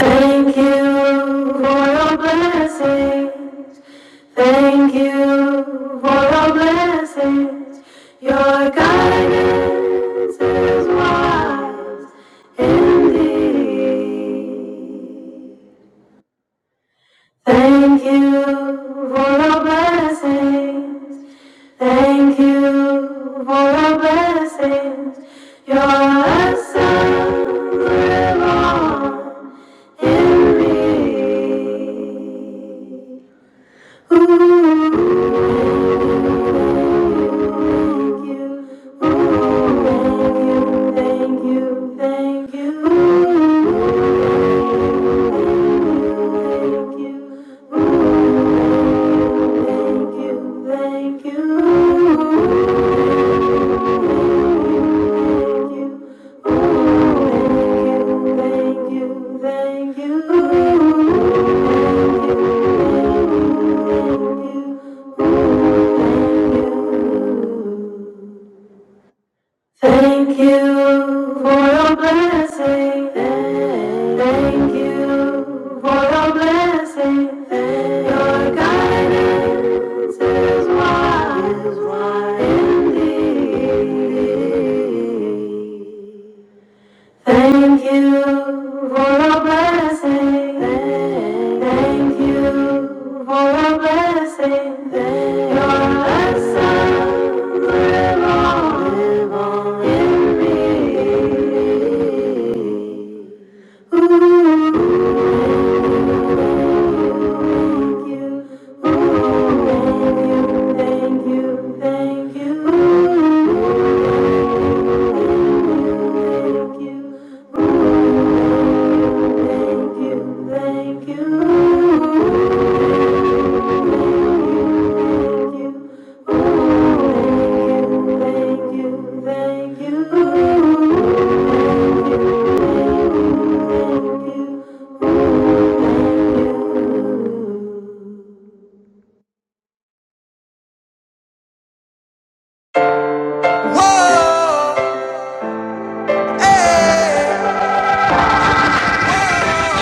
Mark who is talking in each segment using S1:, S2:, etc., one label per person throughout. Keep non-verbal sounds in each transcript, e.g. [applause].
S1: Thank you for your blessings. Thank you for your blessings. Your guidance is wise indeed. Thank you for your blessings. Thank you for your blessings. Your essence live on in me. Thank you. Thank you, thank you. Thank you for your blessing. Thank you for your blessing. Your guidance is wise, wise indeed. Thank you for your blessing. Thank you for your blessing. Your blessings live on, live on in me. Ooh, thank you, thank you, thank you, thank you. Thank you. Thank you, thank you. Whoa, hey, Whoa!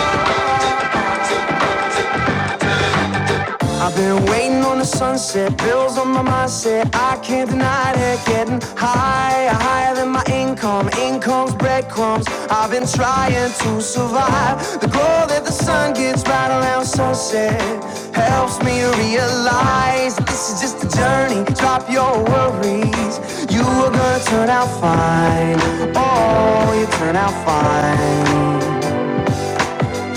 S1: I've been waiting on the sunset, bills on my mindset. I can't deny it, getting higher, higher than my income. Income's breadcrumbs. I've been trying to survive. The glow that the sun gets right around sunset helps me realize that this is just a journey. Drop your worries, you are gonna turn out fine. Oh, you turn out fine.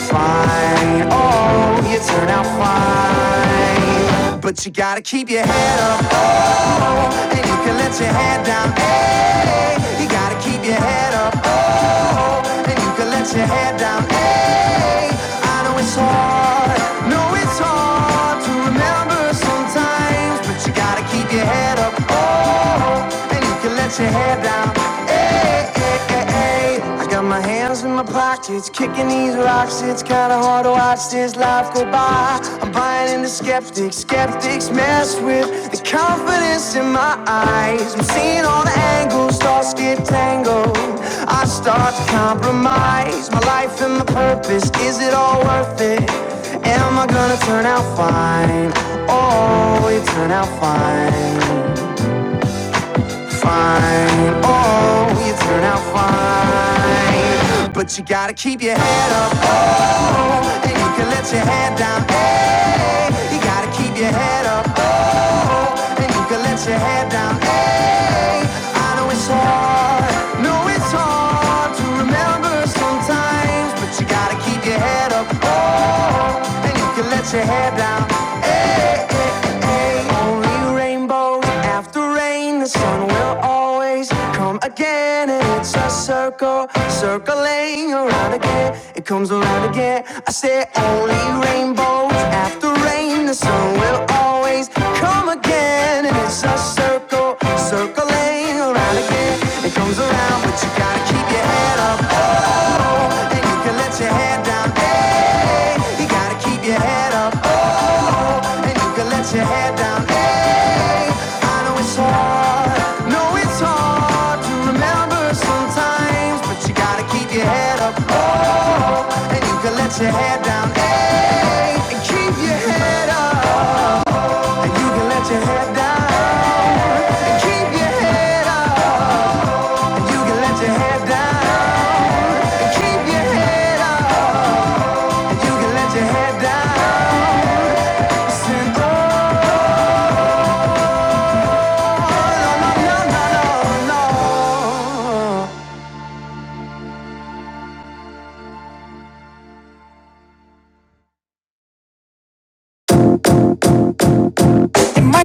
S1: Fine, oh, you turn out fine. But you gotta keep your head up, oh, and you can let your head down, hey. You gotta keep your head up, oh, and you can let your head down, hey. I know it's hard, no, it's hard to remember sometimes, but you gotta keep your head up, oh, and you can let your head down, hey. hey. Hey, I got my hands in my pockets, kicking these rocks. It's kinda hard to watch this life go by. I'm buying into skeptics, skeptics mess with the confidence in my eyes. I'm seeing all the angles, thoughts get tangled. I start to compromise my life and my purpose. Is it all worth it? Am I gonna turn out fine? Oh, it turn out fine fine. Oh, you turn out fine. But you gotta keep your head up. Oh, and you can let your head down. Hey, you gotta keep your head up. Oh, and you can let your head down. Hey, I know it's hard. No, it's hard to remember sometimes. But you gotta keep your head up. Oh, and you can let your hair down. Only rainbows after rain, the sun will always come again. And it's a circle, circling around again. It comes around again. I say only rainbows after rain, the sun will always come again. And it's a circle, circling around again. It comes around, but you gotta keep your head up. Oh, and you can let your head down. Hey, you gotta keep your head up. Oh, and you can let your head down. Hey, I know it's hard, no, it's hard to remember sometimes, but you gotta keep your head up. Oh, and you can let your head down. Hey, and keep your head up, and you can let your head down, and keep your head up, and you can let your head down, and keep your head up, and you can let your head down. Send no, no, no, no, no. no.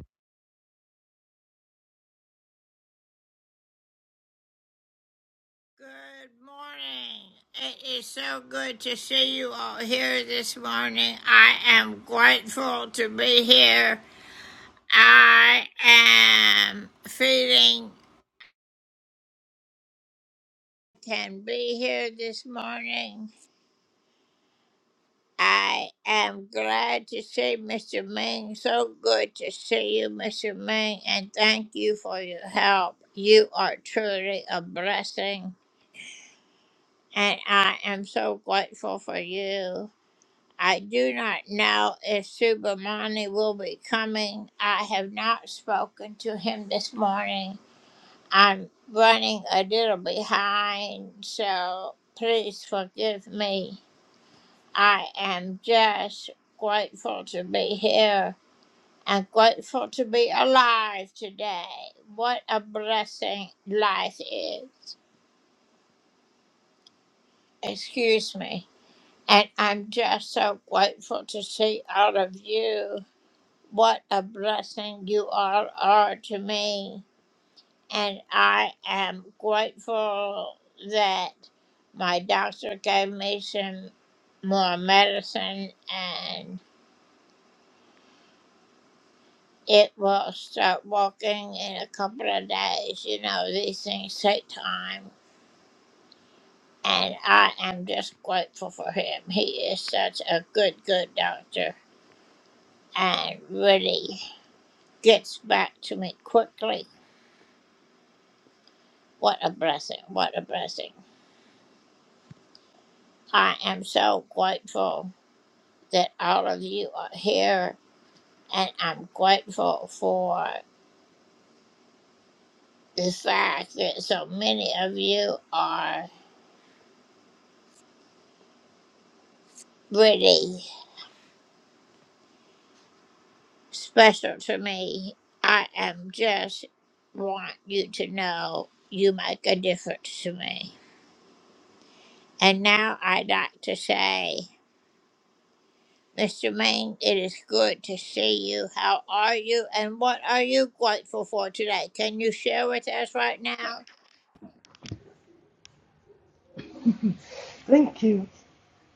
S2: Thank you.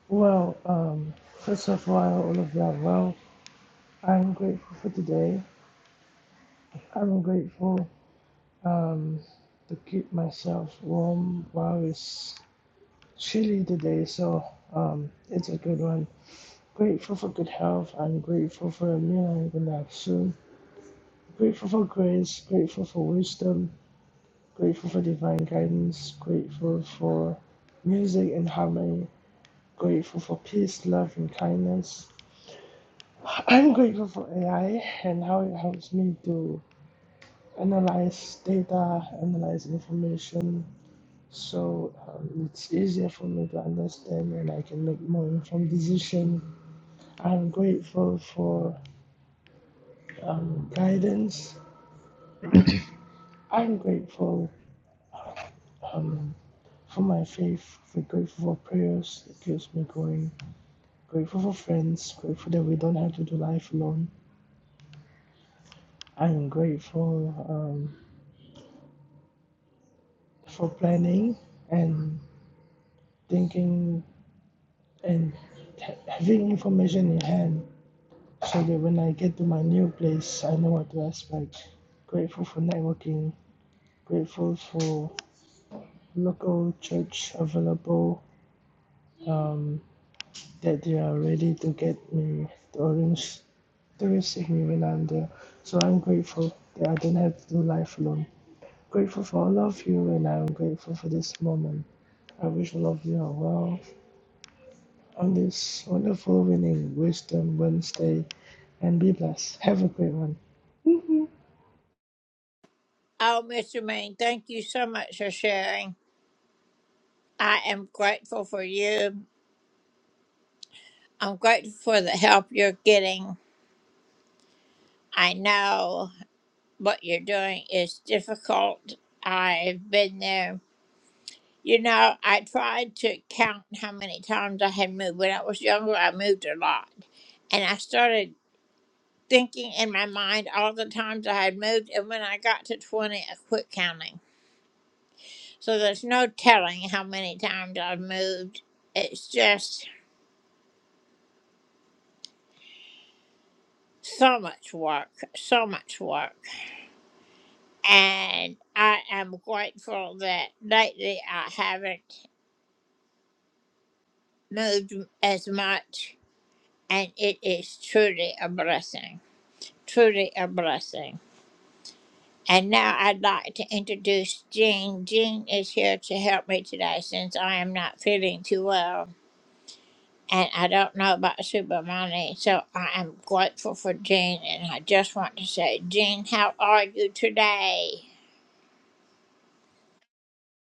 S2: Well, um, first of all, I hope all of you are well. I'm grateful for today. I'm grateful um, to keep myself warm while it's chilly today, so um, it's a good one. Grateful for good health. I'm grateful for a meal I'm going to have soon. Grateful for grace. Grateful for wisdom. Grateful for divine guidance. Grateful for music and harmony. Grateful for peace, love, and kindness I'm grateful for AI and how it helps me to analyze data, analyze information, so um, it's easier for me to understand and I can make more informed decisions. I'm grateful for um, guidance. I'm grateful um, for my faith. I'm grateful for prayers. It keeps me going. Grateful for friends. Grateful that we don't have to do life alone. I'm grateful um, for planning and thinking and having information in hand so that when I get to my new place, I know what to expect. Grateful for networking, grateful for local church available um, that they are ready to get me the orange to receive me when I'm there. So I'm grateful that I don't have to do life alone. Grateful for all of you, and I'm grateful for this moment. I wish all of you are well on this wonderful winning Wisdom Wednesday and be blessed. Have a great one.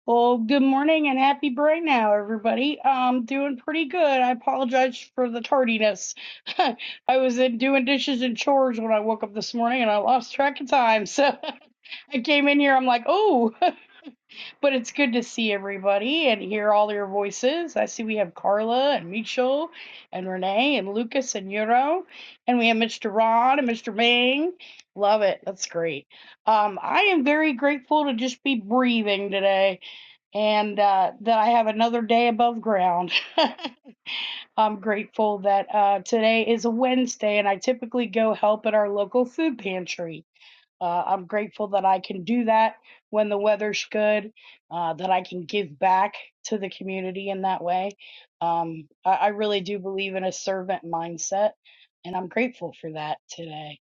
S3: Well, good morning and happy bright now, everybody. Um, doing pretty good. I apologize for the tardiness. [laughs] I was in doing dishes and chores when I woke up this morning, and I lost track of time. So [laughs] I came in here. I'm like, oh, [laughs] but it's good to see everybody and hear all your voices. I see we have Carla and Mitchell, and Renee and Lucas and Euro, and we have Mr. Ron and Mr. Ming. Love it. That's great. Um, I am very grateful to just be breathing today and uh, that I have another day above ground. [laughs] I'm grateful that uh, today is a Wednesday and I typically go help at our local food pantry. Uh, I'm grateful that I can do that when the weather's good, uh, that I can give back to the community in that way. Um, I, I really do believe in a servant mindset, and I'm grateful for that today.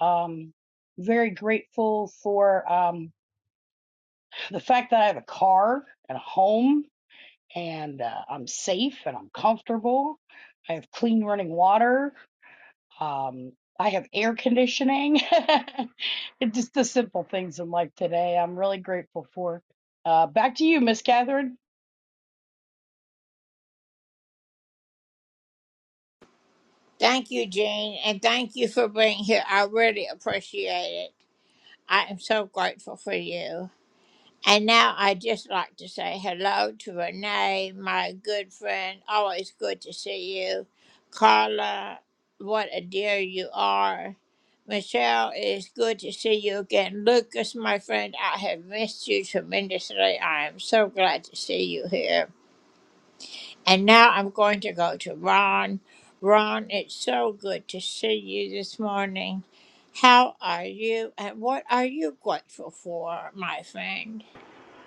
S3: Um, very grateful for um, the fact that I have a car and a home and uh, I'm safe and I'm comfortable. I have clean running water. Um, I have air conditioning. [laughs] It's just the simple things in life today. I'm really grateful for. Uh, back to you, Miss Catherine.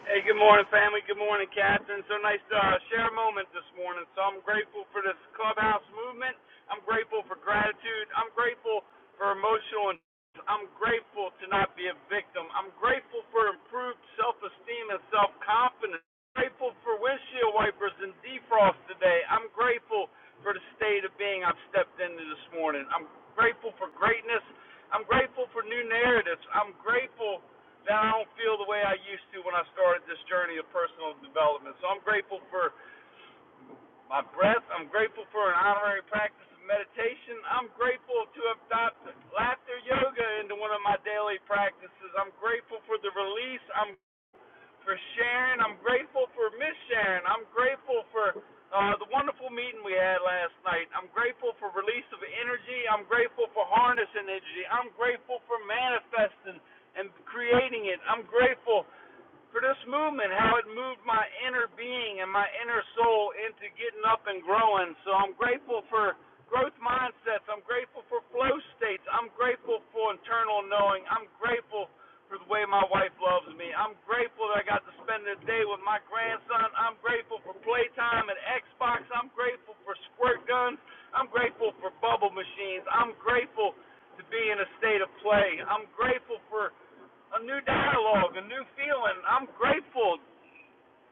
S4: Hey, good morning, family. Good morning, Catherine. So nice to uh, share a moment this morning. So I'm grateful for this clubhouse movement. I'm grateful for gratitude. I'm grateful for emotional. And I'm grateful to not be a victim. I'm grateful for improved self-esteem and self-confidence. I'm Grateful for windshield wipers and defrost today. I'm grateful for the state of being I've stepped into this morning. I'm grateful for greatness. I'm grateful for new narratives. I'm grateful now I don't feel the way I used to when I started this journey of personal development. So I'm grateful for my breath. I'm grateful for an honorary practice of meditation. I'm grateful to have adopted laughter yoga into one of my daily practices. I'm grateful for the release. I'm for Sharon. I'm grateful for Miss Sharon. I'm grateful for uh, the wonderful meeting we had last night. I'm grateful for release of energy. I'm grateful for harnessing energy. I'm grateful for manifesting and creating it. I'm grateful for this movement, how it moved my inner being and my inner soul into getting up and growing. So I'm grateful for growth mindsets. I'm grateful for flow states. I'm grateful for internal knowing. I'm grateful for the way my wife loves me. I'm grateful that I got to spend the day with my grandson. I'm grateful for playtime and Xbox. I'm grateful for squirt guns. I'm grateful for bubble machines. I'm grateful to be in a state of play. I'm grateful for a new dialogue, a new feeling. I'm grateful.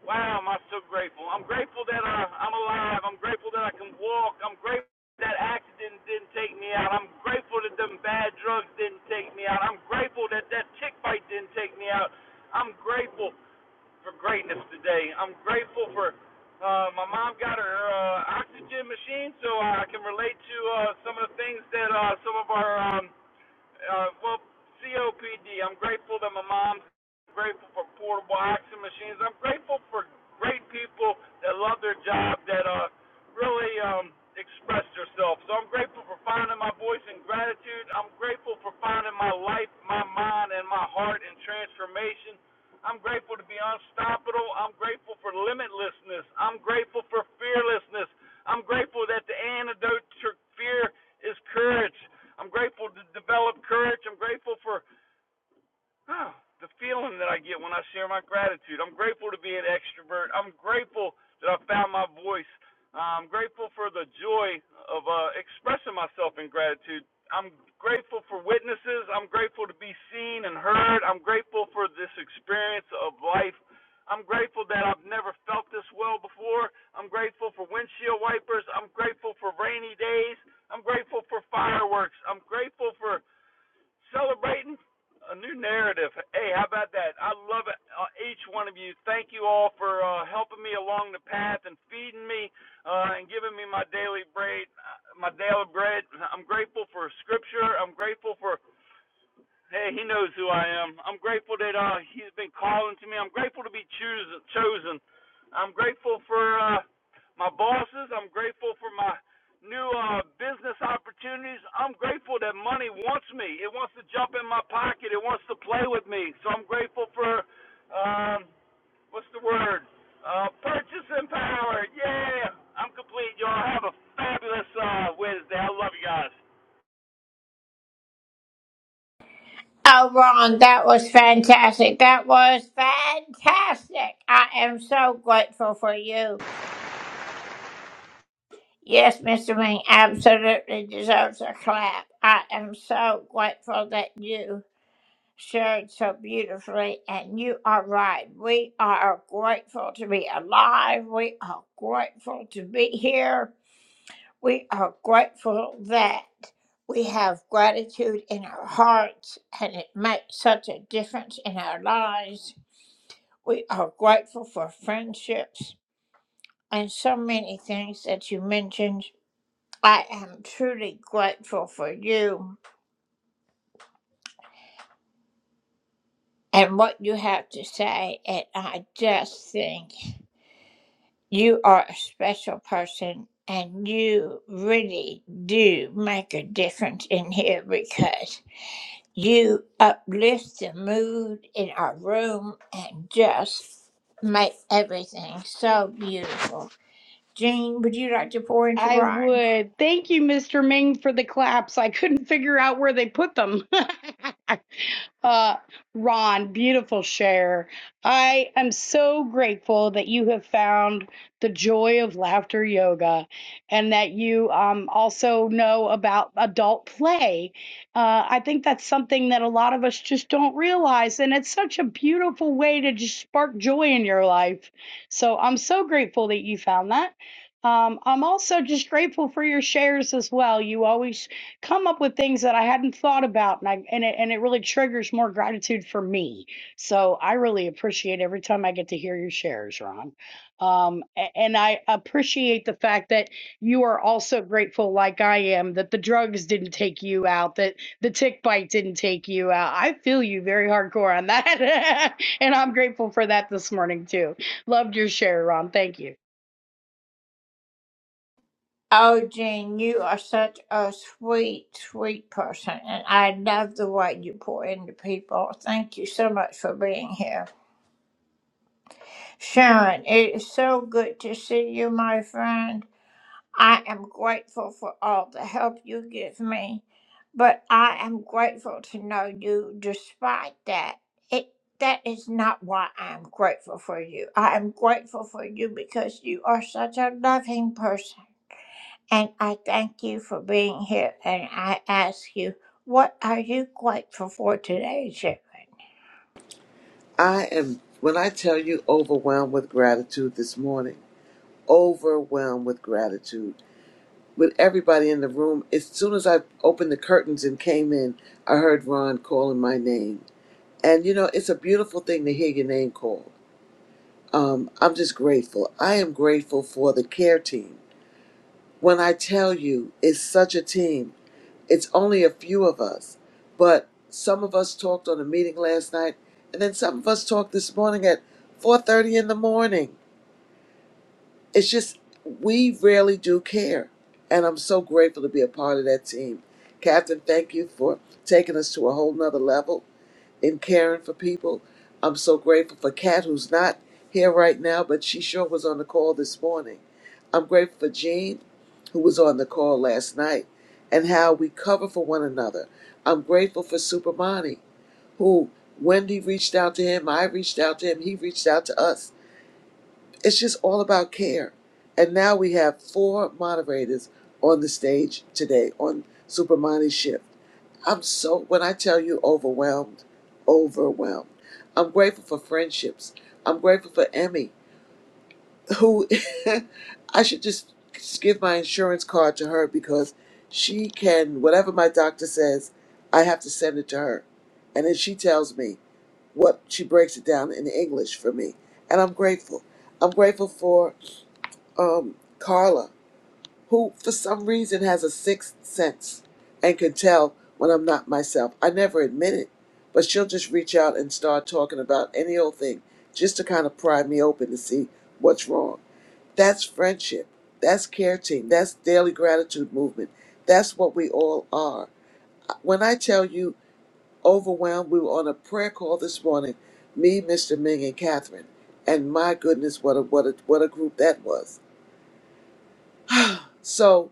S4: Wow, am I so grateful. I'm grateful that I, I'm alive. I'm grateful that I can walk. I'm grateful that accident didn't take me out. I'm grateful that them bad drugs didn't take me out. I'm grateful that that tick bite didn't take me out. I'm grateful for greatness today. I'm grateful for uh, my mom got her uh, oxygen machine, so I can relate to uh, some of the things that uh, some of our um, uh, well, COPD. I'm grateful that my mom's grateful for portable oxygen machines. I'm grateful for great people that love their job that uh really um express themselves. So I'm grateful for finding my voice in gratitude. I'm grateful for finding my life, my mind, and my heart in transformation. I'm grateful to be unstoppable. I'm grateful for limitlessness. I'm grateful for fearlessness. I'm grateful that the antidote to fear is courage. I'm grateful to develop courage. I'm grateful for Huh, the feeling that I get when I share my gratitude. I'm grateful to be an extrovert. I'm grateful that I found my voice. I'm grateful for the joy of uh, expressing myself in gratitude. I'm grateful for witnesses. I'm grateful to be seen and heard. I'm grateful for this experience of life. I'm grateful that I've never felt this well before. I'm grateful for windshield wipers. I'm grateful for rainy days. I'm grateful for fireworks. I'm grateful for celebrating a new narrative. Hey, how about that? I love it, uh, each one of you. Thank you all for uh, helping me along the path and feeding me uh, and giving me my daily bread. uh, My daily bread. I'm grateful for Scripture. I'm grateful for Hey, he knows who I am. I'm grateful that uh, he's been calling to me. I'm grateful to be choos- chosen. I'm grateful for uh, my bosses. I'm grateful for my new uh, business opportunities. I'm grateful that money wants me. It wants to jump in my pocket. It wants to play with me. So I'm grateful for um, what's the word? Uh, purchasing power. Yeah, I'm complete, y'all. Have a fabulous uh, Wednesday. I love you guys.
S3: I would. Thank you, Mr. Ming, for the claps. I couldn't figure out where they put them. [laughs] uh, Ron, beautiful share. I am so grateful that you have found the joy of laughter yoga and that you um, also know about adult play. Uh, I think that's something that a lot of us just don't realize. And it's such a beautiful way to just spark joy in your life. So I'm so grateful that you found that. Um, I'm also just grateful for your shares as well. You always come up with things that I hadn't thought about, and I and it and it really triggers more gratitude for me. So I really appreciate every time I get to hear your shares, Ron. Um, a- and I appreciate the fact that you are also grateful, like I am, that the drugs didn't take you out, that the tick bite didn't take you out. I feel you very hardcore on that, [laughs] and I'm grateful for that this morning too. Loved your share, Ron. Thank you.
S5: I am, when I tell you, overwhelmed with gratitude this morning, overwhelmed with gratitude. With everybody in the room, as soon as I opened the curtains and came in, I heard Ron calling my name. And you know, it's a beautiful thing to hear your name called. Um, I'm just grateful. I am grateful for the care team. When I tell you, it's such a team. It's only a few of us, but some of us talked on a meeting last night, and then some of us talked this morning at 4:30 in the morning. It's just we really do care, and I'm so grateful to be a part of that team. Captain, thank you for taking us to a whole nother level and caring for people. I'm so grateful for Kat, who's not here right now, but she sure was on the call this morning. I'm grateful for Jean, who was on the call last night, and how we cover for one another. I'm grateful for Supermani, who Wendy reached out to him, I reached out to him, he reached out to us. It's just all about care. And now we have four moderators on the stage today on Supermani's shift. I'm so, when I tell you overwhelmed, overwhelmed. I'm grateful for friendships. I'm grateful for Emmy, who [laughs] I should just give my insurance card to her because she can, whatever my doctor says, I have to send it to her. And then she tells me what, she breaks it down in English for me. And I'm grateful. I'm grateful for um, Carla who for some reason has a sixth sense and can tell when I'm not myself. I never admit it, but she'll just reach out and start talking about any old thing just to kind of pry me open to see what's wrong. That's friendship. That's care team. That's daily gratitude movement. That's what we all are. When I tell you overwhelmed, we were on a prayer call this morning, me, Mr. Ming, and Catherine. And my goodness, what a what a what a group that was. So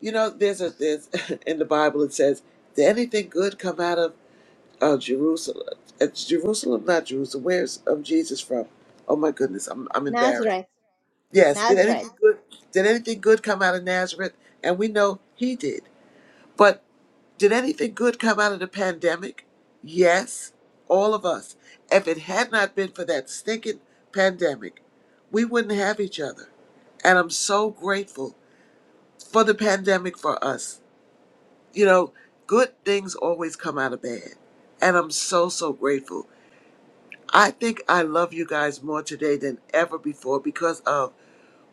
S5: You know, there's a there's [laughs] in the Bible it says, "Did anything good come out of uh, Jerusalem?" It's Jerusalem, not Jerusalem. Where's um, Jesus from? Oh my goodness, I'm I'm embarrassed.
S6: Nazareth,
S5: Yes, did
S6: Nazareth.
S5: anything good? Did anything good come out of Nazareth? And we know he did. But did anything good come out of the pandemic? Yes, all of us. If it had not been for that stinking pandemic, we wouldn't have each other. And I'm so grateful for the pandemic for us You know, good things always come out of bad. And I'm so, so grateful. I think I love you guys more today than ever before because of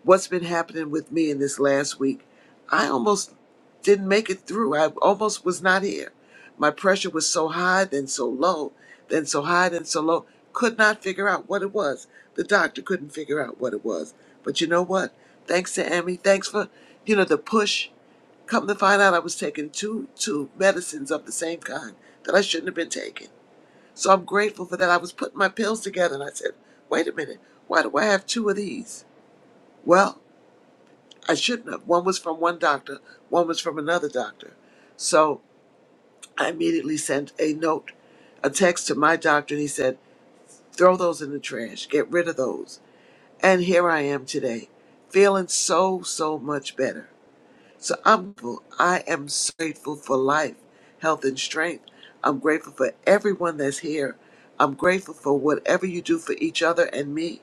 S5: what's been happening with me in this last week. I almost didn't make it through. I almost was not here. My pressure was so high, then so low, then so high, then so low. Could not figure out what it was. The doctor couldn't figure out what it was. But you know what? Thanks to Amy. Thanks for, you know, the push Come to find out, I was taking two two medicines of the same kind that I shouldn't have been taking. So I'm grateful for that. I was putting my pills together, and I said, "Wait a minute, why do I have two of these?" Well, I shouldn't have. One was from one doctor, one was from another doctor. So I immediately sent a note, a text to my doctor, and he said, "Throw those in the trash. Get rid of those." And here I am today, feeling so so much better. So I'm, I am so grateful for life, health, and strength. I'm grateful for everyone that's here. I'm grateful for whatever you do for each other and me.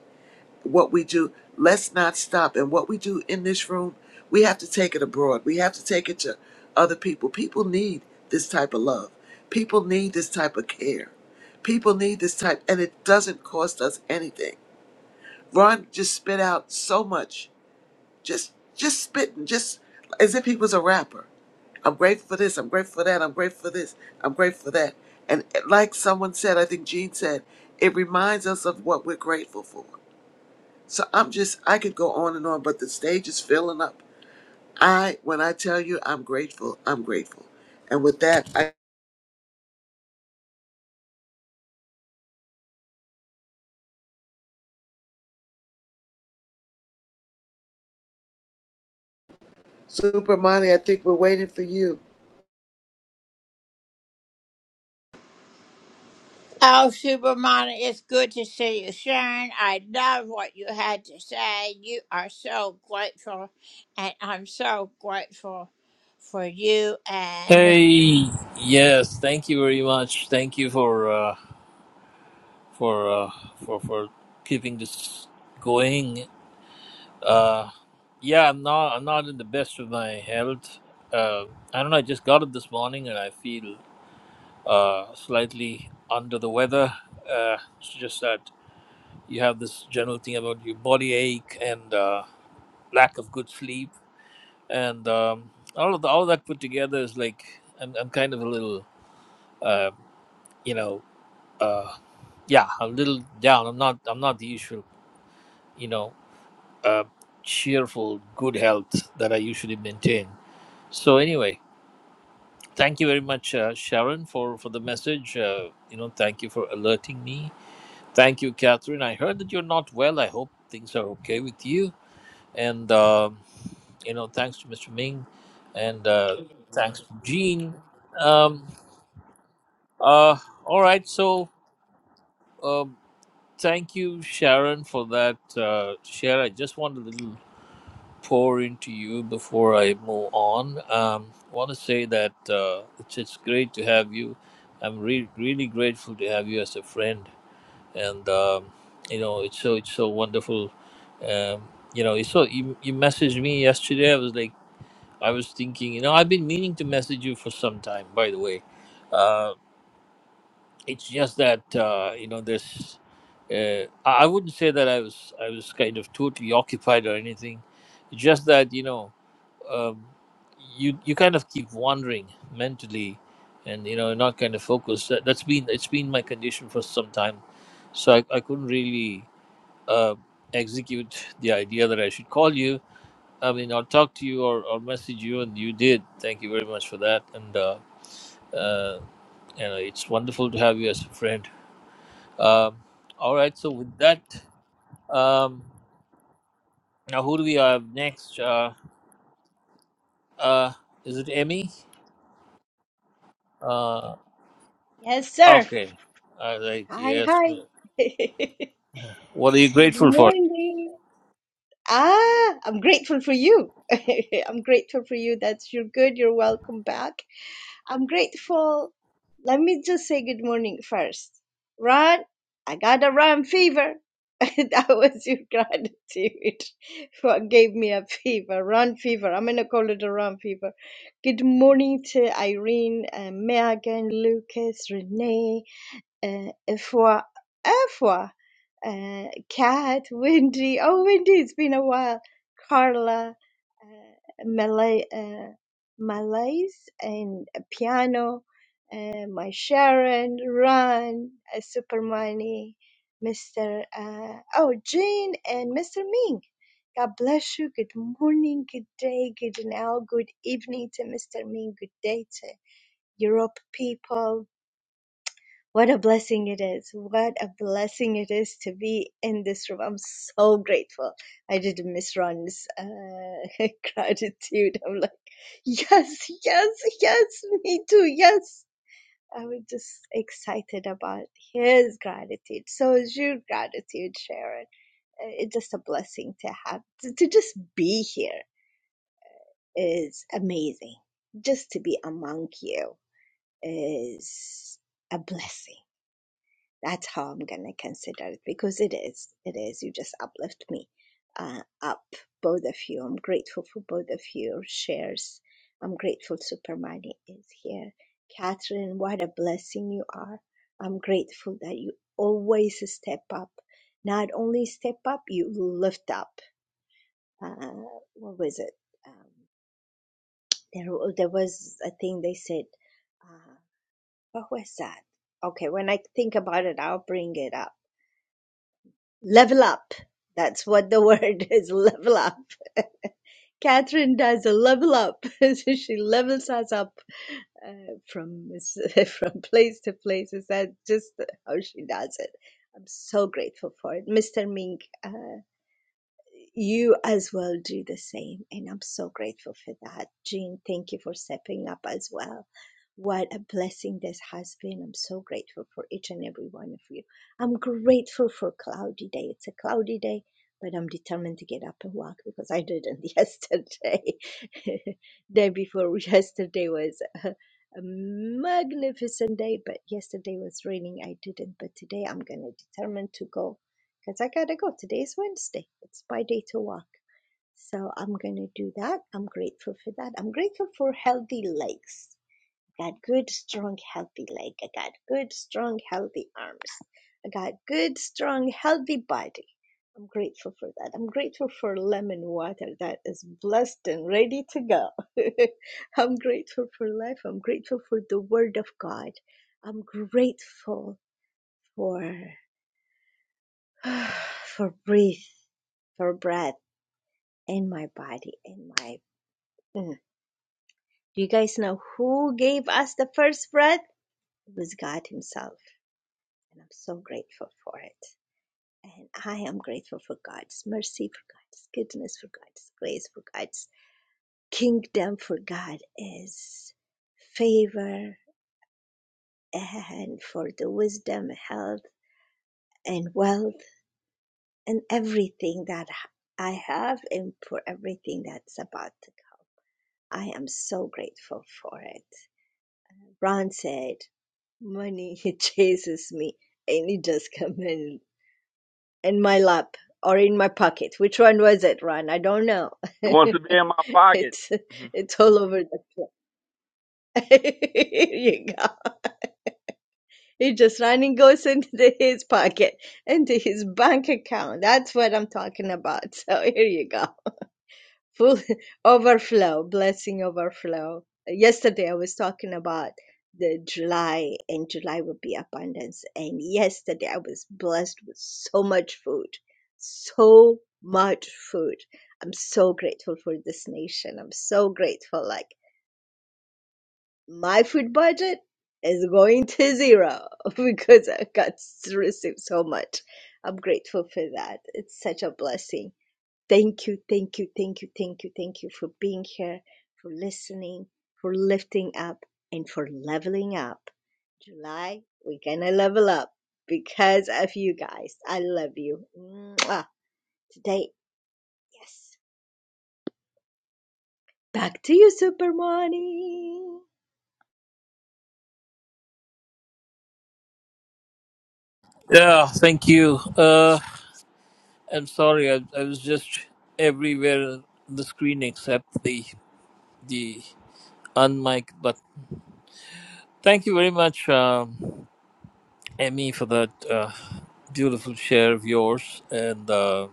S5: What we do, let's not stop. And what we do in this room, we have to take it abroad. We have to take it to other people. People need this type of love. People need this type of care. People need this type, and it doesn't cost us anything. Ron just spit out so much just just spitting, just as if he was a rapper. I'm grateful for this, I'm grateful for that, I'm grateful for this, I'm grateful for that. And eh, like someone said, I think Gene said, it reminds us of what we're grateful for. So I'm just I could go on and on, but the stage is filling up. I when I tell you I'm grateful, I'm grateful. And with that, I Super Money, I think we're waiting for you.
S7: Hey, yes, thank you very much. Thank you for uh, for uh, for for keeping this going. Uh, yeah, I'm not I'm not in the best of my health. Uh, I don't know. I just got it this morning, and I feel uh, slightly under the weather. Uh, it's just that you have this general thing about your body ache and uh, lack of good sleep, and um, all of the, all that put together is like I'm, I'm kind of a little uh, you know. uh, yeah a little down i'm not i'm not the usual you know uh, cheerful good health that i usually maintain so anyway thank you very much uh, sharon for for the message uh, you know thank you for alerting me thank you catherine i heard that you're not well i hope things are okay with you and um you know thanks to mr ming and uh, thanks to jean um, uh, all right so um, thank you sharon for that uh, share i just want a little pour into you before I move on. Um, I want to say that uh, it's, it's great to have you. I'm re- really grateful to have you as a friend, and um, you know it's so it's so wonderful. Um, you know, it's so you, you messaged me yesterday. I was like, I was thinking, you know, I've been meaning to message you for some time. By the way, uh, it's just that uh, you know there's. Uh, I I wouldn't say that I was I was kind of totally occupied or anything. It's just that you know um, you you kind of keep wandering mentally, and you know you're not kind of focused. That, that's been it's been my condition for some time, so I, I couldn't really uh, execute the idea that I should call you. I mean, I'll talk to you or, or message you, and you did. Thank you very much for that, and uh, uh, you know it's wonderful to have you as a friend. Um, all right, so with that, um, now who do we have next? Uh, uh, is it Emmy? Uh,
S6: Yes, sir.
S7: Okay. All right.
S6: Hi,
S7: Yes.
S6: hi. [laughs]
S7: What are you
S6: Good
S7: grateful for?
S6: morning. Ah, I'm grateful for you. [laughs] I'm grateful for you. That's you're good. You're welcome back. I'm grateful. Let me just say good morning first. Ron, I got a Ron fever. [laughs] that was your gratitude. [laughs] What gave me a fever? Ron fever. I'm gonna call it a Ron fever. Good morning to Irene, uh, Megan, Lucas, Renee. uh, Efwa, Efwa, uh, Kat, [laughs] Wendy. Oh, Wendy, it's been a while. Carla, uh, Malay, uh, Malays, and Piano, uh, my Sharon, Ron, uh, Supermoney, Mr. Uh, oh, Jane, and Mr. Ming. God bless you. Good morning, good day, good now, good evening to Mr. Ming. Good day to Europe people. What a blessing it is. What a blessing it is to be in this room. I'm so grateful. I did miss Ron's uh, [laughs] gratitude. I'm like, yes, yes, yes, me too, yes. I was just excited about his gratitude. So is your gratitude, Sharon. Uh, It's just a blessing to have, to, to just be here is amazing. Just to be among you is a blessing that's how I'm gonna consider it because it is, it is. You just uplift me uh, up, both of you. I'm grateful for both of your shares. I'm grateful Super Money is here. Catherine, what a blessing you are. I'm grateful that you always step up. Not only step up, you lift up. Uh, what was it? Um, there, there was a thing they said. Uh, what was that? Okay, when I think about it, I'll bring it up level up. That's what the word [laughs] is level up. Catherine does a level up. [laughs] so she levels us up uh, from [laughs] from place to place. Is that just how she does it? I'm so grateful for it. Mr. Ming, uh, you as well do the same. And I'm so grateful for that. Jean, thank you for stepping up as well. What a blessing this has been. I'm so grateful for each and every one of you. I'm grateful for cloudy day. It's a cloudy day, but I'm determined to get up and walk because I didn't yesterday. [laughs] day before yesterday was a, a magnificent day, but yesterday was raining. I didn't, but today I'm going to determine to go because I gotta go. Today's Wednesday. It's my day to walk. So I'm gonna do that. I'm grateful for that. I'm grateful for healthy legs. I got good, strong, healthy leg. I got good, strong, healthy arms. I got good, strong, healthy body. I'm grateful for that. I'm grateful for lemon water that is blessed and ready to go. [laughs] I'm grateful for life. I'm grateful for the Word of God. I'm grateful for [sighs] for breath for breath in my body in my Mm. do you guys know who gave us the first breath it was god himself and i'm so grateful for it and i am grateful for god's mercy for god's goodness for god's grace for god's kingdom for god is favor and for the wisdom health and wealth and everything that i have and for everything that's about I am so grateful for it. Ron said, Money [laughs] chases me, and it does come in, in my lap or in my pocket. Which one was it, Ron? I don't know. [laughs]
S4: It wants to be in my pocket.
S6: it's it's all over the place. [laughs] Here you go. It just running goes into his pocket, into his bank account. That's what I'm talking about. [laughs] So here you go. full [laughs] overflow blessing overflow yesterday i was talking about the july and july would be abundance and yesterday i was blessed with so much food so much food i'm so grateful for this nation i'm so grateful like my food budget is going to zero [laughs] because i got to receive so much i'm grateful for that it's such a blessing Thank you, thank you, thank you, thank you, thank you for being here, for listening, for lifting up, and for leveling up. July, we're gonna level up because of you guys. I love you. Mwah. Today, yes. Back to you, Super Money.
S7: Yeah. Thank you. Uh, I'm sorry. I, I was just everywhere on the screen except the the unmic. But thank you very much, um, Emmy, for that uh, beautiful share of yours. And uh,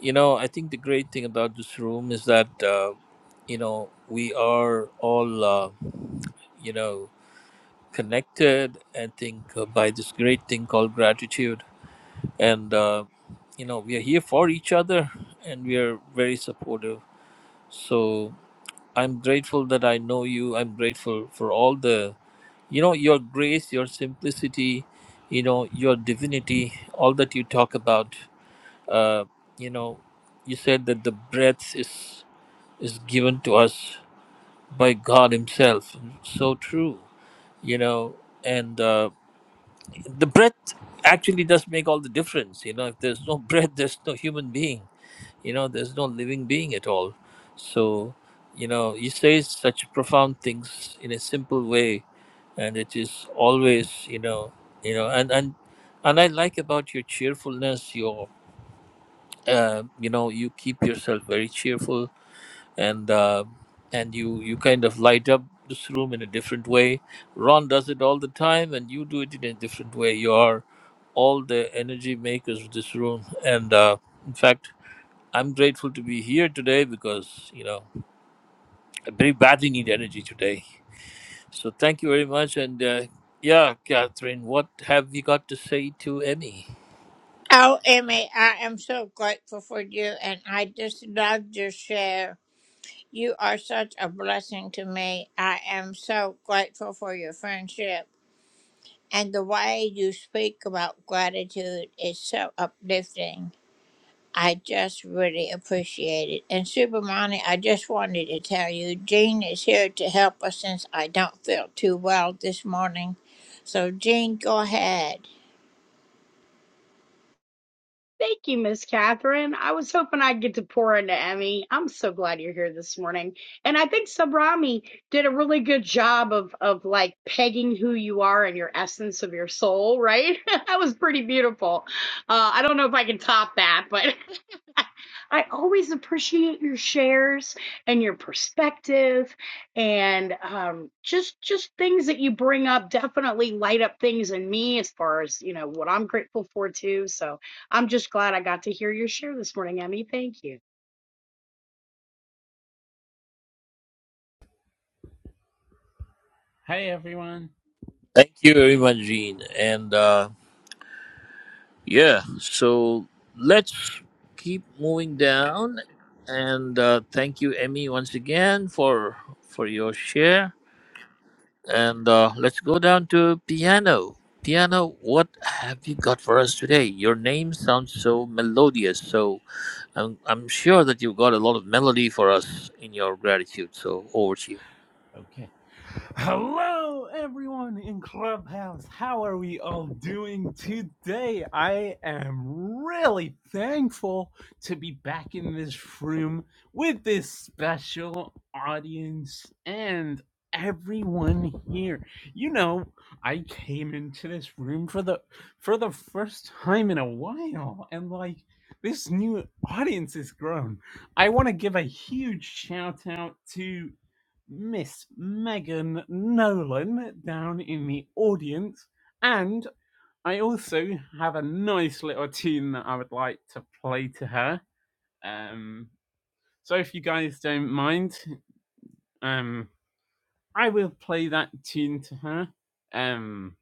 S7: you know, I think the great thing about this room is that uh, you know we are all uh, you know connected. I think uh, by this great thing called gratitude and uh, you know we are here for each other and we are very supportive so i'm grateful that i know you i'm grateful for all the you know your grace your simplicity you know your divinity all that you talk about uh, you know you said that the breath is is given to us by god himself so true you know and uh, the breath actually does make all the difference you know if there's no [laughs] breath there's no human being you know there's no living being at all so you know he says such profound things in a simple way and it is always you know you know and and and i like about your cheerfulness your uh, you know you keep yourself very cheerful and uh, and you you kind of light up this room in a different way ron does it all the time and you do it in a different way you are all the energy makers of this room and uh, in fact I'm grateful to be here today because you know I very badly need energy today. So thank you very much, and uh, yeah, Catherine, what have you got to say to Emmy?
S3: Thank you, Miss Catherine. I was hoping I'd get to pour into Emmy. I'm so glad you're here this morning. And I think Sabrami did a really good job of of like pegging who you are and your essence of your soul, right? [laughs] that was pretty beautiful. Uh, I don't know if I can top that, but [laughs] I always appreciate your shares and your perspective, and um, just just things that you bring up definitely light up things in me as far as you know what I'm grateful for too. So I'm just glad I got to hear your share this morning, Emmy. Thank you.
S8: Hey everyone.
S7: Thank you very much, Jean, and uh, yeah. So let's keep moving down, and uh, thank you, Emmy, once again for for your share, and uh, let's go down to piano. Piano, what have you got for us today? Your name sounds so melodious, so I'm, I'm sure that you've got a lot of melody for us in your gratitude. So over to you.
S8: Okay. Hello everyone in Clubhouse. How are we all doing today? I am really thankful to be back in this room with this special audience and everyone here. You know, I came into this room for the for the first time in a while and like this new audience has grown. I want to give a huge shout out to Miss Megan Nolan down in the audience. And I also have a nice little tune that I would like to play to her. Um, so if you guys don't mind, um, I will play that tune to her. Um,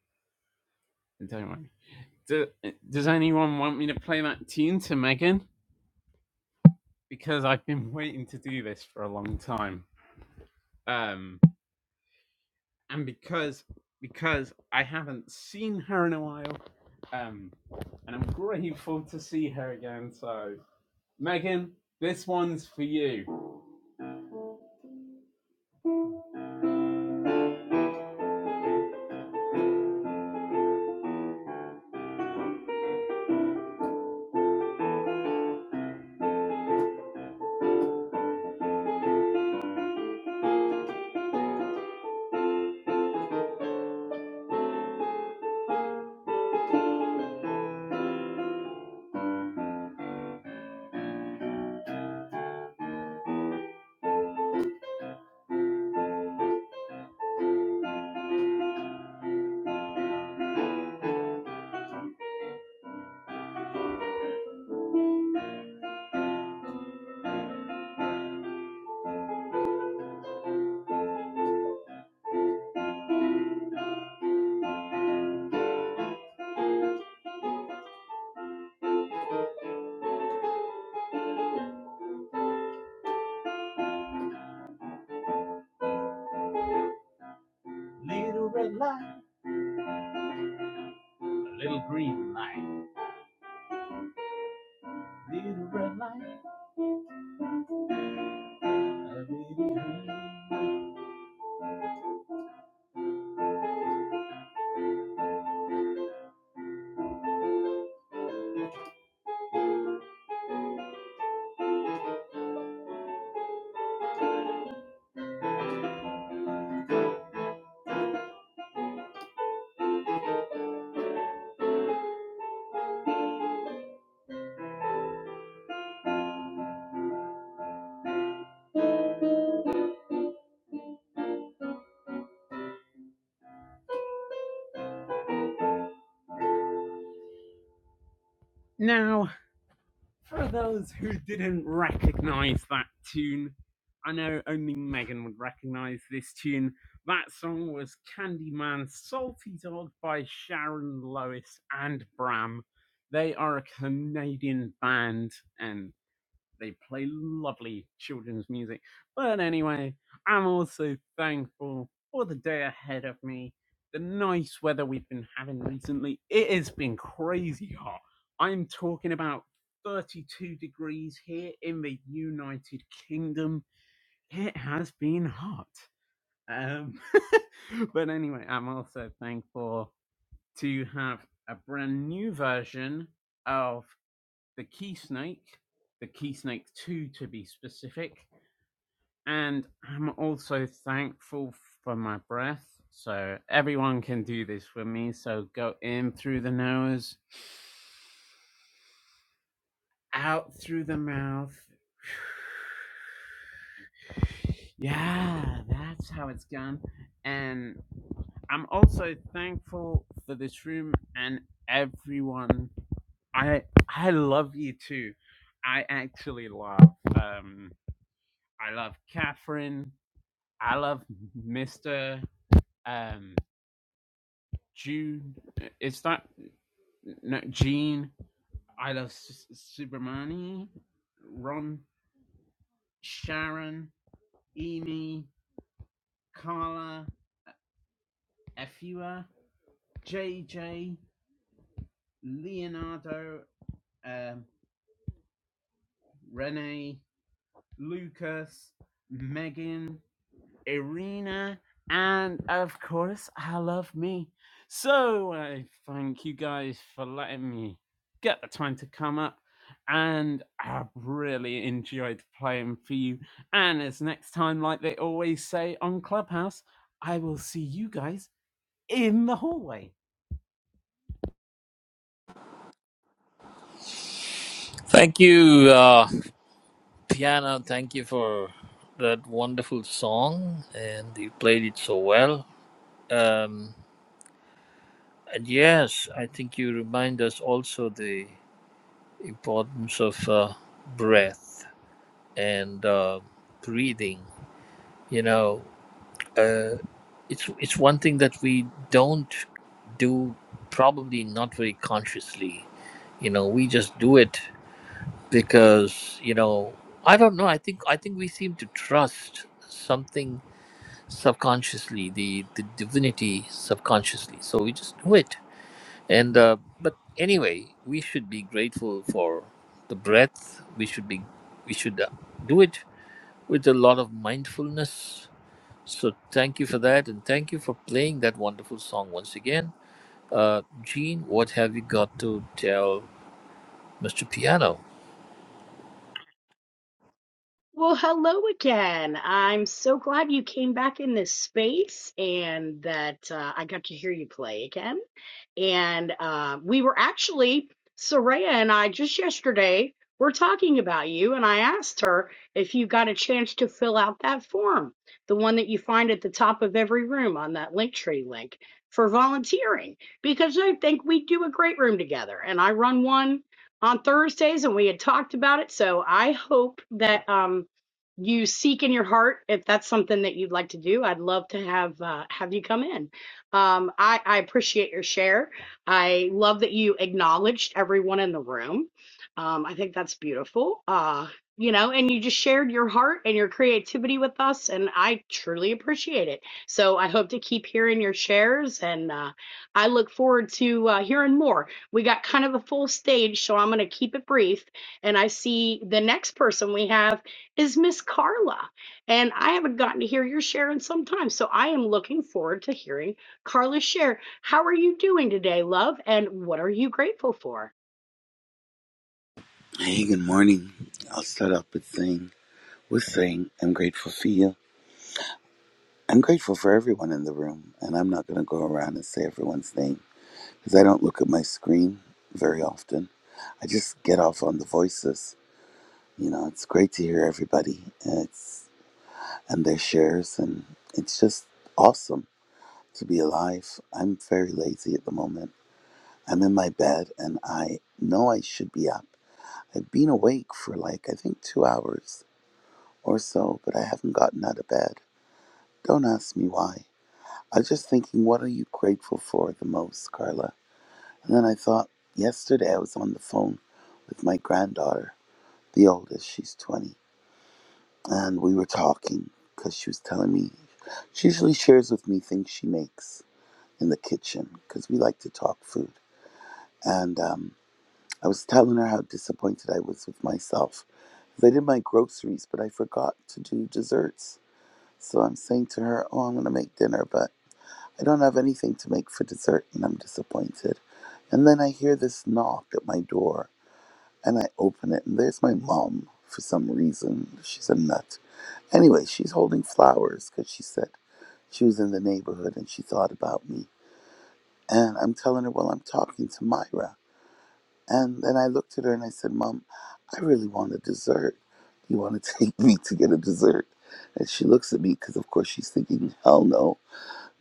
S8: don't worry. Do, does anyone want me to play that tune to Megan? Because I've been waiting to do this for a long time. Um, and because because I haven't seen her in a while, um, and I'm grateful to see her again. So, Megan, this one's for you. Little red light, a little green light, little red light. a little- Now For those who didn't recognize that tune, I know only Megan would recognize this tune. That song was Candyman's Salty Dog by Sharon Lois and Bram. They are a Canadian band, and they play lovely children's music. But anyway, I'm also thankful for the day ahead of me, the nice weather we've been having recently. It has been crazy hot. I'm talking about 32 degrees here in the United Kingdom. It has been hot. Um, [laughs] but anyway, I'm also thankful to have a brand new version of the key snake, the key snake 2 to be specific. And I'm also thankful for my breath. So everyone can do this for me. So go in through the nose, out through the mouth. [sighs] Yeah, that's how it's done. And I'm also thankful for this room and everyone. I I love you too. I actually love um I love Catherine. I love Mister um, June. It's not no Gene. I love S- Subramani, Ron, Sharon, Amy, Carla, Efua, JJ, Leonardo, um, Renee, Lucas, Megan, Irina, and of course, I love me. So I thank you guys for letting me get the time to come up, and I have really enjoyed playing for you. And as next time, like they always say on Clubhouse, I will see you guys in the hallway.
S7: Thank you, uh, Piano. Thank you for that wonderful song, and you played it so well. Um, and yes, I think you remind us also the importance of uh, breath and uh, breathing. You know, uh, it's it's one thing that we don't do probably not very consciously you know we just do it because you know i don't know i think i think we seem to trust something subconsciously the the divinity subconsciously so we just do it and uh, but anyway we should be grateful for the breath we should be we should uh, do it with a lot of mindfulness so thank you for that, and thank you for playing that wonderful song once again. Uh, Gene, what have you got to tell Mr. Piano?
S3: Well, hello again. I'm so glad you came back in this space and that uh, I got to hear you play again. And uh, we were actually, Soraya and I just yesterday were talking about you, and I asked her if you got a chance to fill out that form, the one that you find at the top of every room on that Linktree link for volunteering, because I think we do a great room together. And I run one on Thursdays, and we had talked about it. So I hope that um, you seek in your heart if that's something that you'd like to do. I'd love to have uh, have you come in. Um, I, I appreciate your share. I love that you acknowledged everyone in the room. Um, I think that's beautiful. Uh, you know, and you just shared your heart and your creativity with us, and I truly appreciate it. So I hope to keep hearing your shares, and uh, I look forward to uh, hearing more we got kind of a full stage, so I'm going to keep it brief. And I see the next person we have is Miss Carla. And I haven't gotten to hear your share in some time. So I am looking forward to hearing Carla's share. How are you doing today, love? And what are you grateful for?
S9: Hey, good morning. I'll start off with saying, with saying, I'm grateful for you. I'm grateful for everyone in the room, and I'm not going to go around and say everyone's name because I don't look at my screen very often. I just get off on the voices. You know, it's great to hear everybody and, it's, and their shares, and it's just awesome to be alive. I'm very lazy at the moment. I'm in my bed, and I know I should be up. I've been awake for like, I think, two hours or so, but I haven't gotten out of bed. Don't ask me why. I was just thinking, what are you grateful for the most, Carla? And then I thought, yesterday I was on the phone with my granddaughter, the oldest, she's 20, and we were talking because she was telling me, she usually shares with me things she makes in the kitchen because we like to talk food. And um, I was telling her how disappointed I was with myself. 'cause I did my groceries, but I forgot to do desserts. So I'm saying to her, Oh, I'm going to make dinner, but I don't have anything to make for dessert and I'm disappointed. And then I hear this knock at my door and I open it and there's my mom for some reason. She's a nut. Anyway, she's holding flowers because she said she was in the neighborhood and she thought about me. And I'm telling her, Well, I'm talking to Myra. And then I looked at her and I said, Mom, I really want a dessert. Do you want to [laughs] take me to get a dessert? And she looks at me because, of course, she's thinking, Hell no.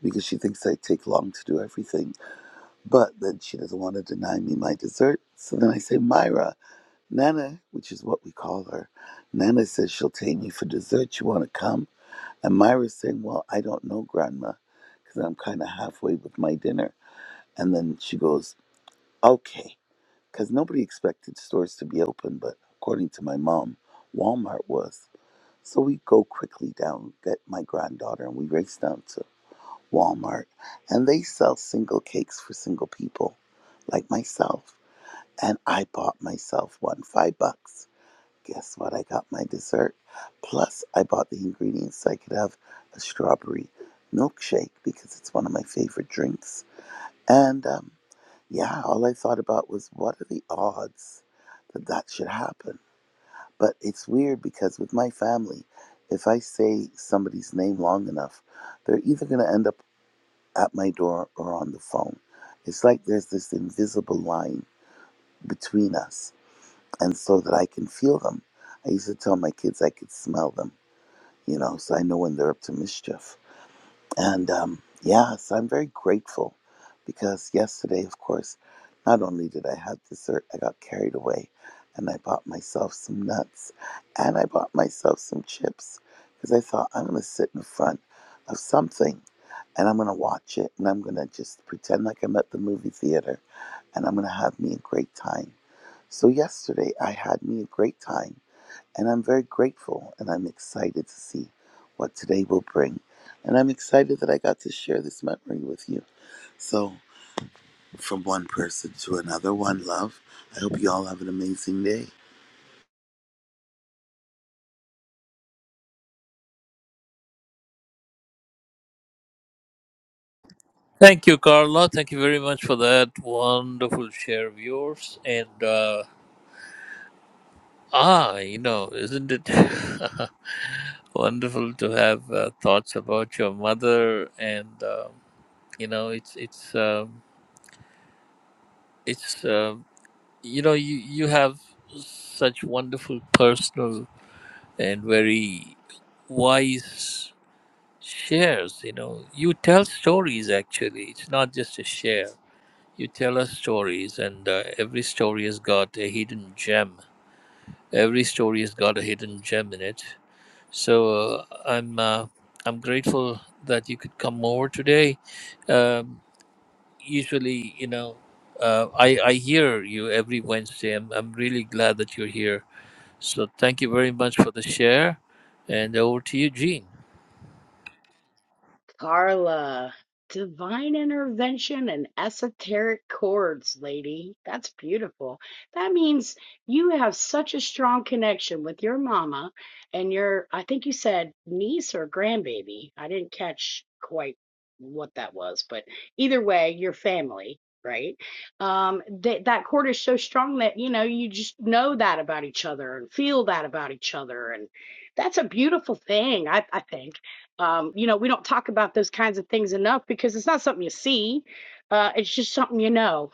S9: because she thinks I take long to do everything. But then she doesn't want to deny me my dessert. So then I say, Myra, Nana, which is what we call her, Nana says she'll take me for dessert. You want to come? And Myra's saying, Well, I don't know, Grandma, because I'm kind of halfway with my dinner. And then she goes, Okay, because nobody expected stores to be open, but according to my mom, Walmart was. So we go quickly down, get my granddaughter, and we race down to. Walmart, and they sell single cakes for single people like myself. And I bought myself one, five bucks. Guess what? I got my dessert. Plus, I bought the ingredients so I could have a strawberry milkshake because it's one of my favorite drinks. And um, yeah, all I thought about was what are the odds that that should happen? But it's weird because with my family, if I say somebody's name long enough, they're either going to end up at my door or on the phone. It's like there's this invisible line between us, and so that I can feel them. I used to tell my kids I could smell them, you know, so I know when they're up to mischief. And um, yeah, so I'm very grateful because yesterday, of course, not only did I have dessert, I got carried away and I bought myself some nuts and I bought myself some chips because I thought I'm going to sit in front of something and I'm gonna watch it and I'm gonna just pretend like I'm at the movie theater and I'm gonna have me a great time. So, yesterday I had me a great time and I'm very grateful and I'm excited to see what today will bring. And I'm excited that I got to share this memory with you. So, from one person to another, one love. I hope you all have an amazing day.
S7: Thank you, Carla. Thank you very much for that wonderful share of yours. And uh, ah, you know, isn't it [laughs] wonderful to have uh, thoughts about your mother? And um you know, it's it's um it's um you know you you have such wonderful personal and very wise shares you know you tell stories actually it's not just a share you tell us stories and uh, every story has got a hidden gem every story has got a hidden gem in it so uh, i'm uh, i'm grateful that you could come over today um, usually you know uh, I, I hear you every Wednesday. I'm, I'm really glad that you're here. So thank you very much for the share. And over to you, Jean.
S3: Carla, divine intervention and esoteric chords, lady. That's beautiful. That means you have such a strong connection with your mama and your, I think you said niece or grandbaby. I didn't catch quite what that was, but either way, your family. Right. Um, that that chord is so strong that, you know, you just know that about each other and feel that about each other. And that's a beautiful thing, I, I think um, you know, we don't talk about those kinds of things enough because it's not something you see. Uh, it's just something you know,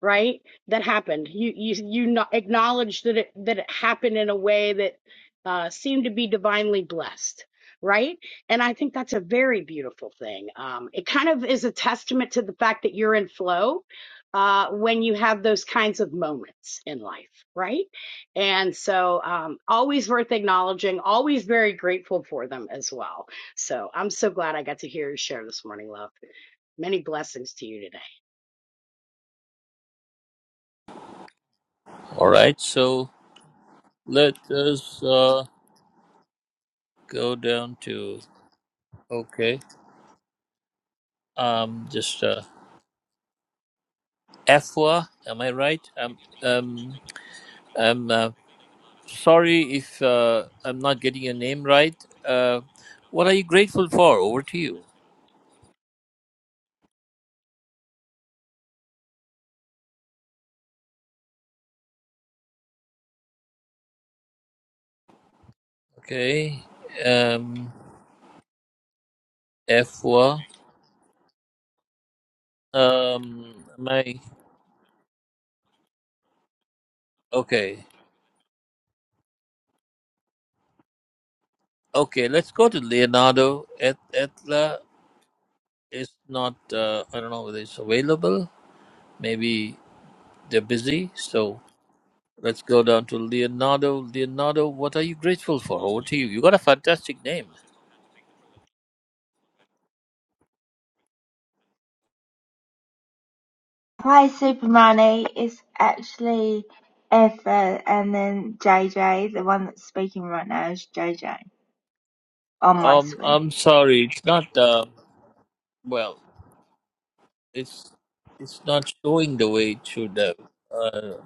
S3: right? That happened. You you you no- acknowledge that it that it happened in a way that uh, seemed to be divinely blessed, right? And I think that's a very beautiful thing. Um, it kind of is a testament to the fact that you're in flow uh, when you have those kinds of moments in life, right? And so, um, always worth acknowledging, always very grateful for them as well. So I'm so glad I got to hear you share this morning, love. Many blessings to you today.
S7: All right, so let us uh, go down to okay. Um, just uh, Afua, am I right? Um, um, I'm uh, sorry if uh, I'm not getting your name right. Uh, what are you grateful for? Over to you. Okay, um, Afua. Um, my okay, okay. Let's go to Leonardo. Et- Etla is not. Uh, I don't know whether it's available. Maybe they're busy. So. Let's go down to Leonardo. Leonardo, what are you grateful for? Over to you. You got a fantastic name.
S10: play Super Money is actually Effa and then JJ, the one that's speaking right now is JJ on my
S7: Um,
S10: screen.
S7: I'm sorry, it's not. Uh, well, it's it's not showing the way it should. Uh, uh,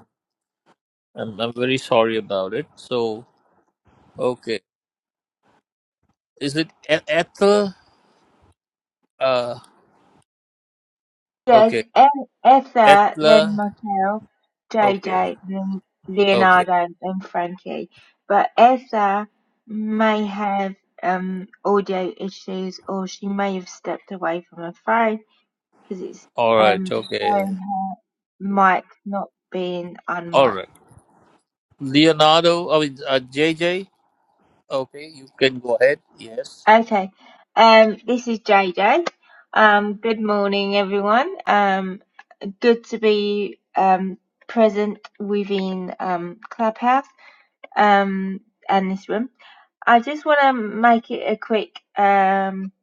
S7: I'm I'm very sorry about it. So okay, is it E- Ethel? Uh,
S10: Yes,
S7: okay,
S10: E- Effa, then
S7: Ethla.
S10: myself,
S7: Okay,
S10: JJ, then
S7: okay,
S10: Leonardo and Frankie. But Effa may have um, audio issues or she may have stepped away from her phone because it's
S7: all right,
S10: um,
S7: okay,
S10: showing her mic not being
S7: all
S10: unmiked.
S7: right. Leonardo, I mean uh, J. J. Okay, you can go ahead. Yes.
S10: Okay. Um, this is JJ. Um, good morning, everyone. Um, good to be um, present within um, Clubhouse um, and this room. I just want to make it a quick um,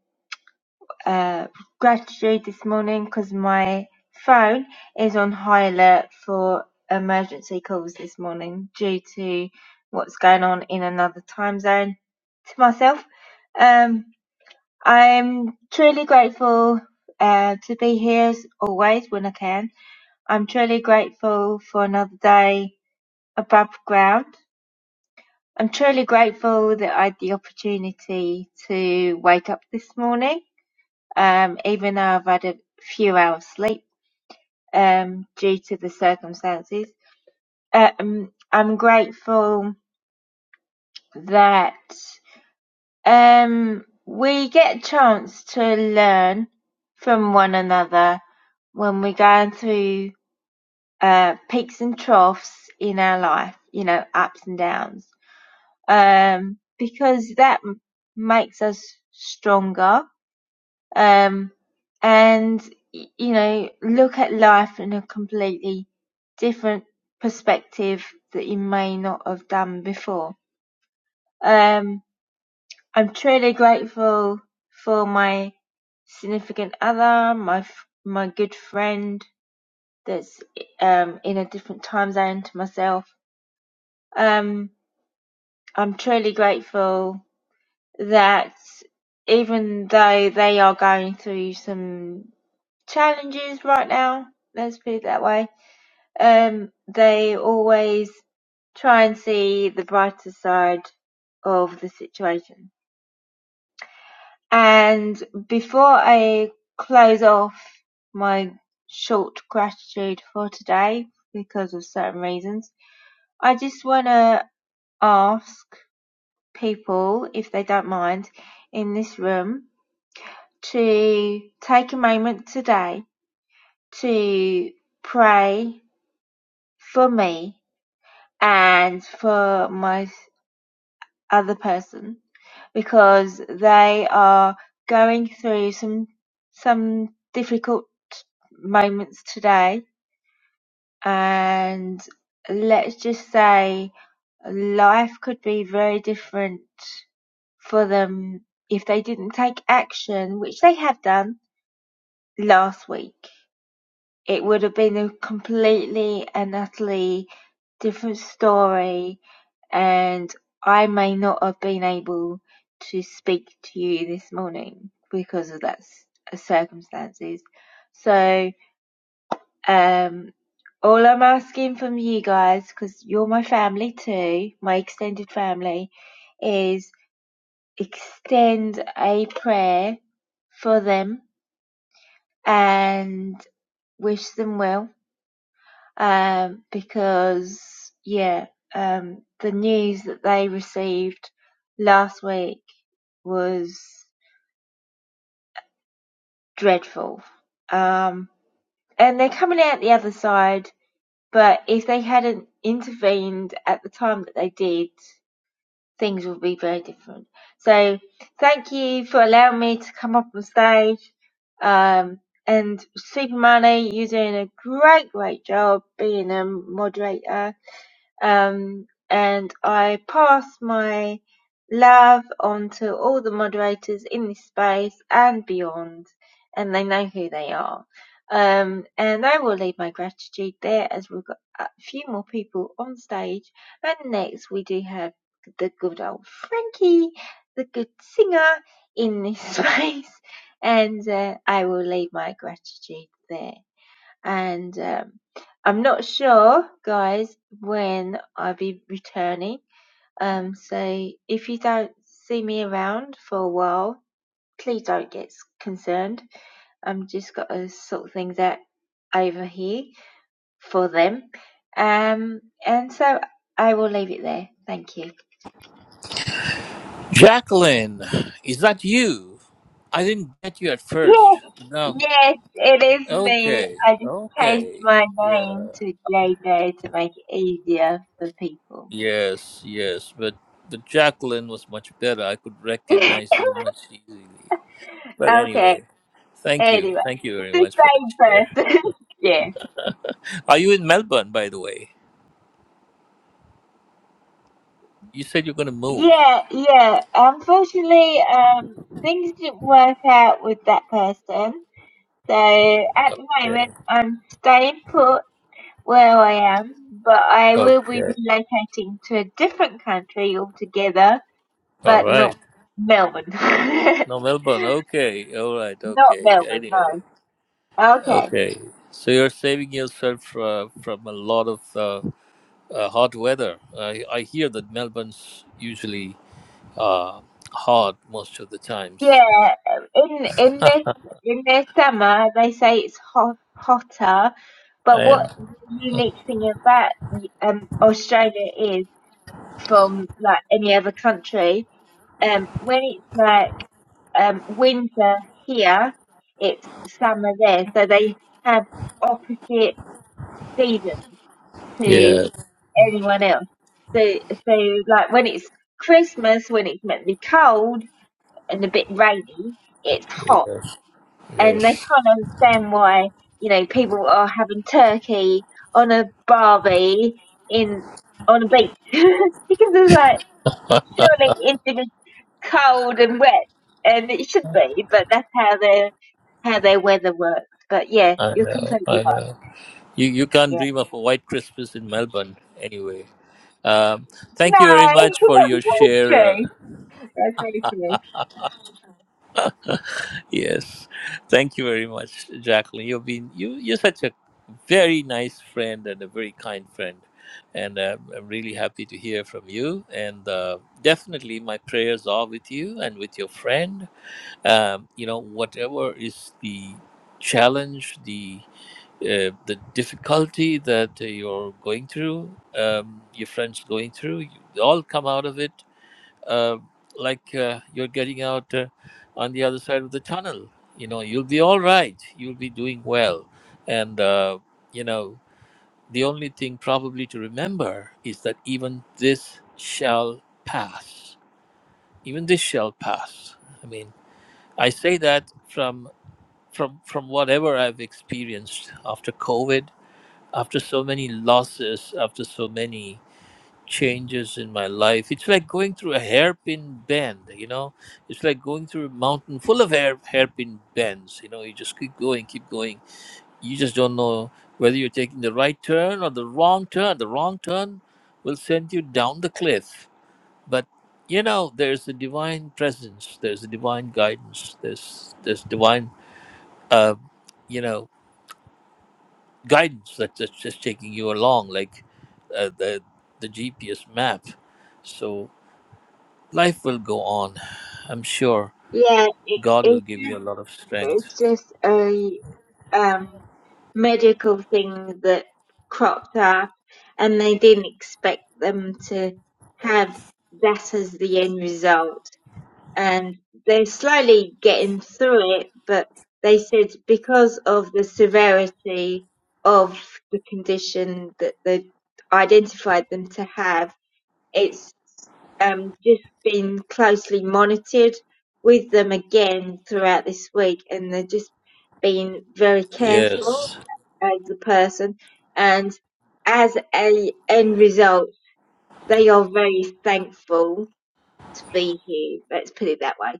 S10: uh, gratitude this morning because my phone is on high alert for emergency calls this morning due to what's going on in another time zone to myself. Um, I'm truly grateful uh, to be here as always when I can. I'm truly grateful for another day above ground. I'm truly grateful that I had the opportunity to wake up this morning, um, even though I've had a few hours sleep um, due to the circumstances. Um, I'm grateful that Um, we get a chance to learn from one another when we're going through uh, peaks and troughs in our life, you know, ups and downs, um, because that m- makes us stronger um, and, y- you know, look at life in a completely different perspective that you may not have done before. Um, I'm truly grateful for my significant other, my f- my good friend that's um in a different time zone to myself. Um, I'm truly grateful that even though they are going through some challenges right now, let's put it that way, um, they always try and see the brighter side of the situation And before I close off my short gratitude for today, because of certain reasons, I just want to ask people, if they don't mind, in this room to take a moment today to pray for me and for my other person because they are going through some some difficult moments today and let's just say life could be very different for them if they didn't take action which they have done last week it would have been a completely and utterly different story, and I may not have been able to speak to you this morning because of that circumstances. So, um, all I'm asking from you guys, because you're my family too, my extended family, is extend a prayer for them and wish them well um, because yeah, um, the news that they received last week was dreadful. Um, and they're coming out the other side, but if they hadn't intervened at the time that they did, things would be very different. So thank you for allowing me to come up on stage. Um, and Super Money, you're doing a great, great job being a moderator Um, and I pass my love on to all the moderators in this space and beyond, and they know who they are. Um, and I will leave my gratitude there as we've got a few more people on stage. And next, we do have the good old Frankie, the good singer in this [laughs] space. And uh, I will leave my gratitude there and um, I'm not sure, guys, when I'll be returning. Um, so if you don't see me around for a while, please don't get s- concerned. I'm just got to sort things out over here for them. Um, and so I will leave it there. Thank you.
S7: Jacqueline, is that you? I didn't get you at
S10: Yes,
S7: first. No.
S10: yes, it is me.
S7: Okay.
S10: I just changed
S7: Okay.
S10: my name
S7: Yeah.
S10: to JJ to make it easier for people.
S7: Yes, yes. But the Jacqueline was much better. I could
S10: [laughs]
S7: recognize you much easily. But
S10: okay,
S7: anyway, thank you.
S10: Anyway,
S7: Thank you
S10: it's
S7: very
S10: the
S7: much for the share.
S10: same person. [laughs] yeah.
S7: Are you in Melbourne, by the way? You said you're going to move.
S10: Yeah, yeah. Unfortunately, um, things didn't work out with that person. So at the
S7: Okay.
S10: moment, I'm staying put where I am, but I will be
S7: Okay.
S10: relocating to a different country altogether,
S7: All
S10: but not
S7: right.
S10: Melbourne. [laughs] not
S7: No, Melbourne. Okay. All right. Okay.
S10: Melbourne,
S7: Anyway.
S10: no. Okay.
S7: Okay, so you're saving yourself uh, from a lot of uh, uh, hot weather. I I hear that Melbourne's usually uh, hot most of the times.
S10: Yeah, in in this in this summer they say it's hot, hotter,
S7: [laughs]
S10: but what
S7: and
S10: the unique thing about um Australia is from like any other country, um when it's like um winter here, it's summer there, so they have opposite seasons to
S7: yeah,
S10: anyone else. So so like when it's Christmas, when it's meant to be cold and a bit rainy, it's hot
S7: yes,
S10: and they
S7: yes,
S10: can't understand why you know people are having turkey on a barbie in on a beach [laughs] because it's like surely it's should cold and wet and it should be but that's how their how their weather works but yeah
S7: I
S10: you're
S7: know,
S10: completely
S7: I
S10: right
S7: know. You you can't
S10: yeah
S7: dream of a white Christmas in Melbourne anyway. Um, thank you very much for your
S10: no
S7: share, uh,
S10: [laughs] that's very true that's very true
S7: Yes, thank you very much, Jacqueline. You've been you you're such a very nice friend and a very kind friend, and uh, I'm really happy to hear from you. And uh, definitely, my prayers are with you and with your friend. Um, you know, whatever is the challenge, the uh, the difficulty that uh, you're going through, um, your friends going through, you all come out of it uh, like uh, you're getting out uh, on the other side of the tunnel. You know, you'll be all right. You'll be doing well. And, uh, you know, the only thing probably to remember is that even this shall pass. Even this shall pass. I mean, I say that from from from whatever I've experienced after COVID, after so many losses, after so many changes in my life. It's like going through a hairpin bend, you know. It's like going through a mountain full of hair, hairpin bends, you know. You just keep going, keep going. You just don't know whether you're taking the right turn or the wrong turn. The wrong turn will send you down the cliff. But you know, there's a divine presence. There's a divine guidance. There's there's divine, uh, you know, guidance that, that's just taking you along, like uh, the the GPS map. So Life will go on. I'm sure
S10: yeah it,
S7: God will
S10: it
S7: give you a lot of strength.
S10: It's just a um, medical thing that cropped up, and they didn't expect them to have that as the end result. And they're slowly getting through it, but they said because of the severity of the condition that they identified them to have, it's um, just been closely monitored with them again throughout this week, and they're just being very careful
S7: Yes.
S10: as a person. And as a end result, they are very thankful to be here. Let's put it that way.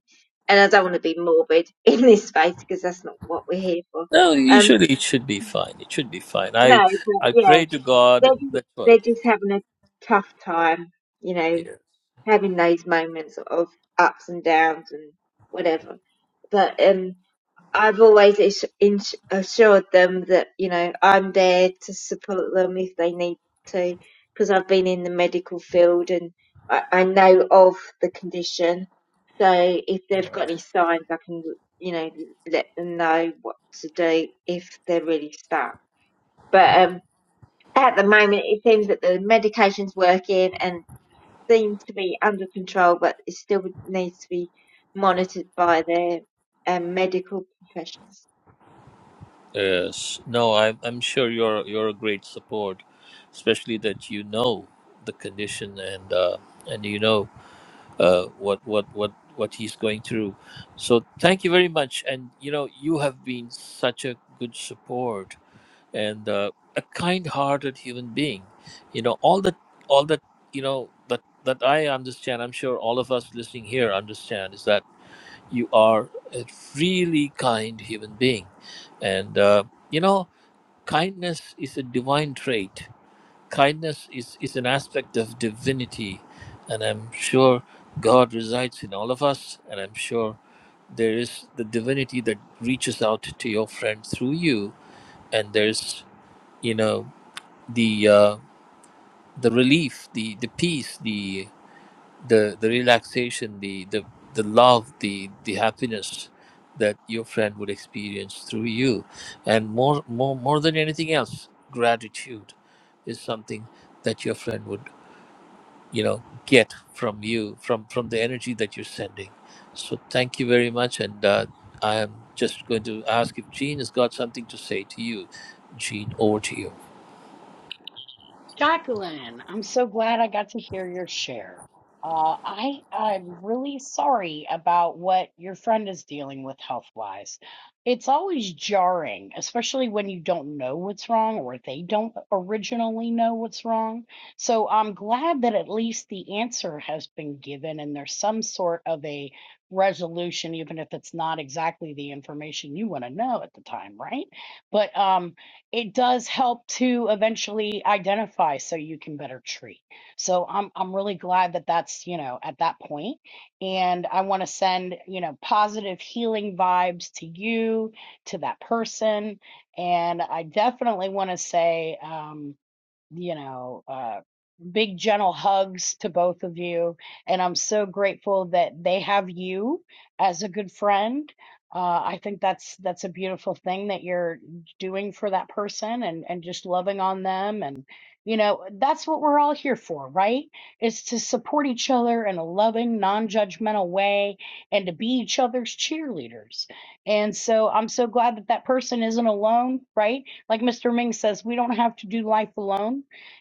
S10: And I don't want to be morbid [laughs] in this space because that's not what we're here for.
S7: No,
S10: Um,
S7: usually it should be fine. It should be fine.
S10: no,
S7: I
S10: but
S7: I
S10: yeah,
S7: pray to God
S10: they're, ju-
S7: that's what.
S10: they're just having a tough time, you know,
S7: Yes.
S10: having those moments of ups and downs and whatever. But um, I've always ass- ins- assured them that you know I'm there to support them if they need to, because I've been in the medical field and I, I know of the condition. So if they've got any signs, I can you know let them know what to do if they're really stuck. But um, at the moment, it seems that the medication's working and seems to be under control, but it still needs to be monitored by their um, medical professionals.
S7: Yes. No, I'm I'm sure you're you're a great support, especially that you know the condition and uh, and you know uh, what what what what he's going through. So thank you very much. And you know you have been such a good support and uh, a kind-hearted human being. You know, all that, all that, you know, that that I understand. I'm sure all of us listening here understand is that you are a really kind human being, and uh, you know, kindness is a divine trait. Kindness is is an aspect of divinity, and I'm sure God resides in all of us, and I'm sure there is the divinity that reaches out to your friend through you, and there's you know the uh, the relief, the the peace, the the the relaxation, the the the love, the the happiness that your friend would experience through you, and more more more than anything else, gratitude is something that your friend would you know get from you from from the energy that you're sending. So thank you very much, and uh, I am just going to ask if Jean has got something to say to you. Jean, over to you.
S3: Jacqueline, I'm so glad I got to hear your share. Uh, I I'm really sorry about what your friend is dealing with health wise. It's always jarring, especially when you don't know what's wrong or they don't originally know what's wrong. So I'm glad that at least the answer has been given and there's some sort of a resolution, even if it's not exactly the information you want to know at the time, right? But um, it does help to eventually identify so you can better treat. So I'm I'm really glad that that's, you know, at that point and I want to send, you know, positive healing vibes to you, to that person and I definitely want to say um you know uh big gentle hugs to both of you and i'm so grateful that they have you as a good friend uh, i think that's that's a beautiful thing that you're doing for that person and and just loving on them and you know that's what we're all here for right is to support each other in a loving non-judgmental way and to be each other's cheerleaders and so i'm so glad that that person isn't alone right like mr ming says we don't have to do life alone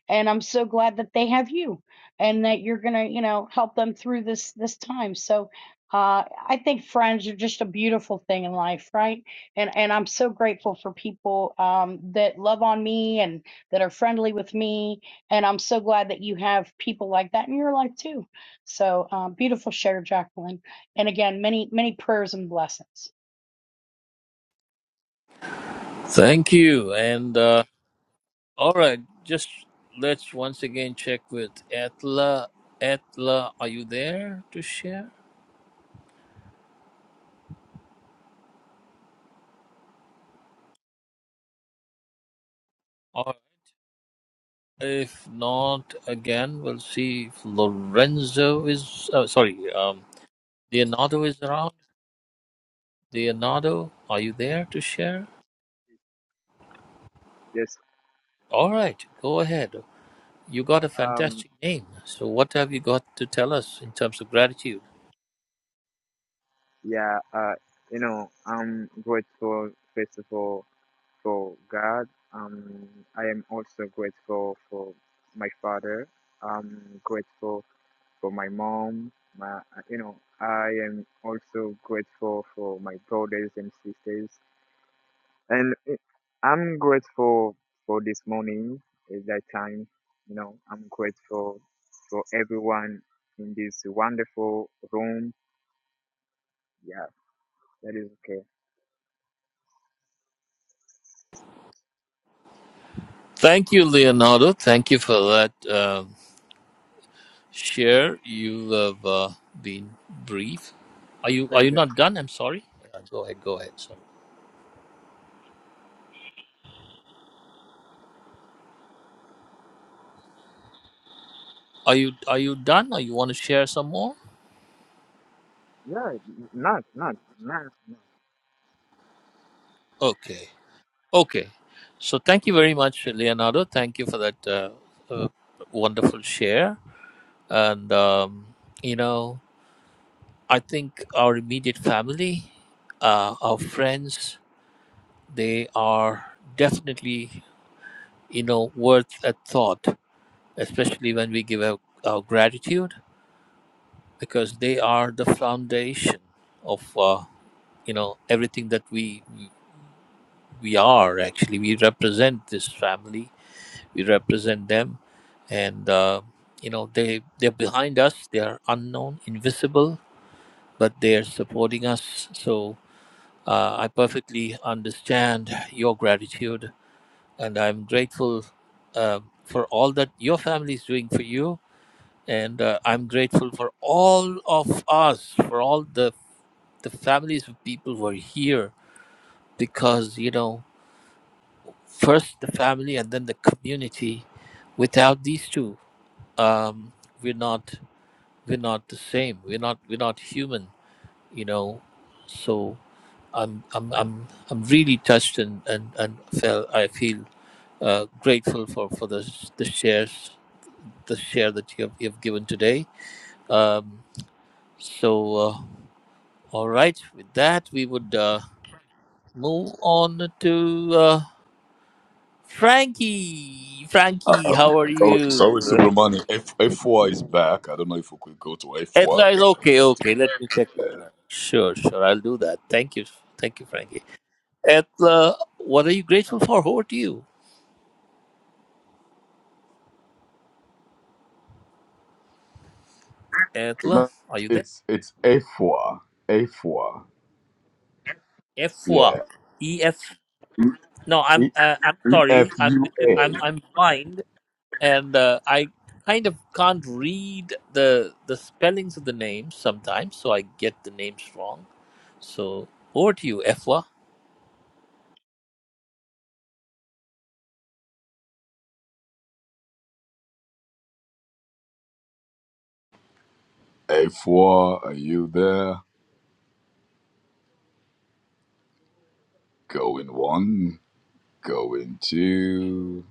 S3: and I'm so glad that they have you and that you're gonna, you know, help them through this this time. So uh, I think friends are just a beautiful thing in life, right? And and I'm so grateful for people um, that love on me and that are friendly with me. And I'm so glad that you have people like that in your life too. So um, beautiful share, Jacqueline. And again, many many prayers and blessings.
S7: Thank you. And uh, All right, just let's once again check with Atla. Atla, are you there to share? Or if not, again, we'll see if Lorenzo is. Oh, sorry, um, Leonardo is around. Leonardo, are you there to share?
S11: Yes.
S7: All right, go ahead. You got a
S11: Um.
S7: fantastic name. So, what have you got to tell us in terms of gratitude?
S11: Yeah. Uh. You know, I'm grateful first of all for God. Um. I am also grateful for my father. I'm grateful for my mom. My. You know, I am also grateful for my brothers and sisters. And eh, I'm grateful for this morning. At that time, you know, I'm grateful for everyone in this wonderful room. Yeah. That is okay.
S7: Thank you, Leonardo. Thank you for that. Uh, Share, you have uh, been brief. Are you are
S11: Praise
S7: you not done? I'm sorry. Uh, Go ahead. Go ahead. Sorry. Are you are you done? Or you want to share some more?
S11: Yeah, not not not.
S7: Okay. Okay. So thank you very much, Leonardo. Thank you for that uh, uh, wonderful share. And um, you know, I think our immediate family, uh, our friends, they are definitely you know worth a thought, especially when we give out our gratitude because they are the foundation of uh, you know everything that we we are actually we represent this family we represent them and uh, you know they they're behind us they are unknown invisible but they are supporting us so uh, i perfectly understand your gratitude and i'm grateful uh, for all that your family is doing for you and uh, i'm grateful for all of us for all the the families of people were here because you know first the family and then the community without these two um we're not we're not the same we're not we're not human you know so i'm i'm i'm, I'm really touched and and and feel i feel uh, grateful for for the the shares the share that you have, you have given today um so uh, all right with that we would uh, move on to uh, Frankie, Frankie,
S12: Uh,
S7: how are
S12: sorry,
S7: you?
S12: sorry, Subramani. F F4 is back. I don't know if we could go to F4,
S7: Etla is
S12: then come
S7: okay,
S12: back
S7: okay. Let me check
S12: to
S7: with
S12: uh,
S7: her. Sure, sure. I'll do that. Thank you. Thank you, Frankie. Etla, what are you grateful for? Over to you. Etla,
S12: no,
S7: are you there?
S12: it's it's F4. F4.
S7: Efwa.
S12: Yeah.
S7: E F.
S12: E
S7: No, I'm
S12: E,
S7: uh, I'm
S12: E F
S7: sorry. I'm
S12: U A.
S7: I'm I'm blind and uh, I kind of can't read the the spellings of the names sometimes, so I get the names wrong. So over to you, Efwa.
S12: F4, are you there? Going one, going two.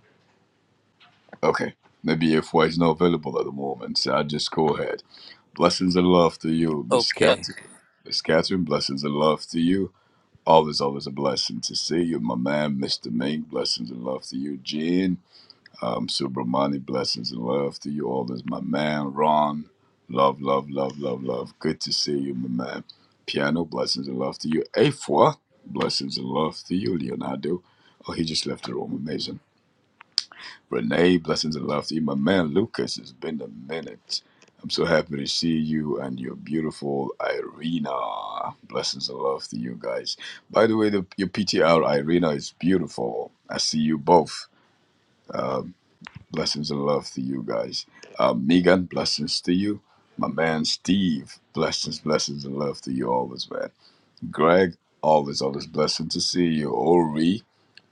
S12: Okay. Maybe F4 is not available at the moment, so I'll just go ahead. Blessings and love to you, Miss
S7: Okay.
S12: Catherine. Miss Catherine, blessings and love to you. Always, always a blessing to see you, my man, Mr. Ming. Blessings and love to you, Gene. Um, Subramani, blessings and love to you. Always, my man, Ron. Love, love, love, love, love. Good to see you, my man. Piano, blessings and love to you. Afua, blessings and love to you, Leonardo. Oh, he just left the room. Amazing. Renee, blessings and love to you. My man Lucas, it's been a minute. I'm so happy to see you and your beautiful Irina. Blessings and love to you guys. By the way, the, your PTR Irina is beautiful. I see you both. Blessings and love to you guys. Um, Megan, blessings to you. My man Steve, blessings, blessings and love to you always, man. Greg, always, always blessing to see you. Ori,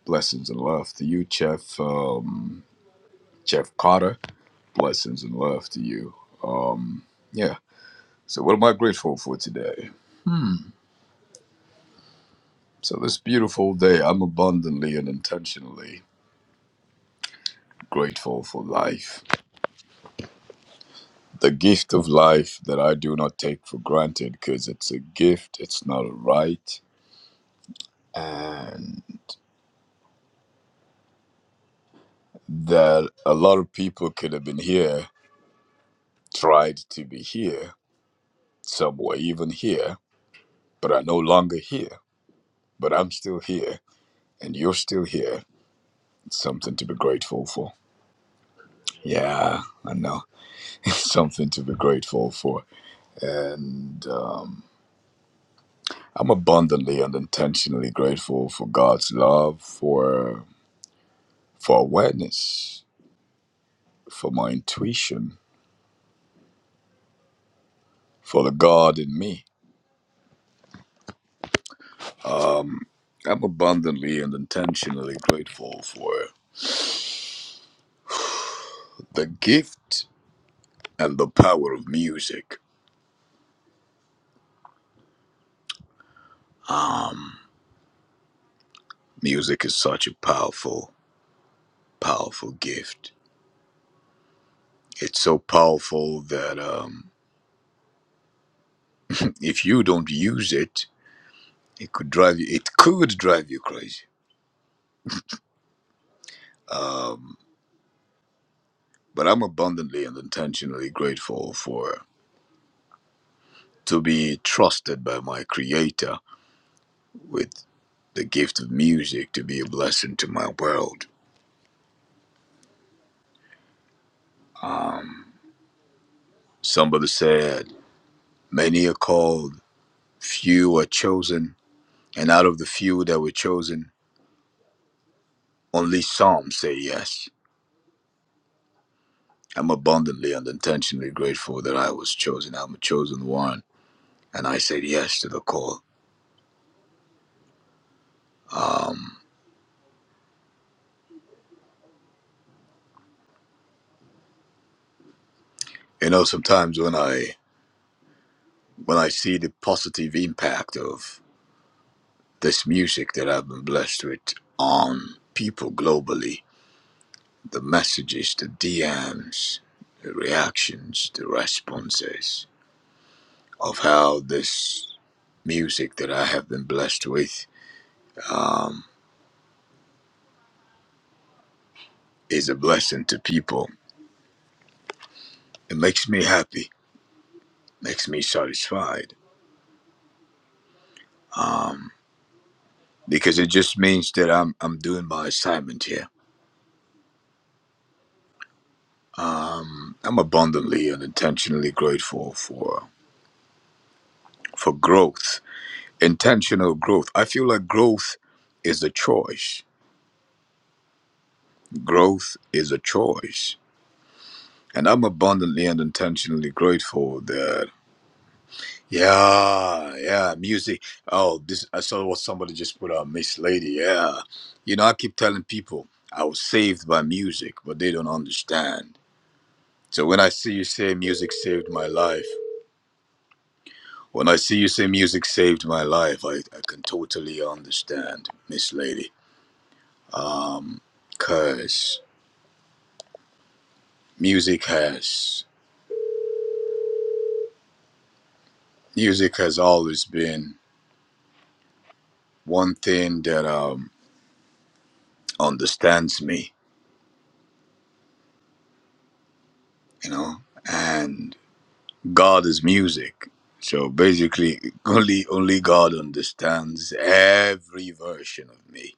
S12: blessings and love to you. Chef, um, Chef Carter, Blessings and love to you. Yeah. So, what am I grateful for today? So, this beautiful day, I'm abundantly and intentionally grateful for life. The gift of life that I do not take for granted because it's a gift, it's not a right. And that a lot of people could have been here, tried to be here, somewhere even here, but are no longer here. But I'm still here, and you're still here. It's something to be grateful for. Yeah, I know. something to be grateful for. And um, I'm abundantly and intentionally grateful for God's love, for for awareness, for my intuition, for the God in me. I'm abundantly and intentionally grateful for the gift and the power of music. Um, music is such a powerful, powerful gift. It's so powerful that um, if you don't use it, it could drive you. It could drive you crazy Um, but I'm abundantly and intentionally grateful for to be trusted by my creator with the gift of music to be a blessing to my world. Somebody said, Many are called, few are chosen, and out of the few that were chosen, only some say yes. I'm abundantly and intentionally grateful that I was chosen. I'm a chosen one, and I said yes to the call. Um, you know, sometimes when I when I see the positive impact of this music that I've been blessed with on people globally, the messages, the DMs, the reactions, the responses of how this music that I have been blessed with um, is a blessing to people. It makes me happy, makes me satisfied. Um, because it just means that I'm I'm doing my assignment here. I'm abundantly and intentionally grateful for for growth intentional growth. I feel like growth is a choice. Growth is a choice. And I'm abundantly and intentionally grateful that, yeah, yeah, music. Oh, this, I saw what somebody just put out, Miss Lady. Yeah. You know, I keep telling people I was saved by music, but they don't understand. So when I see you say music saved my life, when I see you say music saved my life, I, I can totally understand, Miss Lady. Um, curse. music has music has always been one thing that um understands me you know and god is music so basically [laughs] only only god understands every version of me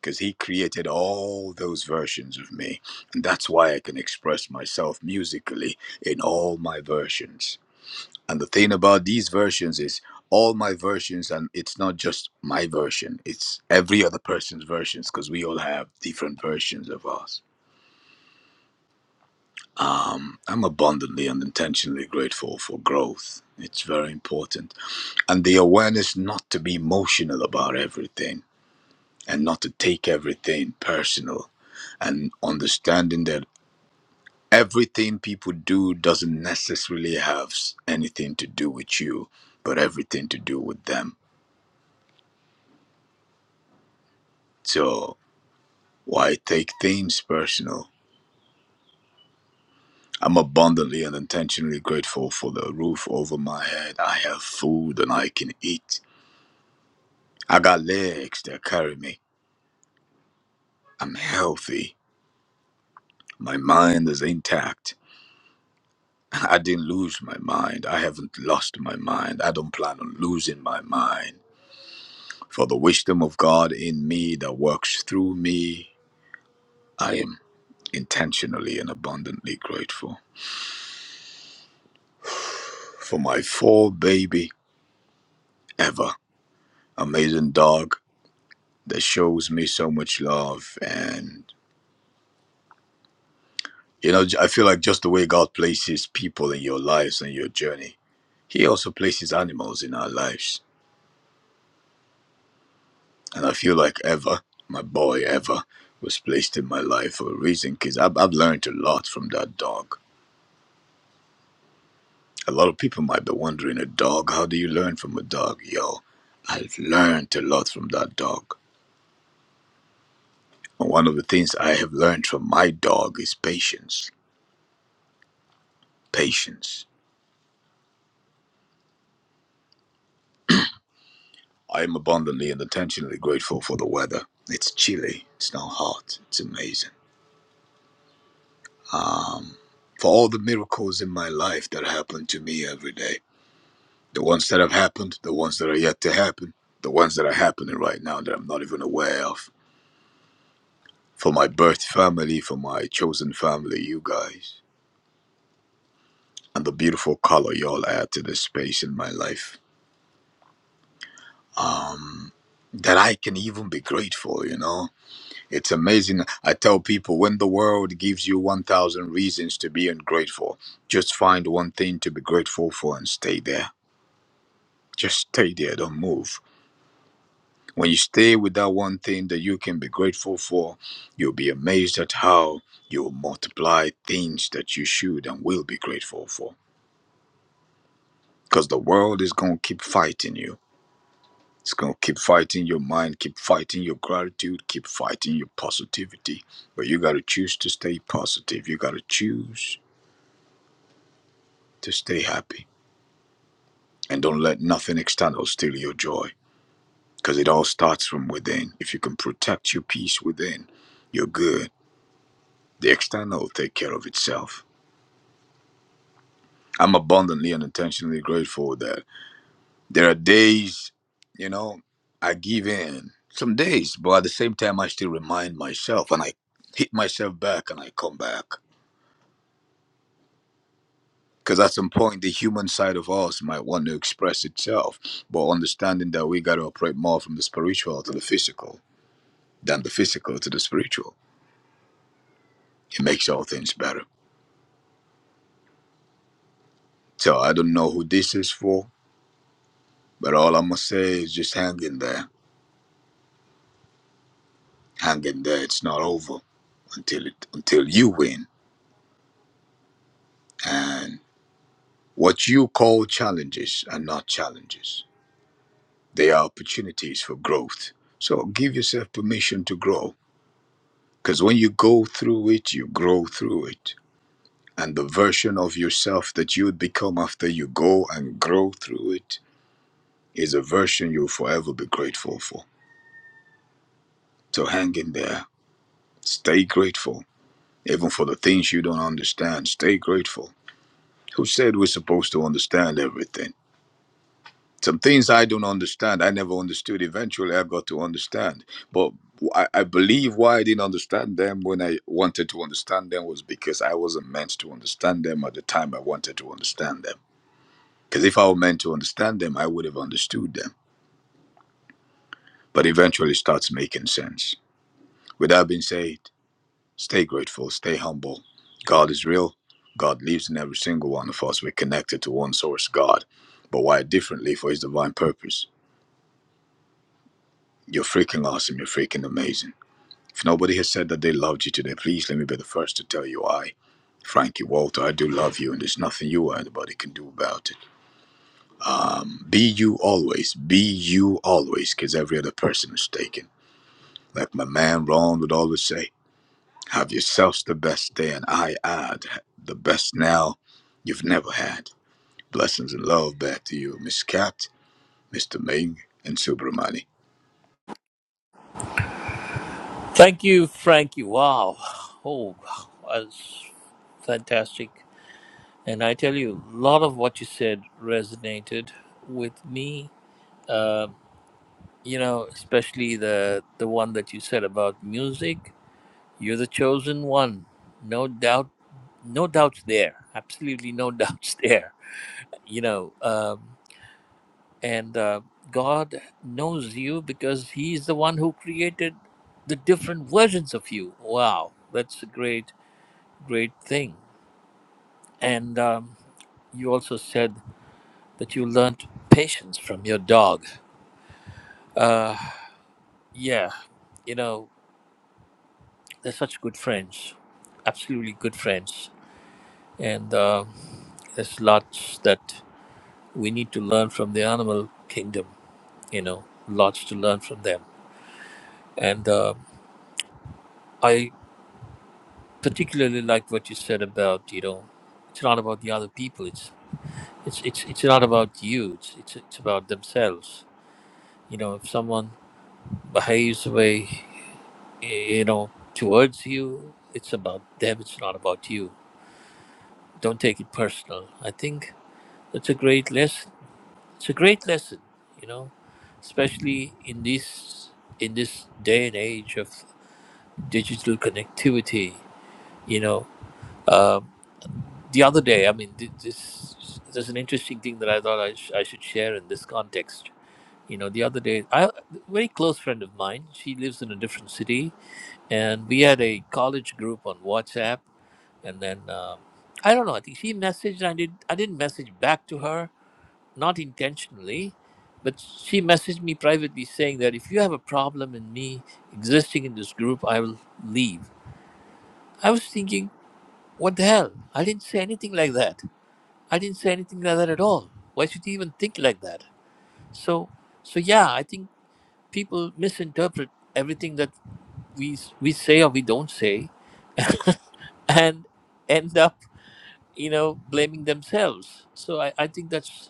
S12: because he created all those versions of me and that's why i can express myself musically in all my versions And the thing about these versions is all my versions, and it's not just my version, it's every other person's versions because we all have different versions of us. Um, I'm abundantly and intentionally grateful for growth. It's very important. And the awareness not to be emotional about everything and not to take everything personal and understanding that everything people do doesn't necessarily have s- anything to do with you, but everything to do with them. So Why take things personal? I'm abundantly and intentionally grateful for the roof over my head. I have food and I can eat. I got legs that carry me. I'm healthy. My mind is intact. [laughs] I didn't lose my mind. I haven't lost my mind. I don't plan on losing my mind. For the wisdom of God in me that works through me, I am intentionally and abundantly grateful. For my four baby ever amazing dog that shows me so much love and you know i feel like just the way god places people in your lives and your journey he also places animals in our lives and i feel like Eva, my boy Eva, was placed in my life for a reason because I've, I've learned a lot from that dog a lot of people might be wondering a dog how do you learn from a dog yo i've learned a lot from that dog and one of the things i have learned from my dog is patience patience I am abundantly and intentionally grateful for the weather. It's chilly, it's not hot, it's amazing. Um, for all the miracles in my life that happen to me every day the ones that have happened, the ones that are yet to happen, the ones that are happening right now that I'm not even aware of. For my birth family, for my chosen family, you guys, and the beautiful color y'all add to the space in my life. Um, that I can even be grateful, you know? It's amazing. I tell people when the world gives you 1,000 reasons to be ungrateful, just find one thing to be grateful for and stay there. Just stay there, don't move. When you stay with that one thing that you can be grateful for, you'll be amazed at how you'll multiply things that you should and will be grateful for. Because the world is going to keep fighting you. It's going to keep fighting your mind, keep fighting your gratitude, keep fighting your positivity. But you got to choose to stay positive. You got to choose to stay happy. And don't let nothing external steal your joy because it all starts from within. If you can protect your peace within, you're good. The external will take care of itself. I'm abundantly and intentionally grateful that there are days, you know, I give in some days, but at the same time, I still remind myself and I hit myself back and I come back. Because at some point, the human side of us might want to express itself, but understanding that we got to operate more from the spiritual to the physical than the physical to the spiritual. It makes all things better. So I don't know who this is for, but all i must say is just hang in there, hang in there. It's not over until it until you win. And what you call challenges are not challenges; they are opportunities for growth. So give yourself permission to grow, because when you go through it, you grow through it. And the version of yourself that you would become after you go and grow through it is a version you'll forever be grateful for. So hang in there. Stay grateful. Even for the things you don't understand, stay grateful. Who said we're supposed to understand everything? Some things I don't understand, I never understood. Eventually, I got to understand. But I, I believe why I didn't understand them when I wanted to understand them was because I wasn't meant to understand them at the time I wanted to understand them. Because if I were meant to understand them, I would have understood them. But eventually, it starts making sense. With that being said, Stay grateful, stay humble. God is real. God lives in every single one of us. We're connected to one source, God, but wired differently for His divine purpose. You're freaking awesome. You're freaking amazing. If nobody has said that they loved you today, please let me be the first to tell you I, Frankie Walter, I do love you, and there's nothing you or anybody can do about it. Be you always. Be you always, because every other person is taken. Like my man Ron would always say, have yourselves the best day, and I add, the best now you've never had. Blessings and love back to you, Miss Cat, Mr. Ming, and Subramani.
S7: Thank you, Frankie. Wow. Oh, that's fantastic. And I tell you, a lot of what you said resonated with me. Um, you know, especially the the one that you said about music. You're the chosen one. No doubt. No doubts there. Absolutely no [laughs] doubts there. You know, um, and uh, God knows you because He's the one who created the different versions of you. Wow, that's a great great thing. And um, you also said that you learned patience from your dog. Uh, yeah, you know, they're such good friends, absolutely good friends. And uh, there's lots that we need to learn from the animal kingdom, you know, lots to learn from them. And uh, I particularly like what you said about, you know, it's not about the other people. It's it's it's, it's not about you. It's, it's it's about themselves. You know, if someone behaves the way you know, towards you. It's about them, it's not about you. Don't take it personal. I think that's a great lesson. It's a great lesson, you know, especially in this in this day and age of digital connectivity, you know. Um, the other day, I mean, th- this there's an interesting thing that I thought I, sh- I should share in this context. You know, the other day, I, a very close friend of mine, she lives in a different city, and we had a college group on WhatsApp and then uh, I don't know. I think she messaged. I did. I didn't message back to her, not intentionally, but she messaged me privately saying that if you have a problem in me existing in this group, I will leave. I was thinking, what the hell? I didn't say anything like that. I didn't say anything like that at all. Why should you even think like that? So, so yeah, I think people misinterpret everything that we we say or we don't say, and end up you know, blaming themselves. So I, I think that's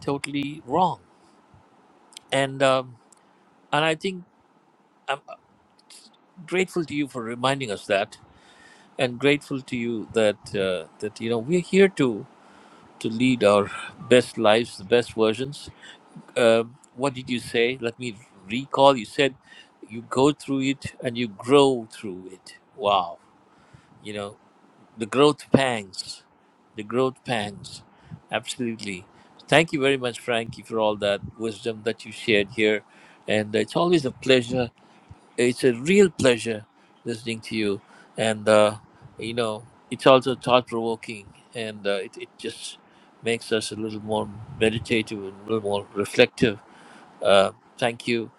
S7: totally wrong. And um, and I think I'm grateful to you for reminding us that, and grateful to you that uh, that you know we're here to to lead our best lives, the best versions. Um, what did you say? Let me recall. You said you go through it and you grow through it. Wow. You know. the growth pangs the growth pangs absolutely thank you very much frankie for all that wisdom that you shared here and it's always a pleasure it's a real pleasure listening to you and uh, you know it's also thought-provoking and uh, it, it just makes us a little more meditative and a little more reflective uh, thank you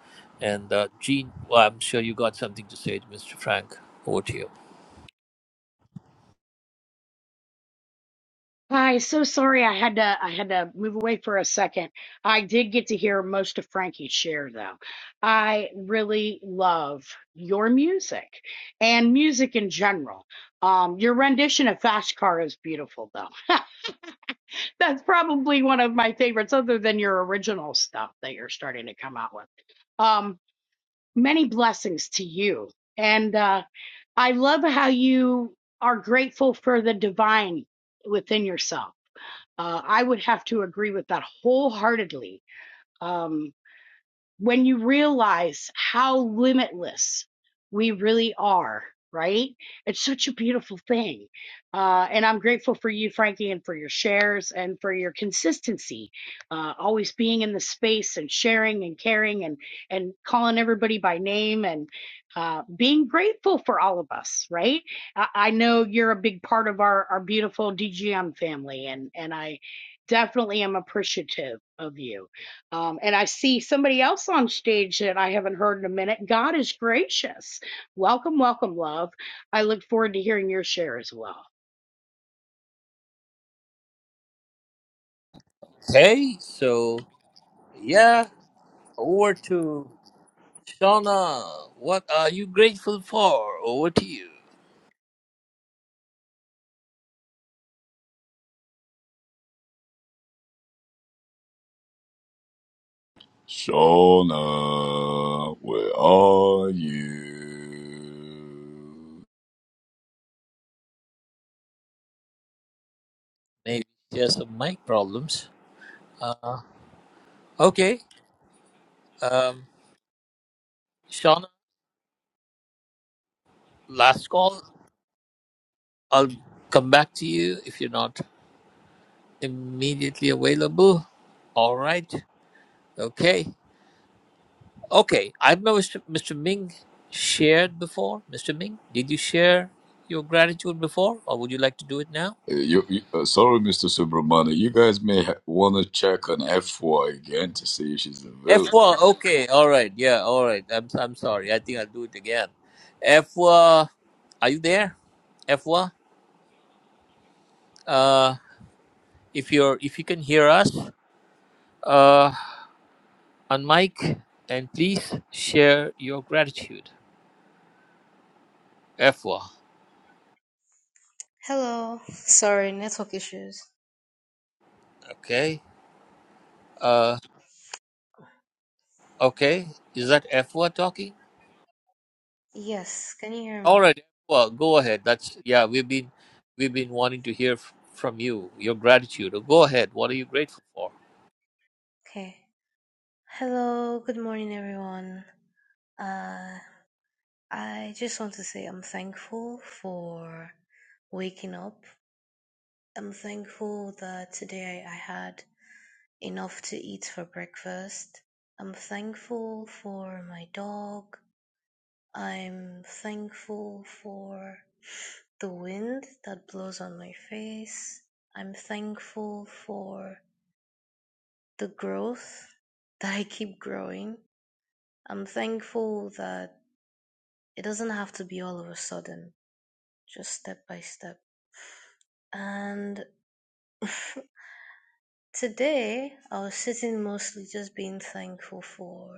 S7: and uh, gene well, i'm sure you got something to say to mr frank over to you
S3: Hi, so sorry I had to I had to move away for a second. I did get to hear most of Frankie's share though. I really love your music and music in general. Um, your rendition of Fast Car is beautiful though. [laughs] That's probably one of my favorites other than your original stuff that you're starting to come out with. Um, many blessings to you. And uh, I love how you are grateful for the divine within yourself uh, I would have to agree with that wholeheartedly. Um, when you realize how limitless we really are, right? It's such a beautiful thing. Uh, and I'm grateful for you, Frankie, and for your shares and for your consistency, uh, always being in the space and sharing and caring and, and calling everybody by name and uh, being grateful for all of us, right? I, I know you're a big part of our, our beautiful DGM family, and, and I definitely am appreciative of you um, and I see somebody else on stage that I haven't heard in a minute. God is gracious. Welcome, welcome, love. I look forward to hearing your share as well.
S7: Okay. so yeah Over to Shauna. What are you grateful for? Over to you.
S12: Shona, where are you?
S7: Maybe she has some mic problems. Uh, okay. Um, Shauna, last call. I'll come back to you if you're not immediately available. All right. Okay. Okay. I don't know Mr. Mr. Ming shared before. Mr. Ming, did you share your gratitude before or would you like to do it now?
S12: Uh, you, you uh, sorry, Mr. Subramani. You guys may ha- want to check on FY again to see if she's available.
S7: F1. Okay. All right. Yeah. All right. I'm I'm sorry. I think I'll do it again. F1. Are you there? F1. Uh, if you're if you can hear us, uh, on mic, and please share your gratitude. F1.
S13: Hello. Sorry, network issues.
S7: Okay. Uh. Okay. Is that F1 talking?
S13: Yes, can you hear
S7: All
S13: me?
S7: right. Well, Go ahead. That's yeah. We've been we've been wanting to hear f- from you your gratitude. Go ahead. What are you grateful for?
S13: Okay. Hello, good morning, everyone. Uh, I just want to say I'm thankful for waking up. I'm thankful that today I had enough to eat for breakfast. I'm thankful for my dog. I'm thankful for the wind that blows on my face. I'm thankful for the growth [laughs] that I keep growing. I'm thankful that it doesn't have to be all of a sudden, just step by step. And [laughs] today I was sitting mostly just being thankful for,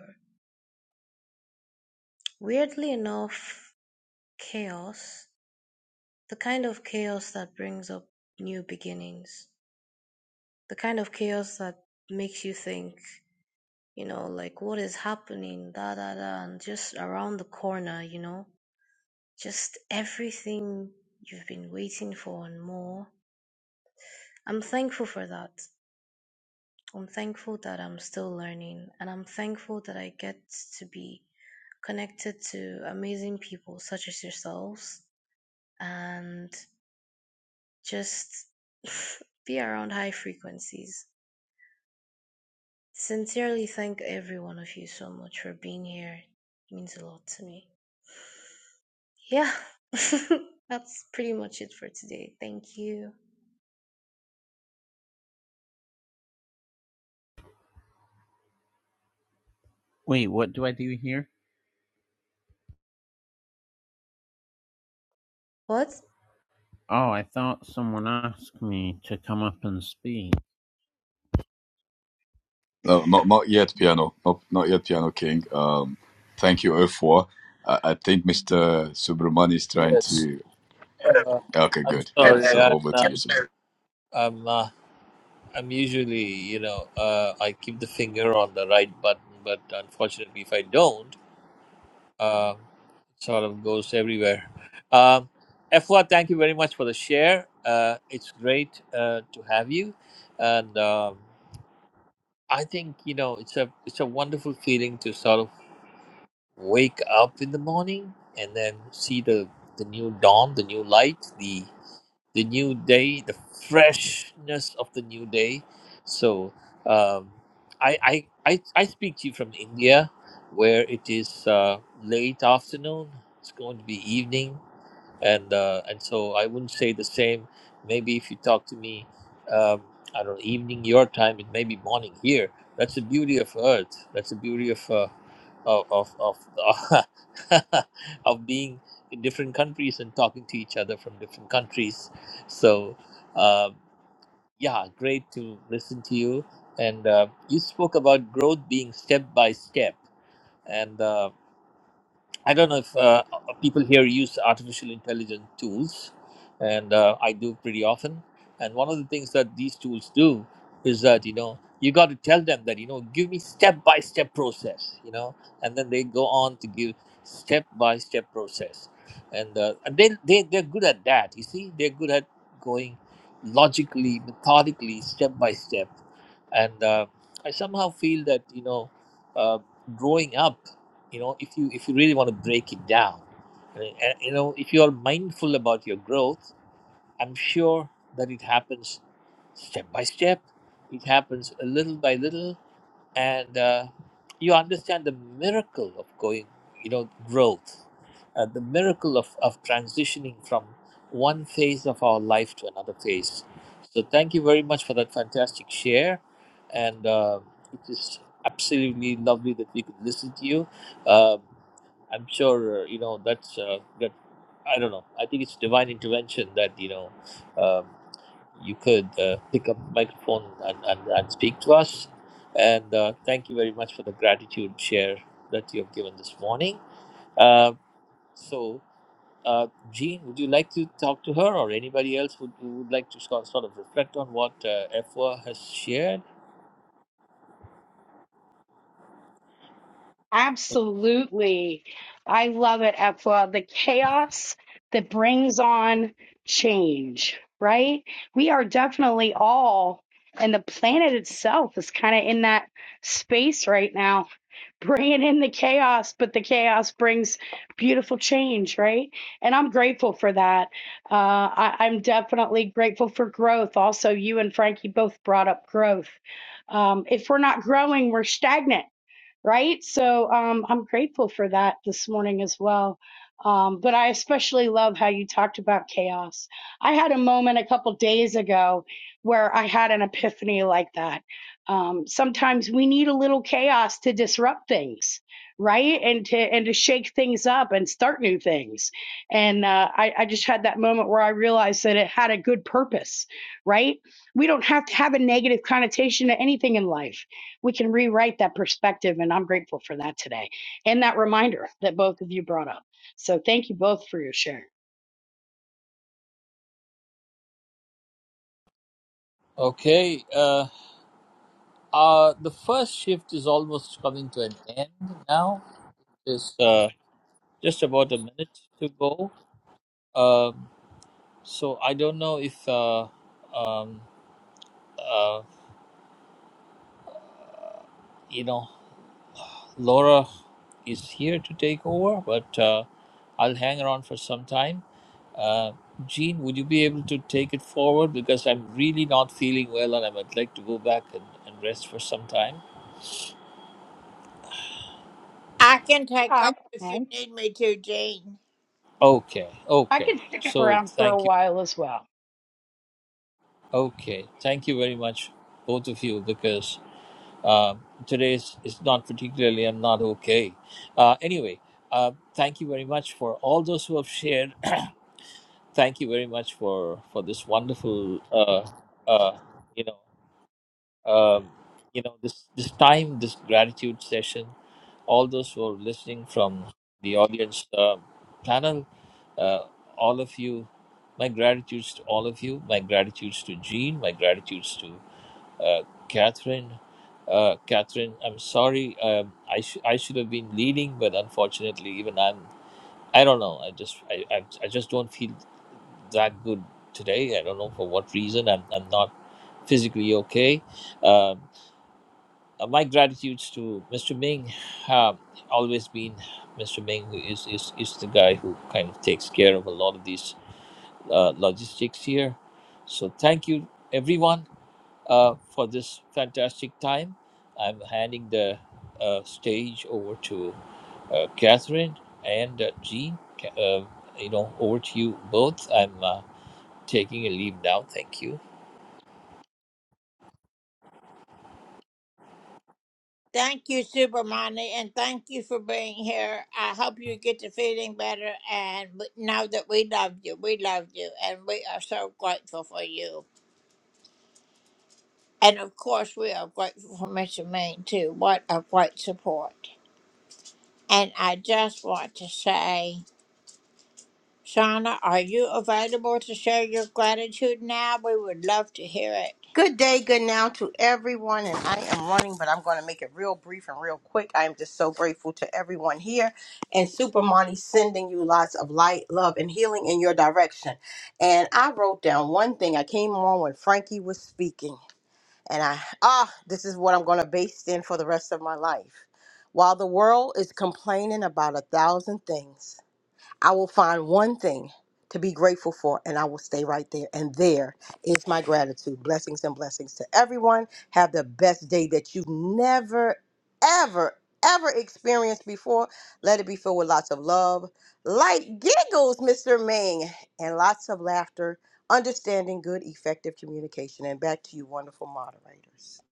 S13: weirdly enough, chaos. The kind of chaos that brings up new beginnings. The kind of chaos that makes you think, you know, like what is happening, da da da, and just around the corner, you know Just everything you've been waiting for and more. I'm thankful for that. I'm thankful that I'm still learning and I'm thankful that I get to be connected to amazing people such as yourselves and just [laughs] be around high frequencies. Sincerely thank every one of you so much for being here. It means a lot to me. Yeah, [laughs] that's pretty much it for today. Thank you.
S8: Wait, what do I do here?
S13: What?
S8: Oh, I thought someone asked me to come up and speak.
S12: No, not not yet, piano. Not not yet, piano king. Um, thank you, f Y. I, I think Mr. Subramani is trying
S7: Yes.
S12: to.
S7: Uh,
S12: Okay,
S7: I'm
S12: good, good.
S7: sorry.
S12: So
S7: I'm
S12: over
S7: not.
S12: to you,
S7: I'm uh, I'm usually you know uh, I keep the finger on the right button, but unfortunately, if I don't, um it sort of goes everywhere. Um, Efwa, thank you very much for the share. Uh, it's great uh, to have you, and um, I think you know it's a it's a wonderful feeling to sort of wake up in the morning and then see the the new dawn, the new light, the new day, the freshness of the new day. So um, I, I I I speak to you from India, where it is uh, late afternoon. It's going to be evening and uh, and so I wouldn't say the same. Maybe if you talk to me, um, I don't know, evening your time, it may be morning here. That's the beauty of Earth. That's the beauty of uh, of of of, [laughs] of being in different countries and talking to each other from different countries. So uh, yeah, great to listen to you. And uh, you spoke about growth being step by step, and. uh, I don't know if uh, people here use artificial intelligence tools, and uh, I do pretty often. And one of the things that these tools do is that you know you got to tell them that you know give me step by step process, you know, and then they go on to give step by step process, and uh, and they they they're good at that. You see, they're good at going logically, methodically, step by step, and uh, I somehow feel that you know. Uh, growing up you know if you if you really want to break it down uh, uh, you know if you are mindful about your growth i'm sure that it happens step by step it happens a little by little and uh, you understand the miracle of going, you know, growth, uh, the miracle of, of transitioning from one phase of our life to another phase. So, thank you very much for that fantastic share. And uh, it is absolutely lovely that we could listen to you. Um I'm sure, uh, you know, that's uh, that. I don't know. I think it's divine intervention that, you know. um you could uh, pick up the microphone and, and, and speak to us. And uh, thank you very much for the gratitude share that you have given this morning. Uh, so, uh, Jean, would you like to talk to her or anybody else would, who would like to sort sort of reflect on what uh, Efwa has shared?
S3: Absolutely. I love it, Efwa. The chaos that brings on change, right? We are definitely all, and the planet itself is kind of in that space right now bringing in the chaos, but the chaos brings beautiful change, right? And I'm grateful for that. Uh, I, I'm definitely grateful for growth. Also, you and Frankie both brought up growth. Um, if we're not growing, we're stagnant right? So um, I'm grateful for that this morning as well. Um, but I especially love how you talked about chaos. I had a moment a couple days ago where I had an epiphany like that. Um, sometimes we need a little chaos to disrupt things, right? And to and to shake things up and start new things. And uh, I, I just had that moment where I realized that it had a good purpose, right? We don't have to have a negative connotation to anything in life we can rewrite that perspective. And I'm grateful for that today and that reminder that both of you brought up. So thank you both for your share.
S7: Okay, uh, uh, the first shift is almost coming to an end now. There's uh, just about a minute to go. Um, so I don't know if uh, um, you know, Laura is here to take over, but uh, I'll hang around for some time. Uh, Jean, would you be able to take it forward? Because I'm really not feeling well and I would like to go back and, and rest for some time.
S3: Yeah, I, I,
S7: Okay,
S3: I
S7: okay.
S3: can stick it
S7: So
S3: around for a
S7: thank you.
S3: while as well.
S7: Okay, thank you very much, both of you, because uh, today is, is not particularly, I'm not okay. Uh, anyway, uh, thank you very much for all those who have shared thank you very much for for this wonderful uh uh you know um you know this this time this gratitude session all those who are listening from the audience uh, panel uh, all of you my gratitudes to all of you my gratitudes to jean my gratitudes to uh, catherine uh, catherine i'm sorry um, I, sh- I should have been leading but unfortunately even i'm I don't know. I just I, I, I just don't feel that good today. I don't know for what reason. I'm, I'm not physically okay. Um, uh, my gratitudes to Mr. Ming. Um always been Mr. Ming who is, is, is the guy who kind of takes care of a lot of these uh, logistics here. So thank you, everyone uh, for this fantastic time. I'm handing the uh, stage over to uh, Catherine and uh, Jean. Ca- Uh, you know, over to you both. I'm uh, taking a leave now. Thank you.
S14: Good day, good now to everyone. And I am running, but I'm going to make it real brief and real quick. I am just so grateful to everyone here. And Super Monty sending you lots of light, love, and healing in your direction. And I wrote down one thing. I came on when Frankie was speaking. And I, ah, this is what I'm going to base in for the rest of my life. While the world is complaining about a thousand things, I will find one thing to be grateful for and I will stay right there. And there is my gratitude. Blessings and blessings to everyone. Have the best day that you've never, ever, ever experienced before. Let it be filled with lots of love, light giggles, Mr. Ming, and lots of laughter, understanding good, effective communication. And back to you, wonderful moderators.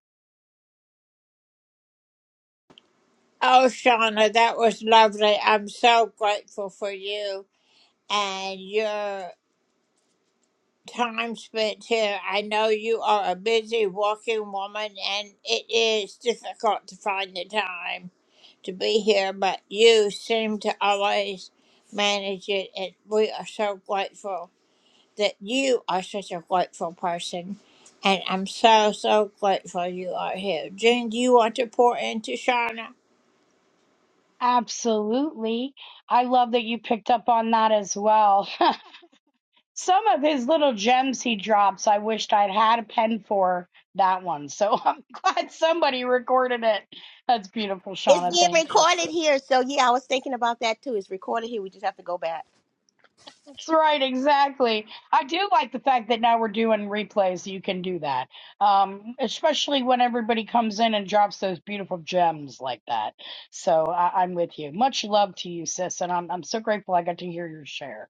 S3: Absolutely. I love that you picked up on that as well. [laughs] Some of his little gems he drops, I wished I'd had a pen for that one. So [laughs] I'm glad somebody recorded it. That's beautiful,
S14: It's
S3: Shauna. Thank
S14: being
S3: you.
S14: recorded here. So, yeah, I was thinking about that too. It's recorded here. We just have to go back.
S3: That's right, exactly. I do like the fact that now we're doing replays. You can do that, um, especially when everybody comes in and drops those beautiful gems like that. So I, I'm with you. Much love to you, sis, and I'm I'm so grateful I got to hear your share.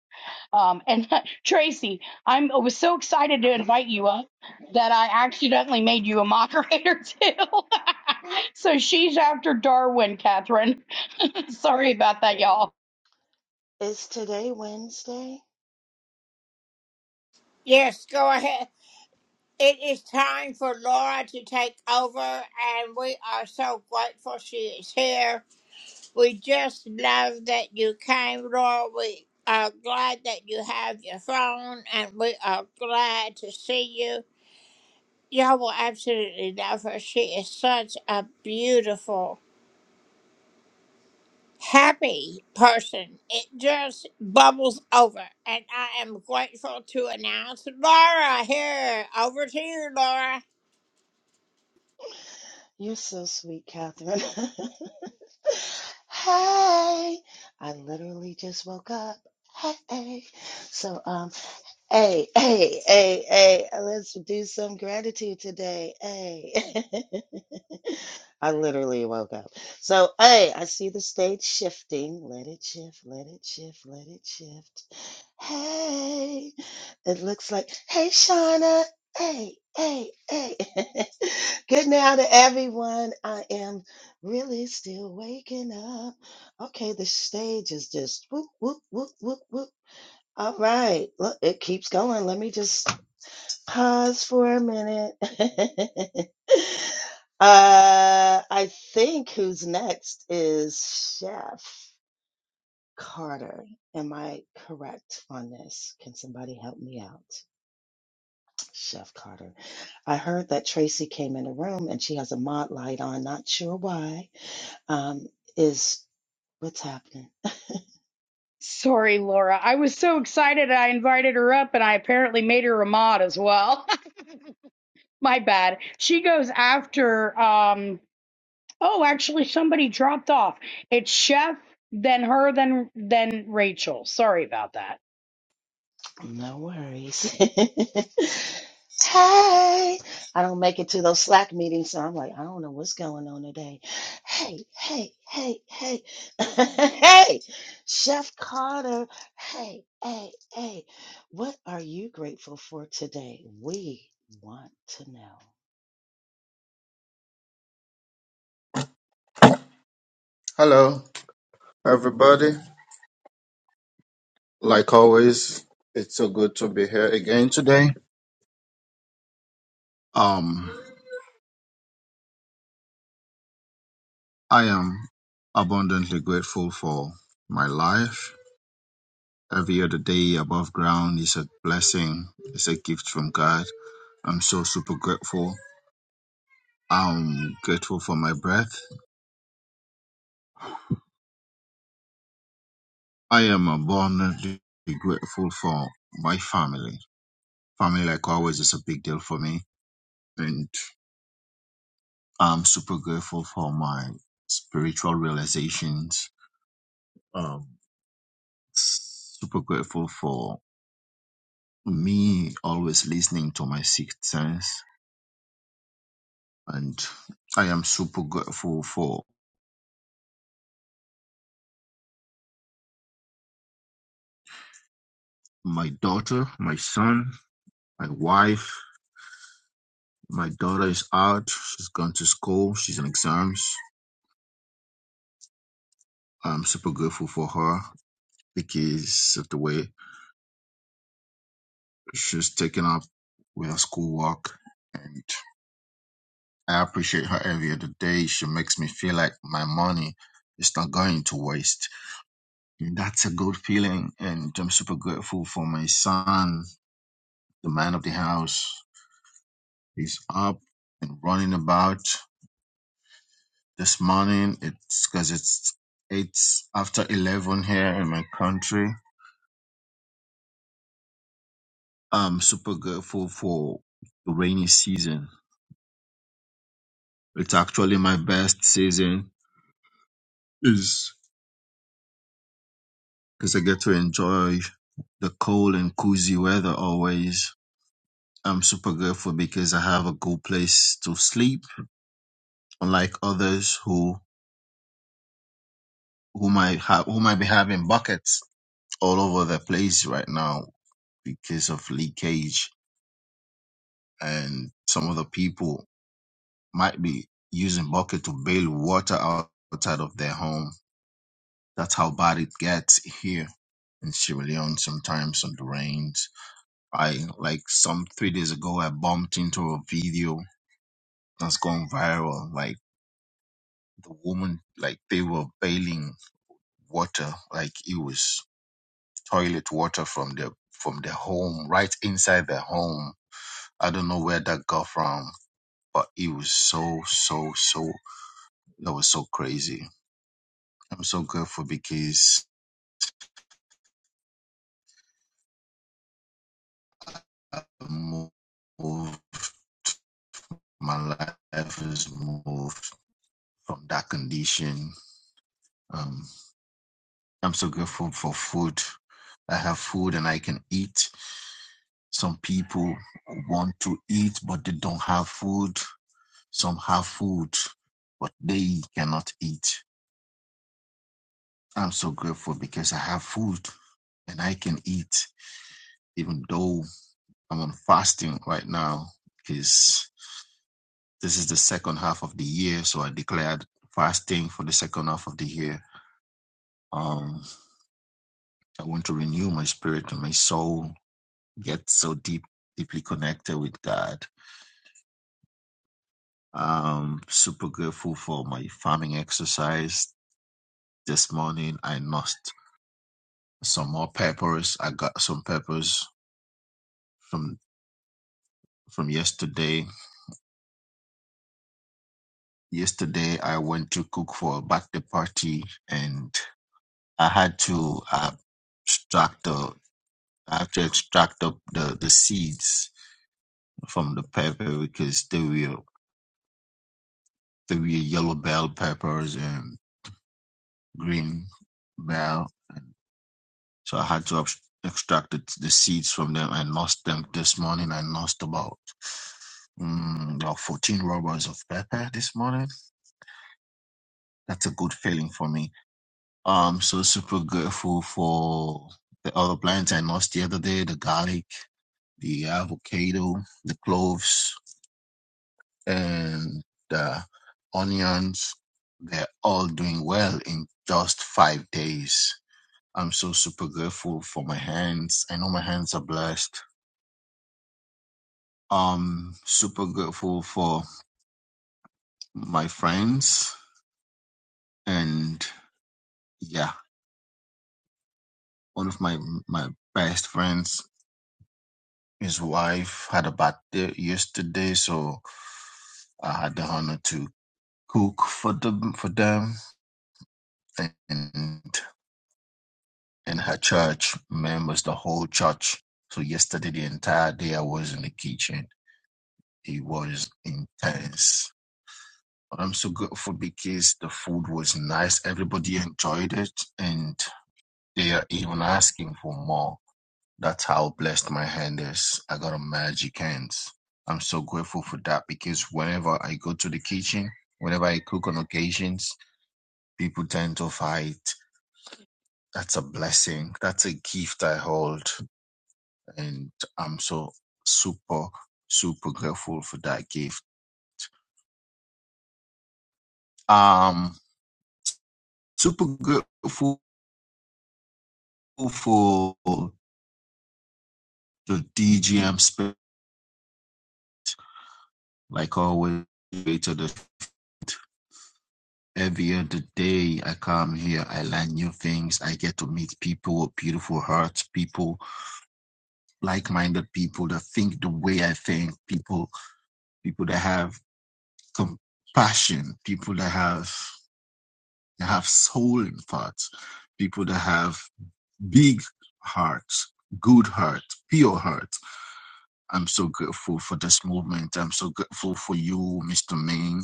S3: Um, and [laughs] Tracy, I'm I was so excited to invite you up that I accidentally made you a moderator [laughs] too. [laughs] so she's after Darwin, Catherine. [laughs] Sorry about that, y'all.
S15: Is today Wednesday? You're so sweet, Catherine. [laughs] hey, I literally just woke up. Hey, so um, hey, hey, hey, hey, let's do some gratitude today. Hey, [laughs] I literally woke up. So, hey, I see the stage shifting. Let it shift, let it shift, let it shift. Hey, it looks like, hey, Shauna. Hey, hey, hey. [laughs] Good now to everyone. I am really still waking up. Okay, the stage is just whoop, whoop, whoop, whoop, whoop. All right, look, it keeps going. Let me just Pause for a minute. [laughs] uh, I think who's next is Chef Carter. Am I correct on this? Can somebody help me out? Chef Carter. I heard that Tracy came in the room and she has a mod light on. Not sure why. Um, is what's happening?
S3: Sorry, Laura. I was so excited I invited her up and I apparently made her a mod as well. [laughs] My bad. She goes after um oh, actually somebody dropped off. It's Chef, then her, then then Rachel. Sorry about that.
S15: No worries. [laughs] hey, I don't make it to those Slack meetings, so I'm like, I don't know what's going on today. Hey, hey, hey, hey, [laughs] hey, Chef Carter. Hey, hey, hey, what are you grateful for today? We want to
S16: Hello, everybody. Like always, it's so good to be here again today. Um, I am abundantly grateful for my life. Every other day above ground is a blessing. It's a gift from God. I'm so super grateful. I'm grateful for my breath. I am abundantly grateful for my family. Family, like always, is a big deal for me, and I'm super grateful for my spiritual realizations Um, super grateful for me always listening to my sixth sense, and I am super grateful for my daughter, my son, my wife. My daughter is out; she's gone to school. She's in exams. I'm super grateful for her because of the way she's taken up with her schoolwork, and I appreciate her every other day. She makes me feel like my money is not going to waste And that's a good feeling. And I'm super grateful for my son, the man of the house. He's up and running about this morning. It's because it's it's after 11 here in my country. I'm super grateful for the rainy season. It's actually my best season is because I get to enjoy the cold and cozy weather always. I'm super grateful because I have a good place to sleep, unlike others who who might have who might be having buckets all over the place right now because of leakage and some of the people might be using bucket to bail water out- outside of their home. That's how bad it gets here in Sierra Leone sometimes on the rains. I like some three days ago I bumped into a video that's gone viral. Like the woman like they were bailing water like it was toilet water from the from the home, right inside the home. I don't know where that got from, but it was so so so that was so crazy. I'm so grateful because I moved, my life has moved from that condition. Um, I'm so grateful for food. I have food and I can eat. Some people want to eat, but they don't have food. Some have food, but they cannot eat. I'm so grateful because I have food and I can eat, even though I'm on fasting right now. Because this is the second half of the year, so I declared fasting for the second half of the year. Um, I want to renew my spirit and my soul, get so deep, deeply connected with God. Um, super grateful for my farming exercise this morning. I lost some more peppers. I got some peppers from from yesterday Yesterday, I went to cook for a birthday party, and I had to uh, extract the I had to extract the, the, the seeds from the pepper because they were they were yellow bell peppers and green bell, and so I had to abs- extract the, the seeds from them. I nursed them this morning. I nursed about mm, about fourteen rubbers of pepper this morning. That's a good feeling for me. Um, so super grateful for the other plants I lost the other day, the garlic, the avocado, the cloves, and the onions. They're all doing well in just five days. I'm so super grateful for my hands. I know my hands are blessed. Um, super grateful for my friends and yeah, one of my my best friends His wife had a birthday yesterday, so I had the honor to cook for them for them and and her church members, the whole church. So yesterday, the entire day, I was in the kitchen. It was intense. But I'm so grateful because the food was nice. Everybody enjoyed it, and they are even asking for more. That's how blessed my hand is. I got a magic hands. I'm so grateful for that because whenever I go to the kitchen, whenever I cook on occasions, people tend to fight. That's a blessing. That's a gift I hold. And I'm so super, super grateful for that gift. Um, super grateful for the DGM space, like always, to the Every other day I come here, I learn new things. I get to meet people with beautiful hearts, people, like-minded people that think the way I think, people, people that have compassion, people that have that have soul in thoughts, people that have big hearts, good heart, pure heart. I'm so grateful for this movement. I'm so grateful for you, Mr. Ming.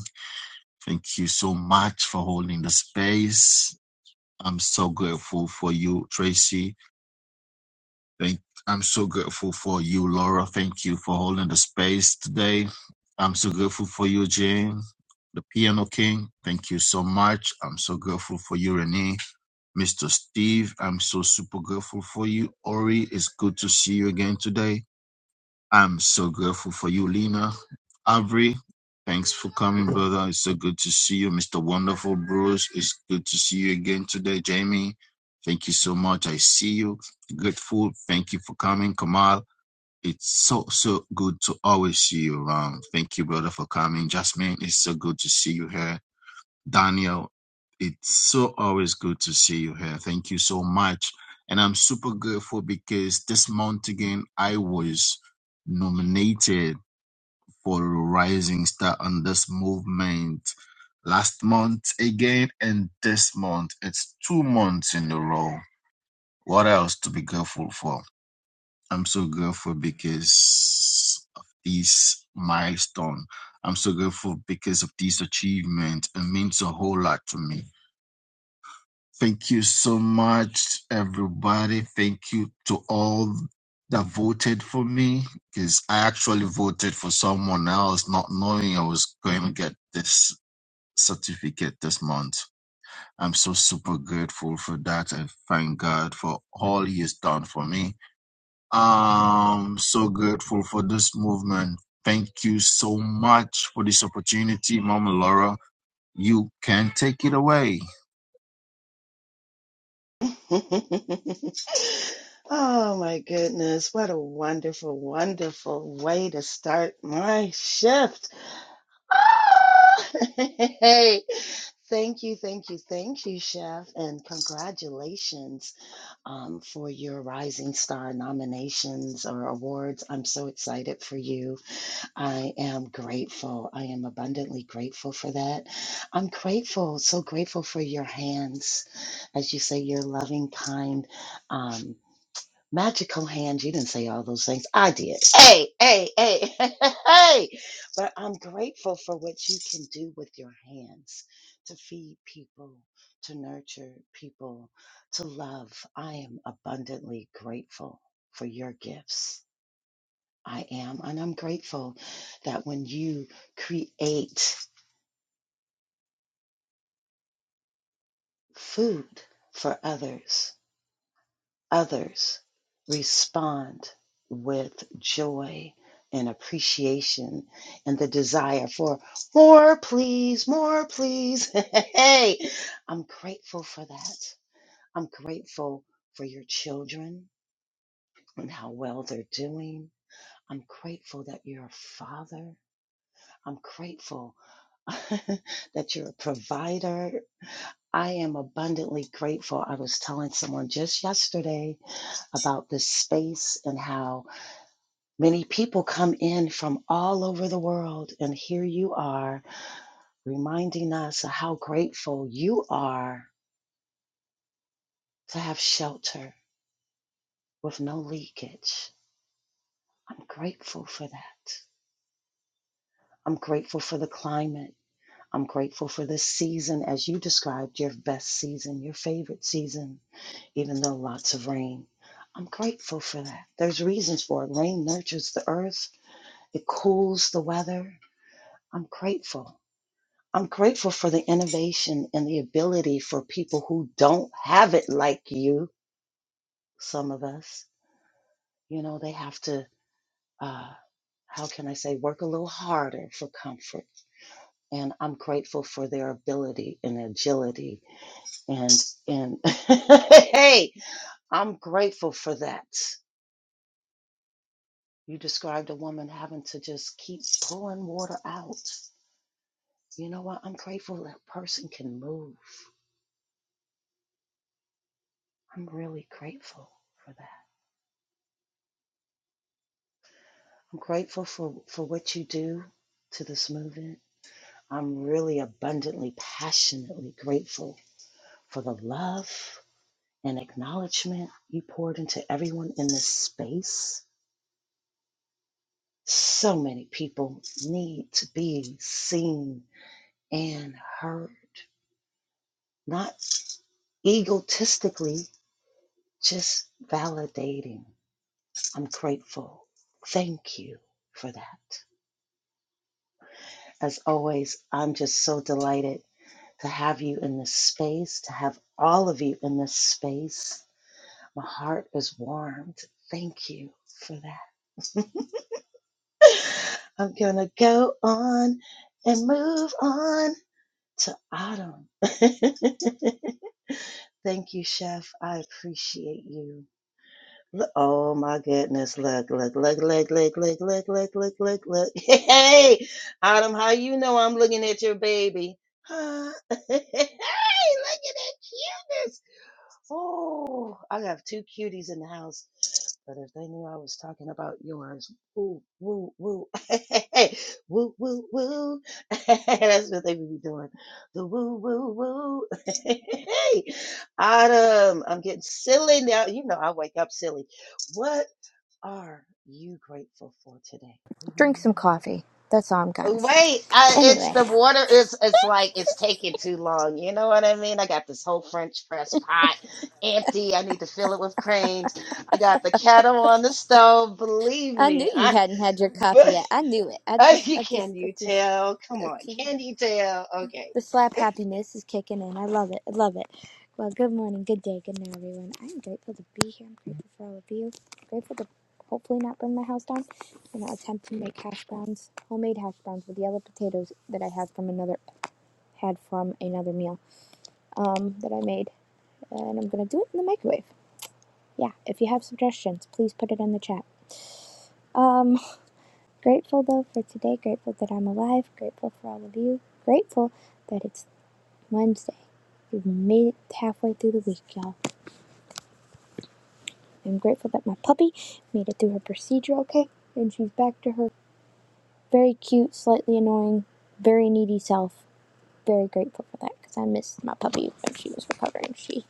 S16: Thank you so much for holding the space. I'm so grateful for you, Tracy. Thank, I'm so grateful for you, Laura. Thank you for holding the space today. I'm so grateful for you, Jane, the Piano King. Thank you so much. I'm so grateful for you, Renee. Mr. Steve, I'm so super grateful for you. Ori, it's good to see you again today. I'm so grateful for you, Lena. Avery, thanks for coming, brother. It's so good to see you. Mr. Wonderful Bruce, it's good to see you again today. Jamie, thank you so much. I see you. Grateful. Thank you for coming. Kamal, it's so, so good to always see you around. Thank you, brother, for coming. Jasmine, it's so good to see you here. Daniel, it's so always good to see you here. Thank you so much. And I'm super grateful because this month again, I was nominated for a Rising Star on this movement last month again, and this month. It's two months in a row. What else to be grateful for? I'm so grateful because of this milestone. I'm so grateful because of this achievement. It means a whole lot to me. Thank you so much, everybody. Thank you to all that voted for me because I actually voted for someone else, not knowing I was going to get this certificate this month. I'm so super grateful for that. I thank God for all He has done for me. I'm so grateful for this movement. Thank you so much for this opportunity, Mama Laura. You can take it away.
S15: know. [laughs] oh my goodness, what a wonderful, wonderful way to start my shift. [laughs] Hey, thank you, thank you, thank you, Chef, and congratulations um, for your Rising Star nominations or awards. I'm so excited for you. I am grateful. I am abundantly grateful for that. I'm grateful, so grateful for your hands. As you say, your loving, kind. um, Magical hands. You didn't say all those things. I did. Hey, hey, hey, [laughs] hey. But I'm grateful for what you can do with your hands to feed people, to nurture people, to love. I am abundantly grateful for your gifts. I am. And I'm grateful that when you create food for others, others respond with joy and appreciation and the desire for more, please, more, please. [laughs] hey, I'm grateful for that. I'm grateful for your children and how well they're doing. I'm grateful that you're a father. I'm grateful [laughs] that you're a provider. I am abundantly grateful. I was telling someone just yesterday about this space and how Many people come in from all over the world, and here you are reminding us of how grateful you are to have shelter with no leakage. I'm grateful for that. I'm grateful for the climate. I'm grateful for this season, as you described, your best season, your favorite season, even though lots of rain. I'm grateful for that. There's reasons for it. Rain nurtures the earth, it cools the weather. I'm grateful. I'm grateful for the innovation and the ability for people who don't have it like you, some of us. You know, they have to, uh, how can I say, work a little harder for comfort. And I'm grateful for their ability and agility. And, and [laughs] hey, I'm grateful for that. You described a woman having to just keep pulling water out. You know what? I'm grateful that person can move. I'm really grateful for that. I'm grateful for, for what you do to this movement. I'm really abundantly, passionately grateful for the love and acknowledgement you poured into everyone in this space. So many people need to be seen and heard, not egotistically, just validating. I'm grateful. Thank you for that. As always, I'm just so delighted to have you in this space, to have all of you in this space. My heart is warmed. Thank you for that. I'm going to go on and move on to autumn. [laughs] Thank you, Chef. I appreciate you. oh my goodness. Look, look, look, look, look, look, look, look, look, look, look. [laughs] Hey, Autumn, how you know I'm looking at your baby? Huh? [laughs] hey, look at that cuteness. Oh, I have two cuties in the house, but if they knew I was talking about yours, woo, woo, woo, [laughs] woo, woo, woo. [laughs] That's what they would be doing. The woo, woo, woo. [laughs] Autumn, I'm getting silly now. You know I wake up silly. What are you grateful for today? We want
S17: Drink
S15: to
S17: some
S15: know.
S17: coffee. That's all I'm gonna say.
S15: Wait, I, it's
S17: Anyway,
S15: the water is it's like it's taking too long. You know what I mean? I got this whole French press pot empty. I need to fill it with creams. I got the kettle on the stove. Believe
S17: I knew
S15: me,
S17: you
S15: I
S17: hadn't had your
S15: [laughs]
S17: coffee
S15: but
S17: yet. I knew it. I
S15: I,
S17: just, I just,
S15: can
S17: I
S15: you
S17: just,
S15: tell? Come
S17: I
S15: on,
S17: just
S15: can you tell? Okay.
S17: the slap happiness is kicking in. I love it. I love it. Well, good morning, good day, good night, everyone. I am grateful to be here. I'm grateful for all of you. grateful to hopefully not burn my house down. I'm gonna attempt to make hash browns, homemade hash browns with yellow potatoes that I had from another, had from another meal, um, that I made and I'm gonna do it in the microwave. Yeah, if you have suggestions, please put it in the chat. Um, grateful though for today, grateful that I'm alive, grateful for all of you, grateful that it's Wednesday. We've made it halfway through the week, y'all. I'm grateful that my puppy made it through her procedure okay, and she's back to her very cute, slightly annoying, very needy self. Very grateful for that because I missed my puppy when she was recovering. She,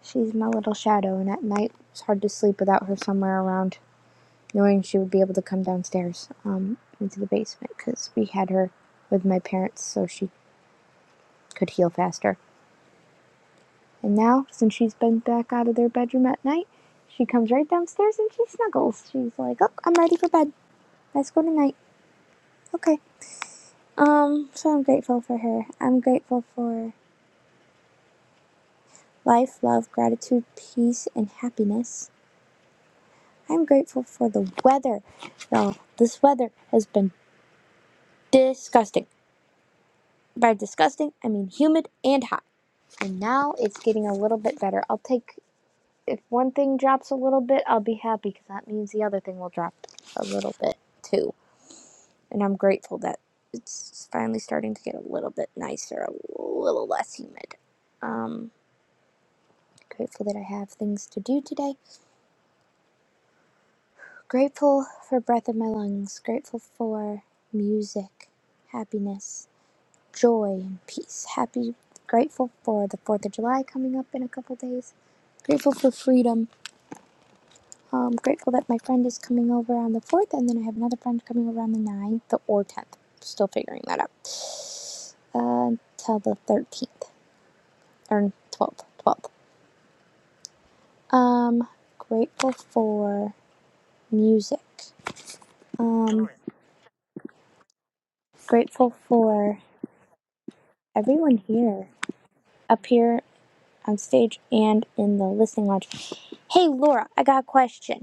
S17: she's my little shadow, and at night it's hard to sleep without her somewhere around. knowing she would be able to come downstairs um, into the basement because we had her with my parents so she could heal faster. And now, since she's been back out of their bedroom at night, she comes right downstairs and she snuggles. She's like, "Oh, I'm ready for bed. Let's go tonight." Okay. Um. So I'm grateful for her. I'm grateful for life, love, gratitude, peace, and happiness. I'm grateful for the weather. Y'all, this weather has been disgusting. By disgusting, I mean humid and hot. And now it's getting a little bit better. I'll take, if one thing drops a little bit, I'll be happy because that means the other thing will drop a little bit too. And I'm grateful that it's finally starting to get a little bit nicer, a little less humid. Um, grateful that I have things to do today. Grateful for breath in my lungs. Grateful for music, happiness. joy and peace. Happy, grateful for the 4th of July coming up in a couple days. Grateful for freedom. Um, grateful that my friend is coming over on the 4th, and then I have another friend coming over on the 9th or 10th. Still figuring that out. Uh, Until the 13th or 12th. 12th. Um, grateful for music. Um, grateful for everyone here, up here on stage and in the listening lounge. Hey, Laura, I got a question.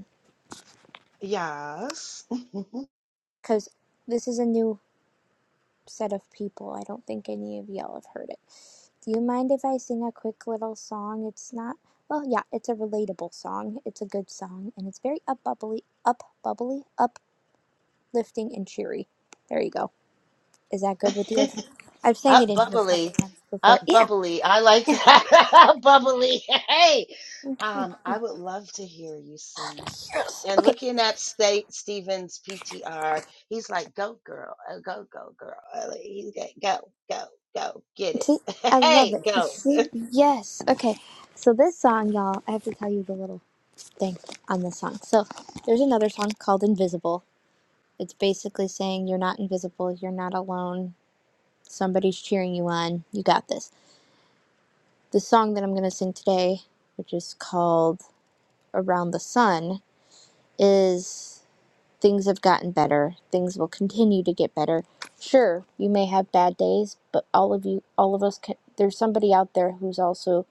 S15: Yes.
S17: because this is a new set of people. I don't think any of y'all have heard it. Do you mind if I sing a quick little song? It's not, well, yeah, it's a relatable song. It's a good song, and it's very up bubbly, up bubbly, uplifting, and cheery. There you go. Is that good with
S15: [laughs]
S17: you? I've I've sang it
S15: Up
S17: in here proper
S15: bubbly,
S17: times before.
S15: up
S17: Yeah,
S15: bubbly. I like
S17: yeah.
S15: that. [laughs] up bubbly. Hey, um, I would love to hear you sing. And
S17: Okay.
S15: looking at State Stevens PTR, he's like, "Go girl, uh, go go girl, Uh, like, he's like, go go go, get
S17: See,
S15: it, [laughs]
S17: I love
S15: hey
S17: it. You
S15: go."
S17: See? Yes. Okay. So this song, y'all, I have to tell you the little thing on this song. So there's another song called Invisible It's basically saying you're not invisible, you're not alone, somebody's cheering you on, you got this. The song that I'm going to sing today, which is called Around the Sun, is things have gotten better, things will continue to get better. Sure, you may have bad days, but all of you, all of us, can, there's somebody out there who's also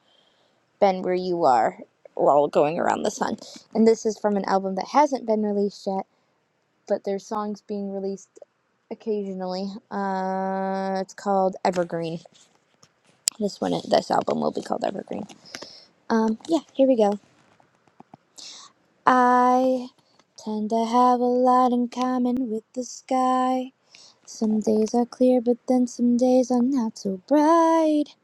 S17: been where you are. We're all going around the sun. And this is from an album that hasn't been released yet, but there's songs being released occasionally. Uh, it's called Evergreen. This one, this album will be called Evergreen. Um, yeah, here we go. I tend to have a lot in common with the sky. Some days are clear, but then some days are not so bright.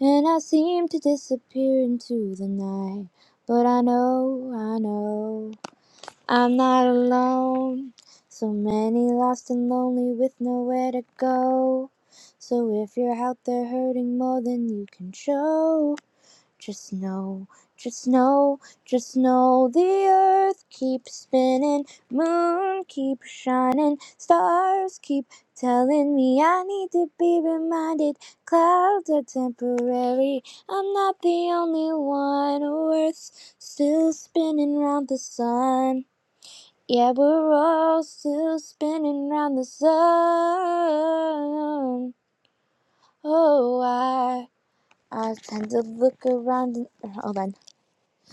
S17: And I seem to disappear into the night. But I know, I know. I'm not alone. So many lost and lonely with nowhere to go. So if you're out there hurting more than you can show, just know, just know, just know the earth keeps spinning, moon keeps shining, stars keep telling me I need to be reminded. Clouds are temporary, I'm not the only one. Earth's still spinning round the sun. Yeah, we're all still spinning round the sun. Oh, I, I tend to look around and hold on.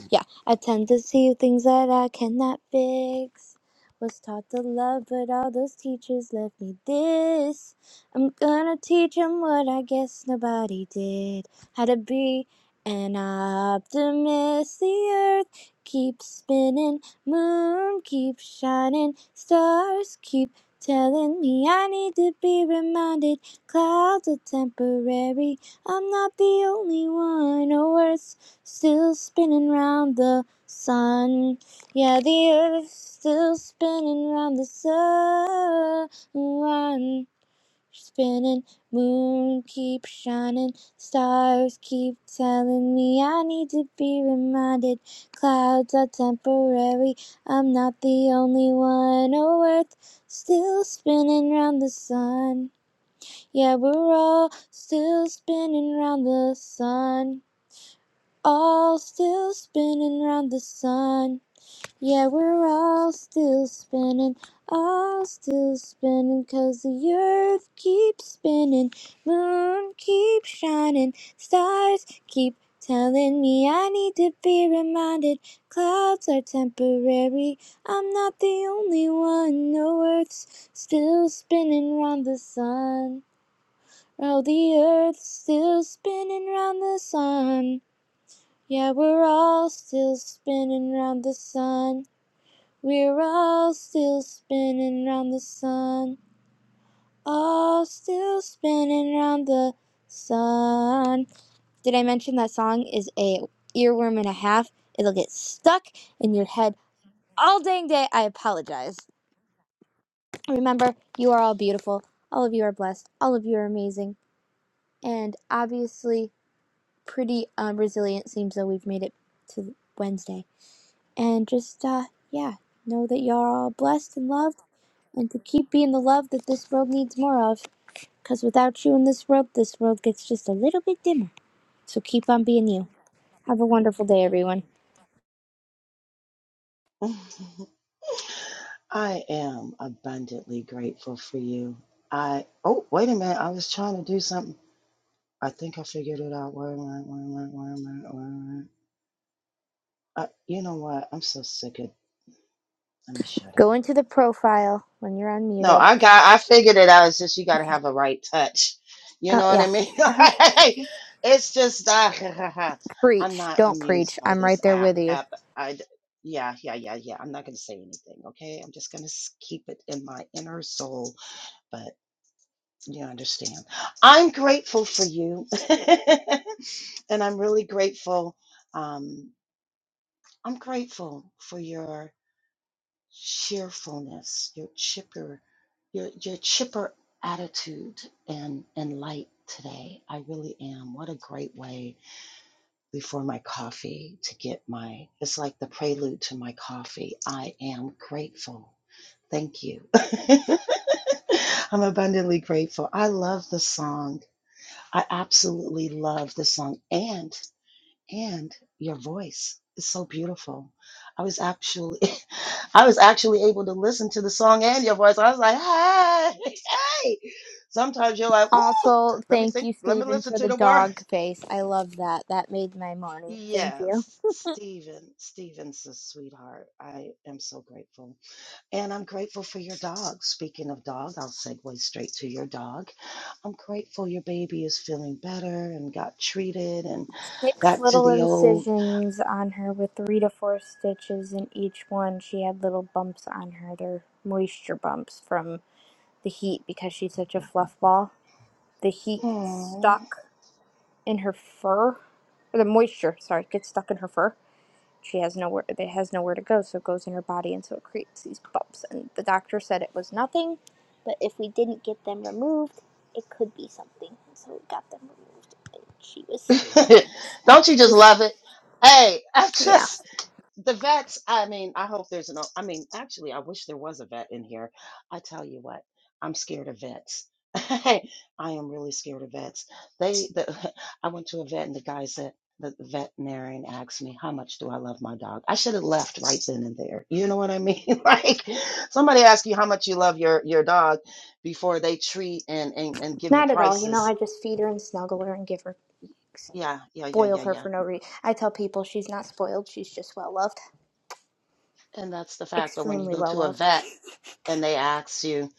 S17: Yeah, I tend to see things that I cannot fix. Was taught to love, but all those teachers left me this. I'm gonna teach 'em what I guess nobody did. How to be an optimist. The earth keeps spinning, moon keeps shining, stars keep telling me I need to be reminded. Clouds are temporary, I'm not the only one. No words still spinning round the sun. Yeah, the earth's still spinning round the sun. Spinning, moon keep shining, stars keep telling me I need to be reminded. Clouds are temporary, I'm not the only one. Oh, earth still spinning round the sun. Yeah, we're all still spinning round the sun all still spinning round the sun. Yeah, we're all still spinning, all still spinning, 'cause the earth keeps spinning, moon keeps shining, stars keep telling me I need to be reminded. Clouds are temporary, I'm not the only one. No, earth's still spinning round the sun. Oh, the earth's still spinning round the sun. Yeah, we're all still spinning round the sun. We're all still spinning round the sun. All still spinning round the sun. Did I mention that song is a earworm and a half? It'll get stuck in your head all dang day. I apologize. Remember, you are all beautiful. All of you are blessed. All of you are amazing. And obviously, pretty um, resilient seems though we've made it to Wednesday. and just uh yeah know that y'all are all blessed and loved and to keep being the love that this world needs more of because without you in this world this world gets just a little bit dimmer so keep on being you have a wonderful day everyone
S15: I am abundantly grateful for you. I oh wait a minute, I was trying to do something. I think I figured it out. Where am I? Where am I? Where am I? Where am I? Uh, you know what? I'm so sick of Let me shut
S17: go
S15: up.
S17: into the profile when you're
S15: No,
S17: unmuted
S15: I got I figured it out. It's just you gotta
S17: okay
S15: have a right touch. You
S17: oh
S15: know what I
S17: yeah
S15: mean? [laughs]
S17: uh-huh
S15: Like, it's just uh, [laughs] I'm
S17: preach
S15: not
S17: don't preach
S15: amused by
S17: i'm right
S15: this
S17: there
S15: app.
S17: with you
S15: App I d- yeah, yeah, yeah, yeah. I'm not gonna say anything, okay? I'm just gonna s- keep it in my inner soul, but you understand. I'm grateful for you. [laughs] and I'm really grateful. Um I'm grateful for your cheerfulness, your chipper, your your chipper attitude and and light today. I really am. What a great way before my coffee to get my it's like the prelude to my coffee. I am grateful. Thank you. [laughs] I'm abundantly grateful. I love the song. I absolutely love the song. and and your voice is so beautiful. I was actually, [laughs] I was actually able to listen to the song and your voice. I was like, hey, [laughs] hey. Sometimes you're like, Woo,
S17: also
S15: let me
S17: thank
S15: think,
S17: you
S15: let me
S17: stephen
S15: listen
S17: for
S15: to
S17: the
S15: the
S17: dog
S15: words.
S17: face i love that that made my morning thank you
S15: Yes, Stephen, Stephen's a sweetheart. I am so grateful, and I'm grateful for your dog. Speaking of dog, I'll segue straight to your dog. I'm grateful your baby is feeling better and got treated and
S17: six
S15: back to
S17: little
S15: the old.
S17: incisions on her with three to four stitches in each one. She had little bumps on her. They're moisture bumps from the heat because she's such a fluff ball. The heat gets
S15: Aw.
S17: stuck in her fur, or the moisture, sorry, gets stuck in her fur. She has nowhere. It has nowhere to go, so it goes in her body, and so it creates these bumps. And the doctor said it was nothing, but if we didn't get them removed, it could be something. And so we got them removed, and she was
S15: [laughs] Don't you just love it? Hey, [laughs] I
S17: yeah.
S15: just the vets. I mean, I hope there's no. I mean, actually, I wish there was a vet in here. I tell you what, I'm scared of vets. [laughs] I am really scared of vets. They, the, [laughs] I went to a vet and the guy said the veterinarian asked me how much do I love my dog. I should have left right then and there. You know what I mean? [laughs] like somebody ask you how much you love your your dog before they treat and and, and give you
S17: Not at all. You know,
S15: prices.
S17: I just feed her and snuggle her and give her,
S15: Yeah, yeah, yeah,
S17: spoil
S15: yeah,
S17: her
S15: yeah.
S17: for no reason. I tell people she's not spoiled, she's just well loved.
S15: And that's the fact. But when you
S17: Extremely
S15: go
S17: well
S15: to a
S17: loved.
S15: vet and they ask you,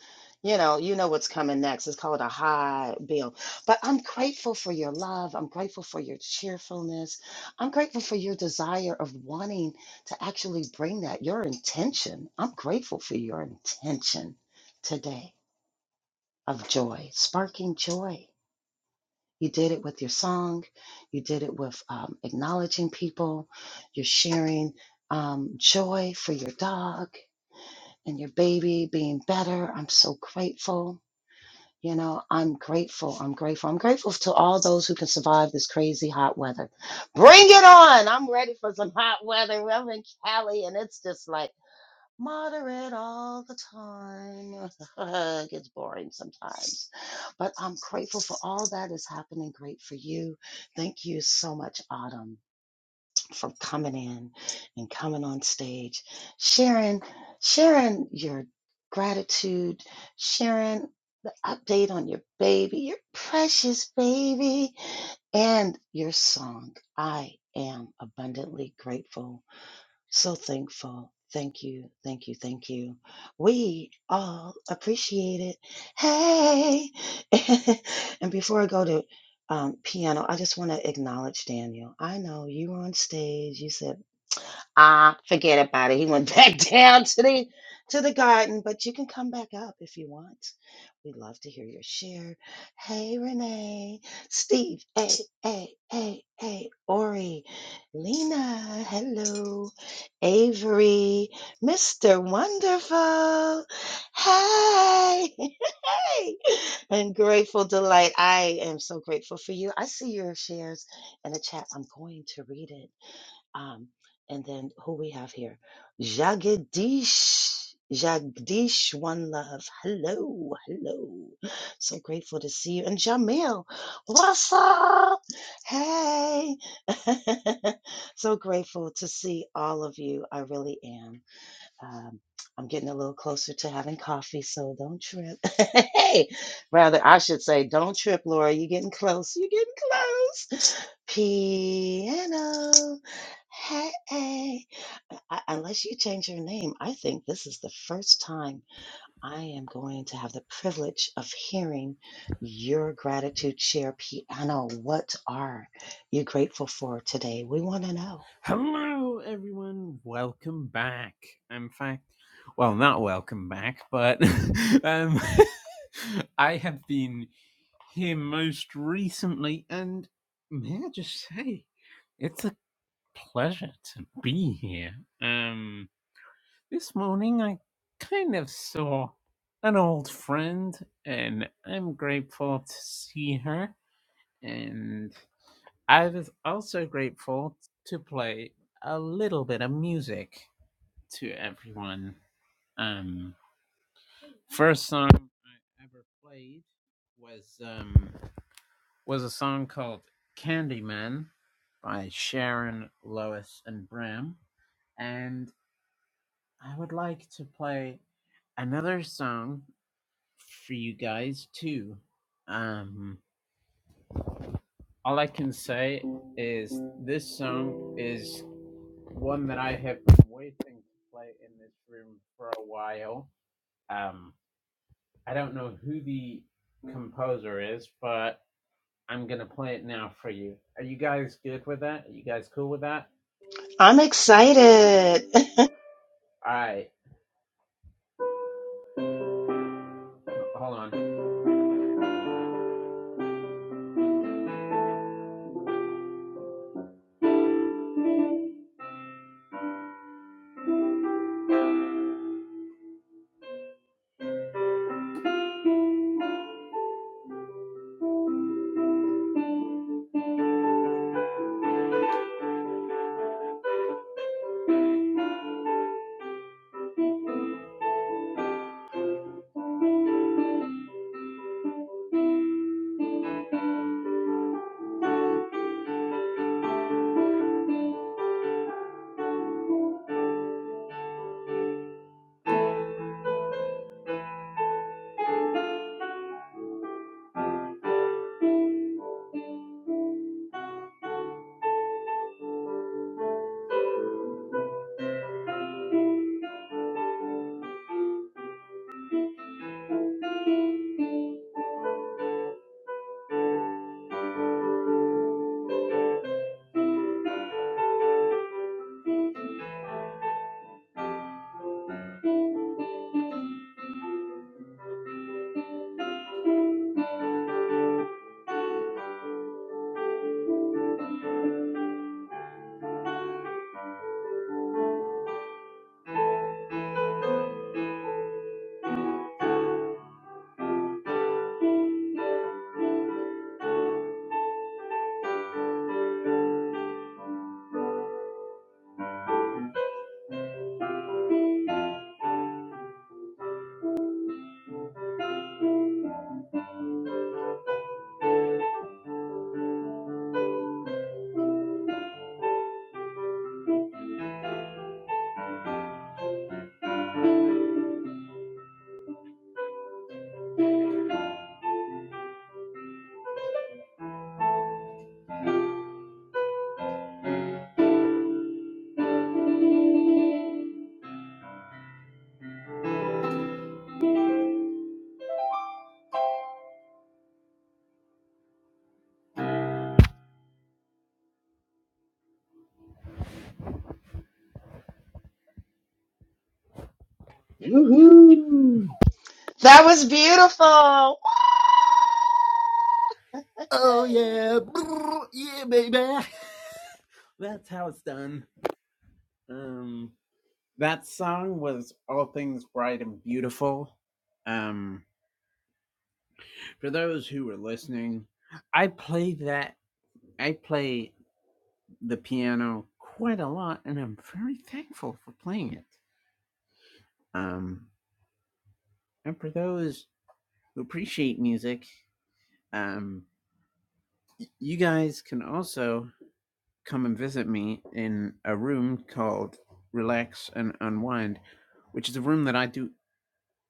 S15: you know, you know what's coming next. It's called a high bill. But I'm grateful for your love. I'm grateful for your cheerfulness. I'm grateful for your desire of wanting to actually bring that, your intention. I'm grateful for your intention today of joy, sparking joy. You did it with your song. You did it with um, acknowledging people. You're sharing um, joy for your dog and your baby being better. I'm so grateful. You know, I'm grateful. I'm grateful. I'm grateful to all those who can survive this crazy hot weather. Bring it on. I'm ready for some hot weather. We're in Cali and it's just like moderate all the time. [laughs] it gets boring sometimes. But I'm grateful for all that is happening. Great for you. Thank you so much, Autumn for coming in and coming on stage, sharing, sharing your gratitude, sharing the update on your baby, your precious baby, and your song. I am abundantly grateful. So thankful. Thank you, thank you, thank you. We all appreciate it. Hey! [laughs] and before I go to um, piano, I just want to acknowledge Daniel. I know you were on stage. You said Ah, forget about it. He went [laughs] back down to the to the garden, but you can come back up if you want. We'd love to hear your share. Hey, Renee, Steve, hey, hey, hey, hey, Ori, Lena, hello, Avery, Mr. Wonderful, hey, [laughs] hey, and Grateful Delight. I am so grateful for you. I see your shares in the chat. I'm going to read it. Um, and then who we have here? Jagdish. Jagdish, one love. Hello, hello. So grateful to see you. And Jamil, what's up? Hey. [laughs] so grateful to see all of you. I really am. Um, I'm getting a little closer to having coffee, so don't trip. [laughs] hey, rather, I should say, don't trip, Laura. You're getting close. You're getting close. [gasps] Piano. Hey. hey. I, unless you change your name, I think this is the first time I am going to have the privilege of hearing your gratitude share piano. What are you grateful for today? We want to know.
S8: Hello, everyone. Welcome back. In fact. well, not welcome back, but [laughs] um, [laughs] I have been here most recently, and may I just say, it's a pleasure to be here. Um, this morning, I kind of saw an old friend, and I'm grateful to see her, and I was also grateful to play a little bit of music to everyone. Um, First song I ever played was um was a song called Candyman by Sharon Lois and Bram. And I would like to play another song for you guys too. Um, all I can say is this song is one that I have been waiting to play in this room for a while. Um, I don't know who the composer is, but I'm gonna play it now for you. Are you guys good with that? Are you guys cool with that?
S15: I'm excited. [laughs]
S8: All right, hold on.
S18: Woohoo.
S15: That was beautiful.
S8: Oh yeah, yeah, baby. [laughs] That's how it's done. Um, that song was "All Things Bright and Beautiful." Um, for those who were listening, I play that. I play the piano quite a lot, and I'm very thankful for playing it. Um, and for those who appreciate music, um, You guys can also come and visit me in a room called Relax and Unwind, which is a room that I do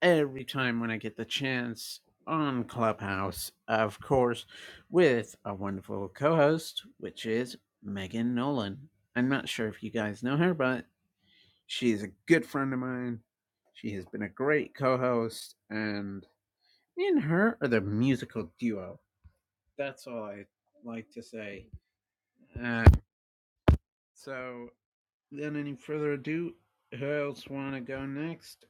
S8: every time when I get the chance on Clubhouse, of course, with a wonderful co host, which is Megan Nolan. I'm not sure if you guys know her, but she's a good friend of mine. She has been a great co host, and me and her are the musical duo. That's all I like to say. Uh, So, without any further ado, who else want to go next?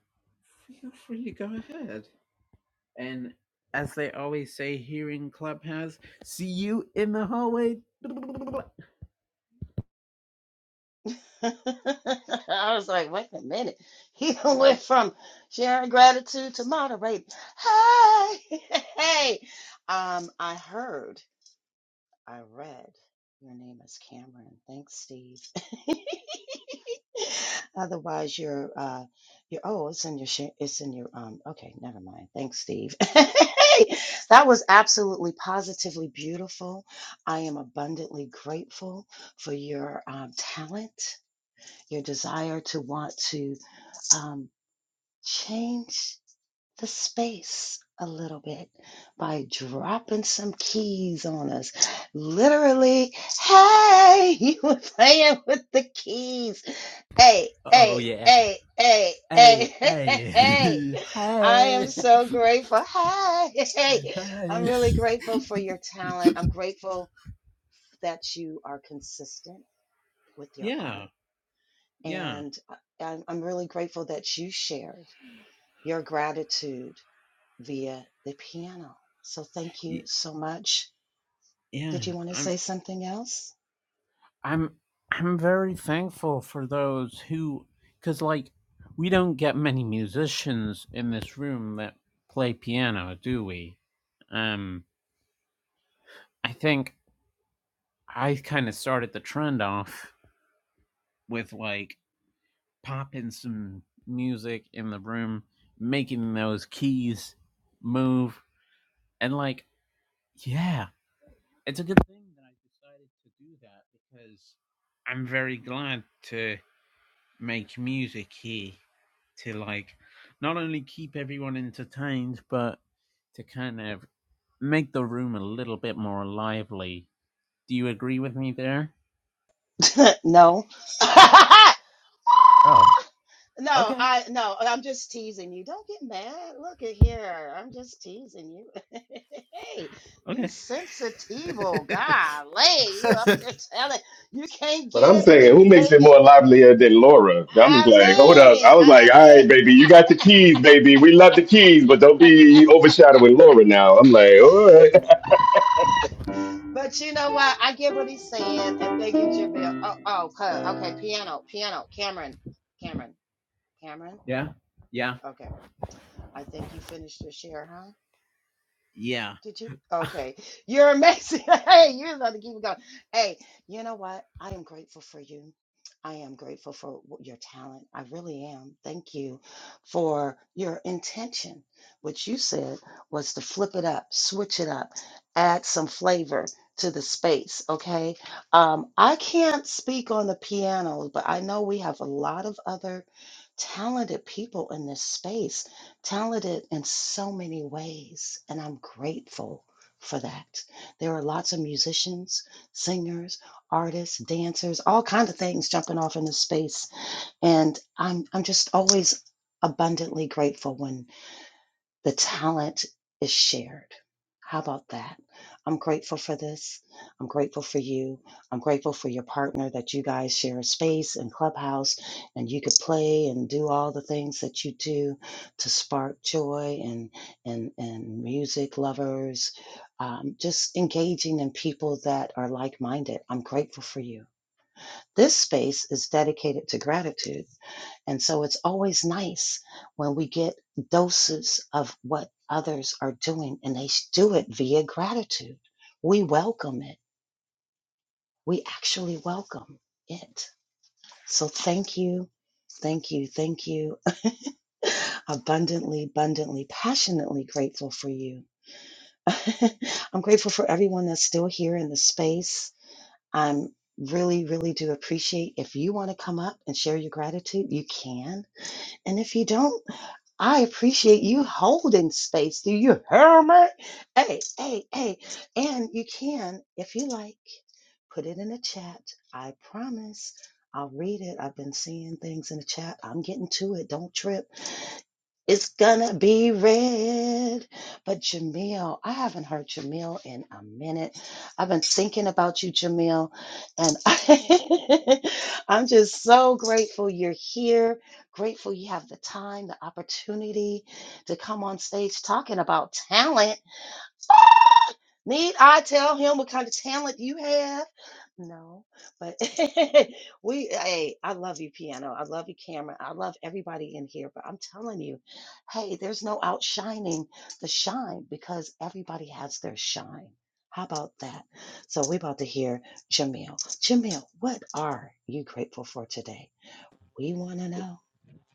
S8: Feel free to go ahead. And as they always say here in Clubhouse, see you in the hallway. [laughs]
S15: Hey. [laughs] I was like, wait a minute. He [laughs] went from sharing gratitude to moderating. Hey, [laughs] hey. Um, I heard, I read your name is Cameron. Thanks, Steve. [laughs] Otherwise, you're uh, you're oh, it's in your sh- it's in your um. Okay, never mind. Thanks, Steve. [laughs] that was absolutely positively beautiful. I am abundantly grateful for your um, talent, your desire to want to um, change the space a little bit by dropping some keys on us. Literally, hey, [laughs] you were playing with the keys. Hey,
S8: Oh
S15: hey,
S8: yeah.
S15: hey, hey, hey,
S8: Hey,
S15: [laughs] hey, hey,
S8: hey,
S15: hey.
S8: [laughs]
S15: I am
S8: hey,
S15: so grateful. Hey, [laughs] hey, I'm
S8: hey. [laughs]
S15: really grateful for your talent. I'm grateful that you are consistent with your
S8: Yeah,
S15: art.
S8: yeah,
S15: And I- I'm I'm really grateful that you shared your gratitude via the piano. So thank you so much.
S8: yeah.
S15: Did you want to
S8: I'm,
S15: say something else?
S8: I'm, I'm very thankful for those who, because like, we don't get many musicians in this room that play piano, do we? Um, I think I kind of started the trend off with like popping some music in the room, making those keys move, and like Yeah, it's a good thing that I decided to do that because I'm very glad to make music here to like not only keep everyone entertained but to kind of make the room a little bit more lively. Do you agree with me there?
S15: [laughs] no. [laughs]
S8: Oh,
S15: no,
S8: okay.
S15: I no, I'm just teasing you. Don't get mad. Look at here. I'm just teasing you. [laughs] hey, you
S8: Okay.
S15: sensitivo. Golly, you up here telling you can't
S18: But
S15: get
S18: I'm
S15: it, but
S18: saying,
S15: you
S18: who
S15: can
S18: makes it
S15: take it.
S18: more livelier than Laura? I was
S15: I
S18: like, hold up.
S15: mean,
S18: I was like,
S15: I
S18: all
S15: mean.
S18: right, baby, you got the keys, baby. We love the keys, but don't be overshadowing Laura now. I'm like, all right. [laughs]
S15: But you know what? I get what he's saying, and thank you, Jamil. Oh, oh, huh, okay. Piano, piano. Cameron, Cameron, Cameron.
S8: [laughs] yeah. Yeah.
S15: Okay, I think you finished your share, huh?
S8: Yeah.
S15: Did you? Okay. You're amazing. [laughs] Hey, you're about to keep it going. Hey, you know what? I am grateful for you. I am grateful for wh- your talent. I really am. Thank you for your intention, which you said was to flip it up, switch it up, add some flavor to the space. Okay. Um, I can't speak on the piano, but I know we have a lot of other talented people in this space talented in so many ways, and I'm grateful for that. There are lots of musicians, singers, artists, dancers, all kinds of things jumping off into space, and I'm I'm just always abundantly grateful when. The talent is shared. How about that? I'm grateful for this. I'm grateful for you. I'm grateful for your partner that you guys share a space and clubhouse and you could play and do all the things that you do to spark joy and and and music lovers. Um, just engaging in people that are like-minded. I'm grateful for you. This space is dedicated to gratitude. And so it's always nice when we get doses of what others are doing and they do it via gratitude. We welcome it. We actually welcome it. So thank you. Thank you. Thank you. [laughs] abundantly, abundantly, passionately grateful for you. [laughs] I'm grateful for everyone that's still here in the space. I'm really, really do appreciate if you want to come up and share your gratitude, you can. And if you don't, I appreciate you holding space. Do you hear me? Hey, hey, hey. And you can, if you like, put it in the chat. I promise I'll read it. I've been seeing things in the chat. I'm getting to it. Don't trip. It's gonna be red. But Jamil, I haven't heard Jamil in a minute. I've been thinking about you, Jamil, and [laughs] I, am just so grateful you're here. Grateful you have the time, the opportunity to come on stage talking about talent. [laughs] Need I tell him what kind of talent you have? No, but [laughs] we, hey, I love you, piano. I love you, Cameron. I love everybody in here, but I'm telling you, hey, there's no outshining the shine because everybody has their shine. How about that? So we're about to hear Jamil. Jamil, what are you grateful for today? We want to know.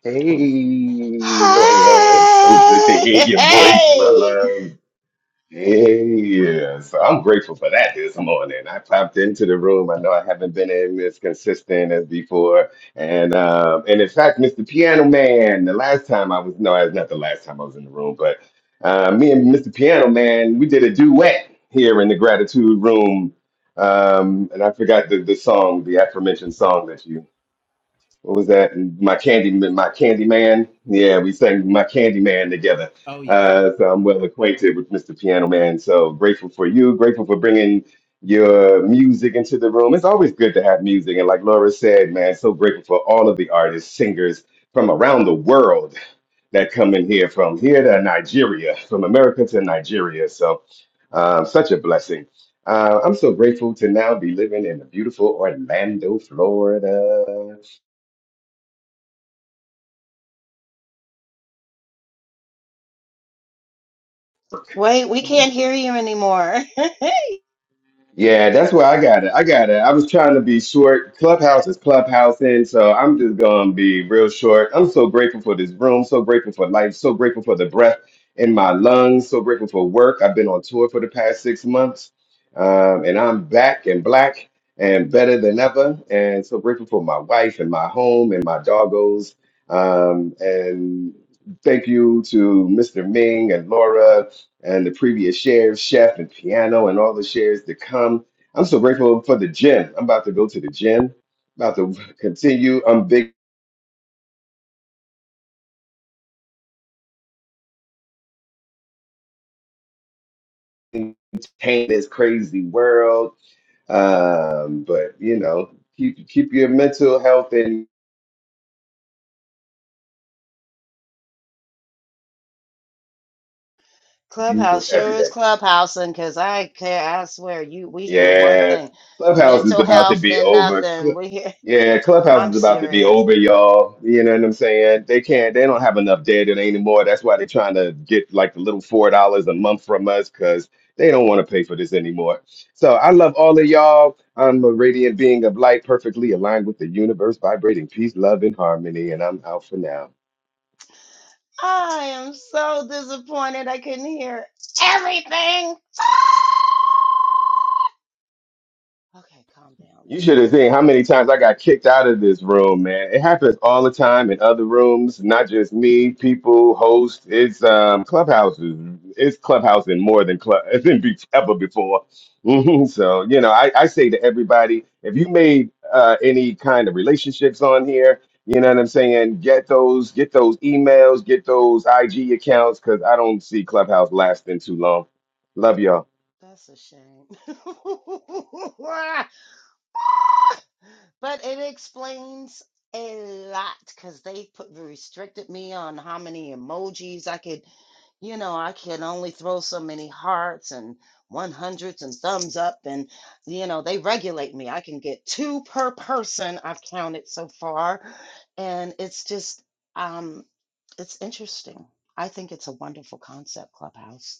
S18: Hey, Laura, it's so good to
S15: Hey,
S18: hear
S15: [laughs]
S18: your voice, my
S15: hey,
S18: love. Yes, I'm grateful for that this morning. I popped into the room. I know I haven't been in as consistent as before, and um, and in fact, Mr. Piano Man, the last time I was no, it's not the last time I was in the room, but uh, me and Mr. Piano Man, we did a duet here in the gratitude room, um, and I forgot the the song, the aforementioned song that you what was that? My candy, my candy man. Yeah, we sang my candy man together.
S8: Oh yeah.
S18: Uh, so I'm well acquainted with Mr. Piano Man. So grateful for you. Grateful for bringing your music into the room. It's always good to have music. And like Laura said, man, so grateful for all of the artists, singers from around the world that come in here, from here to Nigeria, from America to Nigeria. So um, such a blessing. Uh, I'm so grateful to now be living in the beautiful Orlando, Florida.
S15: wait, we can't hear you anymore. [laughs]
S18: Yeah, that's where I got it. I got it. I was trying to be short. Clubhouse is clubhousing, so I'm just gonna be real short. I'm so grateful for this room, so grateful for life, so grateful for the breath in my lungs, so grateful for work. I've been on tour for the past six months, um, and I'm back and black and better than ever. And so grateful for my wife and my home and my doggos. Um, and thank you to Mr. Ming and Laura and the previous shares, chef and piano, and all the shares to come. I'm so grateful for the gym. I'm about to go to the gym, about to continue. I'm big in this crazy world. Um, but you know, keep keep your mental health and you
S15: Clubhouse
S18: every
S15: sure
S18: day.
S15: is clubhousing because I care. I swear, you we hear one
S18: Yeah,
S15: thing,
S18: Clubhouse is
S15: mental
S18: about to
S15: health,
S18: be
S15: then
S18: over.
S15: nothing.
S18: Cl-
S15: We hear.
S18: Yeah,
S15: [laughs]
S18: Clubhouse
S15: I'm
S18: is about to be
S15: serious.
S18: over, y'all. You know what I'm saying? They can't. They don't have enough data anymore. That's why they're trying to get like the little four dollars a month from us because they don't want to pay for this anymore. So I love all of y'all. I'm a radiant being of light, perfectly aligned with the universe, vibrating peace, love, and harmony. And I'm out for now.
S15: I am so disappointed. I couldn't hear everything. [sighs] Ah! Okay, calm down,
S18: You
S15: Laura.
S18: should have seen how many times I got kicked out of this room, man. It happens all the time in other rooms, not just me, people, hosts. It's um, clubhouses. It's clubhousing more than club [laughs] than be- ever before. Mhm. so you know, I, I say to everybody, if you made uh, any kind of relationships on here, you know what I'm saying, get those, get those emails, get those IG accounts, because I don't see Clubhouse lasting too long. Love y'all.
S15: [laughs] That's a shame. [laughs] But it explains a lot because they put restricted me on how many emojis I could, you know, I can only throw so many hearts and 100s and thumbs up. And, you know, they regulate me. I can get two per person, I've counted so far. And it's just, um, it's interesting. I think it's a wonderful concept, Clubhouse.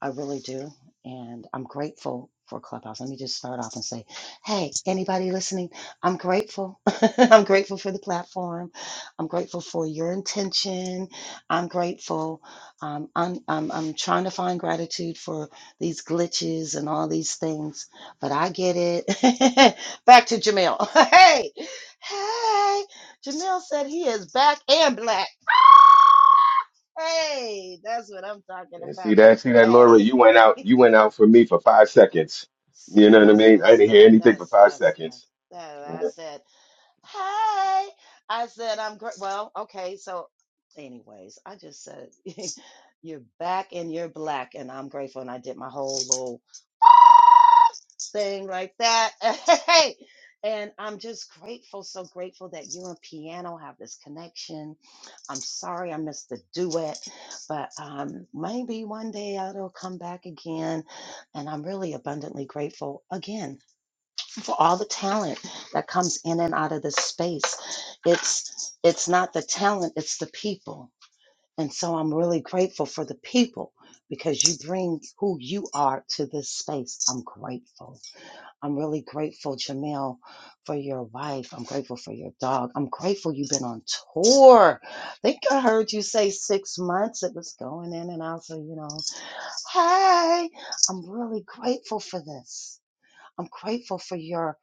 S15: I really do. And I'm grateful for Clubhouse. Let me just start off and say, hey, anybody listening, I'm grateful. [laughs] I'm grateful for the platform. I'm grateful for your intention. I'm grateful. Um, I'm, I'm, I'm trying to find gratitude for these glitches and all these things, but I get it. [laughs] back to Jamil. [laughs] hey, hey, Jamil said he is back and black. [laughs] Hey, that's what I'm talking
S18: And
S15: about.
S18: see that, see that,
S15: Hey,
S18: Laura,
S15: [laughs]
S18: you went out, you went out for me for five seconds. You
S15: See,
S18: know what I
S15: that's
S18: mean? I
S15: messed
S18: didn't hear
S15: up.
S18: anything for
S15: That's
S18: five
S15: that's
S18: seconds.
S15: that's that. I said, Hey, I said, I'm great. Well, okay. So, anyways, I just said, [laughs] You're back and you're black, and I'm grateful. And I did my whole little [laughs] thing like that. [laughs] Hey, and I'm just grateful, so grateful that you and piano have this connection. I'm sorry I missed the duet, but um, maybe one day it'll come back again. And I'm really abundantly grateful again for all the talent that comes in and out of this space. It's it's not the talent, it's the people. And so I'm really grateful for the people because you bring who you are to this space. I'm grateful. I'm really grateful, Jamil, for your wife. I'm grateful for your dog. I'm grateful you've been on tour. I think I heard you say six months. It was going in and out. So, you know, hey, I'm really grateful for this. I'm grateful for your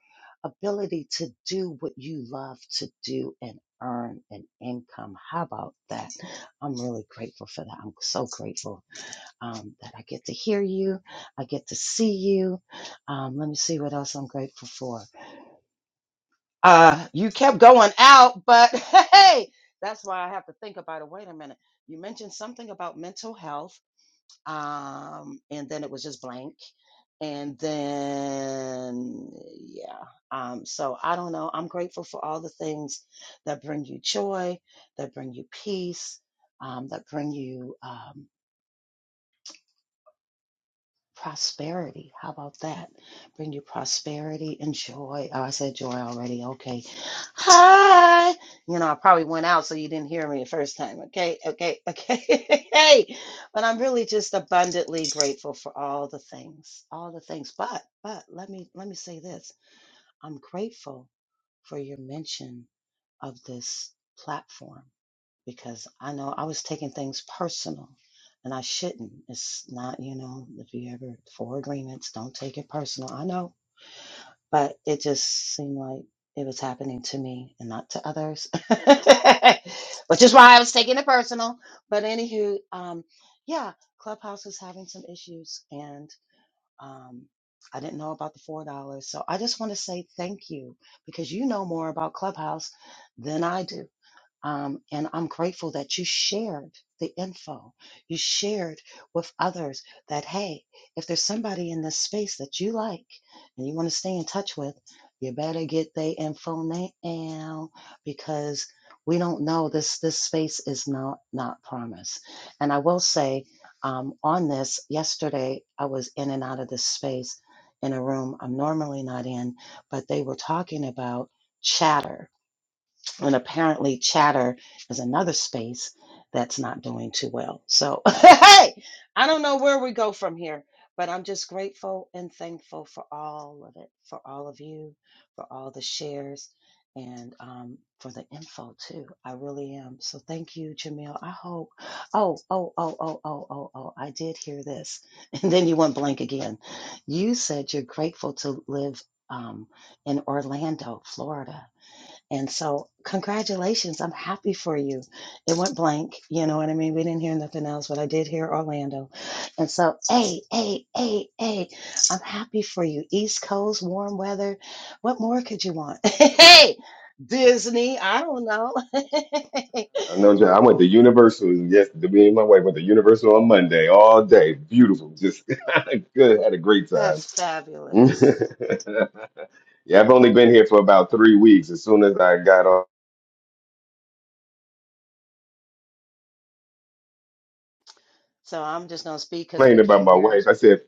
S15: ability to do what you love to do and earn an income. How about that? I'm really grateful for that. I'm so grateful um, that I get to hear you. I get to see you. Um, let me see what else I'm grateful for. Uh, you kept going out, but [laughs] hey, that's why I have to think about it. Wait a minute. You mentioned something about mental health um, and then it was just blank. And then, yeah. Um, so I don't know. I'm grateful for all the things that bring you joy, that bring you peace, um, that bring you. um prosperity. How about that? Bring you prosperity and joy. Oh, I said joy already. Okay. Hi. You know, I probably went out so you didn't hear me the first time. Okay. Okay. Okay. [laughs] hey. But I'm really just abundantly grateful for all the things. All the things. But but let me let me say this. I'm grateful for your mention of this platform because I know I was taking things personal and I shouldn't. It's not, you know, if you ever four agreements, don't take it personal. I know, but it just seemed like it was happening to me and not to others, [laughs] which is why I was taking it personal. But anywho, um, yeah, Clubhouse is having some issues and, um, I didn't know about the four dollars, so I just want to say thank you because you know more about Clubhouse than I do. Um, and I'm grateful that you shared the info. You shared with others that, hey, if there's somebody in this space that you like and you want to stay in touch with, you better get their info now because we don't know this this space is not not promised and i will say um, on this yesterday i was in and out of this space in a room i'm normally not in but they were talking about chatter and apparently, chatter is another space that's not doing too well. So, [laughs] hey, I don't know where we go from here, but I'm just grateful and thankful for all of it, for all of you, for all the shares, and um, for the info too. I really am. So, thank you, Jamil. I hope. Oh, oh, oh, oh, oh, oh, oh. I did hear this. [laughs] And then you went blank again. You said you're grateful to live um, in Orlando, Florida. And so, congratulations. I'm happy for you. It went blank. You know what I mean? We didn't hear nothing else, but I did hear Orlando. And so, hey, hey, hey, hey, I'm happy for you. East Coast, warm weather. What more could you want? [laughs] hey, Disney. I don't know. [laughs]
S18: I know John, I went to Universal. Yes, me and my wife went to Universal on Monday all day. Beautiful, just [laughs] good. Had a great time.
S15: That's
S18: [laughs]
S15: fabulous.
S18: yeah, I've only been here for about three weeks. As soon as I got off
S15: So, I'm just going to speak because we
S18: complaining about
S15: can't
S18: my
S15: hear him
S18: wife, I
S15: speak.
S18: said,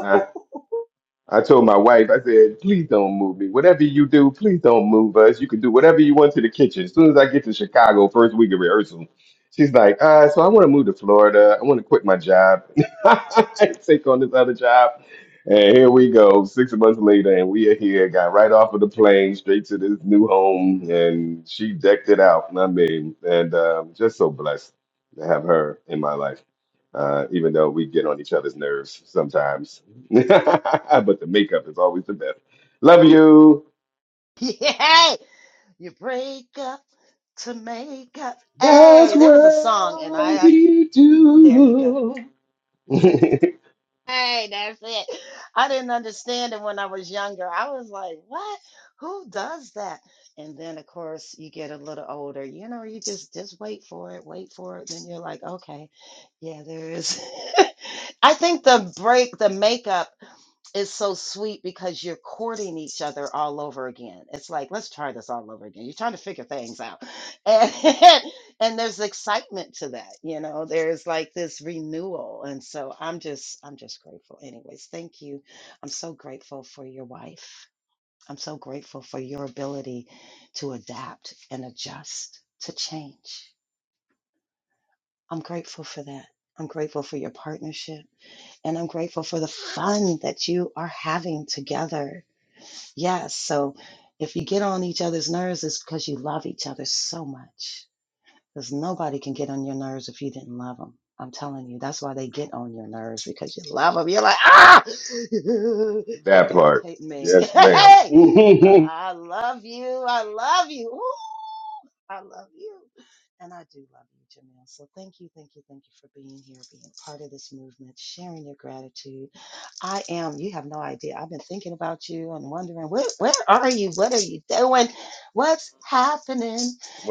S18: "Uh, I told my wife, I said, please don't move me. Whatever you do, please don't move us. You can do whatever you want to the kitchen. As soon as I get to Chicago, first week of rehearsal, she's like, uh, so I want to move to Florida. I want to quit my job [laughs] and take on this other job. And here we go, six months later, and we are here. Got right off of the plane, straight to this new home, and she decked it out. I mean, and um, just so blessed to have her in my life, uh, even though we get on each other's nerves sometimes. [laughs] but the makeup is always the best. Love you.
S15: [laughs] yeah. hey, You break up to make up.
S18: That's
S15: Hey, there was a song, and
S18: what
S15: I,
S18: we
S15: There you go.
S18: do. [laughs]
S15: Hey, that's it. I didn't understand it when I was younger. I was like, what? Who does that? And then, of course, you get a little older. You know, you just just wait for it, wait for it. Then you're like, okay, yeah, there is. [laughs] I think the break, the makeup it's so sweet because you're courting each other all over again. It's like, let's try this all over again. You're trying to figure things out. [laughs] And and there's excitement to that, you know. There's like this renewal. And so I'm just I'm just grateful. Anyways, thank you. I'm so grateful for your wife. I'm so grateful for your ability to adapt and adjust to change. I'm grateful for that. I'm grateful for your partnership and I'm grateful for the fun that you are having together Yes. So if you get on each other's nerves, it's because you love each other so much. Because nobody can get on your nerves if you didn't love them. I'm telling you, that's why they get on your nerves because you love them. You're like, ah, [laughs] you're
S18: that part.
S15: irritating me. [laughs]
S18: Yes, madam [laughs]
S15: hey, but
S18: well,
S15: I love you. I love you. Ooh, I love you. And I do love you, Jamil. So thank you, thank you, thank you for being here, being part of this movement, sharing your gratitude. I am, you have no idea. I've been thinking about you and wondering, where, where are you? What are you doing? What's happening?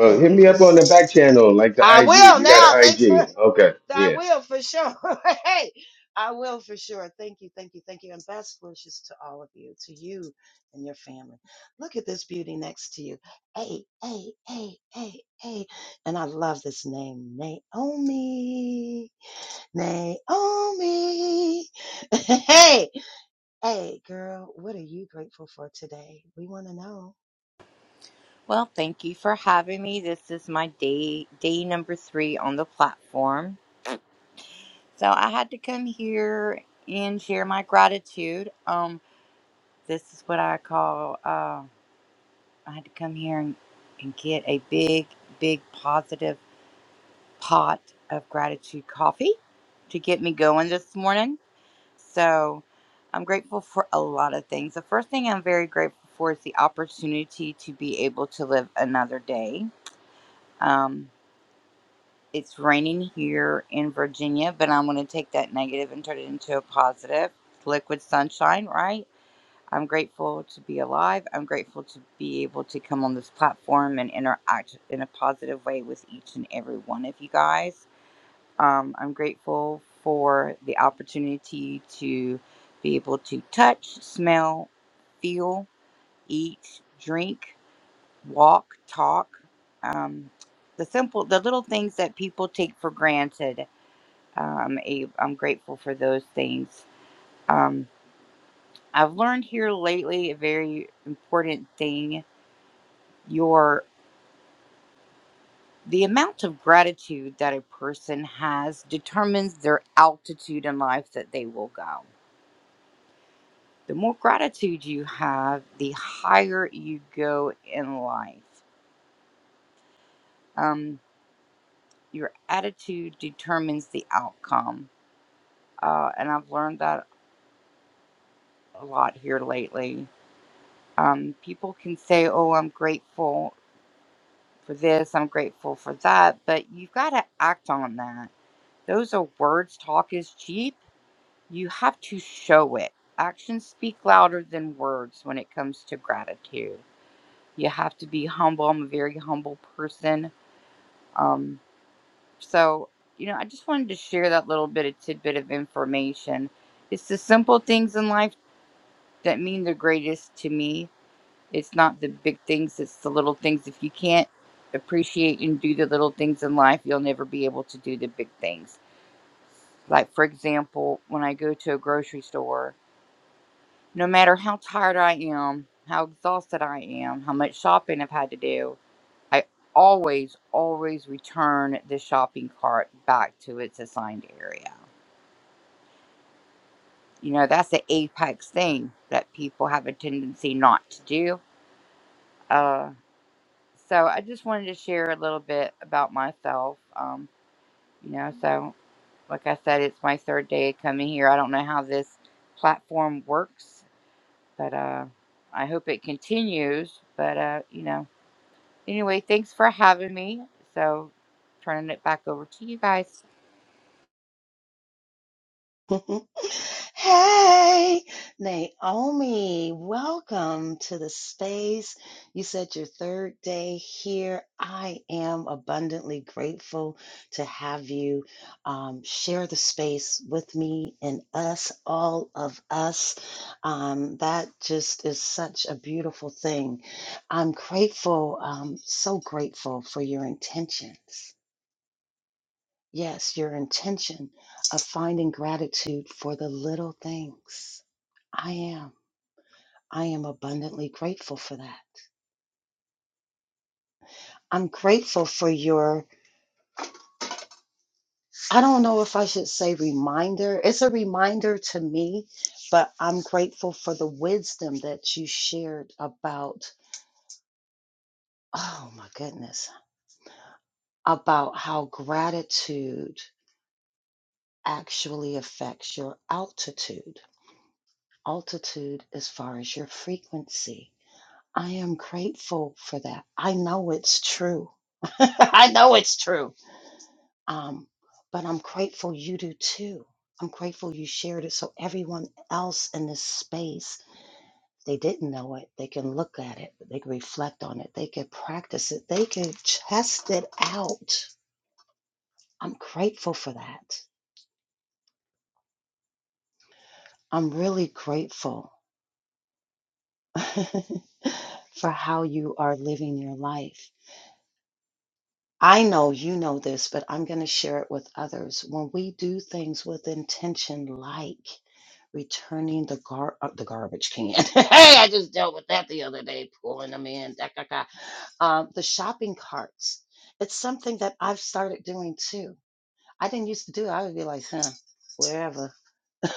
S15: And
S18: hit
S15: you
S18: me up on the back
S15: just
S18: channel, like the
S15: I
S18: IG.
S15: will
S18: You got an
S15: now. Thanks for
S18: IG. Okay.
S15: I
S18: yeah.
S15: will for sure. [laughs] hey, I will for sure. Thank you, thank you, thank you. And best wishes to all of you, to you and your family. Look at this beauty next to you. Hey, hey, hey, hey, hey. And I love this name, Naomi. Naomi. [laughs] hey, hey, girl, what are you grateful for today? We want to know.
S19: Well, thank you for having me. This is my day day number three on the platform. So I had to come here and share my gratitude. Um, this is what I call uh, I had to come here and, and get a big, big positive pot of gratitude coffee to get me going this morning. So I'm grateful for a lot of things. The first thing I'm very grateful for is the opportunity to be able to live another day. Um, It's raining here in Virginia, but I'm going to take that negative and turn it into a positive. Liquid sunshine, right? I'm grateful to be alive. I'm grateful to be able to come on this platform and interact in a positive way with each and every one of you guys. Um, I'm grateful for the opportunity to be able to touch, smell, feel, eat, drink, walk, talk. Um, the simple, the little things that people take for granted um, a, I'm grateful for those things. Um, I've learned here lately a very important thing. Your the amount of gratitude that a person has determines their altitude in life that they will go. The more gratitude you have, the higher you go in life. Um, your attitude determines the outcome, uh, and I've learned that a lot here lately um, people can say, "Oh, I'm grateful," for this. I'm grateful for that. But you've got to act on that. Those are words. Talk is cheap. You have to show it. Actions speak louder than words when it comes to gratitude. You have to be humble. I'm a very humble person. Um, so, you know, I just wanted to share that little bit of tidbit of information. It's the simple things in life that mean the greatest to me It's not the big things, it's the little things. If you can't appreciate and do the little things in life, you'll never be able to do the big things. Like, for example, when I go to a grocery store, no matter how tired I am, how exhausted I am, how much shopping I've had to do, I always, always return the shopping cart back to its assigned area. You know, that's the apex thing that people have a tendency not to do. Uh, So I just wanted to share a little bit about myself. Um, you know, so like I said, it's my third day of coming here. I don't know how this platform works, but uh, I hope it continues. But uh, you know, anyway, thanks for having me. So turning it back over to you guys.
S15: [laughs] hey, Naomi, welcome to the space. You said your third day here. I am abundantly grateful to have you um, share the space with me and us, all of us. Um, that just is such a beautiful thing. I'm grateful, um, so grateful for your intentions Yes, your intention of finding gratitude for the little things. I am. I am abundantly grateful for that. I'm grateful for your, I don't know if I should say reminder. It's a reminder to me, but I'm grateful for the wisdom that you shared about, oh my goodness, about how gratitude actually affects your altitude. Altitude as far as your frequency I am grateful for that. I know it's true. [laughs] I know it's true. Um, but I'm grateful you do too. I'm grateful you shared it so everyone else in this space, if they didn't know it, they can look at it, they can reflect on it, they can practice it, they can test it out. I'm grateful for that. I'm really grateful [laughs] for how you are living your life I know you know this, but I'm going to share it with others. When we do things with intention, like returning the gar uh, the garbage can. [laughs] hey, I just dealt with that the other day, pulling them in. Da, da, da. Um, the shopping carts. It's something that I've started doing too. I didn't used to do. it. I would be like, huh, wherever.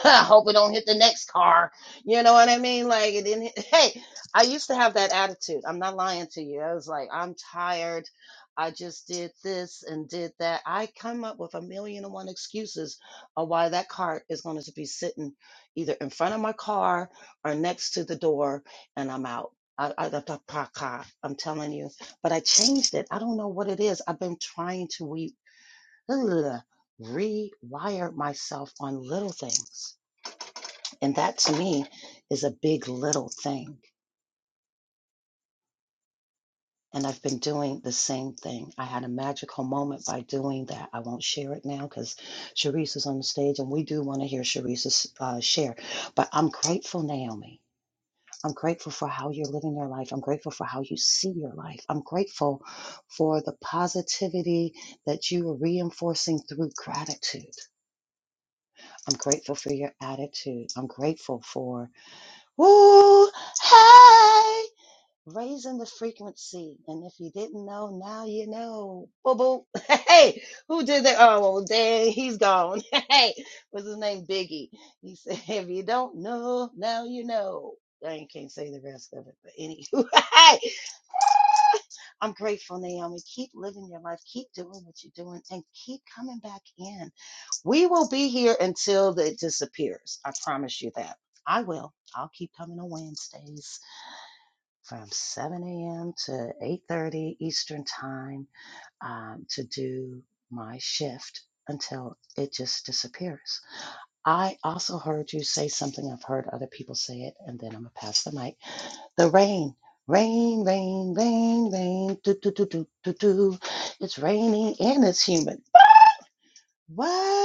S15: [laughs] I hope it don't hit the next car. You know what I mean? Like it didn't. Hit, hey, I used to have that attitude. I'm not lying to you. I was like, I'm tired. I just did this and did that. I come up with a million and one excuses of why that car is going to be sitting either in front of my car or next to the door, and I'm out. I, I, I, I- I- I'm telling you, but I changed it. I don't know what it is. I've been trying to re, [grunts] rewire myself on little things and that to me is a big little thing. And I've been doing the same thing. I had a magical moment by doing that. I won't share it now because Sharice is on the stage and we do want to hear Sharice's uh, share. But I'm grateful, Naomi. I'm grateful for how you're living your life. I'm grateful for how you see your life. I'm grateful for the positivity that you are reinforcing through gratitude. I'm grateful for your attitude. I'm grateful for, woo, hey. raising the frequency. And if you didn't know, now you know. Boo boo. [laughs] Hey, who did that? Oh, well, dang, he's gone. [laughs] Hey, what's his name? Biggie. He said, [laughs] if you don't know, now you know. I can't say the rest of it, but anywho, [laughs] hey, I'm grateful, Naomi. Keep living your life, keep doing what you're doing, and keep coming back in. We will be here until it disappears. I promise you that. I will. I'll keep coming on Wednesdays from 7 a.m. to 8:30 Eastern time um, to do my shift until it just disappears. I also heard you say something. I've heard other people say it, and then I'm gonna pass the mic. The rain, rain, rain, rain, rain. Do do do do do do. It's raining and it's humid. What?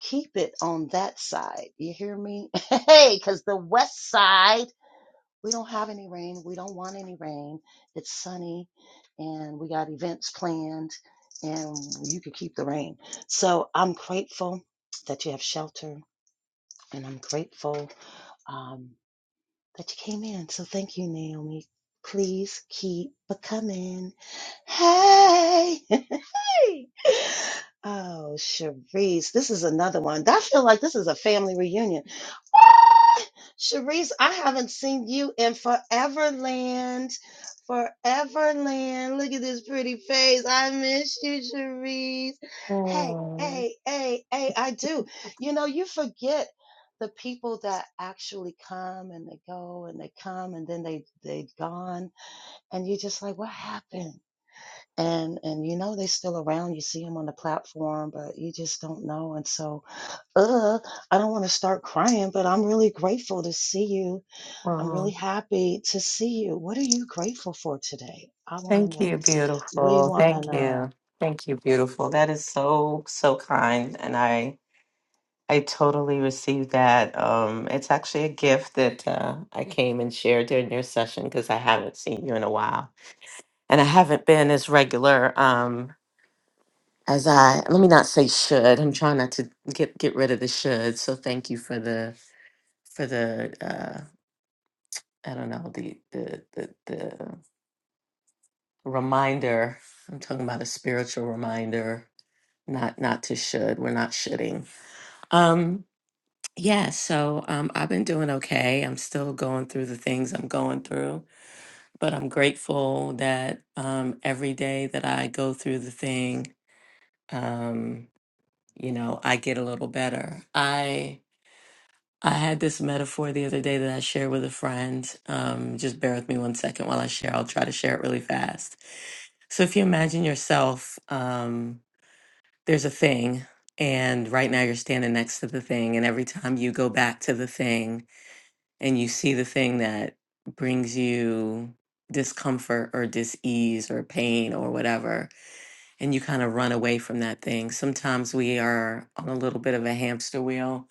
S15: Keep it on that side. You hear me? [laughs] Hey, because the west side. we don't have any rain. We don't want any rain. It's sunny and we got events planned and you can keep the rain. So I'm grateful that you have shelter and I'm grateful. um, that you came in. So thank you, Naomi. Please keep becoming. Hey, [laughs] hey. Oh, Cherise, this is another one. I feel like this is a family reunion. Ah, Cherise, I haven't seen you in Foreverland. Foreverland. Look at this pretty face. I miss you, Cherise. Hey,
S20: Oh,
S15: hey, hey, hey, I do. You know, you forget the people that actually come and they go and they come and then they they gone and you're just like what happened and and you know they are still around you see them on the platform but you just don't know and so uh i don't want to start crying but i'm really grateful to see you i'm really
S20: oh,
S15: happy to see you what are you grateful for today i want to
S20: thank
S15: know
S20: you,
S15: we
S20: beautiful.
S15: want to
S20: Thank
S15: know
S20: you. Thank you, beautiful. That is so, so kind. And I I totally received that. Um, it's actually a gift that uh, I came and shared during your session because I haven't seen you in a while. And I haven't been as regular um as I let me not say should. I'm trying not to get get rid of the should. So thank you for the for the uh I don't know, the the the the reminder. I'm talking about a spiritual reminder, not not to should. We're not shoulding. Um, yeah, so um, I've been doing okay. I'm still going through the things I'm going through, but I'm grateful that um, every day that I go through the thing, um, you know, I get a little better. I I had this metaphor the other day that I shared with a friend. Um, just bear with me one second while I share. I'll try to share it really fast. So if you imagine yourself. Um, there's a thing and right now you're standing next to the thing and every time you go back to the thing and you see the thing that brings you discomfort or dis-ease or pain or whatever and you kind of run away from that thing sometimes we are on a little bit of a hamster wheel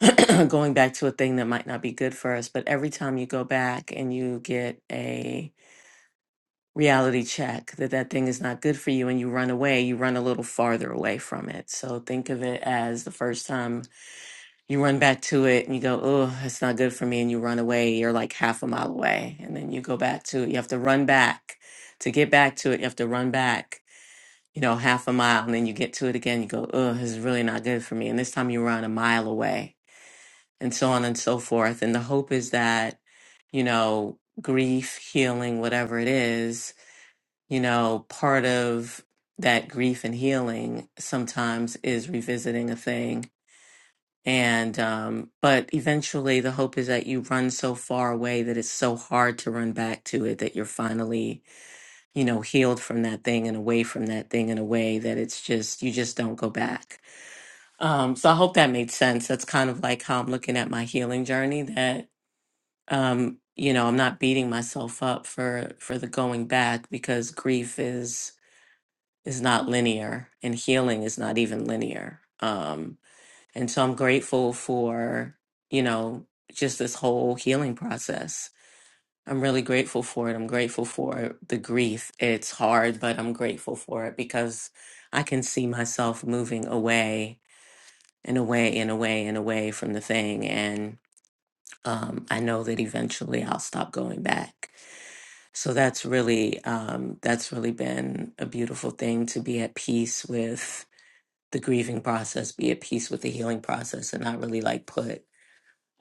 S20: [clears throat] going back to a thing that might not be good for us but every time you go back and you get a reality check that that thing is not good for you and you run away, you run a little farther away from it. So think of it as the first time you run back to it and you go, oh, it's not good for me. And you run away, you're like half a mile away. And then you go back to it. You have to run back to get back to it. You have to run back, you know, half a mile. And then you get to it again. You go, oh, this is really not good for me. And this time you run a mile away and so on and so forth. And the hope is that, you know, grief, healing, whatever it is, you know, part of that grief and healing sometimes is revisiting a thing. And, um, but eventually the hope is that you run so far away that it's so hard to run back to it that you're finally, you know, healed from that thing and away from that thing in a way that it's just, you just don't go back. Um, so I hope that made sense. That's kind of like how I'm looking at my healing journey that, um, you know, I'm not beating myself up for, for the going back because grief is, is not linear and healing is not even linear um and so i'm grateful for you know just this whole healing process i'm really grateful for it i'm grateful for the grief it's hard but i'm grateful for it because i can see myself moving away and away and away and away from the thing and um, i know that eventually i'll stop going back so that's really um, that's really been a beautiful thing to be at peace with the grieving process, be at peace with the healing process, and not really like put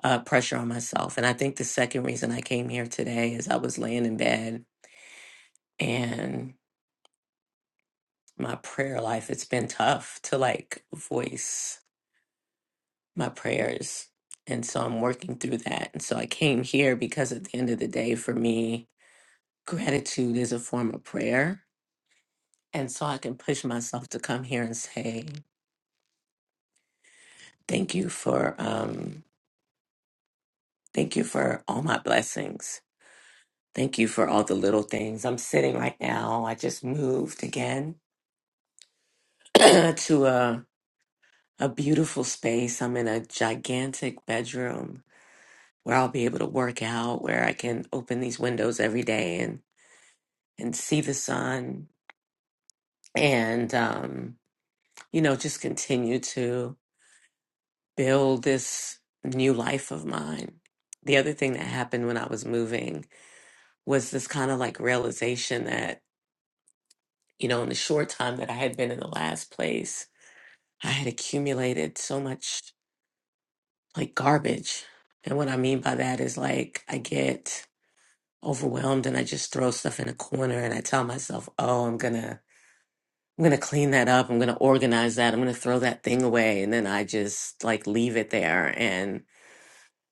S20: uh, pressure on myself. And I think the second reason I came here today is I was laying in bed and my prayer life, it's been tough to like voice my prayers. And so I'm working through that. And so I came here because at the end of the day, for me, gratitude is a form of prayer. And so I can push myself to come here and say, thank you for, um, thank you for all my blessings Thank you for all the little things. I'm sitting right now. I just moved again [clears throat] to a a beautiful space. I'm in a gigantic bedroom where I'll be able to work out, where I can open these windows every day and and see the sun and um you know, just continue to build this new life of mine. The other thing that happened when I was moving was this kind of like realization that, you know, in the short time that I had been in the last place, I had accumulated so much like garbage. And what I mean by that is like I get overwhelmed and I just throw stuff in a corner and I tell myself, "Oh, I'm going to I'm going to clean that up. I'm going to organize that. I'm going to throw that thing away." And then I just like leave it there and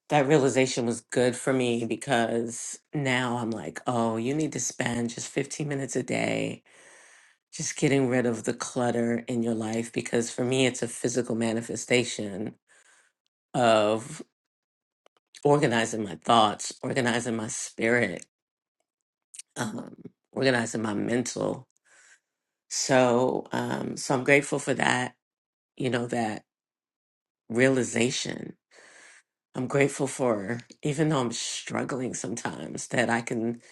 S20: that realization was good for me because now I'm like, "Oh, you need to spend just 15 minutes a day just getting rid of the clutter in your life because for me it's a physical manifestation." of organizing my thoughts, organizing my spirit, um, organizing my mental. So, um, so I'm grateful for that. You know that realization. I'm grateful for even though I'm struggling sometimes that I can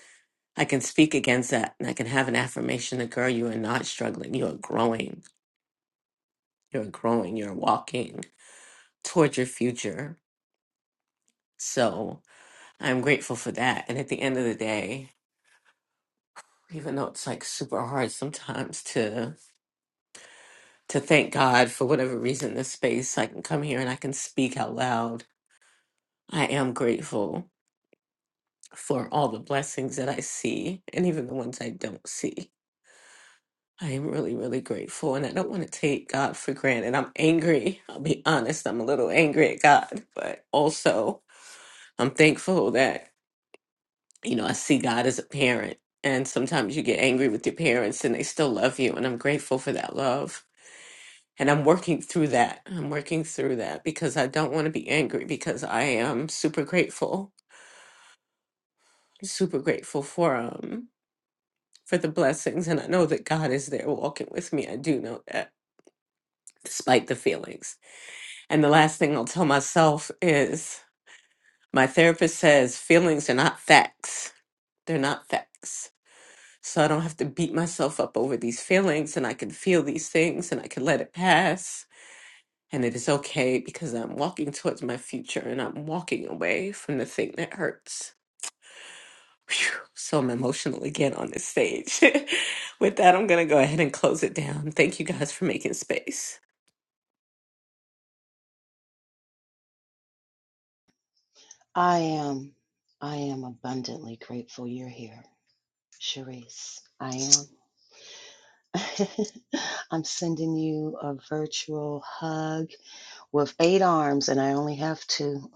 S20: I can speak against that and I can have an affirmation that girl you are not struggling you are growing you're growing you're walking towards your future so I'm grateful for that and at the end of the day even though it's like super hard sometimes to to thank God for whatever reason this space I can come here and I can speak out loud. I am grateful for all the blessings that I see and even the ones I don't see. I am really, really grateful and I don't want to take God for granted. I'm angry. I'll be honest, I'm a little angry at God, but also I'm thankful that, you know, I see God as a parent. And sometimes you get angry with your parents and they still love you. And I'm grateful for that love. And I'm working through that. I'm working through that because I don't want to be angry because I am super grateful, super grateful for um for the blessings and I know that God is there walking with me. I do know that despite the feelings. And the last thing I'll tell myself is my therapist says feelings are not facts. They're not facts. So I don't have to beat myself up over these feelings and I can feel these things and I can let it pass And it is okay because I'm walking towards my future and I'm walking away from the thing that hurts. Phew, so I'm emotional again on this stage. [laughs] With that, I'm going to go ahead and close it down. Thank you guys for making space.
S15: i am i am abundantly grateful you're here Cherise, I am. [laughs] I'm sending you a virtual hug with eight arms, and I only have two.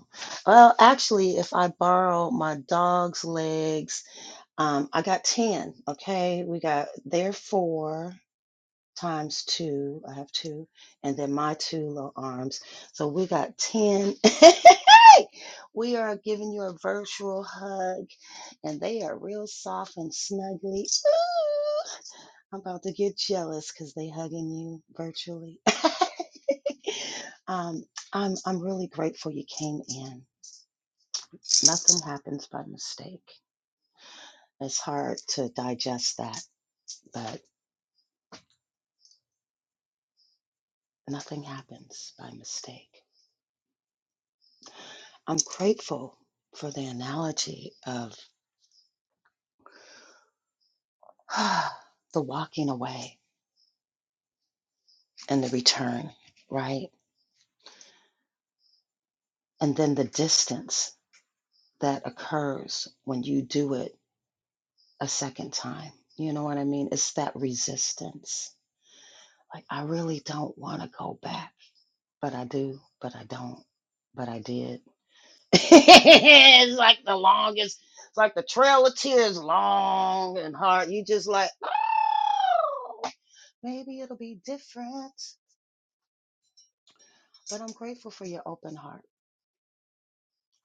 S15: Well, actually, if I borrow my dog's legs, um, I got 10. Okay. We got their four times two. I have two, and then my two little arms. So we got 10. [laughs] We are giving you a virtual hug, and they are real soft and snuggly. Ooh. I'm about to get jealous because they hugging you virtually. [laughs] um, I'm I'm really grateful you came in. Nothing happens by mistake. It's hard to digest that, but nothing happens by mistake. I'm grateful for the analogy of [sighs] the walking away and the return, right? And then the distance that occurs when you do it a second time. You know what I mean? It's that resistance Like I really don't want to go back, but I do, but I don't, but I did. [laughs] it's like the longest. It's like the trail of tears, long and hard. You just like, oh, maybe it'll be different. But I'm grateful for your open heart.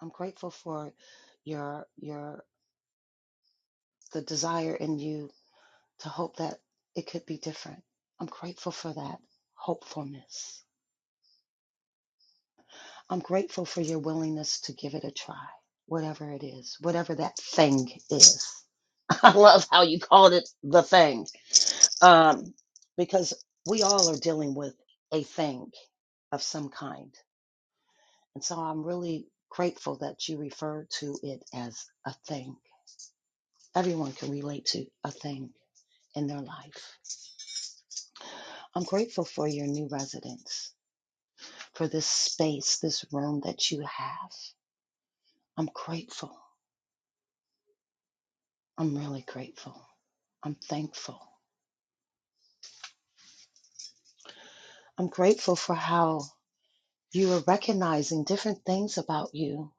S15: I'm grateful for your your the desire in you to hope that it could be different. I'm grateful for that hopefulness. I'm grateful for your willingness to give it a try, whatever it is, whatever that thing is. [laughs] I love how you called it the thing, um, because we all are dealing with a thing of some kind. And so I'm really grateful that you refer to it as a thing. Everyone can relate to a thing in their life. I'm grateful for your new residence, for this space, this room that you have. I'm grateful. I'm really grateful. I'm thankful. I'm grateful for how you are recognizing different things about you,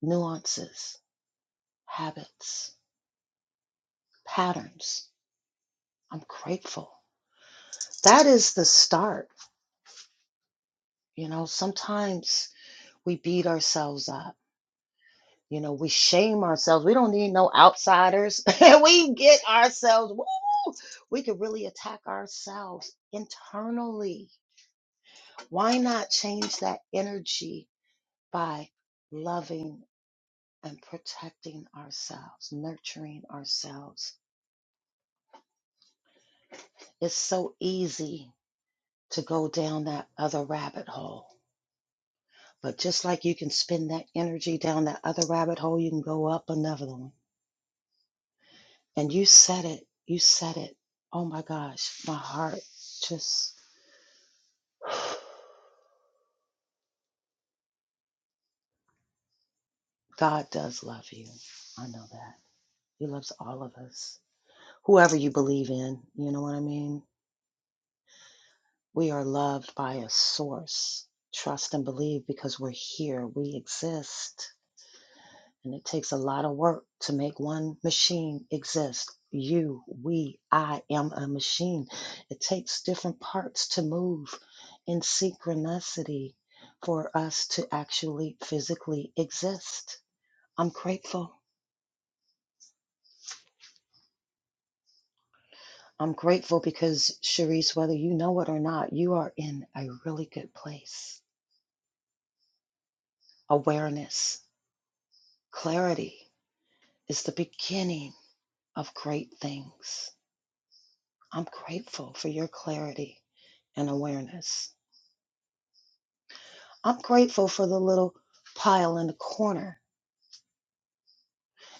S15: nuances, habits, patterns. I'm grateful. That is the start. You know, sometimes we beat ourselves up. You know, we shame ourselves. We don't need no outsiders. [laughs] we get ourselves, woo, we can really attack ourselves internally. Why not change that energy by loving and protecting ourselves, nurturing ourselves. It's so easy to go down that other rabbit hole. But just like you can spend that energy down that other rabbit hole, you can go up another one. And you said it. You said it. Oh my gosh, my heart just, [sighs] God does love you. I know that. He loves all of us, whoever you believe in. You know what I mean? We are loved by a source. Trust and believe because we're here, we exist. And it takes a lot of work to make one machine exist. You, we, I am a machine. It takes different parts to move in synchronicity for us to actually physically exist. I'm grateful. I'm grateful because, Cherise, whether you know it or not, you are in a really good place. Awareness, clarity. is the beginning of great things. I'm grateful for your clarity and awareness. I'm grateful for the little pile in the corner.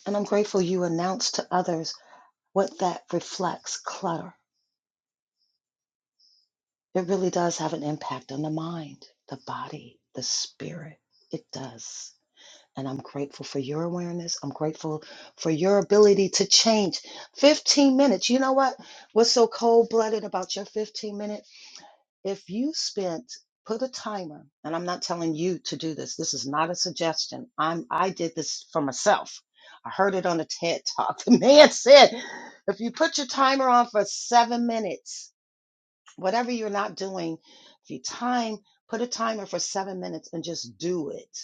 S15: And I'm grateful you announced to others what that reflects clutter. It really does have an impact on the mind, the body, the spirit. It does. And I'm grateful for your awareness. I'm grateful for your ability to change. 15 minutes. You know what? What's so cold blooded about your 15 minutes? If you spent, put a timer, and I'm not telling you to do this. This is not a suggestion. I'm, I did this for myself. I heard it on a TED talk. [laughs] The man said, if you put your timer on for seven minutes, whatever you're not doing, if you time, put a timer for seven minutes and just do it.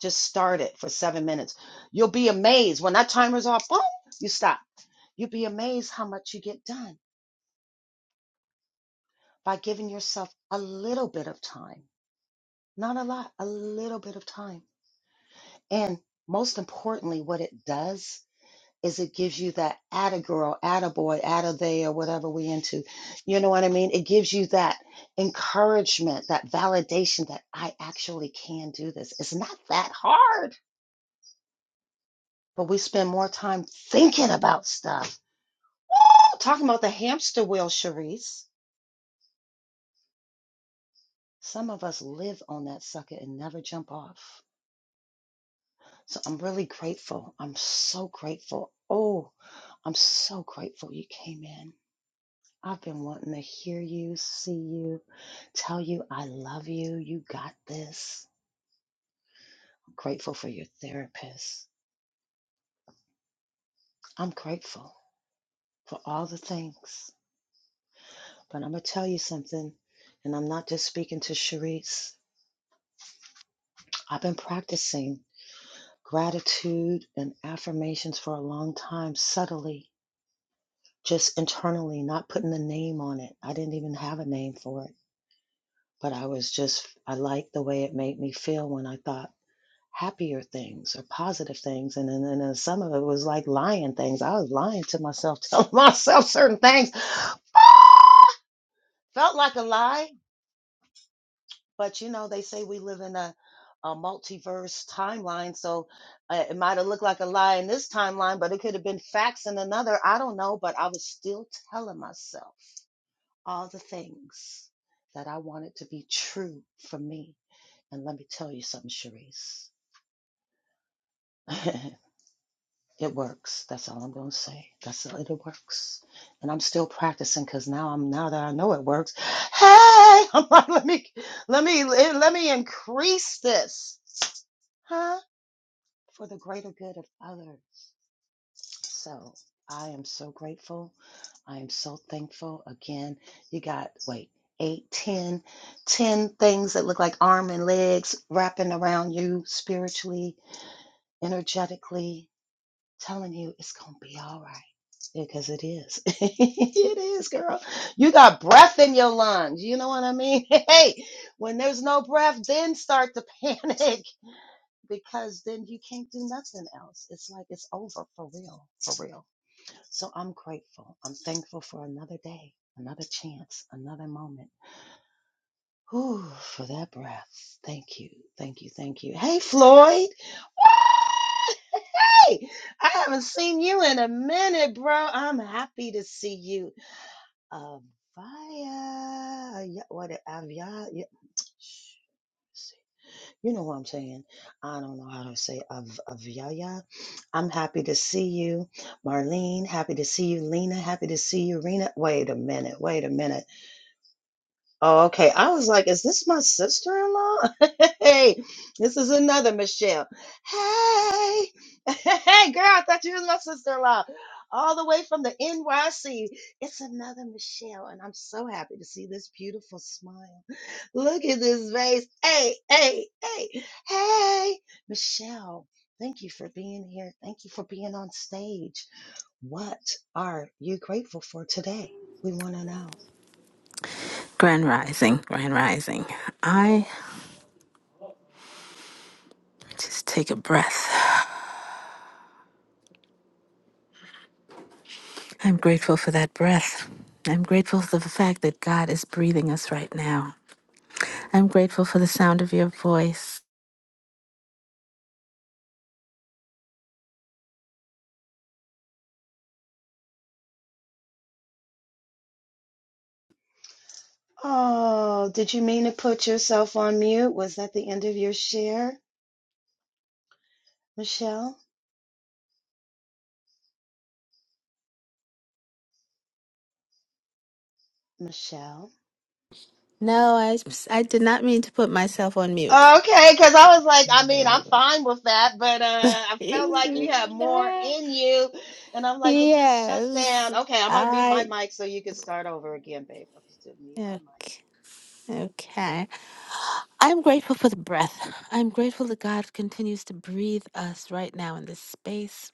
S15: Just start it for seven minutes. You'll be amazed when that timer's off. Boom, you stop. You'll be amazed how much you get done by giving yourself a little bit of time Not a lot, a little bit of time. And most importantly, what it does is it gives you that atta girl, atta boy, atta they, or whatever we into. You know what I mean? It gives you that encouragement, that validation that I actually can do this. It's not that hard, but we spend more time thinking about stuff. Woo! Talking about the hamster wheel, Charisse. Some of us live on that sucker and never jump off. So I'm really grateful. I'm so grateful. Oh, I'm so grateful you came in. I've been wanting to hear you, see you, tell you I love you. You got this. I'm grateful for your therapist. I'm grateful for all the things. But I'm going to tell you something, and I'm not just speaking to Sharice. I've been practicing gratitude and affirmations for a long time, subtly, just internally, not putting a name on it. I didn't even have a name for it But I was just, I liked the way it made me feel when I thought happier things or positive things. And then, and then some of it was like lying things. I was lying to myself, [laughs] telling myself certain things. [laughs] Felt like a lie, but you know, they say we live in a, a multiverse timeline. So uh, it might have looked like a lie in this timeline, but it could have been facts in another. I don't know, but I was still telling myself all the things that I wanted to be true for me. And let me tell you something, Sharice. [laughs] it works. That's all I'm gonna say. That's it. It works. And I'm still practicing because now I'm now that I know it works. Hey, [laughs] I'm like, let me let me let me increase this, huh? For the greater good of others. So I am so grateful. I am so thankful. Again, you got wait. Eight, ten, ten things that look like arm and legs wrapping around you spiritually, energetically, telling you it's gonna be all right because it is [laughs] it is girl you got breath in your lungs you know what i mean [laughs] hey when there's no breath then start to [laughs] panic because then you can't do nothing else it's like it's over for real for real so i'm grateful i'm thankful for another day another chance another moment Whew, for that breath thank you thank you thank you hey floyd [laughs] Hey, I haven't seen you in a minute, bro. I'm happy to see you. Avaya, what? Avaya, yeah. you know what I'm saying? I don't know how to say Av, Avyaya. I'm happy to see you, Marlene. Happy to see you, Lena. Happy to see you, Rena. Wait a minute. Wait a minute. Oh, okay. I was like, is this my sister in law? [laughs] hey, this is another Michelle. Hey, [laughs] hey, girl, I thought you was my sister in law. All the way from the NYC. It's another Michelle, and I'm so happy to see this beautiful smile. [laughs] Look at this face. Hey, hey, hey, hey, Michelle. Thank you for being here. Thank you for being on stage. What are you grateful for today? We want to know.
S21: Grand Rising, Grand Rising. I just take a breath. I'm grateful for that breath. I'm grateful for the fact that God is breathing us right now. I'm grateful for the sound of your voice.
S15: Oh, did you mean to put yourself on mute? Was that the end of your share, Michelle? Michelle?
S21: No, I, I did not mean to put myself on mute.
S15: Okay, because I was like, I mean, I'm fine with that, but uh, I felt like
S21: [laughs]
S15: you had more in you. And I'm like, it just shut
S21: Yes,
S15: down. Okay, I'm going to mute my
S21: I.
S15: mic so you can start over again, babe. I'm just going to mute my
S21: Okay.
S15: mic.
S21: okay. I'm grateful for the breath. I'm grateful that God continues to breathe us right now in this space.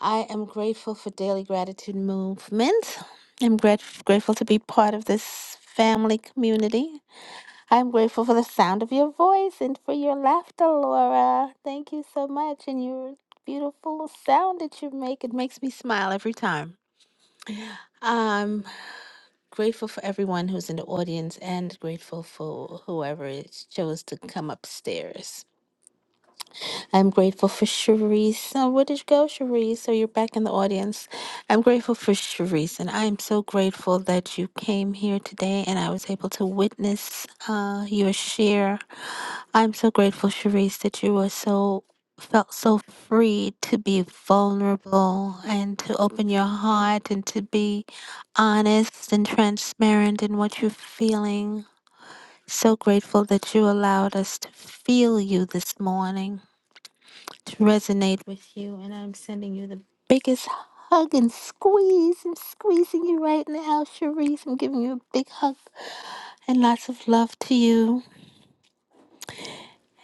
S21: I am grateful for Daily Gratitude Movement. I'm grat- grateful to be part of this family community. I'm grateful for the sound of your voice and for your laughter, Laura. Thank you so much. And your beautiful sound that you make, it makes me smile every time. I'm grateful for everyone who's in the audience and grateful for whoever is- chose to come upstairs. I'm grateful for Cherise. Oh, where did you go, Cherise? So you're back in the audience. I'm grateful for Cherise, and I'm so grateful that you came here today and I was able to witness uh, your share. I'm so grateful, Cherise, that you were so felt so free to be vulnerable and to open your heart and to be honest and transparent in what you're feeling. So grateful that you allowed us to feel you this morning to resonate with you. And I'm sending you the biggest hug and squeeze. I'm squeezing you right now, Cherise. I'm giving you a big hug and lots of love to you.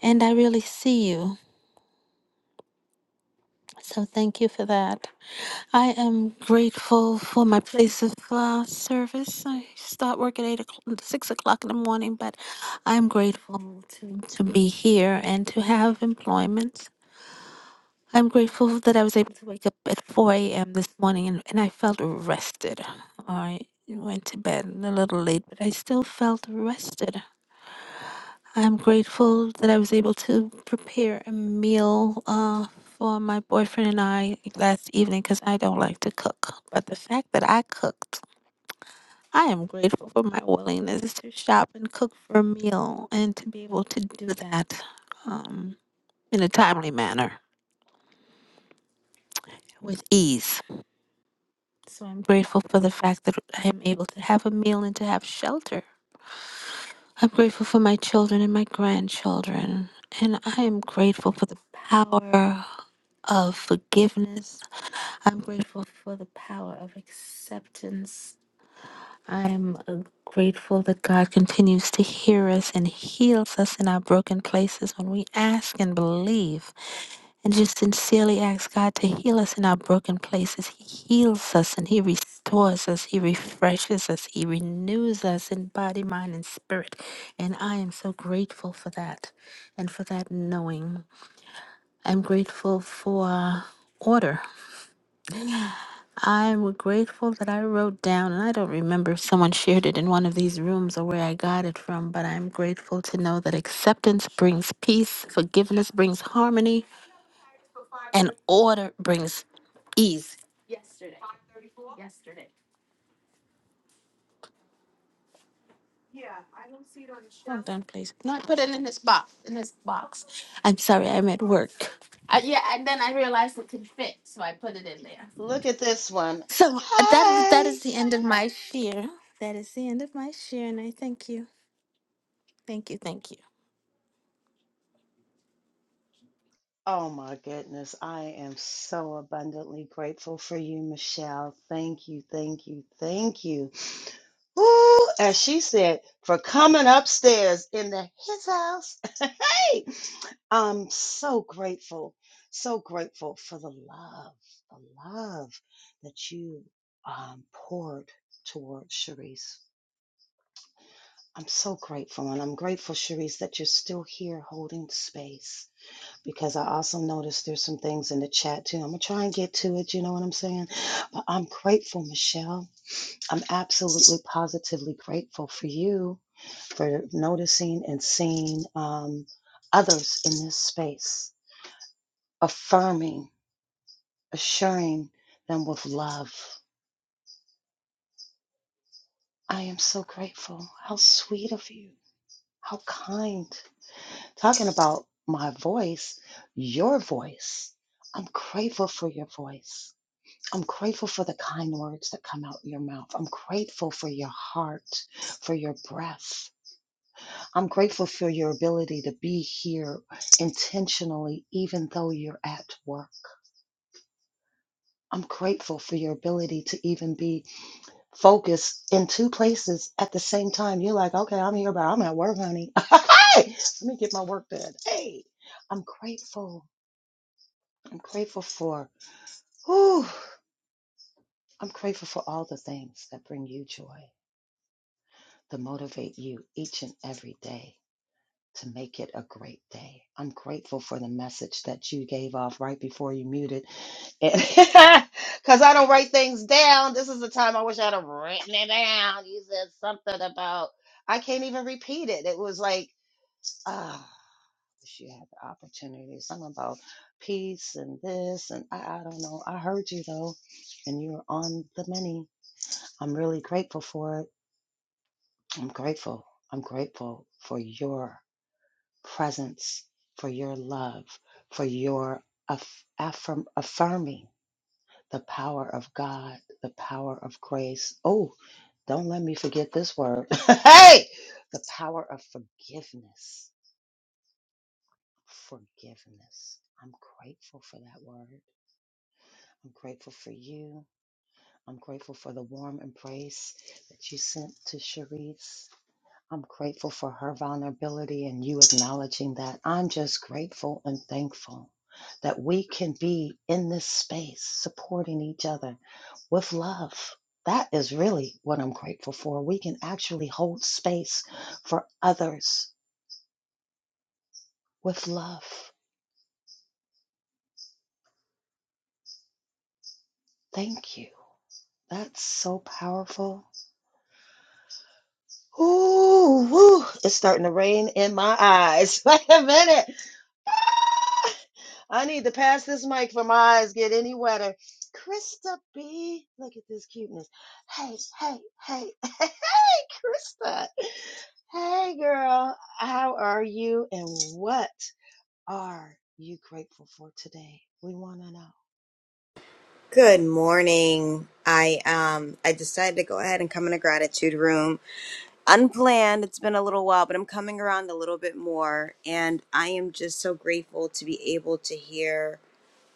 S21: And I really see you. So thank you for that. I am grateful for my place of uh, service. I start work at eight o'clock, six o'clock in the morning, but I'm grateful to, to be here and to have employment I'm grateful that I was able to wake up at 4 a.m. this morning and, and I felt rested. I went to bed a little late, but I still felt rested. I'm grateful that I was able to prepare a meal uh, for my boyfriend and I last evening because I don't like to cook. But the fact that I cooked, I am grateful for my willingness to shop and cook for a meal and to be able to do that um, in a timely manner with ease. So I'm grateful for the fact that I am able to have a meal and to have shelter. I'm grateful for my children and my grandchildren. And I am grateful for the power of forgiveness. I'm grateful for the power of acceptance. I'm uh, grateful that God continues to hear us and heals us in our broken places when we ask and believe and just sincerely ask God to heal us in our broken places. He heals us and He restores us. He refreshes us. He renews us in body, mind, and spirit. And I am so grateful for that and for that knowing. I'm grateful for order. I'm grateful that I wrote down, and I don't remember if someone shared it in one of these rooms or where I got it from, but I'm grateful to know that acceptance brings peace, forgiveness brings harmony, and order brings ease. Hold on, please. No, I put it in this box. In this box. I'm sorry, I'm at work. Uh, yeah, and then I realized it could fit, so I put it in there.
S15: Look at this one.
S21: So that that
S15: Hi.
S21: is the end of my share. That is the end of my share, and I thank you, thank you, thank you.
S15: Oh my goodness. I am so abundantly grateful for you, Michelle. Thank you, thank you, thank you. Ooh, as she said, for coming upstairs in the his house. [laughs] hey, I'm so grateful, so grateful for the love, the love that you um, poured toward Sharice. I'm so grateful, and I'm grateful, Sharice, that you're still here holding space. Because I also noticed there's some things in the chat too. I'm gonna try and get to it. You know what I'm saying? But I'm grateful, Michelle. I'm absolutely positively grateful for you for noticing and seeing um, others in this space, affirming, assuring them with love. I am so grateful. How sweet of you. How kind. Talking about my voice, your voice. I'm grateful for your voice. I'm grateful for the kind words that come out your mouth. I'm grateful for your heart, for your breath. I'm grateful for your ability to be here intentionally, even though you're at work. I'm grateful for your ability to even be focused in two places at the same time. You're like, okay, I'm here, but I'm at work, honey. [laughs] hey, let me get my work done. Hey, I'm grateful. I'm grateful for, whew, I'm grateful for all the things that bring you joy, that motivate you each and every day. to make it a great day. I'm grateful for the message that you gave off right before you muted. [laughs] Because I don't write things down. This is the time I wish I'd have written it down. You said something about, I can't even repeat it. It was like, ah, wish you had the opportunity. Something about peace and this. And I, I don't know. I heard you though, and you were on the many. I'm really grateful for it. I'm grateful. I'm grateful for your presence, for your love, for your aff- affirm- affirming the power of God, the power of grace. Oh, don't let me forget this word. [laughs] hey, the power of forgiveness. Forgiveness. I'm grateful for that word. I'm grateful for you. I'm grateful for the warm embrace that you sent to Cherise. I'm grateful for her vulnerability and you acknowledging that. I'm just grateful and thankful that we can be in this space supporting each other with love. That is really what I'm grateful for. We can actually hold space for others with love. Thank you. That's so powerful. Ooh, woo, it's starting to rain in my eyes. [laughs] Wait a minute. [laughs] I need to pass this mic for my eyes get any wetter. Krista B, look at this cuteness. Hey, hey, hey, [laughs] hey, Krista. Hey, girl. How are you? And what are you grateful for today? We want to know.
S22: Good morning. I um I decided to go ahead and come in a gratitude room. Unplanned. It's been a little while, but I'm coming around a little bit more and I am just so grateful to be able to hear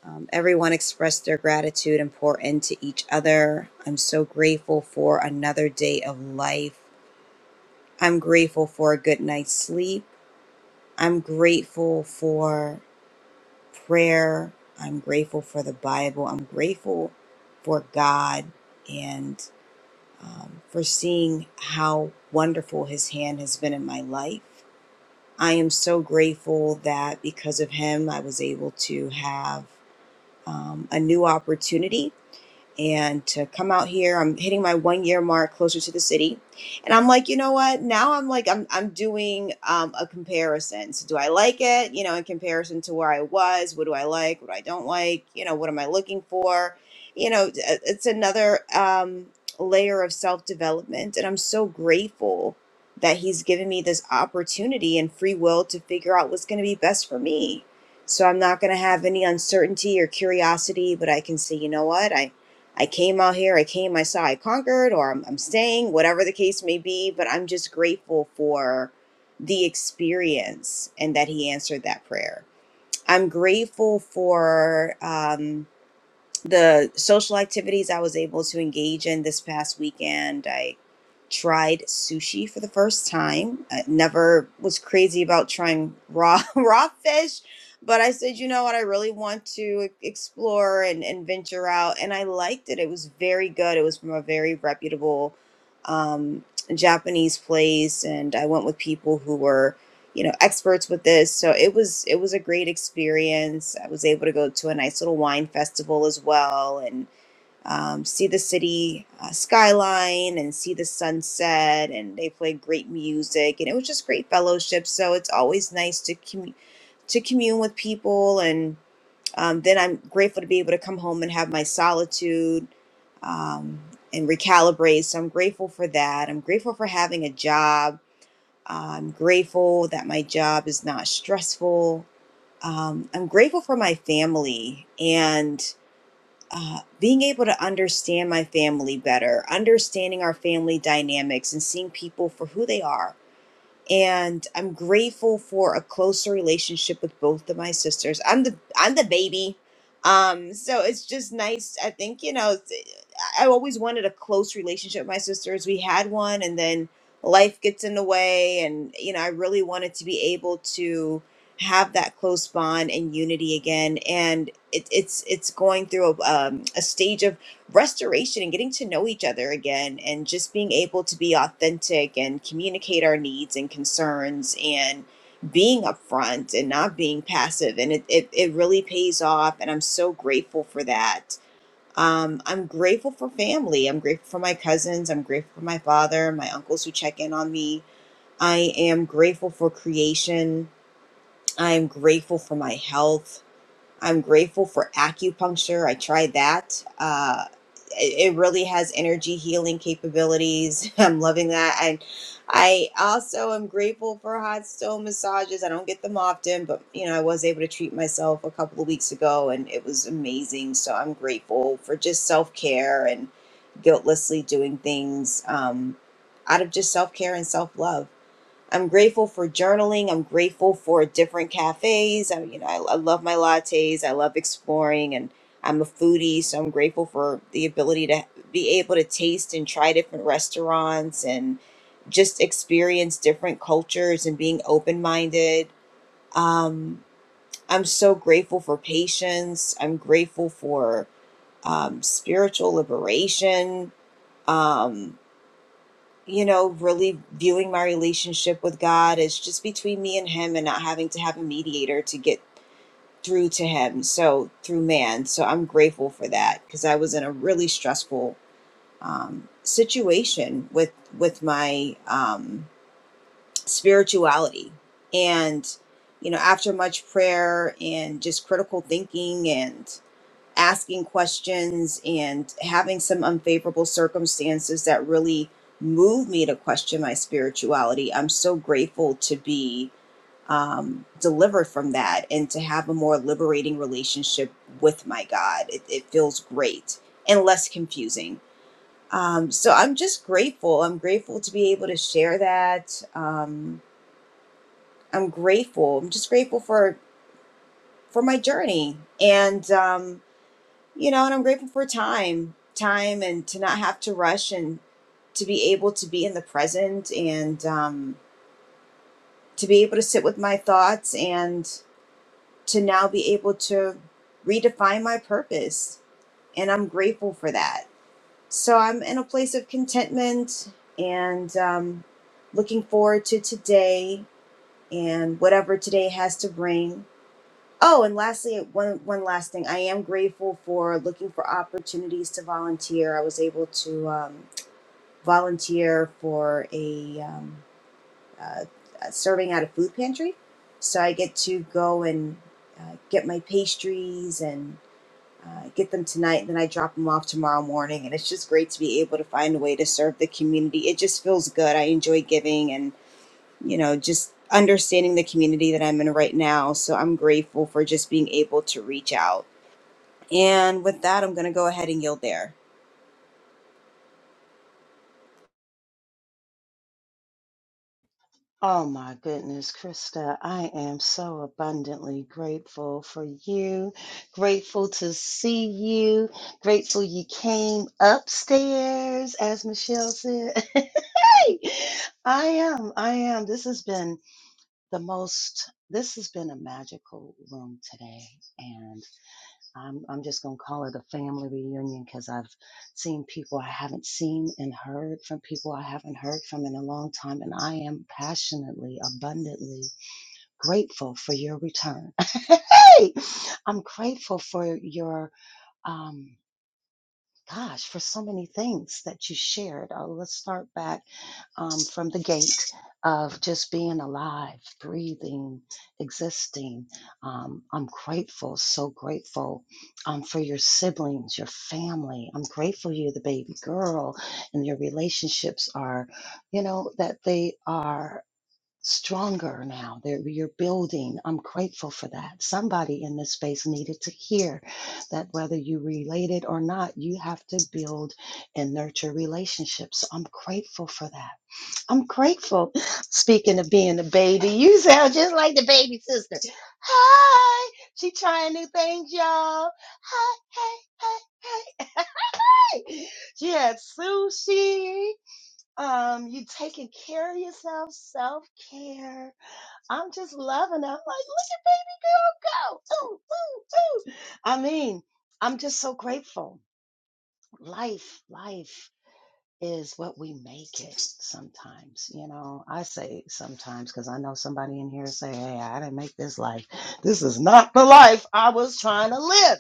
S22: um, everyone express their gratitude and pour into each other. I'm so grateful for another day of life. I'm grateful for a good night's sleep. I'm grateful for prayer. I'm grateful for the Bible. I'm grateful for God. And um, for seeing how wonderful his hand has been in my life. I am so grateful that because of him, I was able to have um, a new opportunity and to come out here. I'm hitting my one year mark closer to the city. And I'm like, you know what? Now I'm like, I'm, I'm doing um, a comparison. So do I like it? You know, in comparison to where I was, what do I like? What I don't like? You know, what am I looking for? You know, it- it's another um, layer of self development. And I'm so grateful that he's given me this opportunity and free will to figure out what's going to be best for me. So I'm not going to have any uncertainty or curiosity, but I can say, you know what? I came out here, I came, I saw, I conquered, or I'm, I'm staying, whatever the case may be. But I'm just grateful for the experience and that he answered that prayer. I'm grateful for. Um, the social activities I was able to engage in this past weekend, I tried sushi for the first time. I never was crazy about trying raw [laughs] raw fish, but I said, you know what, I really want to e-, explore and, and venture out. And I liked it. It was very good. It was from a very reputable um, Japanese place. And I went with people who were you know experts with this so it was it was a great experience i was able to go to a nice little wine festival as well and um, see the city uh, skyline and see the sunset and they played great music and it was just great fellowship so it's always nice to commu- to commune with people and um, then i'm grateful to be able to come home and have my solitude um, and recalibrate so i'm grateful for that i'm grateful for having a job I'm grateful that my job is not stressful. Um, I'm grateful for my family and uh, being able to understand my family better, understanding our family dynamics, and seeing people for who they are. And I'm grateful for a closer relationship with both of my sisters. I'm the I'm the baby, um, so it's just nice. I think you know. I always wanted a close relationship with my sisters. We had one, and then life gets in the way. And, you know, I really wanted to be able to have that close bond and unity again. And it, it's it's going through a, um, a stage of restoration and getting to know each other again, and just being able to be authentic and communicate our needs and concerns and being upfront and not being passive. And it, it, it really pays off. And I'm so grateful for that um, I'm grateful for family. I'm grateful for my cousins. I'm grateful for my father, my uncles who check in on me. I am grateful for creation. I am grateful for my health. I'm grateful for acupuncture. I tried that. Uh, it, it really has energy healing capabilities. [laughs] I'm loving that. And I also am grateful for hot stone massages. I don't get them often, but you know, I was able to treat myself a couple of weeks ago and it was amazing. So I'm grateful for just self care and guiltlessly doing things um, out of just self care and self love. I'm grateful for journaling. I'm grateful for different cafes. I, you know, I, I love my lattes. I love exploring, and I'm a foodie, so I'm grateful for the ability to be able to taste and try different restaurants and just experience different cultures and being open minded. Um, I'm so grateful for patience. I'm grateful for um, spiritual liberation. Um, you know, really viewing my relationship with God as just between me and Him and not having to have a mediator to get through to Him. So through man. So I'm grateful for that because I was in a really stressful um, situation with with my um, spirituality, and you know, after much prayer and just critical thinking and asking questions and having some unfavorable circumstances that really moved me to question my spirituality. I'm so grateful to be um, delivered from that and to have a more liberating relationship with my God. It, it feels great and less confusing. Um, so I'm just grateful. I'm grateful to be able to share that. Um, I'm grateful. I'm just grateful for for my journey and. Um, you know, and I'm grateful for time, time, and to not have to rush and to be able to be in the present and um, to be able to sit with my thoughts and to now be able to redefine my purpose. And I'm grateful for that. So I'm in a place of contentment and um, looking forward to today and whatever today has to bring Oh, and lastly, one one last thing. I am grateful for looking for opportunities to volunteer. I was able to um, volunteer for a um, uh, uh, serving at a food pantry, so I get to go and uh, get my pastries and uh, get them tonight, and then I drop them off tomorrow morning. And it's just great to be able to find a way to serve the community. It just feels good. I enjoy giving, and you know, just understanding the community that I'm in right now. So I'm grateful for just being able to reach out. And with that, I'm going to go ahead and yield there.
S15: Oh my goodness, Krista, I am so abundantly grateful for you. Grateful to see you. Grateful you came upstairs, as Michelle said. [laughs] hey, I am. I am. This has been the most, this has been a magical room today. I'm I'm just gonna call it a family reunion because I've seen people I haven't seen and heard from people I haven't heard from in a long time, and I am passionately, abundantly grateful for your return. [laughs] hey, I'm grateful for your um, gosh, for so many things that you shared. Uh, let's start back um, from the gate of just being alive, breathing, existing. Um, I'm grateful, so grateful um, for your siblings, your family. I'm grateful you're the baby girl and your relationships are, you know, that they are stronger now They're, you're building i'm grateful for that somebody in this space needed to hear that whether you related or not you have to build and nurture relationships So i'm grateful for that I'm grateful. Speaking of being a baby, you sound just like the baby sister. Hi, she trying new things, y'all. Hi, hey, hey, hey, [laughs] hey. She had sushi. Um, you taking care of yourself, self care. I'm just loving it. I'm like, look at baby girl go. Ooh, ooh, ooh. I mean, I'm just so grateful. Life, life is what we make it sometimes. You know, I say sometimes because I know somebody in here say, Hey, I didn't make this life. This is not the life I was trying to live.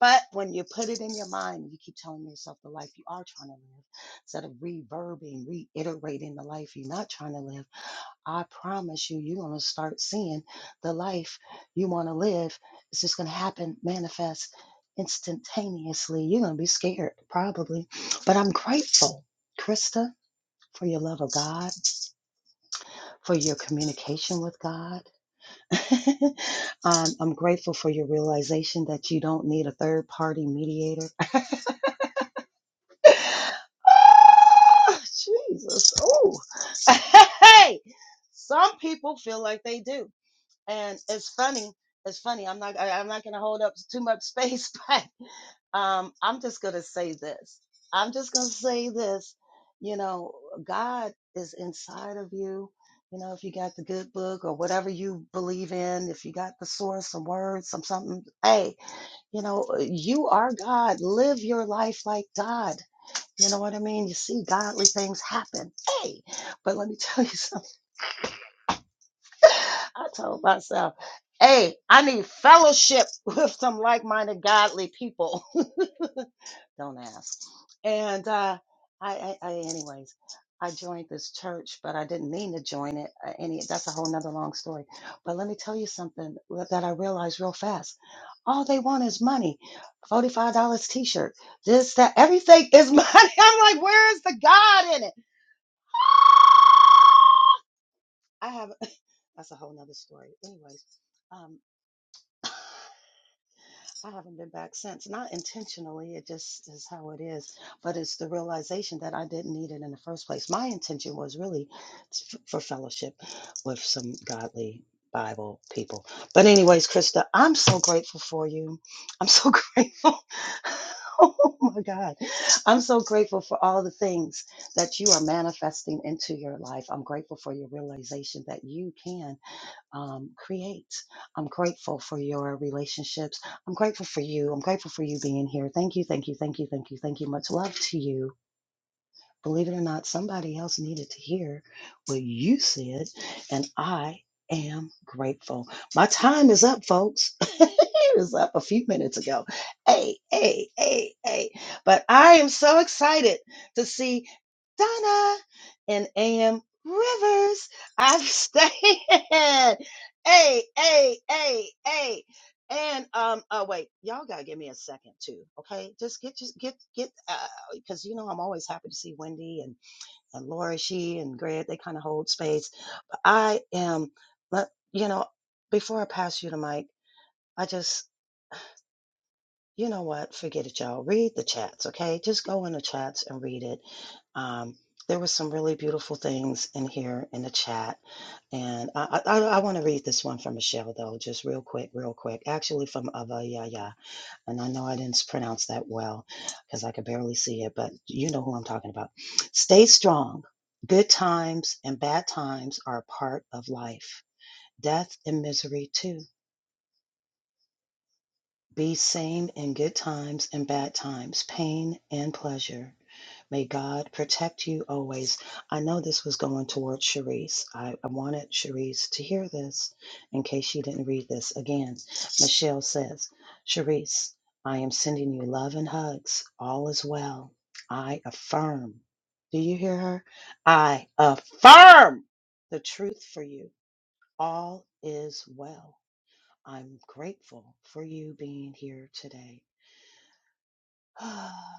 S15: But when you put it in your mind, you keep telling yourself the life you are trying to live instead of reverbing, reiterating the life you're not trying to live I promise you, you're going to start seeing the life you want to live. It's just going to happen, manifest instantaneously. You're going to be scared, probably. But I'm grateful, Krista, for your love of God, for your communication with God. [laughs] um, I'm grateful for your realization that you don't need a third party mediator. [laughs] Ah, Jesus. Oh, [laughs] hey. Some people feel like they do. and it's funny it's funny i'm not I, i'm not gonna hold up [laughs] too much space [laughs] but um i'm just gonna say this i'm just gonna say this you know god is inside of you you know if you got the good book or whatever you believe in if you got the source some words some something hey you know uh, you are god live your life like god you know what i mean you see godly things happen hey but let me tell you [laughs] something. I told myself, hey, I need fellowship [laughs] with some like-minded godly people. [laughs] Don't ask. And uh, I, I, I, anyways, I joined this church, but I didn't mean to join it. Uh, any, that's a whole nother long story. But let me tell you something that I realized real fast. All they want is money. Forty-five dollars T-shirt. This, that, everything is money. [laughs] I'm like, where is the God in it? I have. [laughs] That's a whole nother story. Anyways, um, Yes, I haven't been back since. Not intentionally, it just is how it is. But it's the realization that I didn't need it in the first place. My intention was really f- for fellowship with some godly Bible people. But, anyways, Krista, I'm so grateful for you. I'm so [laughs] grateful. Oh my God. I'm so grateful for all the things that you are manifesting into your life. I'm grateful for your realization that you can um, create. I'm grateful for your relationships. I'm grateful for you. I'm grateful for you being here. Thank you, thank you, thank you, thank you, thank you. Much love to you. Believe it or not, somebody else needed to hear what you said, and I am grateful. My time is up, folks. [laughs] it was up a few minutes ago. Hey, hey, hey, hey. But I am so excited to see Donna and AM Rivers. I'm staying. [laughs] Hey, hey, hey, hey. And um, oh wait, y'all gotta give me a second too, okay? Just get, just get, get. Uh, because you know I'm always happy to see Wendy and, and Laura, she and Greg, they kind of hold space. I am, but, you know, before I pass you the mic, I just, you know what, forget it, y'all. Read the chats, okay? Just go in the chats and read it. Um, there were some really beautiful things in here in the chat. And I, I, I want to read this one from Michelle, though, just real quick, real quick. Actually, from Avaya. And I know I didn't pronounce that well because I could barely see it, but you know who I'm talking about. Stay strong. Good times and bad times are a part of life, death and misery too. Be sane in good times and bad times, pain and pleasure. May God protect you always. I know this was going towards Sharice. I, I wanted Sharice to hear this in case she didn't read this. Again, Michelle says, Sharice, I am sending you love and hugs. All is well. I affirm. Do you hear her? I affirm the truth for you. All is well. I'm grateful for you being here today. [sighs]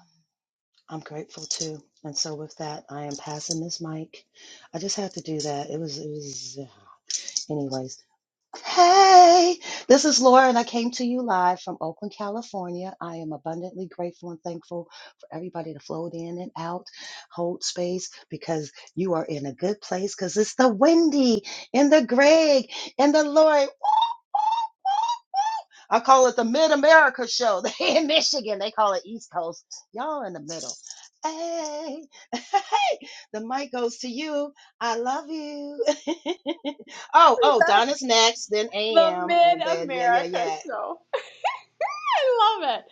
S15: I'm grateful too. And so with that, I am passing this mic. I just had to do that. It was, it was, [sighs] anyways. Hey, this is Laura, and I came to you live from Oakland, California. I am abundantly grateful and thankful for everybody to float in and out, hold space, because you are in a good place. Because it's the Wendy and the Greg and the Lori. I call it the Mid America Show. [laughs] They in Michigan, they call it East Coast. Y'all in the middle. Hey, [laughs] hey, the mic goes to you. I love you. [laughs] oh, oh, Donna's next, then
S23: The
S15: AM,
S23: Mid
S15: and then yeah, yeah,
S23: America
S15: yeah.
S23: Show. [laughs] I love it.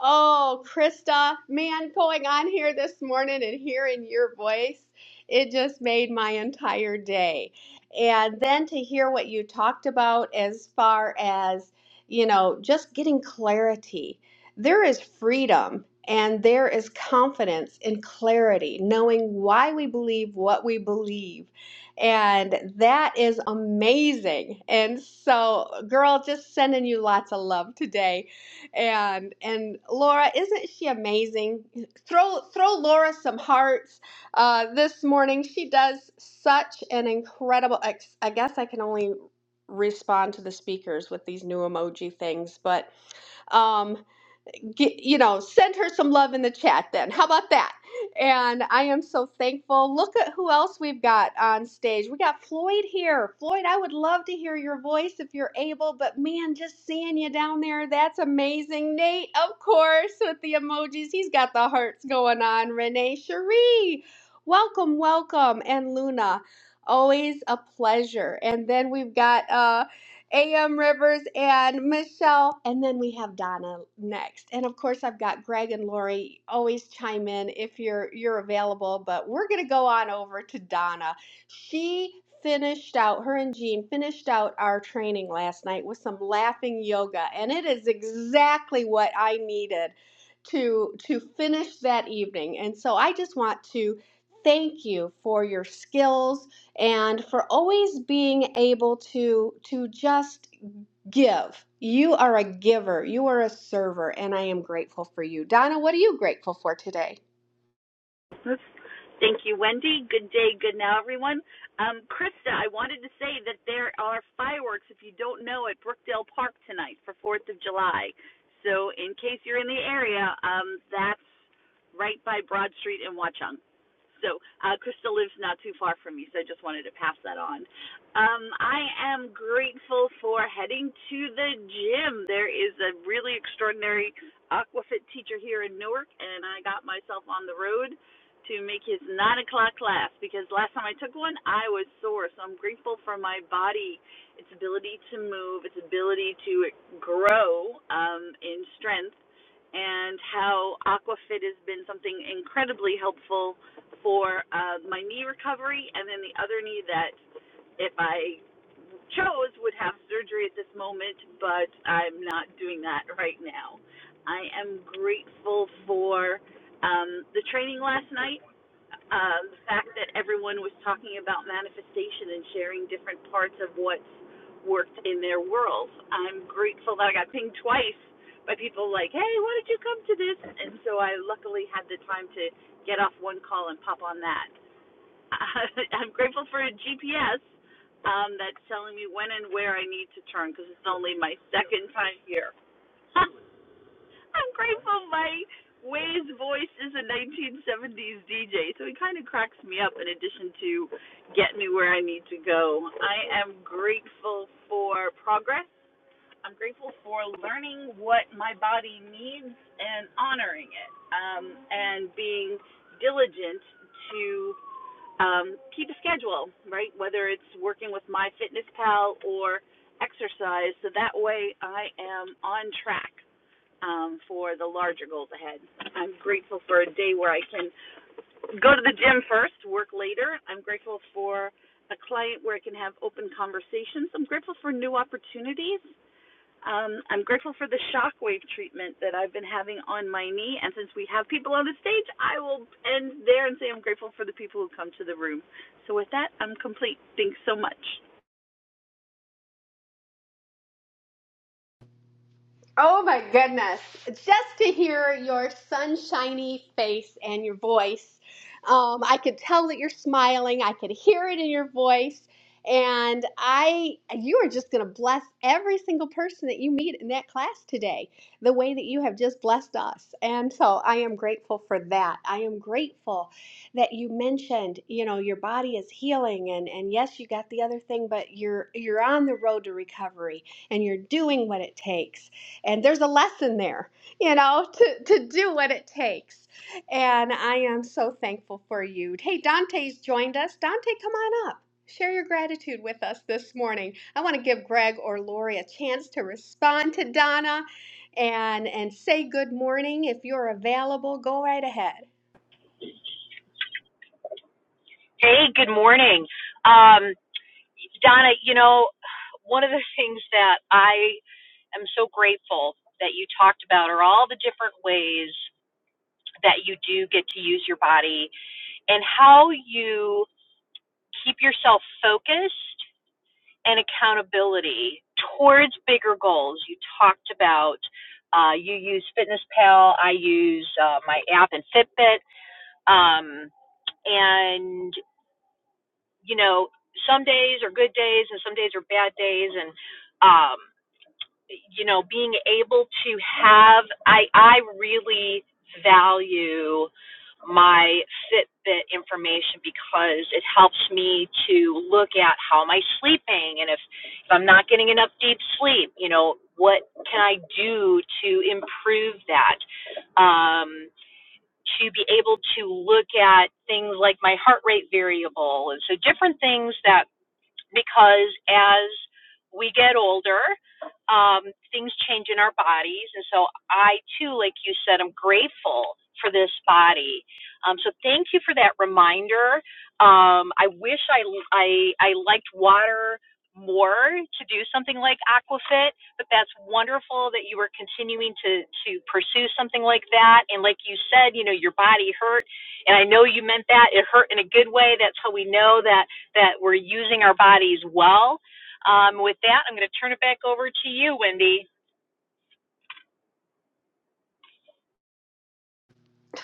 S23: Oh, Krista, man, going on here this morning and hearing your voice, it just made my entire day. And then to hear what you talked about as far as, you know, just getting clarity. There is freedom and there is confidence in clarity, knowing why we believe what we believe. And that is amazing. And so, girl, just sending you lots of love today and and Laura, isn't she amazing? Throw throw Laura some hearts uh, this morning. She does such an incredible. ex- I guess I can only respond to the speakers with these new emoji things, but. Um, get, you know, send her some love in the chat then. How about that? And I am so thankful. Look at who else we've got on stage. We got Floyd here. Floyd, I would love to hear your voice if you're able, but man, just seeing you down there, that's amazing. Nate, of course, with the emojis, he's got the hearts going on. Renee Cherie, welcome, welcome. And Luna, always a pleasure. And then we've got uh AM Rivers and Michelle. And then we have Donna next. And of course I've got Greg and Lori. Always chime in if you're you're available. But we're gonna go on over to Donna. She finished out her and Jean finished out our training last night with some laughing yoga. And it is exactly what I needed to to finish that evening. And so I just want to thank you for your skills and for always being able to to just give. You are a giver, you are a server, and I am grateful for you. Donna, what are you grateful for today?
S24: Oops. Thank you, Wendy. Good day, good now, everyone. Um, Krista, I wanted to say that there are fireworks, if you don't know, at Brookdale Park tonight for 4th of July. So, in case you're in the area, um, that's right by Broad Street in Watchung. So, uh, Krista lives not too far from me, so I just wanted to pass that on. Um, I am grateful for heading to the gym. There is a really extraordinary aquafit teacher here in Newark, and I got myself on the road to make his nine o'clock class because last time I took one, I was sore. So I'm grateful for my body, its ability to move, its ability to grow um, in strength, and how AquaFit has been something incredibly helpful for uh, my knee recovery and then the other knee that if I chose would have surgery at this moment, but I'm not doing that right now. I am grateful for um, the training last night, uh, the fact that everyone was talking about manifestation and sharing different parts of what's worked in their world. I'm grateful that I got pinged twice by people like, hey, why did you come to this? And so I luckily had the time to get off one call and pop on that. [laughs] I'm grateful for a GPS um, that's telling me when and where I need to turn because it's only my second time here. [laughs] I'm grateful my Way's voice is a 1970s DJ, so he kind of cracks me up in addition to getting me where I need to go. I am grateful for progress. I'm grateful for learning what my body needs and honoring it, um, and being diligent to um, keep a schedule, right? Whether it's working with MyFitnessPal or exercise, so that way I am on track um, for the larger goals ahead. I'm grateful for a day where I can go to the gym first, work later. I'm grateful for a client where I can have open conversations. I'm grateful for new opportunities. Um, I'm grateful for the shockwave treatment that I've been having on my knee. And since we have people on the stage, I will end there and say I'm grateful for the people who come to the room. So, with that, I'm complete. Thanks so much.
S23: Oh my goodness. Just to hear your sunshiny face and your voice. Um, I could tell that you're smiling. I could hear it in your voice. And I you are just going to bless every single person that you meet in that class today, the way that you have just blessed us. And so I am grateful for that. I am grateful that you mentioned, you know, your body is healing and and yes, you got the other thing, but you're you're on the road to recovery and you're doing what it takes and there's a lesson there you know to, to do what it takes and i am so thankful for you hey dante's joined us dante come on up share your gratitude with us this morning i want to give greg or lori a chance to respond to donna and and say good morning if you're available go right ahead
S25: Hey, good morning. Um, Donna, you know, one of the things that I am so grateful that you talked about are all the different ways that you do get to use your body and how you keep yourself focused and accountability towards bigger goals. You talked about uh, you use Fitness Pal, I use uh, my app and Fitbit. Um, and you know, some days are good days and some days are bad days and um you know, being able to have I I really value my Fitbit information because it helps me to look at how am I sleeping and if, if I'm not getting enough deep sleep, you know, what can I do to improve that? Um, to be able to look at things like my heart rate variable and so different things that because as we get older, um, things change in our bodies. And so I too, like you said, I'm grateful for this body. Um, so thank you for that reminder. Um, I wish I, I, I liked water more to do something like aquafit but that's wonderful that you were continuing to to pursue something like that and like you said you know your body hurt and i know you meant that it hurt in a good way that's how we know that that we're using our bodies well. Um, with that, I'm going to turn it back over to you, Wendy.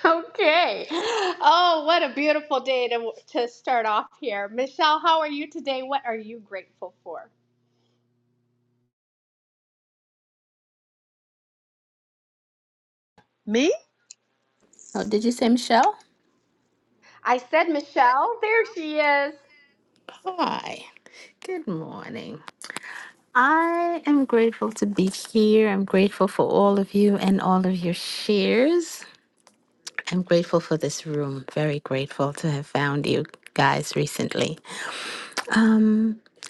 S23: okay oh what a beautiful day to, to start off here michelle how are you today what are you grateful for
S26: Me?
S21: Oh, did you say Michelle?
S23: I said Michelle. There she is.
S21: Hi. Good morning. I am grateful to be here. I'm grateful for all of you and all of your shares. I'm grateful for this room. Very grateful to have found you guys recently.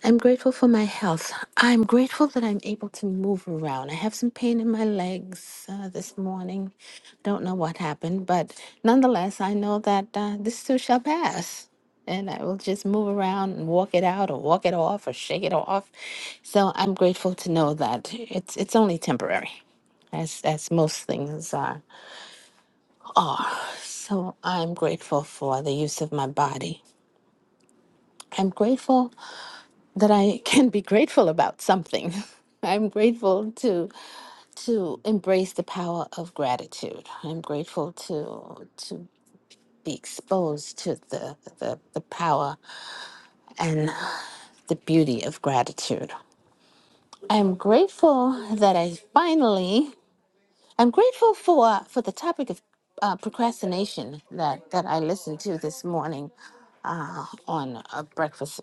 S21: I'm grateful for my health. I'm grateful that I'm able to move around. I have some pain in my legs uh, this morning. Don't know what happened, but nonetheless, I know that uh, this too shall pass. And I will just move around and walk it out or walk it off or shake it off. So I'm grateful to know that it's it's only temporary as as most things are. So I'm grateful for the use of my body. I'm grateful that I [laughs] can be grateful about something. [laughs] I'm grateful to to embrace the power of gratitude. I'm grateful to to be exposed to the the, the power and the beauty of gratitude. I'm grateful that I finally I'm grateful for for the topic of uh, procrastination that that I listened to this morning uh, on a breakfast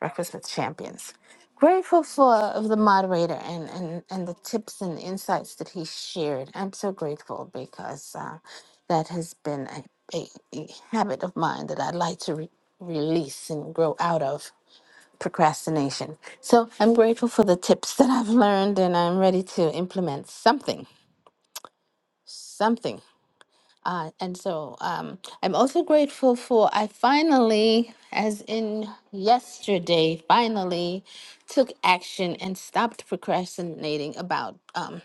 S21: Breakfast with Champions. Grateful for of the moderator and, and, and the tips and insights that he shared. I'm so grateful because uh, that has been a, a, a habit of mine that I'd like to re- release and grow out of procrastination. So I'm grateful for the tips that I've learned and I'm ready to implement something, something uh, and so um, I'm also grateful for, I finally, as in yesterday, finally took action and stopped procrastinating about um,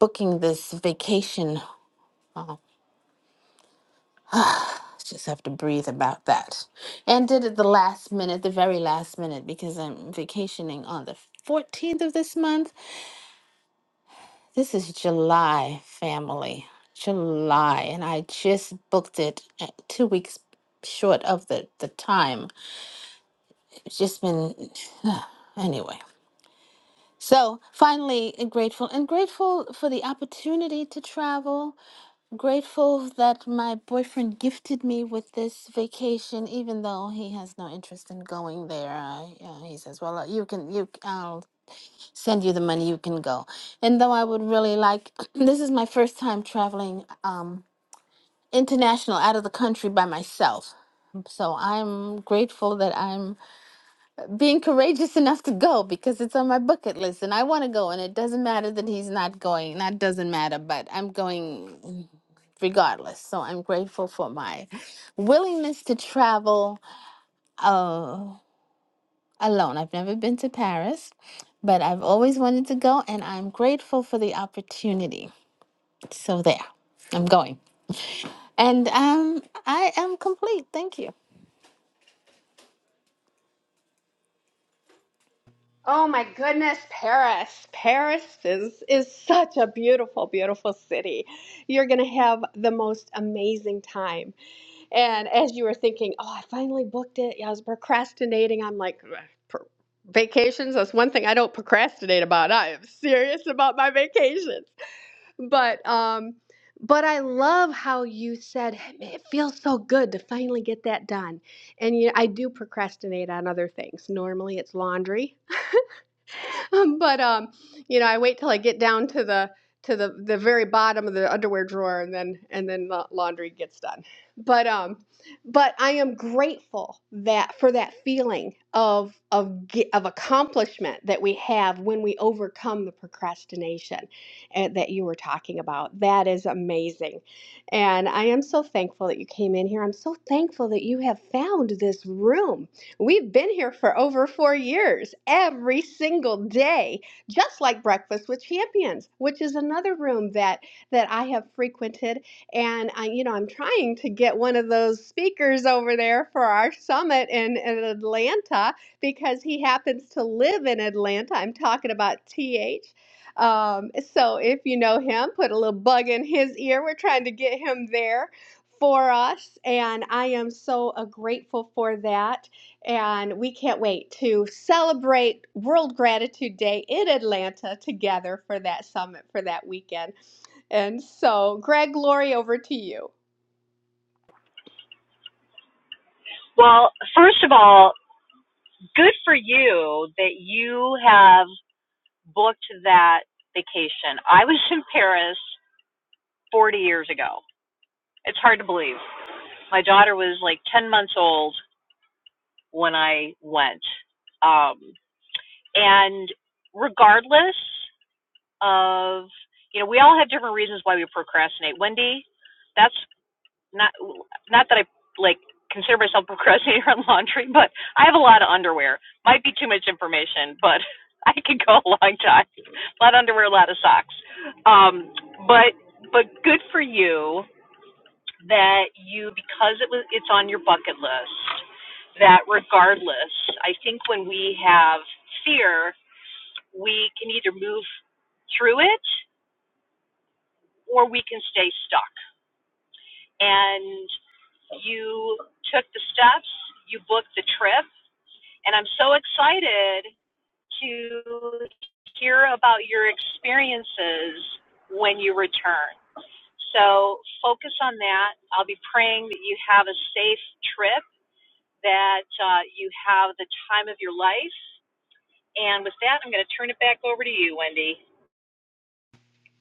S21: booking this vacation. Oh, I just have to breathe about that. And did it the last minute, the very last minute, because I'm vacationing on the 14th of this month This is July, family. July. And I just booked it at two weeks short of the, the time. It's just been, [sighs] anyway. So finally, uh, grateful and grateful for the opportunity to travel. Grateful that my boyfriend gifted me with this vacation, even though he has no interest in going there. I, uh, he says, "Well, uh, you can, you, c- I'll send you the money you can go and though i would really like [clears throat] this is my first time traveling um international out of the country by myself so i'm grateful that i'm being courageous [laughs] enough to go because it's on my bucket list and i want to go and it doesn't matter that he's not going that doesn't matter but i'm going regardless so i'm grateful for my willingness to travel uh, alone. I've never been to Paris, but I've always wanted to go, and I'm grateful for the opportunity. So there, I'm going, and um, I am complete. Thank you.
S23: Oh my goodness, Paris. Paris is is such a beautiful, beautiful city. You're going to have the most amazing time. And as you were thinking, "Oh, I finally booked it." Yeah, I was procrastinating. I'm like, "Ugh, pro- vacations, that's one thing I don't procrastinate about. I am serious about my vacations. But um but I love how you said it feels so good to finally get that done. And you know, I do procrastinate on other things. Normally it's laundry. [laughs] but um, you know, I wait till I get down to the to the the very bottom of the underwear drawer, and then and then the laundry gets done. But um, but I am grateful that for that feeling of of ge- of accomplishment that we have when we overcome the procrastination eh, that you were talking about. That is amazing. And I am so thankful that you came in here. I'm so thankful that you have found this room We've been here for over four years, every single day, just like Breakfast with Champions, which is another room that that I have frequented. And I, you know, I'm trying to get one of those speakers over there for our summit in, in Atlanta because he happens to live in Atlanta. I'm talking about TH. Um, so if you know him, put a little bug in his ear. We're trying to get him there for us, and I am so uh, grateful for that. And we can't wait to celebrate World Gratitude Day in Atlanta together for that summit for that weekend. And so, Greg, Lori, over to you.
S25: Well, first of all, good for you that you have booked that vacation. I was in Paris 40 years ago. It's hard to believe. My daughter was like 10 months old when I went. Um, and regardless of, you know, we all have different reasons why we procrastinate. Wendy, that's not not that I like consider myself [laughs] a procrastinator on laundry, but I have a lot of underwear. Might be too much information, but [laughs] I could go a long time. A lot of underwear, a lot of socks. Um, but but good for you that you because it was it's on your bucket list. That regardless, I think when we have fear, we can either move through it or we can stay stuck. and. You took the steps, you booked the trip, and I'm so excited to hear about your experiences when you return. So focus on that. I'll be praying that you have a safe trip, that uh, you have the time of your life. And with that, I'm going to turn it back over to you, Wendy.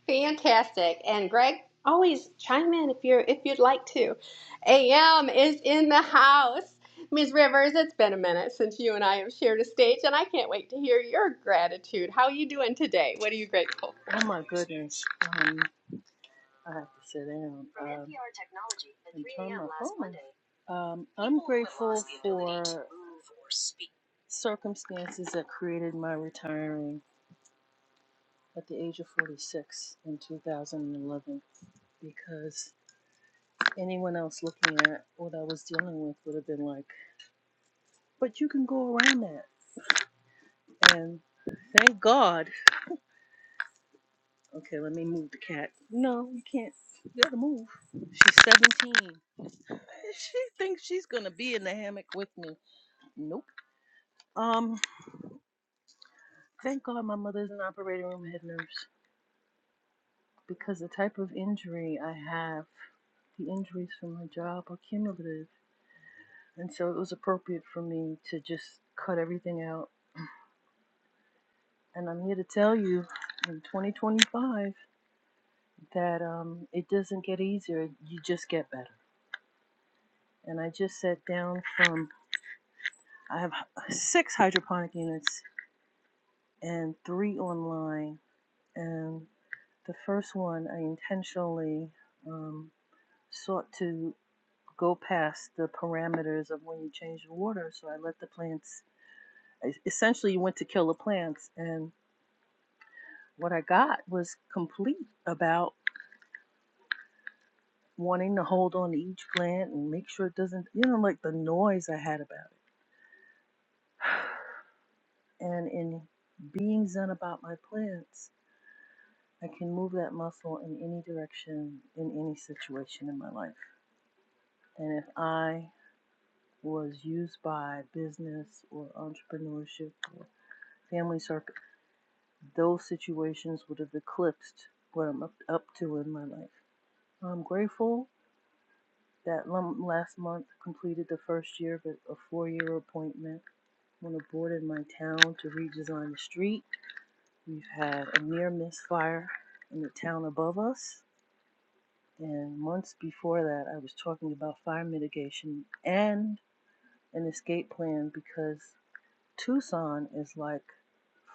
S23: Fantastic. And Greg, always chime in if you're if you'd like to. AM is in the house. Ms. Rivers, it's been a minute since you and I have shared a stage, and I can't wait to hear your gratitude. How are you doing today? What are you grateful
S26: Oh
S23: for?
S26: my goodness. Um, I have to sit down. Um, and turn my phone Um, I'm grateful for circumstances that created my retiring at the age of 46 in 2011 because anyone else looking at what I was dealing with would have been like, but you can go around that. And thank God Okay, let me move the cat. No, you can't. You gotta move. She's 17. [laughs] She thinks she's gonna be in the hammock with me. Nope. Um, thank God my mother's an operating room head nurse because the type of injury I have, the injuries from my job are cumulative. And so it was appropriate for me to just cut everything out. And I'm here to tell you in 2025 that um, it doesn't get easier, you just get better. And I just sat down from I have six hydroponic units and three online. And the first one, I intentionally um, sought to go past the parameters of when you change the water. So I let the plants, I essentially went to kill the plants. And what I got was complete about wanting to hold on to each plant and make sure it doesn't, you know, like the noise I had about it. [sighs] And in being zen about my plants, I can move that muscle in any direction, in any situation in my life. And if I was used by business or entrepreneurship or family circle, those situations would have eclipsed what I'm up, up to in my life. I'm grateful that last month completed the first year of a four-year appointment on a board in my town to redesign the street. We've had a near misfire in the town above us And months before that, I was talking about fire mitigation and an escape plan because Tucson is like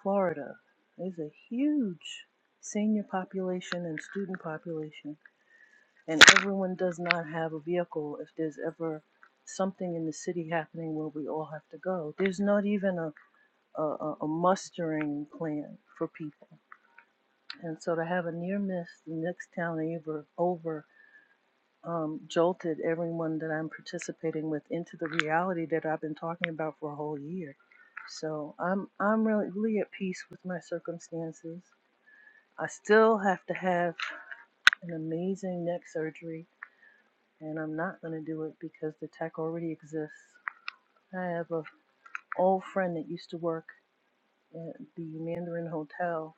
S26: Florida. There's a huge senior population and student population, and everyone does not have a vehicle if there's ever something in the city happening where we all have to go. There's not even a, a, a a mustering plan for people. And so to have a near miss, the next town over, over um, jolted everyone that I'm participating with into the reality that I've been talking about for a whole year. So I'm I'm really, really at peace with my circumstances. I still have to have an amazing neck surgery, and I'm not going to do it because the tech already exists. I have a old friend that used to work at the Mandarin Hotel,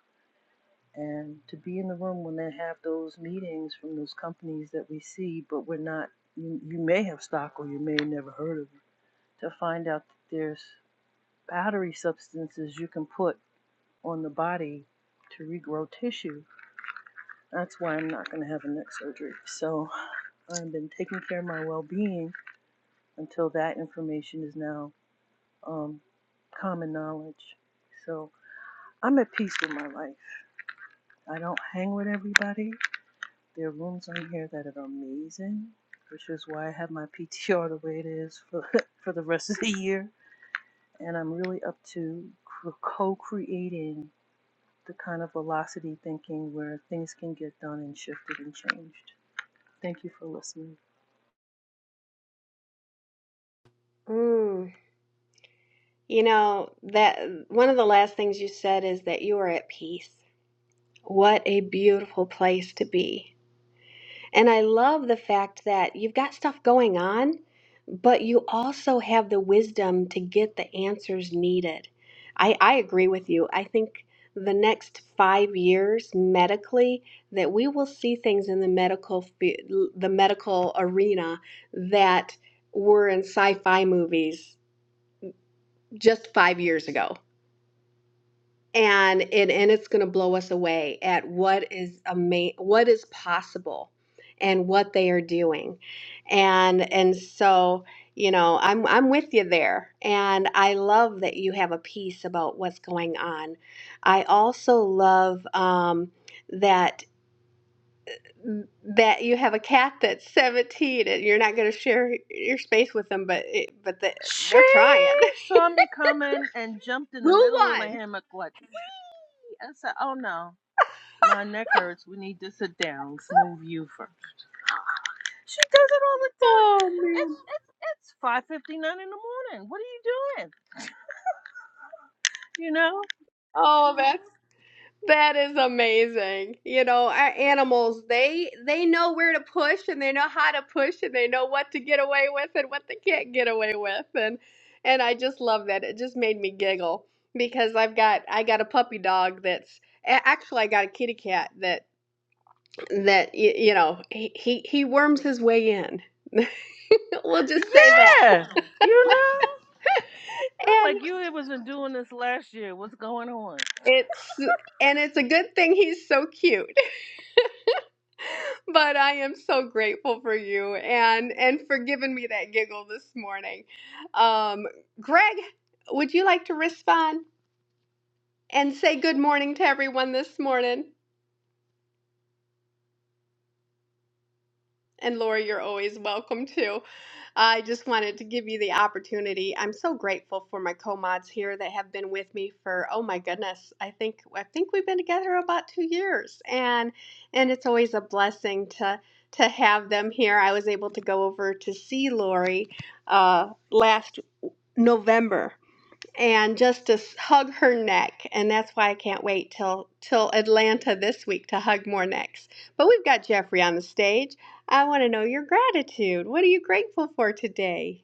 S26: and to be in the room when they have those meetings from those companies that we see, but we're not. You, you may have stock, or you may have never heard of. to find out that there's powdery substances you can put on the body to regrow tissue. That's why I'm not going to have a neck surgery. So I've been taking care of my well being until that information is now um, common knowledge. So I'm at peace with my life. I don't hang with everybody. There are rooms on here that are amazing, which is why I have my PTR the way it is for, [laughs] for the rest of the year and I'm really up to cr- co-creating the kind of velocity thinking where things can get done and shifted and changed. Thank you for listening.
S23: Mm. You know, that one of the last things you said is that you are at peace. What a beautiful place to be. And I love the fact that you've got stuff going on, but you also have the wisdom to get the answers needed. I, I agree with you. I think the next five years medically that we will see things in the medical fe- the medical arena that were in sci-fi movies just five years ago and and, and it's going to blow us away at what is ama- what is possible and what they are doing and and so you know i'm i'm with you there and i love that you have a piece about what's going on i also love um, that that you have a cat that's 17 and you're not going to share your space with them but it, but the,
S26: She
S23: they're trying
S26: saw me coming and jumped
S23: [laughs]
S26: in
S23: who
S26: the middle of the
S23: won
S26: hammock like, wee! I said, oh no, my neck hurts. We need to sit down. Let's move you first. She does it all the time.
S23: oh
S26: It's
S23: man
S26: it's it's 5:59 in the morning. What are you doing? You know?
S23: oh that's That is amazing. You know, our animals, they they know where to push and they know how to push and they know what to get away with and what they can't get away with. And and I just love that. It just made me giggle because I've got I got a puppy dog that's a- actually I got a kitty cat that that y- you know, he he, he worms his way in. [laughs] we'll just say that.
S26: Yeah. You know? I'm
S23: And
S26: like, you wasn't doing this last year. What's going on?
S23: it's and it's a good thing he's so cute But I am so grateful for you and and for giving me that giggle this morning. Um, Greg, would you like to respond and say good morning to everyone this morning? And Laura, you're always welcome too. I just wanted to give you the opportunity. I'm so grateful for my co-mods here that have been with me for oh my goodness, I think I think we've been together about two years, and and it's always a blessing to to have them here. I was able to go over to see Lori uh, last November and just to hug her neck. And that's why I can't wait till till Atlanta this week to hug more necks. But we've got Jeffrey on the stage. I want to know your gratitude. What are you grateful for today?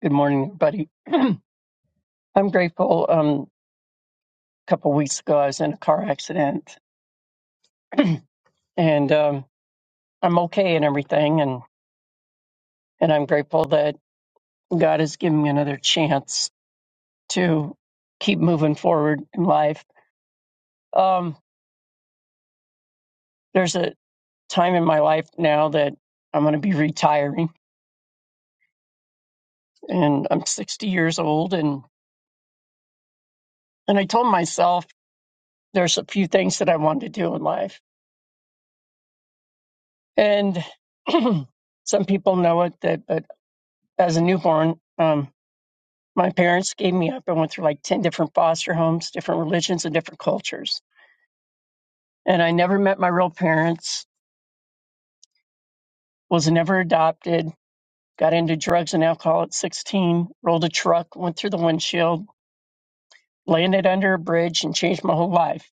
S27: Good morning, everybody. [clears throat] I'm grateful. Um, a couple weeks ago, I was in a car accident, and um, I'm okay and everything. And and I'm grateful that God has given me another chance to keep moving forward in life. Um, there's a time in my life now that I'm going to be retiring, and I'm 60 years old. And and I told myself there's a few things that I want to do in life, and [clears throat] some people know it that, but as a newborn. Um, my parents gave me up. I went through like 10 different foster homes, different religions, and different cultures. And I never met my real parents, was never adopted, got into drugs and alcohol at 16, rolled a truck, went through the windshield, landed under a bridge, and changed my whole life.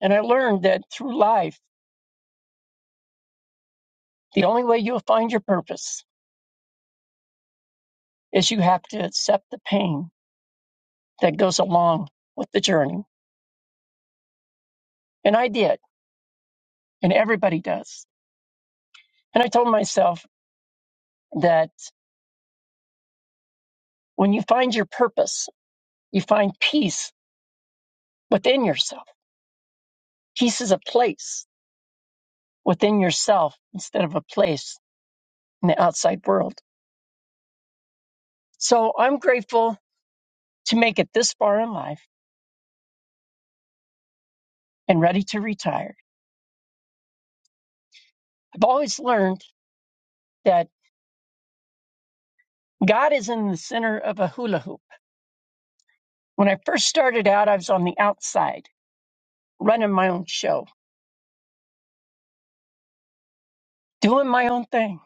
S27: And I learned that through life, the only way you'll find your purpose is you have to accept the pain that goes along with the journey. And I did, and everybody does. And I told myself that when you find your purpose, You find peace within yourself. Peace is a place within yourself instead of a place in the outside world. So I'm grateful to make it this far in life and ready to retire. I've always learned that God is in the center of a hula hoop. When I first started out, I was on the outside, running my own show, doing my own thing.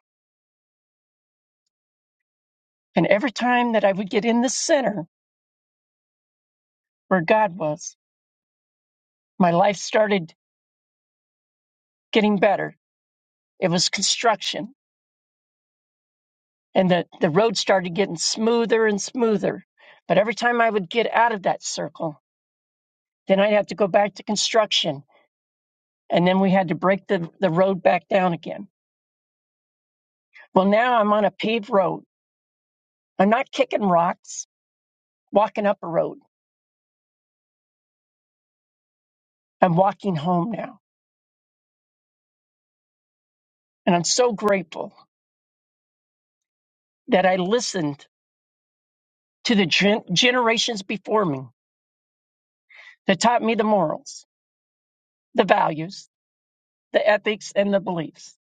S27: And every time that I would get in the center where God was, my life started getting better. It was construction and the, the road started getting smoother and smoother. But every time I would get out of that circle, then I'd have to go back to construction. And then we had to break the, the road back down again. Well, now I'm on a paved road. I'm not kicking rocks, walking up a road. I'm walking home now. And I'm so grateful that I listened to the gen- generations before me that taught me the morals, the values, the ethics, and the beliefs.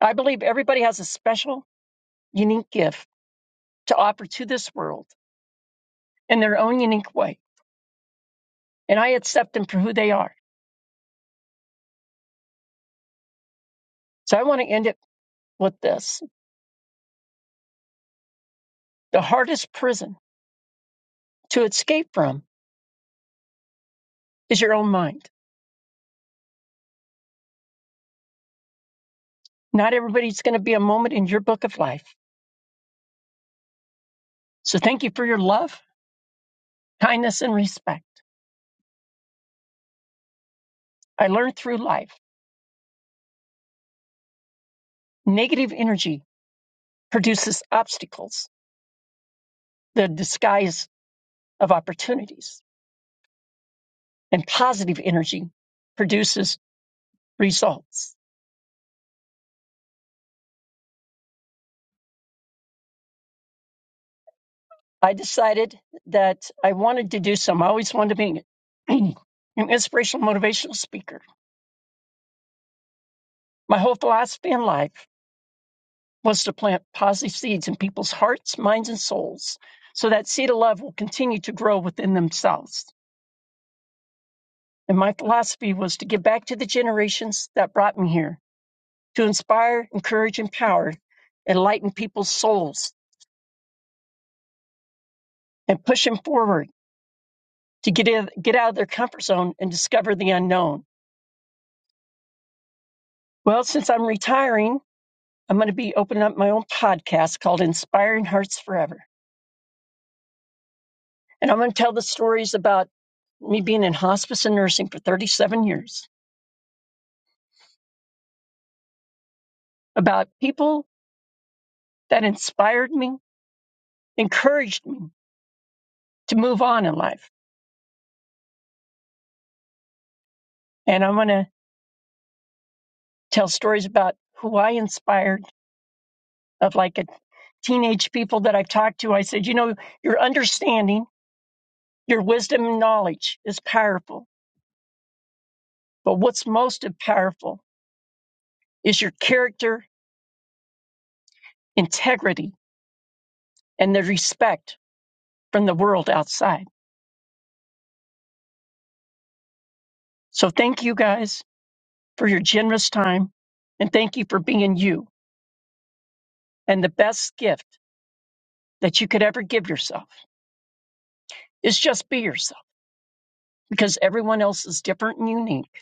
S27: I believe everybody has a special, unique gift to offer to this world in their own unique way. And I accept them for who they are. So I want to end it with this. The hardest prison to escape from is your own mind. Not everybody's going to be a moment in your book of life. So thank you for your love, kindness, and respect. I learned through life negative energy produces obstacles, the disguise of opportunities, and positive energy produces results. I decided that I wanted to do some. I always wanted to be an [clears throat] an inspirational, motivational speaker. My whole philosophy in life was to plant positive seeds in people's hearts, minds, and souls so that seed of love will continue to grow within themselves. And my philosophy was to give back to the generations that brought me here, to inspire, encourage, empower, enlighten people's souls, and push them forward to get, in, get out of their comfort zone and discover the unknown. Well, since I'm retiring, I'm going to be opening up my own podcast called Inspiring Hearts Forever. And I'm going to tell the stories about me being in hospice and nursing for 37 years, about people that inspired me, encouraged me to move on in life. And I'm going to tell stories about who I inspired of like a teenage people that I've talked to. I said, you know, your understanding, your wisdom and knowledge is powerful, but what's most powerful is your character, integrity, and the respect from the world outside. So thank you guys for your generous time and thank you for being you. And the best gift that you could ever give yourself is just be yourself because everyone else is different and unique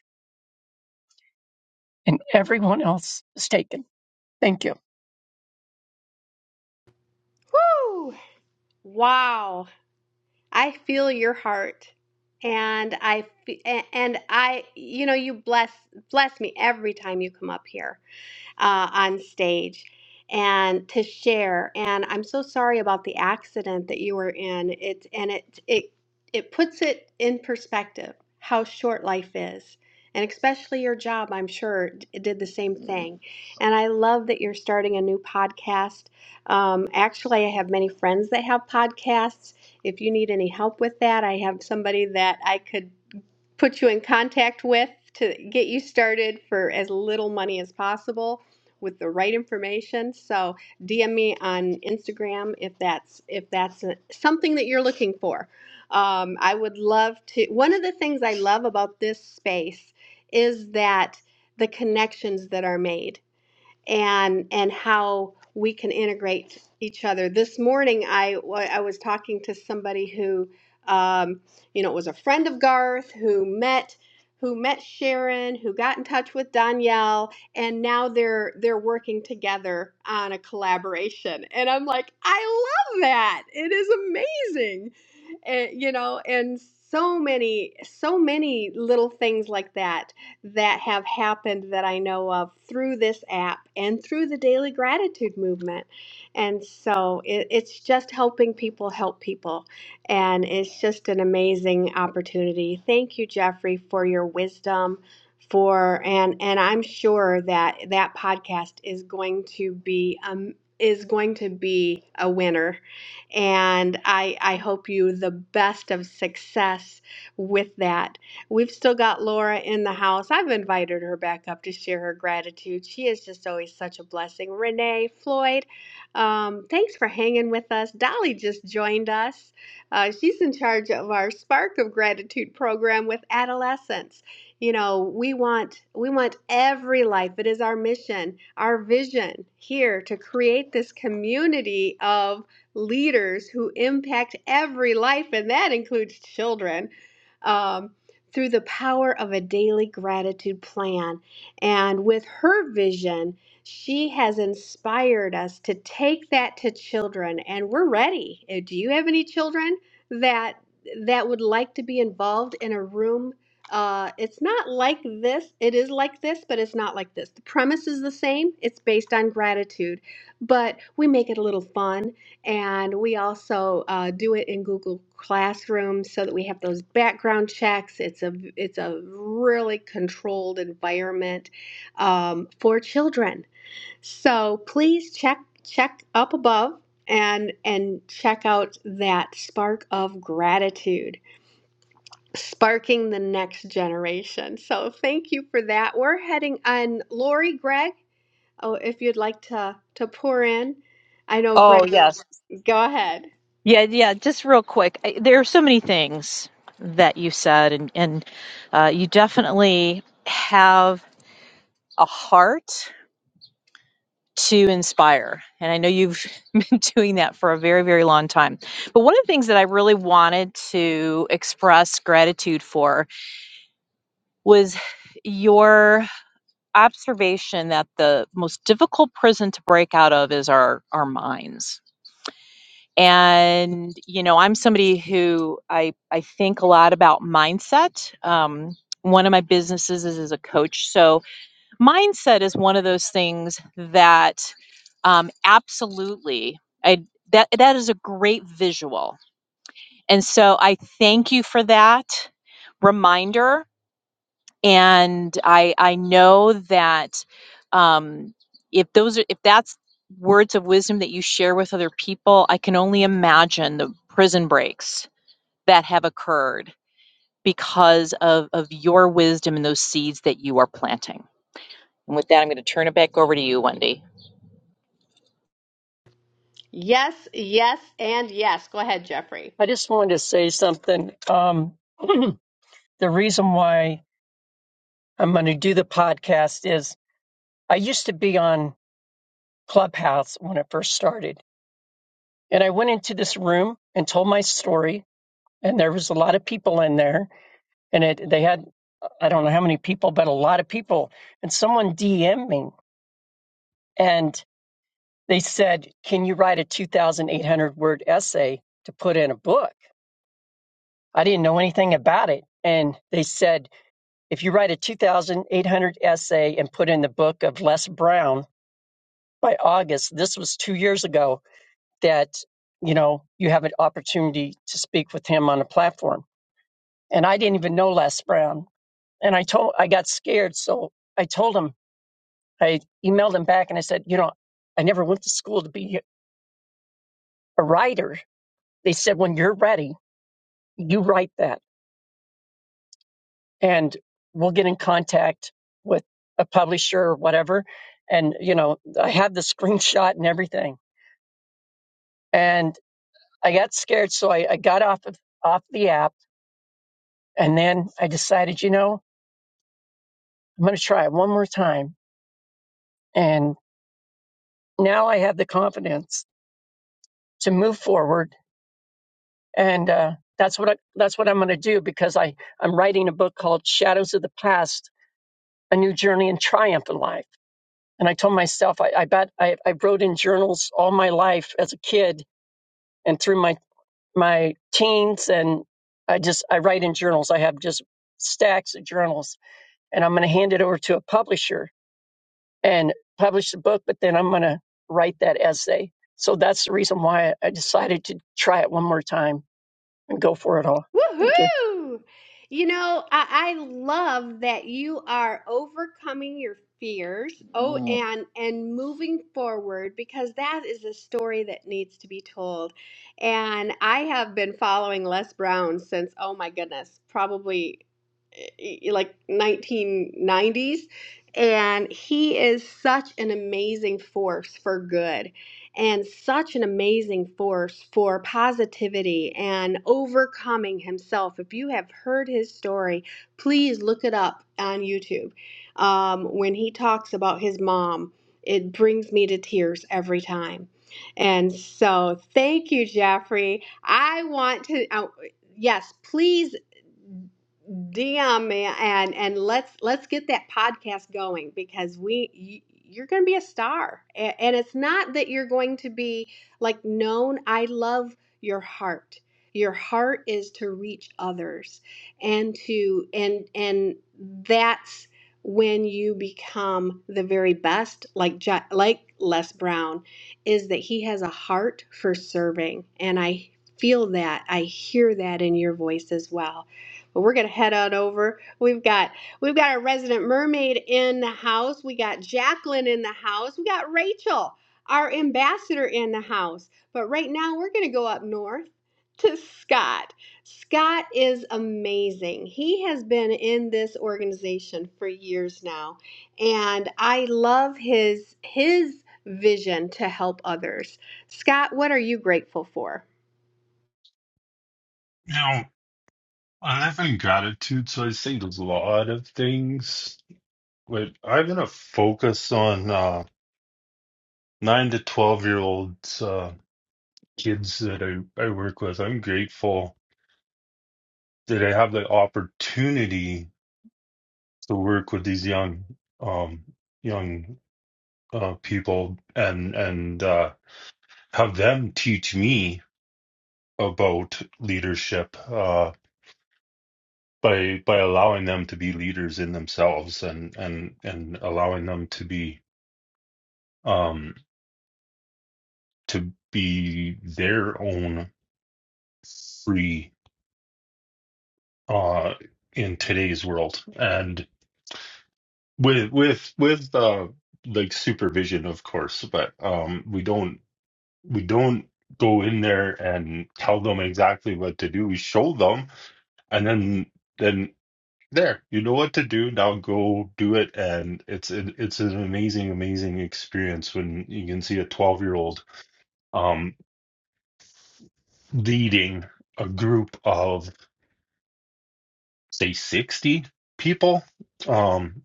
S27: and everyone else is taken. Thank you.
S23: Woo! Wow. I feel your heart. And I fe- a- and I you know you bless bless me every time you come up here uh, on stage and to share. And I'm so sorry about the accident that you were in. It's and it it it puts it in perspective how short life is. And especially your job, I'm sure, d- did the same thing. And I love that you're starting a new podcast. Um, actually, I have many friends that have podcasts. If you need any help with that, I have somebody that I could put you in contact with to get you started for as little money as possible with the right information. So DM me on Instagram if that's if that's a- something that you're looking for. Um, I would love to. One of the things I love about this space is that the connections that are made and and how we can integrate each other. This morning, I w- I was talking to somebody who, um, you know, was a friend of Garth who met who met Sharon, who got in touch with Danielle, and now they're they're working together on a collaboration. And I'm like, I love that. It is amazing, and, you know, and so many so many little things like that that have happened that I know of through this app and through the daily gratitude movement. And so it, it's just helping people help people. And it's just an amazing opportunity. Thank you, Jeffrey, for your wisdom for and and I'm sure that that podcast is going to be um is going to be a winner and I I hope you the best of success with that We've still got Laura in the house. I've invited her back up to share her gratitude. She is just always such a blessing. Renee, Floyd, um, thanks for hanging with us. Dolly just joined us. Uh, she's in charge of our Spark of Gratitude program with adolescents. You know, we want we want every life. It is our mission, our vision here to create this community of leaders who impact every life, and that includes children. Um, through the power of a daily gratitude plan. And with her vision, she has inspired us to take that to children and we're ready. Uh, Do you have any children that that would like to be involved in a room uh, it's not like this. It is like this, but it's not like this. The premise is the same. It's based on gratitude, but we make it a little fun and we also uh, do it in Google Classroom so that we have those background checks. It's a it's a really controlled environment um, for children. So please check check up above and and check out that spark of gratitude sparking the next generation so thank you for that we're heading on lori greg oh if you'd like to to pour in i know
S25: Oh,
S23: greg
S25: yes.
S23: go ahead
S25: Yeah, yeah, just real quick. I- There are so many things that you said, and, and uh, you definitely have a heart to inspire. And I know you've [laughs] been doing that for a very, very long time. But one of the things that I really wanted to express gratitude for was your observation that the most difficult prison to break out of is our, our minds and you know i'm somebody who i i think a lot about mindset um one of my businesses is as a coach so mindset is one of those things that um absolutely i that will and that remember and know that um if those are if that's it's of wisdom that people watch and the prison breaks that heard because of of your wisdom and those seeds that you are planting and with that i'm going to turn it back over to you wendy
S23: Yes, yes, and yes. Go ahead, Jeffrey.
S27: I just wanted to say something. Um, [clears throat] the reason why I'm going to do the podcast is I used to be on Clubhouse when I first started and I went into this room and told my story and there was a lot of people in there and it they had I don't know how many people, but a lot of people. And someone DM'd me and they said, "Can you write a 2,800 word essay to put in a book?" I didn't know anything about it, and they said, "If you write a 2,800 essay and put in the book of Les Brown by August, this was two years ago, that you know you have an opportunity to speak with him on a platform." And I didn't even know Les Brown, and I told I got scared, so I told him I emailed them back and I said, you know, I never went to school to be a writer. They said, when you're ready, you write that and we'll get in contact with a publisher or whatever. And, you know, I had the screenshot and everything. And I got scared. So I, I got off of, off the app and then I decided, you know, I'm going to try it one more time. And now I have the confidence to move forward and uh, that's what I, that's what I'm going to do because I I'm writing a book called Shadows of the Past: A New Journey and Triumph in Life. And I told myself I, I bet I, I wrote in journals all my life as a kid and through my my teens, and I just I write in journals. I have just stacks of journals, and I'm going to hand it over to a publisher and publish the book. But then I'm going to write that essay. So that's the reason why I decided to try it one more time and go for it all. Thank you.
S23: Woohoo! You know, I, I love that you are overcoming your fears. Oh, Mm. and and moving forward because that is a story that needs to be told. And I have been following Les Brown since oh my goodness, probably eh, like 1990s and he is such an amazing force for good and such an amazing force for positivity and overcoming himself. If you have heard his story, please look it up on YouTube. Um, when he talks about his mom, it brings me to tears every time. And so, thank you, Jeffrey. I want to, uh, yes, please DM me and and let's let's get that podcast going because we you, you're going to be a star. A- And it's not that you're going to be like known. I love your heart. Your heart is to reach others and to and and that's when you become the very best like Ja, like Les Brown is that he has a heart for serving and I feel that. I hear that in your voice as well. But we're gonna head on over. We've got we've got our resident mermaid in the house. We got Jacqueline in the house. We got Rachel, our ambassador in the house. But right now we're gonna go up north to Scott. Scott is amazing. He has been in this organization for years now, and I love his his vision to help others. Scott, what are you grateful for?
S28: You know, I live in gratitude, so I say a lot of things. But I'm gonna focus on uh, nine to twelve year olds, uh, kids that I, I work with. I'm grateful that I have the opportunity to work with these young, um, young uh, people and and uh, have them teach me about leadership. Uh, by by allowing them to be leaders in themselves and and and allowing them to be um, to be their own free uh, in today's world, and with with with uh, like supervision, of course. But um, we don't we don't go in there and tell them exactly what to do. We show them, and then then there, you know what to do. Now go do it, and it's an, it's an amazing amazing experience when you can see a twelve year old um, leading a group of say 60 people um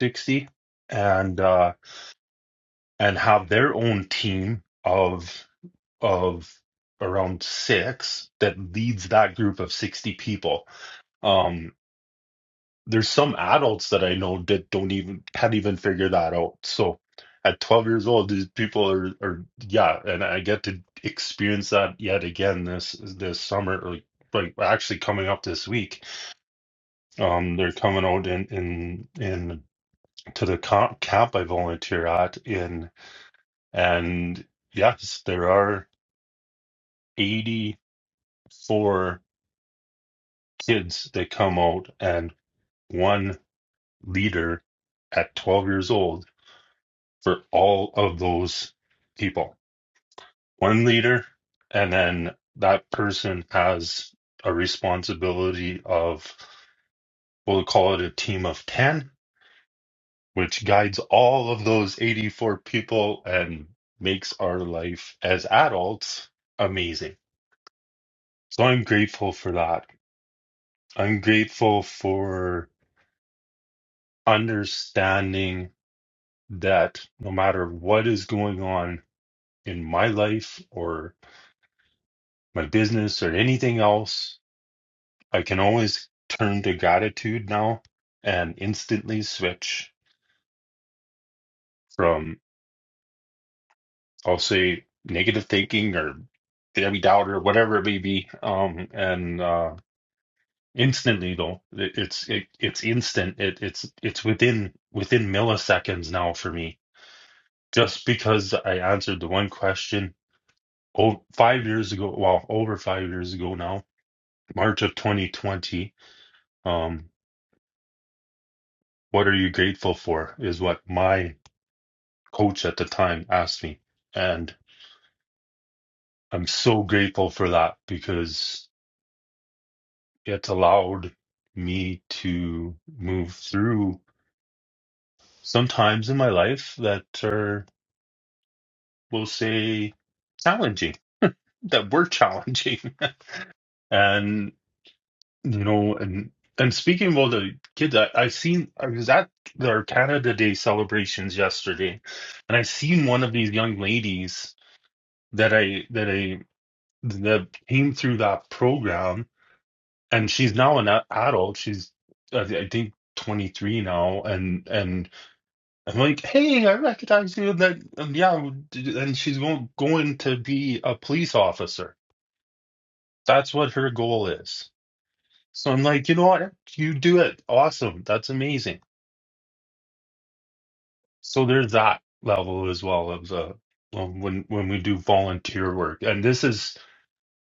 S28: 60 and uh and have their own team of of around six that leads that group of 60 people um there's some adults that i know that don't even can't even figure that out so at 12 years old these people are are yeah and i get to experience that yet again this this summer like like actually coming up this week um they're coming out in in in to the comp camp I volunteer at in, and yes, there are 84 kids that come out and one leader at 12 years old for all of those people. One leader, and then that person has a responsibility of, we'll call it a team of 10 which guides all of those 84 people and makes our life as adults amazing. So I'm grateful for that. I'm grateful for understanding that no matter what is going on in my life or my business or anything else, I can always turn to gratitude now and instantly switch from I'll say negative thinking or every doubt or whatever it may be. Um, and uh, instant needle, it, it's it, it's instant. It, it's it's within within milliseconds now for me. Just because I answered the one question oh, five years ago, well, over five years ago now, March of 2020. Um, what are you grateful for? Is what my coach at the time asked me, and I'm so grateful for that because. it's allowed me to move through some times in my life that are, we'll say, challenging, that were challenging. [laughs] and, you know, and, and speaking about the kids, I, I seen, I was at their Canada Day celebrations yesterday, and I seen one of these young ladies that I, that I, that came through that program, and she's now an a- adult. She's, I I think, 23 now, and, and, I'm like, hey, I recognize you. And then, and yeah, and she's going going to be a police officer. That's what her goal is. So I'm like, you know what? You do it. Awesome. That's amazing. So there's that level as well of uh, um, when when we do volunteer work, and this is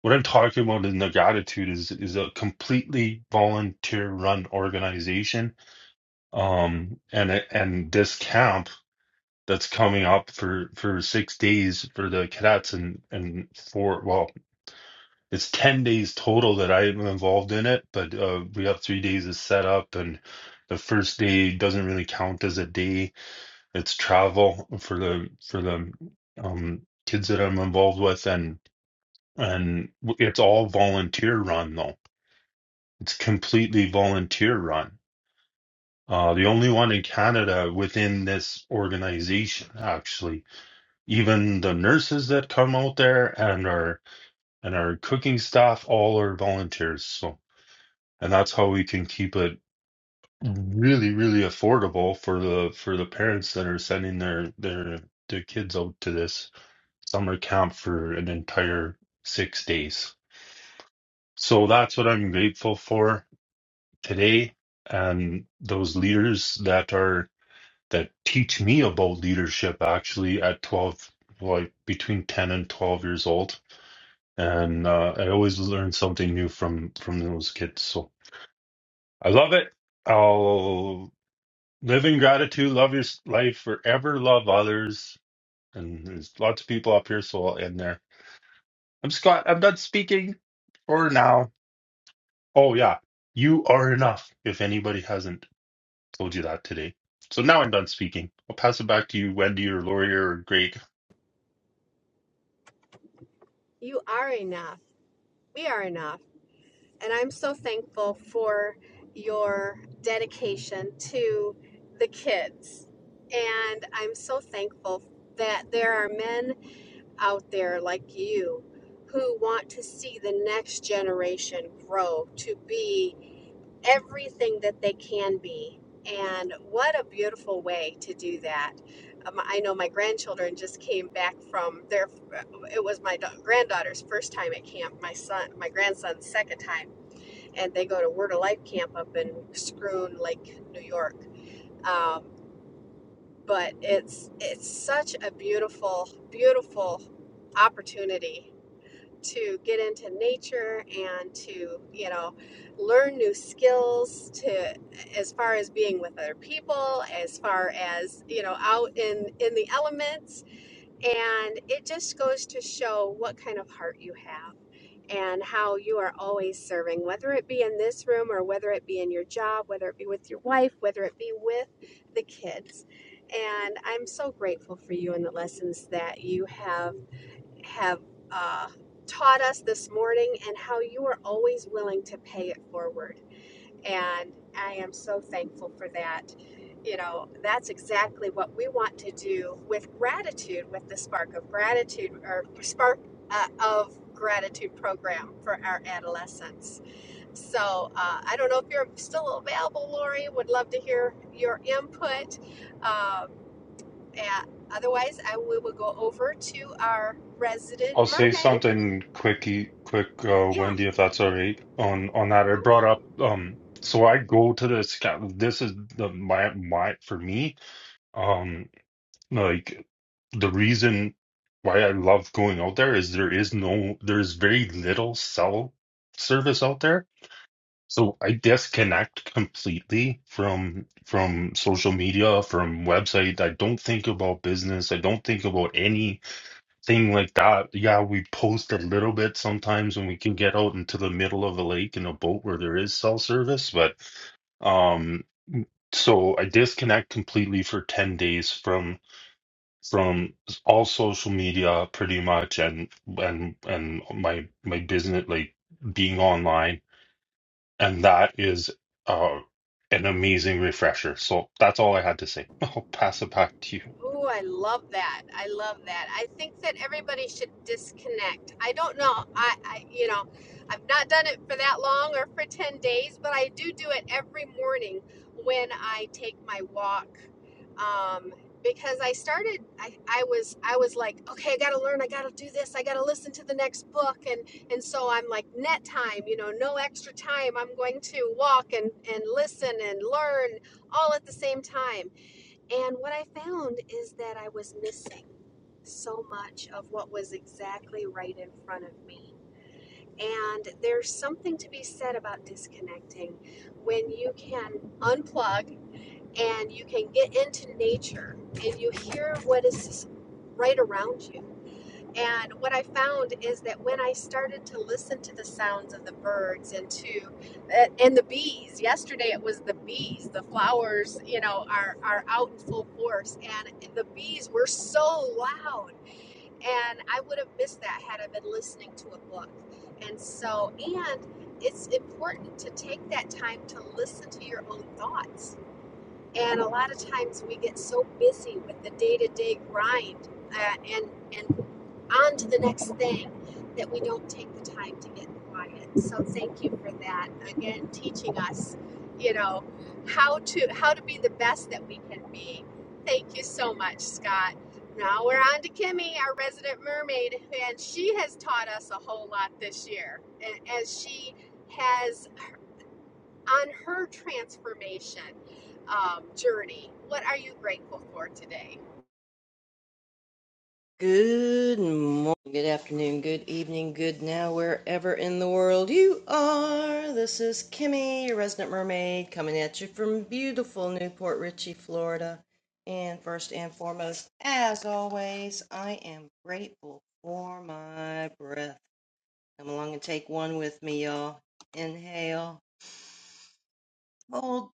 S28: what I'm talking about in the gratitude is is a completely volunteer run organization. Um, and it- and this camp that's coming up for for six days for the cadets and and four well it's 10 days total that i'm involved in it but uh we have three days of setup and the first day doesn't really count as a day it's travel for the for the um kids that i'm involved with and and it's all volunteer run though it's completely volunteer run uh the only one in canada within this organization actually Even the nurses that come out there and our and our cooking staff all are volunteers. So and that's how we can keep it really, really affordable for the for the parents that are sending their their their kids out to this summer camp for an entire six days. So that's what I'm grateful for today and those leaders that are that teach me about leadership actually at 12 like between 10 and 12 years old and uh, I always learn something new from from those kids. So I love it. I'll live in gratitude, love your s- life forever, love others, and there's lots of people up here, so I'll end there. I'm Scott. I'm done speaking for now. Oh yeah, you are enough. If anybody hasn't told you that today, so now I'm done speaking. I'll pass it back to you, Wendy or Lori or Greg.
S23: You are enough. We are enough. And I'm so thankful for your dedication to the kids. And I'm so thankful that there are men out there like you who want to see the next generation grow to be everything that they can be. And what a beautiful way to do that. Um, I know my grandchildren just came back from their, it was my da- granddaughter's first time at camp, my son, my grandson's second time and they go to Word of Life camp up in Scroon Lake, New York. Um, but it's it's such a beautiful, beautiful opportunity to get into nature and to you know learn new skills to as far as being with other people as far as you know out in in the elements and it just goes to show what kind of heart you have and how you are always serving, whether it be in this room or whether it be in your job, whether it be with your wife, whether it be with the kids. And I'm so grateful for you and the lessons that you have have uh, taught us this morning, and how you are always willing to pay it forward. And I am so thankful for that. You know, that's exactly what we want to do with gratitude, with the Spark of Gratitude or Spark uh, of Gratitude program for our adolescents. So uh, I don't know if you're still available, Lori. Would love to hear your input. Um, and otherwise, I we will go over to our
S28: I'll
S23: resident
S28: say
S23: mermaid.
S28: something quicky, quick, uh,
S23: Yeah.
S28: Wendy, if that's all right. On on that, I
S23: Okay.
S28: brought up. Um, so I go to this. ca- This is the my my for me. Um, like the reason why I love going out there is there is no there's very little cell service out there. So I disconnect completely from from social media, from website. I don't think about business. I don't think about any thing like that. Yeah, we post a little bit sometimes when we can get out into the middle of a lake in a boat where there is cell service, but um so I disconnect completely for 10 days from from all social media pretty much and and and my my business like being online and that is uh an amazing refresher. So that's all I had to say. [laughs] I'll pass it back to you.
S23: Oh, I love that. I love that. I think that everybody should disconnect. I don't know. I, I, you know, I've not done it for that long or for 10 days, but I do do it every morning when I take my walk. Um, because I started, I, I was, I was like, okay, I got to learn. I got to do this. I got to listen to the next book. And, and so I'm like net time, you know, no extra time. I'm going to walk and, and listen and learn all at the same time and what I found is that I was missing so much of what was exactly right in front of me. And there's something to be said about disconnecting when you can unplug and you can get into nature and you hear what is right around you. And what I found is that when I started to listen to the sounds of the birds and to uh, and the bees, yesterday it was the bees. The flowers, you know, are are out in full force, and the bees were so loud. And I would have missed that had I been listening to a book. And so, and it's important to take that time to listen to your own thoughts and a lot of times we get so busy with the day to day grind uh, and, and on to the next thing that we don't take the time to get quiet. So thank you for that. Again, teaching us, you know, how to how to be the best that we can be. Thank you so much, Scott. Now we're on to Kimmy, our resident mermaid, and she has taught us a whole lot this year. And as she has on her transformation um, journey. What are you grateful for today?
S29: Good morning, good afternoon, good evening, good now, wherever in the world you are. This is Kimmy, your resident mermaid, coming at you from beautiful Newport Richey, Florida. And first and foremost, as always, I am grateful for my breath. Come along and take one with me, y'all. Inhale, hold,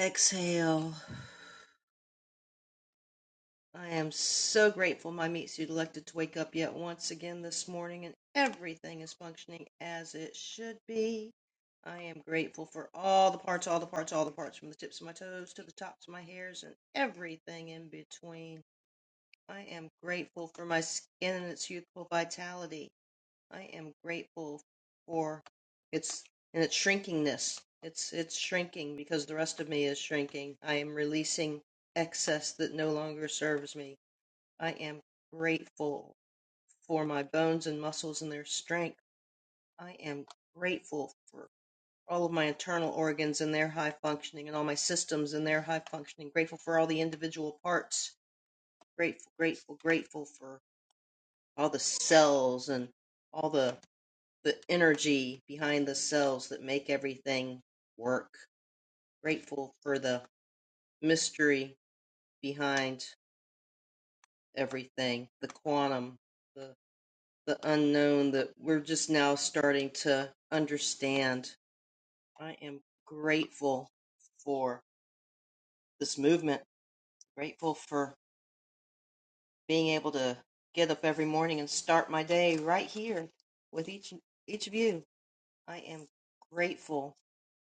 S29: exhale. I am so grateful my meat suit elected to wake up yet once again this morning and everything is functioning as it should be. I am grateful for all the parts, all the parts, all the parts, from the tips of my toes to the tops of my hairs and everything in between. I am grateful for my skin and its youthful vitality. I am grateful for its and its shrinkingness. It's it's shrinking because the rest of me is shrinking. I am releasing excess that no longer serves me. I am grateful for my bones and muscles and their strength. I am grateful for all of my internal organs and their high functioning and all my systems and their high functioning. Grateful for all the individual parts. Grateful, grateful, grateful for all the cells and all the the energy behind the cells that make everything work. Grateful for the mystery behind everything, the quantum, the the unknown that we're just now starting to understand. I am grateful for this movement, grateful for being able to get up every morning and start my day right here with each each of you. I am grateful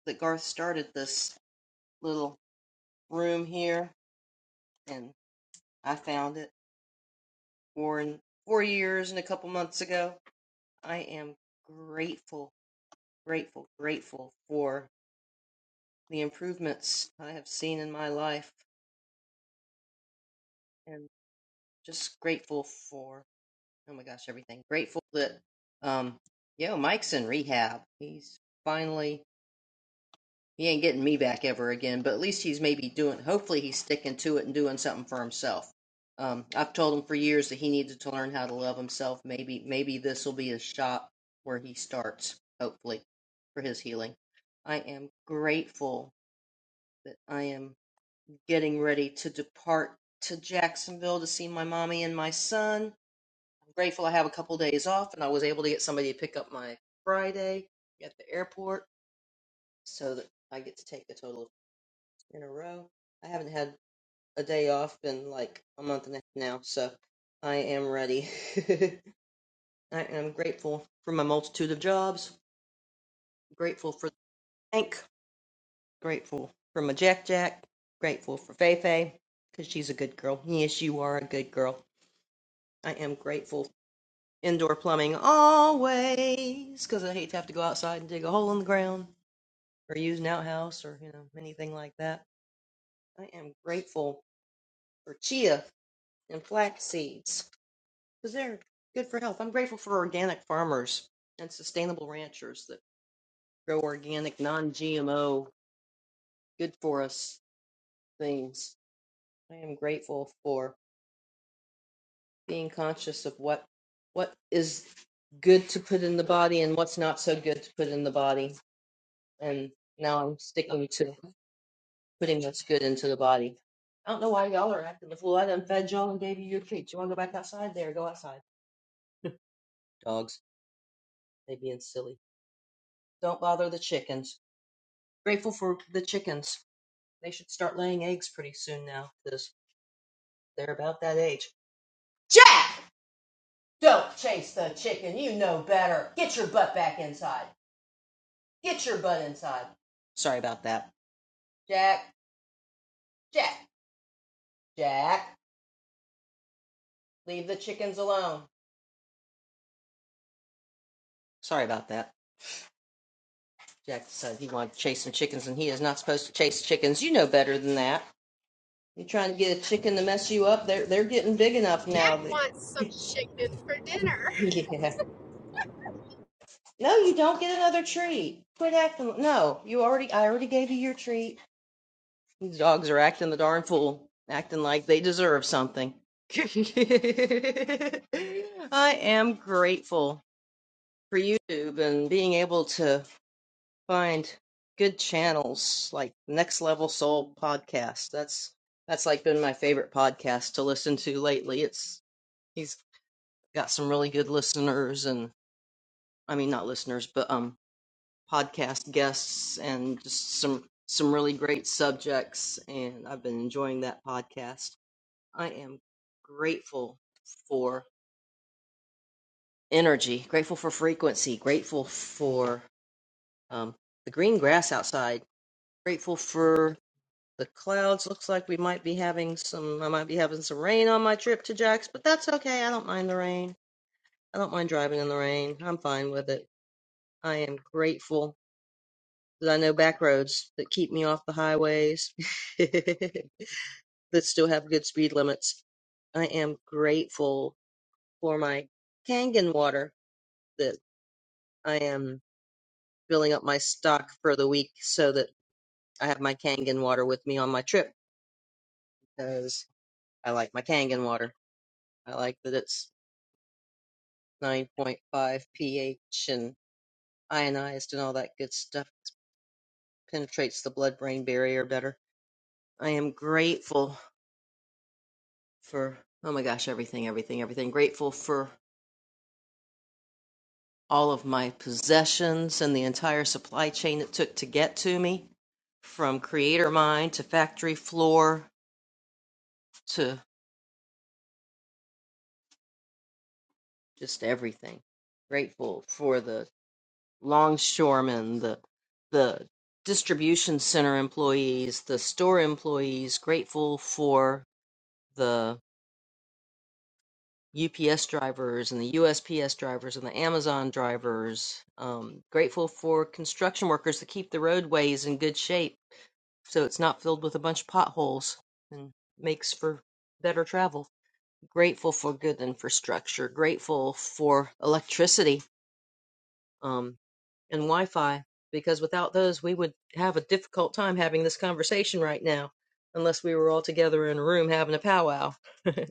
S29: that Garth started this little room here and I found it four four years and a couple months ago. I am grateful, grateful, grateful for the improvements I have seen in my life and just grateful for oh my gosh everything grateful that um yo Mike's in rehab he's finally he ain't getting me back ever again but at least he's maybe doing hopefully he's sticking to it and doing something for himself um I've told him for years that he needed to learn how to love himself maybe maybe this will be a shot where he starts hopefully for his healing I am grateful that I am getting ready to depart to Jacksonville to see my mommy and my son. I'm grateful I have a couple days off and I was able to get somebody to pick up my Friday at the airport so that I get to take a total of in a row. I haven't had a day off in like a month and a half now, so I am ready. [laughs] I am grateful for my multitude of jobs, grateful for the bank, grateful for my Jack Jack, grateful for Fei Fei because she's a good girl. Yes, you are a good girl. I am grateful. Indoor plumbing always, because I hate to have to go outside and dig a hole in the ground or use an outhouse or you know anything like that. I am grateful for chia and flax seeds because they're good for health. I'm grateful for organic farmers and sustainable ranchers that grow organic, non-GMO, good for us things. I am grateful for being conscious of what what is good to put in the body and what's not so good to put in the body and now I'm sticking to putting what's good into the body. I don't know why y'all are acting the fool. I done fed y'all and gave you your treats. You want to go back outside? There, go outside. Dogs, they being silly. Don't bother the chickens. Grateful for the chickens. They should start laying eggs pretty soon now, 'cause they're about that age. Jack! Don't chase the chicken. You know better. Get your butt back inside. Get your butt inside. Sorry about that. Jack, Jack, Jack, leave the chickens alone. Sorry about that. Jack decided he wanted to chase some chickens, and he is not supposed to chase chickens. You know better than that. You're trying to get a chicken to mess you up. They're they're getting big enough
S23: Jack
S29: now. That,
S23: wants some
S29: [laughs]
S23: chicken for dinner.
S29: yeah. No, you don't get another treat. Quit acting. No, you already. I already gave you your treat. These dogs are acting the darn fool, acting like they deserve something. [laughs] I am grateful for YouTube and being able to find good channels like Next Level Soul podcast. That's that's like been my favorite podcast to listen to lately. It's he's got some really good listeners and I mean not listeners, but um podcast guests and just some some really great subjects and I've been enjoying that podcast. I am grateful for energy, grateful for frequency, grateful for um the green grass outside, grateful for The clouds looks like we might be having some I might be having some rain on my trip to Jack's, but that's okay. I don't mind the rain. I don't mind driving in the rain. I'm fine with it. I am grateful that I know back roads that keep me off the highways [laughs] that still have good speed limits. I am grateful for my Kangen water that I am filling up my stock for the week so that I have my Kangen water with me on my trip because I like my Kangen water. I like that it's 9.5 pH and ionized and all that good stuff. Penetrates the blood brain barrier better. I am grateful for, oh my gosh, everything, everything, everything. Grateful for all of my possessions and the entire supply chain it took to get to me from creator mind to factory floor to just everything. Grateful for the longshoremen, the, the distribution center employees, the store employees, grateful for the UPS drivers and the USPS drivers and the Amazon drivers. Um, grateful for construction workers that keep the roadways in good shape so it's not filled with a bunch of potholes and makes for better travel. Grateful for good infrastructure. Grateful for electricity um, and Wi Fi because without those, we would have a difficult time having this conversation right now unless we were all together in a room having a powwow. [laughs]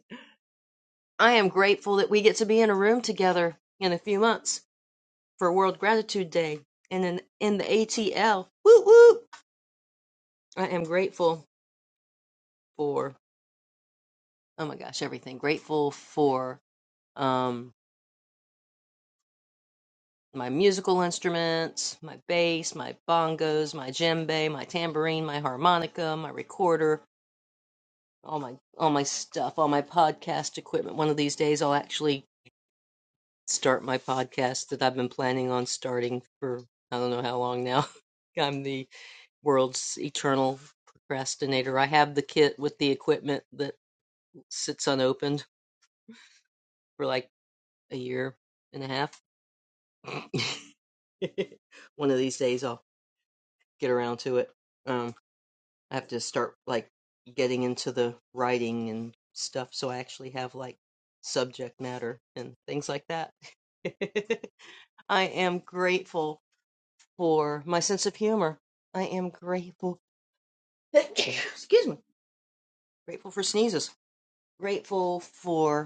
S29: I am grateful that we get to be in a room together in a few months for World Gratitude Day and in, in the ATL. Whoop whoop. I am grateful for oh my gosh, everything. Grateful for um my musical instruments, my bass, my bongos, my djembe, my tambourine, my harmonica, my recorder, all my all my stuff, all my podcast equipment. One of these days I'll actually start my podcast that I've been planning on starting for I don't know how long now. [laughs] I'm the World's eternal procrastinator. I have the kit with the equipment that sits unopened for like a year and a half. [laughs] One of these days I'll get around to it. Um, I have to start like getting into the writing and stuff so I actually have like subject matter and things like that. [laughs] I am grateful for my sense of humor. I am grateful. [coughs] Excuse me. Grateful for sneezes. Grateful for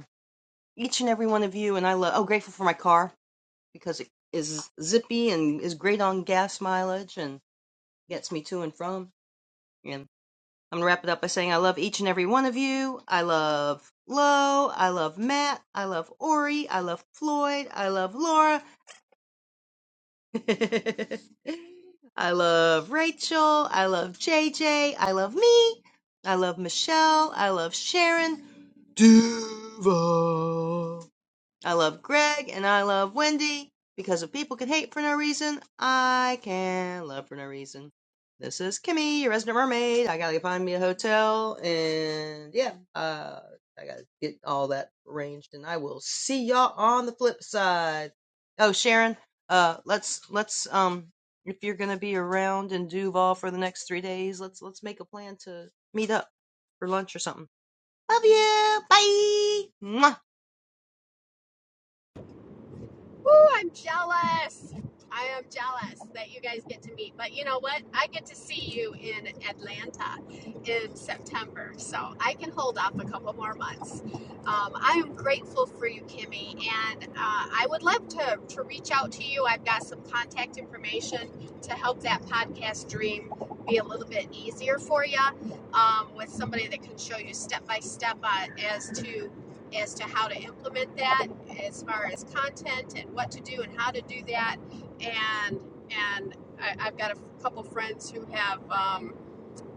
S29: each and every one of you, and I love. Oh, grateful for my car because it is zippy and is great on gas mileage and gets me to and from. And I'm gonna wrap it up by saying I love each and every one of you. I love Lo. I love Matt. I love Ori. I love Floyd. I love Laura. [laughs] I love Rachel. I love JJ. I love me. I love Michelle. I love Sharon. Duval. I love Greg and I love Wendy because if people can hate for no reason, I can love for no reason. This is Kimmy, your resident mermaid. I gotta find me a hotel and yeah, uh, I gotta get all that arranged and I will see y'all on the flip side. Oh, Sharon, uh, let's, let's, um, if you're gonna be around in Duval for the next three days, let's, let's make a plan to meet up for lunch or something. Love you. Bye. Mwah.
S23: Ooh, I'm jealous. I am jealous that you guys get to meet. But you know what? I get to see you in Atlanta in September. So I can hold off a couple more months. Um, I am grateful for you, Kimmy. And uh, I would love to, to reach out to you. I've got some contact information to help that podcast dream be a little bit easier for you um, with somebody that can show you step by step on as to as to how to implement that as far as content and what to do and how to do that and and I, i've got a couple friends who have um,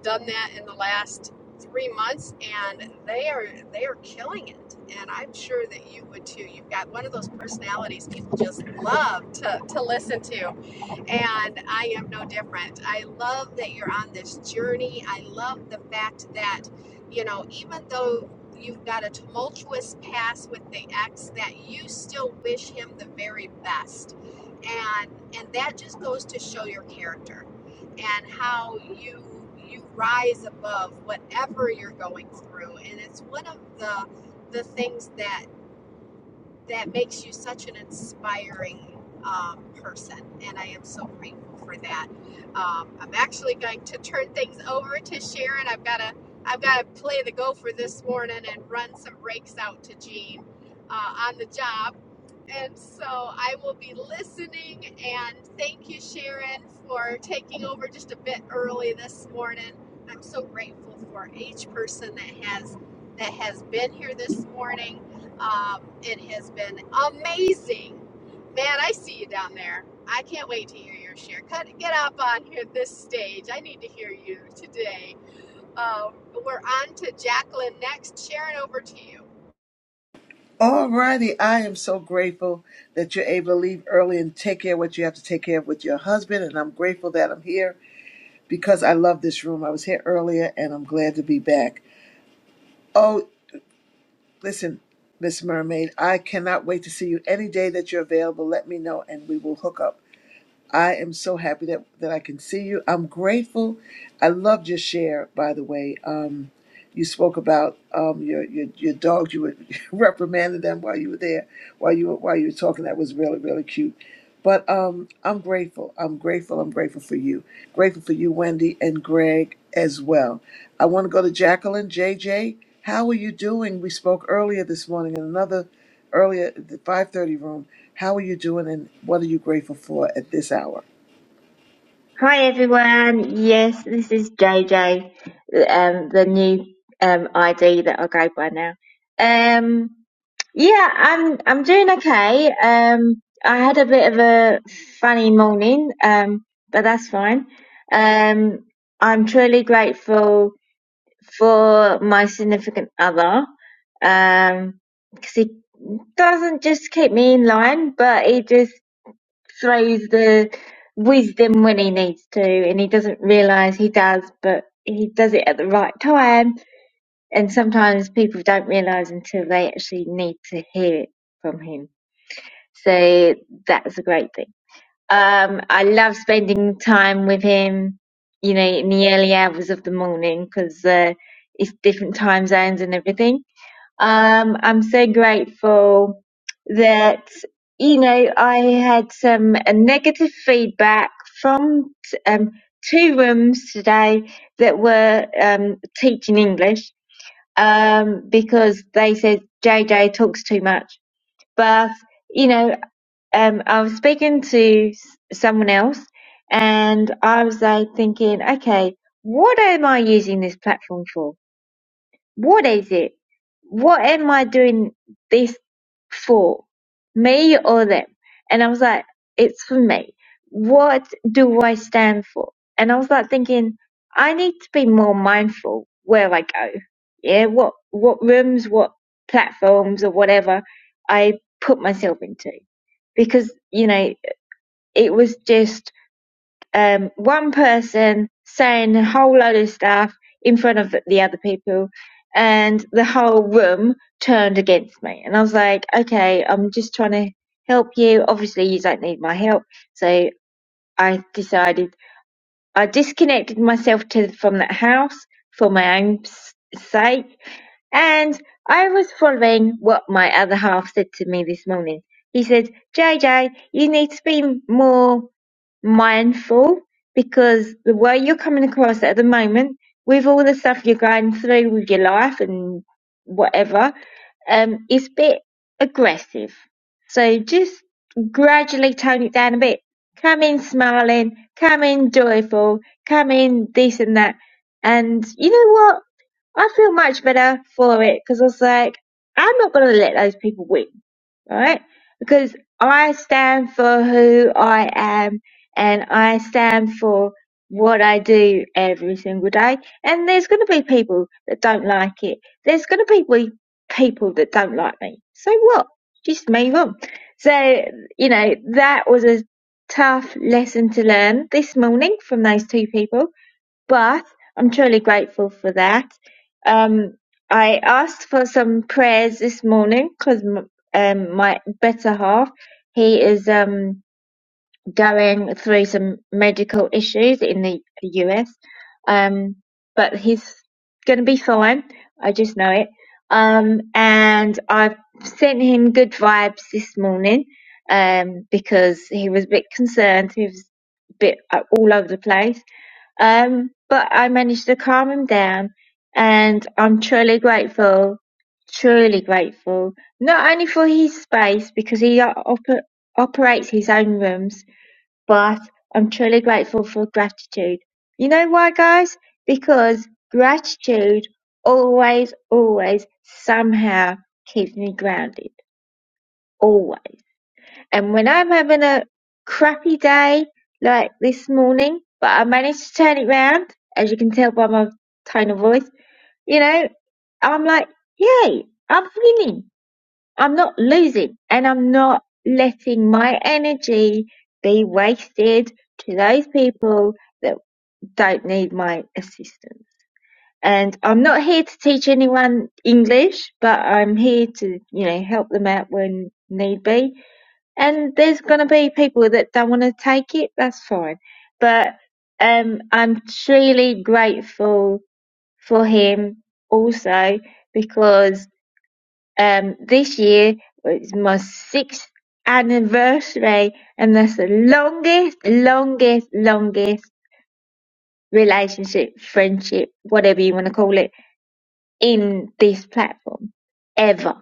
S23: done that in the last three months and they are they are killing it and i'm sure that you would too you've got one of those personalities people just love to, to listen to and i am no different i love that you're on this journey i love the fact that you know even though you've got a tumultuous past with the ex that you still wish him the very best and and that just goes to show your character and how you you rise above whatever you're going through and it's one of the the things that that makes you such an inspiring um, person, and I am so grateful for that. Um, I'm actually going to turn things over to Sharon. I've got to I've got to play the gopher this morning and run some rakes out to Gene uh, on the job, and so I will be listening. And thank you, Sharon, for taking over just a bit early this morning. I'm so grateful for each person that has that has been here this morning um, it has been amazing. Man, I see you down there. I can't wait to hear your share. Cut, get up on here this stage. I need to hear you today. Um, we're on to Jacqueline next. Sharon, over to you.
S5: Alrighty, I am so grateful that you're able to leave early and take care of what you have to take care of with your husband, and I'm grateful that I'm here. because I love this room. I was here earlier and I'm glad to be back. Oh, listen, Miss Mermaid, I cannot wait to see you any day that you're available. Let me know and we will hook up. I am so happy that, that I can see you. I'm grateful. I loved your share, by the way. Um, you spoke about um, your, your your dogs. You were [laughs] reprimanding them while you were there, while you were while you were talking. That was really really cute. But um, I'm grateful. I'm grateful. I'm grateful for you. Grateful for you, Wendy and Greg as well. I want to go to Jacqueline. JJ, how are you doing? We spoke earlier this morning in another earlier the 5:30 room. How are you doing, and what are you grateful for at this hour?
S10: Hi everyone. Yes, this is JJ, um, the new um, ID that I go by now. Um, yeah, I'm I'm doing okay. Um, I had a bit of a funny morning, um, but that's fine. Um, I'm truly grateful for my significant other um because he doesn't just keep me in line but he just throws the wisdom when he needs to and he doesn't realize he does but he does it at the right time and sometimes people don't realize until they actually need to hear it from him so that's a great thing um, I love spending time with him, you know, in the early hours of the morning because uh, it's different time zones and everything. Um, I'm so grateful that, you know, I had some uh, negative feedback from um, two rooms today that were um, teaching English um, because they said JJ talks too much. But, you know, um, I was speaking to s- someone else and I was like thinking, okay, what am I using this platform for? What is it? What am I doing this for? Me or them? And I was like, it's for me. What do I stand for? And I was like thinking, I need to be more mindful where I go. Yeah, what what rooms, what platforms or whatever I put myself into. Because, you know, it was just um, one person saying a whole load of stuff in front of the other people, and the whole room turned against me. And I was like, okay, I'm just trying to help you. Obviously, you don't need my help. So I decided I disconnected myself to, from that house for my own s- sake and I was following what my other half said to me this morning. He said, JJ, you need to be more mindful because the way you're coming across at the moment, with all the stuff you're going through with your life and whatever, um, is a bit aggressive. So just gradually tone it down a bit. Come in smiling, come in joyful, come in this and that. And you know what? I feel much better for it because I was like, I'm not going to let those people win, right? Because I stand for who I am and I stand for what I do every single day. And there's going to be people that don't like it. There's going to be people that don't like me. So what? Just move on. So, you know, that was a tough lesson to learn this morning from those two people but I'm truly grateful for that. Um, I asked for some prayers this morning because um, my better half, he is um, going through some medical issues in the US, um, but he's going to be fine. I just know it. Um, and I've sent him good vibes this morning um, because he was a bit concerned. He was a bit uh, all over the place um, but I managed to calm him down, and I'm truly grateful, truly grateful, not only for his space because he op- operates his own rooms, but I'm truly grateful for gratitude. You know why, guys? Because gratitude always, always somehow keeps me grounded. Always. And when I'm having a crappy day, like this morning, but I managed to turn it round, as you can tell by my tone of voice, you know, I'm like, yay, I'm winning. I'm not losing. And I'm not letting my energy be wasted to those people that don't need my assistance. And I'm not here to teach anyone English, but I'm here to, you know, help them out when need be and there's gonna be people that don't want to take it. That's fine, but um, I'm truly grateful for him also because um, this year was my sixth anniversary, and that's the longest, longest, longest relationship, friendship, whatever you want to call it, in this platform ever.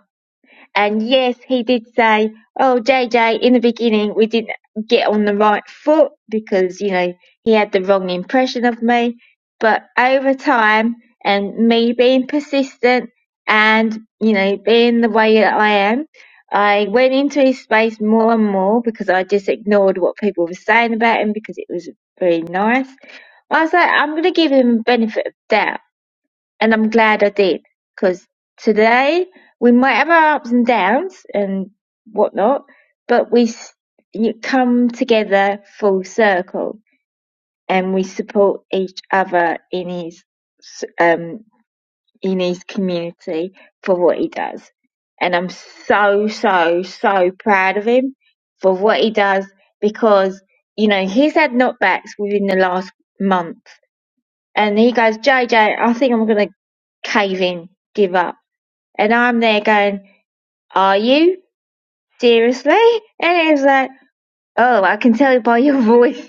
S10: And yes, he did say, "Oh, JJ, in the beginning we didn't get on the right foot because you know he had the wrong impression of me." But over time, and me being persistent and you know being the way that I am, I went into his space more and more because I just ignored what people were saying about him because it was very nice. I was like, I'm going to give him the benefit of doubt and I'm glad I did because today we might have our ups and downs and whatnot, but we s- you come together full circle and we support each other in his s- um in his community for what he does, and I'm so so so proud of him for what he does because you know he's had knockbacks within the last month and he goes, JJ, I think I'm gonna cave in, give up. And I'm there going, Are you? Seriously? And he's like, Oh, I can tell by your voice.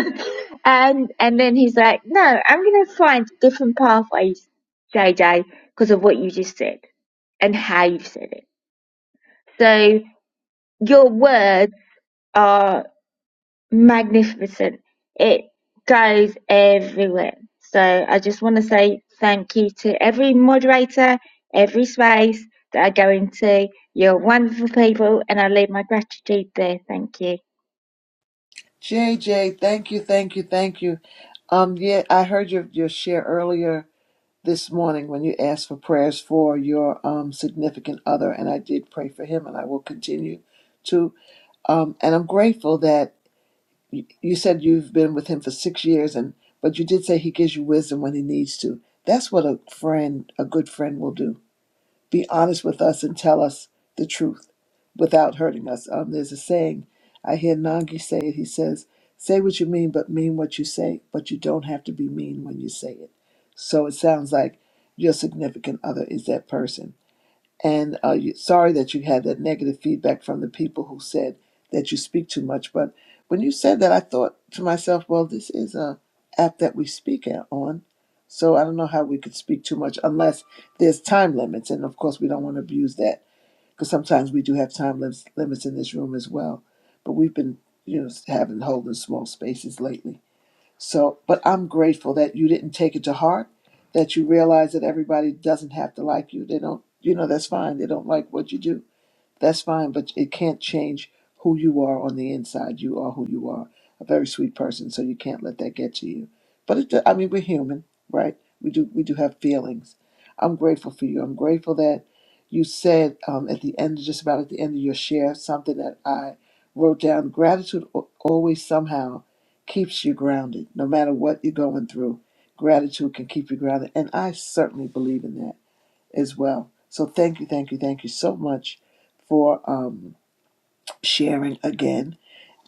S10: [laughs] and and then he's like, No, I'm gonna find different pathways, JJ, because of what you just said and how you said it. So your words are magnificent. It goes everywhere. So I just want to say thank you to every moderator, every space that I go into. You're wonderful people, and I leave my gratitude there. Thank you.
S5: JJ, thank you, thank you, thank you. Um, yeah, I heard your your share earlier this morning when you asked for prayers for your um, significant other, and I did pray for him, and I will continue to. Um, and I'm grateful that you, you said you've been with him for six years, and but you did say he gives you wisdom when he needs to. That's what a friend, a good friend, will do be honest with us and tell us the truth without hurting us. Um, there's a saying I hear Nangi say it. He says, "Say what you mean, but mean what you say. But you don't have to be mean when you say it." So it sounds like your significant other is that person and uh, you, sorry that you had that negative feedback from the people who said that you speak too much. But when you said that, I thought to myself, well, this is a app that we speak at, on. So I don't know how we could speak too much unless there's time limits. And of course, we don't want to abuse that because sometimes we do have time limits, limits in this room as well. But we've been, you know, having holding small spaces lately. So, but I'm grateful that you didn't take it to heart, that you realize that everybody doesn't have to like you. They don't, you know, that's fine. They don't like what you do that's fine, but it can't change who you are on the inside. You are who you are. A very sweet person, so you can't let that get to you. But it, do- I mean, we're human, right? We do we do have feelings. I'm grateful for you. I'm grateful that you said um, at the end, just about at the end of your share, something that I wrote down. Gratitude al- always somehow keeps you grounded, no matter what you're going through. Gratitude can keep you grounded, and I certainly believe in that as well. So thank you, thank you, thank you so much for um, sharing again.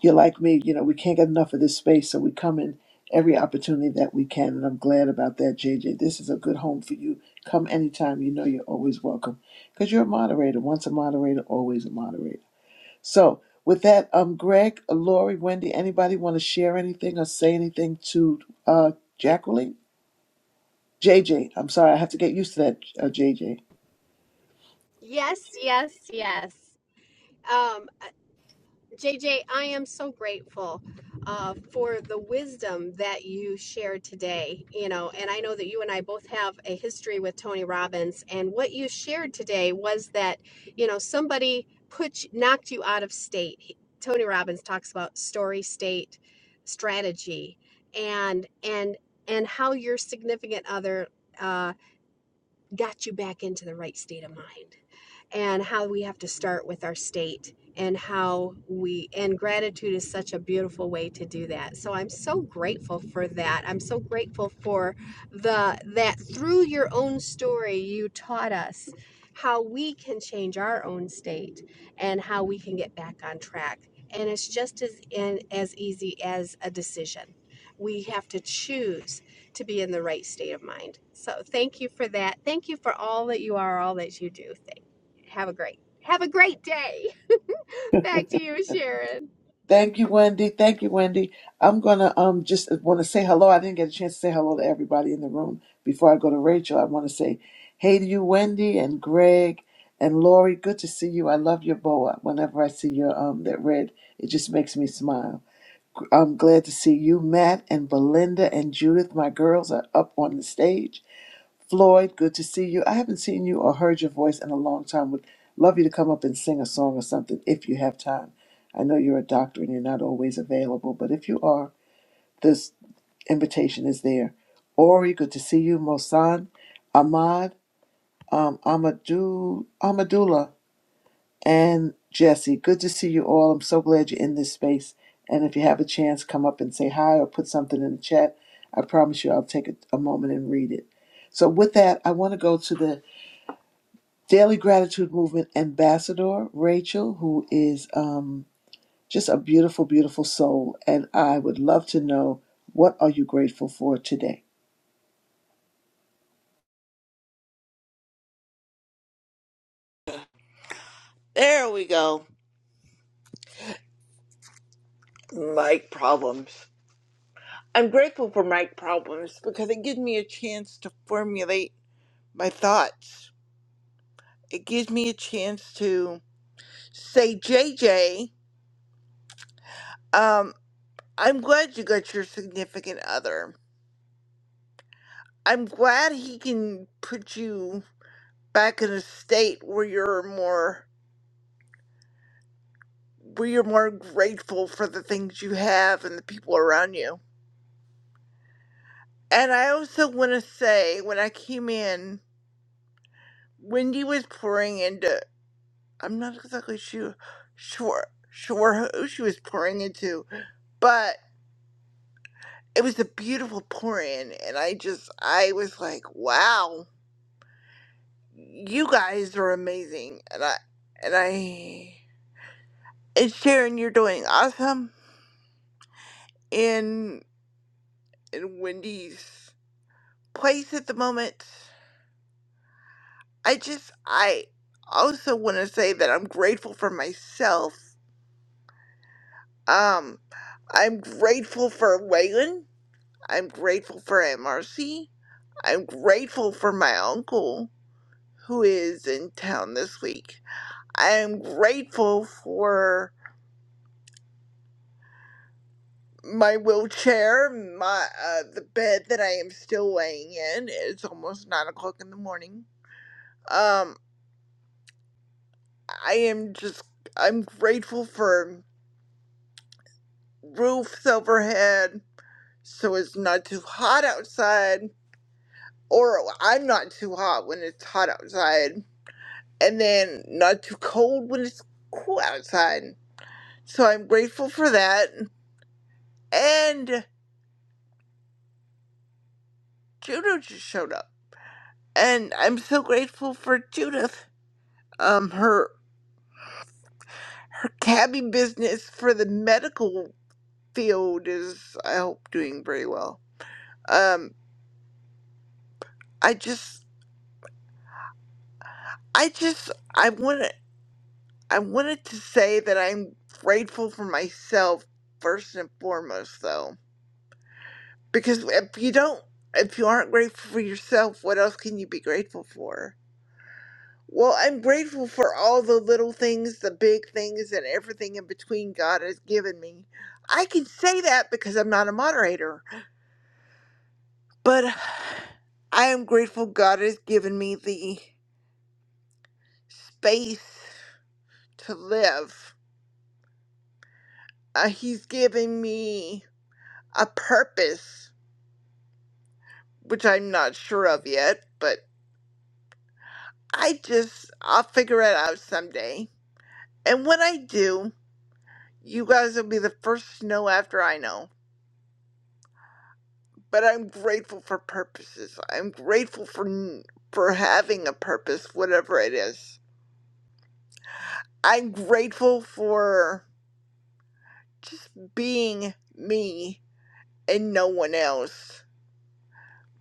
S5: You're like me, you know, we can't get enough of this space, so we come in every opportunity that we can, and I'm glad about that, JJ. This is a good home for you. Come anytime. You know you're always welcome because you're a moderator. Once a moderator, always a moderator. So with that, um, Greg, Lori, Wendy, anybody want to share anything or say anything to uh, Jacqueline? JJ, I'm sorry, I have to get used to that, uh, JJ.
S23: Yes, yes, yes. Um, JJ, I am so grateful uh, for the wisdom that you shared today. You know, and I know that you and I both have a history with Tony Robbins, and what you shared today was that you know somebody put you- knocked you out of state. He- Tony Robbins talks about story state strategy, and and and how your significant other uh, got you back into the right state of mind and how we have to start with our state and how we and gratitude is such a beautiful way to do that so i'm so grateful for that i'm so grateful for the that through your own story you taught us how we can change our own state and how we can get back on track and it's just as in, as easy as a decision we have to choose to be in the right state of mind so thank you for that thank you for all that you are all that you do have a great have a great day. [laughs] Back to you, Sharon.
S5: Thank you, Wendy. Thank you, Wendy. I'm gonna um just want to say hello. I didn't get a chance to say hello to everybody in the room before I go to Rachel. I want to say hey to you, Wendy and Greg and Lori. Good to see you. I love your boa. Whenever I see your um that red, it just makes me smile. I'm glad to see you, Matt and Belinda and Judith. My girls are up on the stage. Floyd, good to see you. I haven't seen you or heard your voice in a long time. Would love you to come up and sing a song or something if you have time. I know you're a doctor and you're not always available, but if you are, this invitation is there. Ori, good to see you. Mosan, Ahmad, um, Amadou, Amadullah, and Jesse, good to see you all. I'm so glad you're in this space. And if you have a chance, come up and say hi or put something in the chat. I promise you, I'll take a, a moment and read it. So, with that, I want to go to the Daily Gratitude Movement Ambassador, Rachel, who is um, just a beautiful, beautiful soul. And I would love to know what are you grateful for today?
S30: There we go. Mic problems. I'm grateful for mic problems because it gives me a chance to formulate my thoughts. It gives me a chance to say, J J, um, I'm glad you got your significant other. I'm glad he can put you back in a state where you're more where you're more grateful for the things you have and the people around you. And I also want to say when I came in Wendy was pouring into I'm not exactly sure, sure, sure who she was pouring into, but it was a beautiful pour in, and I just, I was like, wow, you guys are amazing, and I, and I, and Sharon, you're doing awesome in in Wendy's place at the moment. I just, I also want to say that I'm grateful for myself. Um, I'm grateful for Waylon. I'm grateful for MRC. I'm grateful for my uncle who is in town this week. I am grateful for my wheelchair, my uh, the bed that I am still laying in. It's almost nine o'clock in the morning. Um, I am just I'm grateful for roofs overhead, so it's not too hot outside, or I'm not too hot when it's hot outside, and then not too cold when it's cool outside. So I'm grateful for that. And Judo just showed up. And I'm so grateful for Judith. Um her her cabbie business for the medical field is I hope doing very well. Um I just I just I wanted, I wanted to say that I'm grateful for myself first and foremost though. Because if you don't if you aren't grateful for yourself, what else can you be grateful for? Well, I'm grateful for all the little things, the big things, and everything in between God has given me. I can say that because I'm not a moderator, but [sighs] I am grateful God has given me the space to live. Uh, he's given me a purpose, which I'm not sure of yet, but I just, I'll figure it out someday. And when I do, you guys will be the first to know after I know. but I'm grateful for purposes. I'm grateful for n- for having a purpose, whatever it is. I'm grateful for just being me and no one else.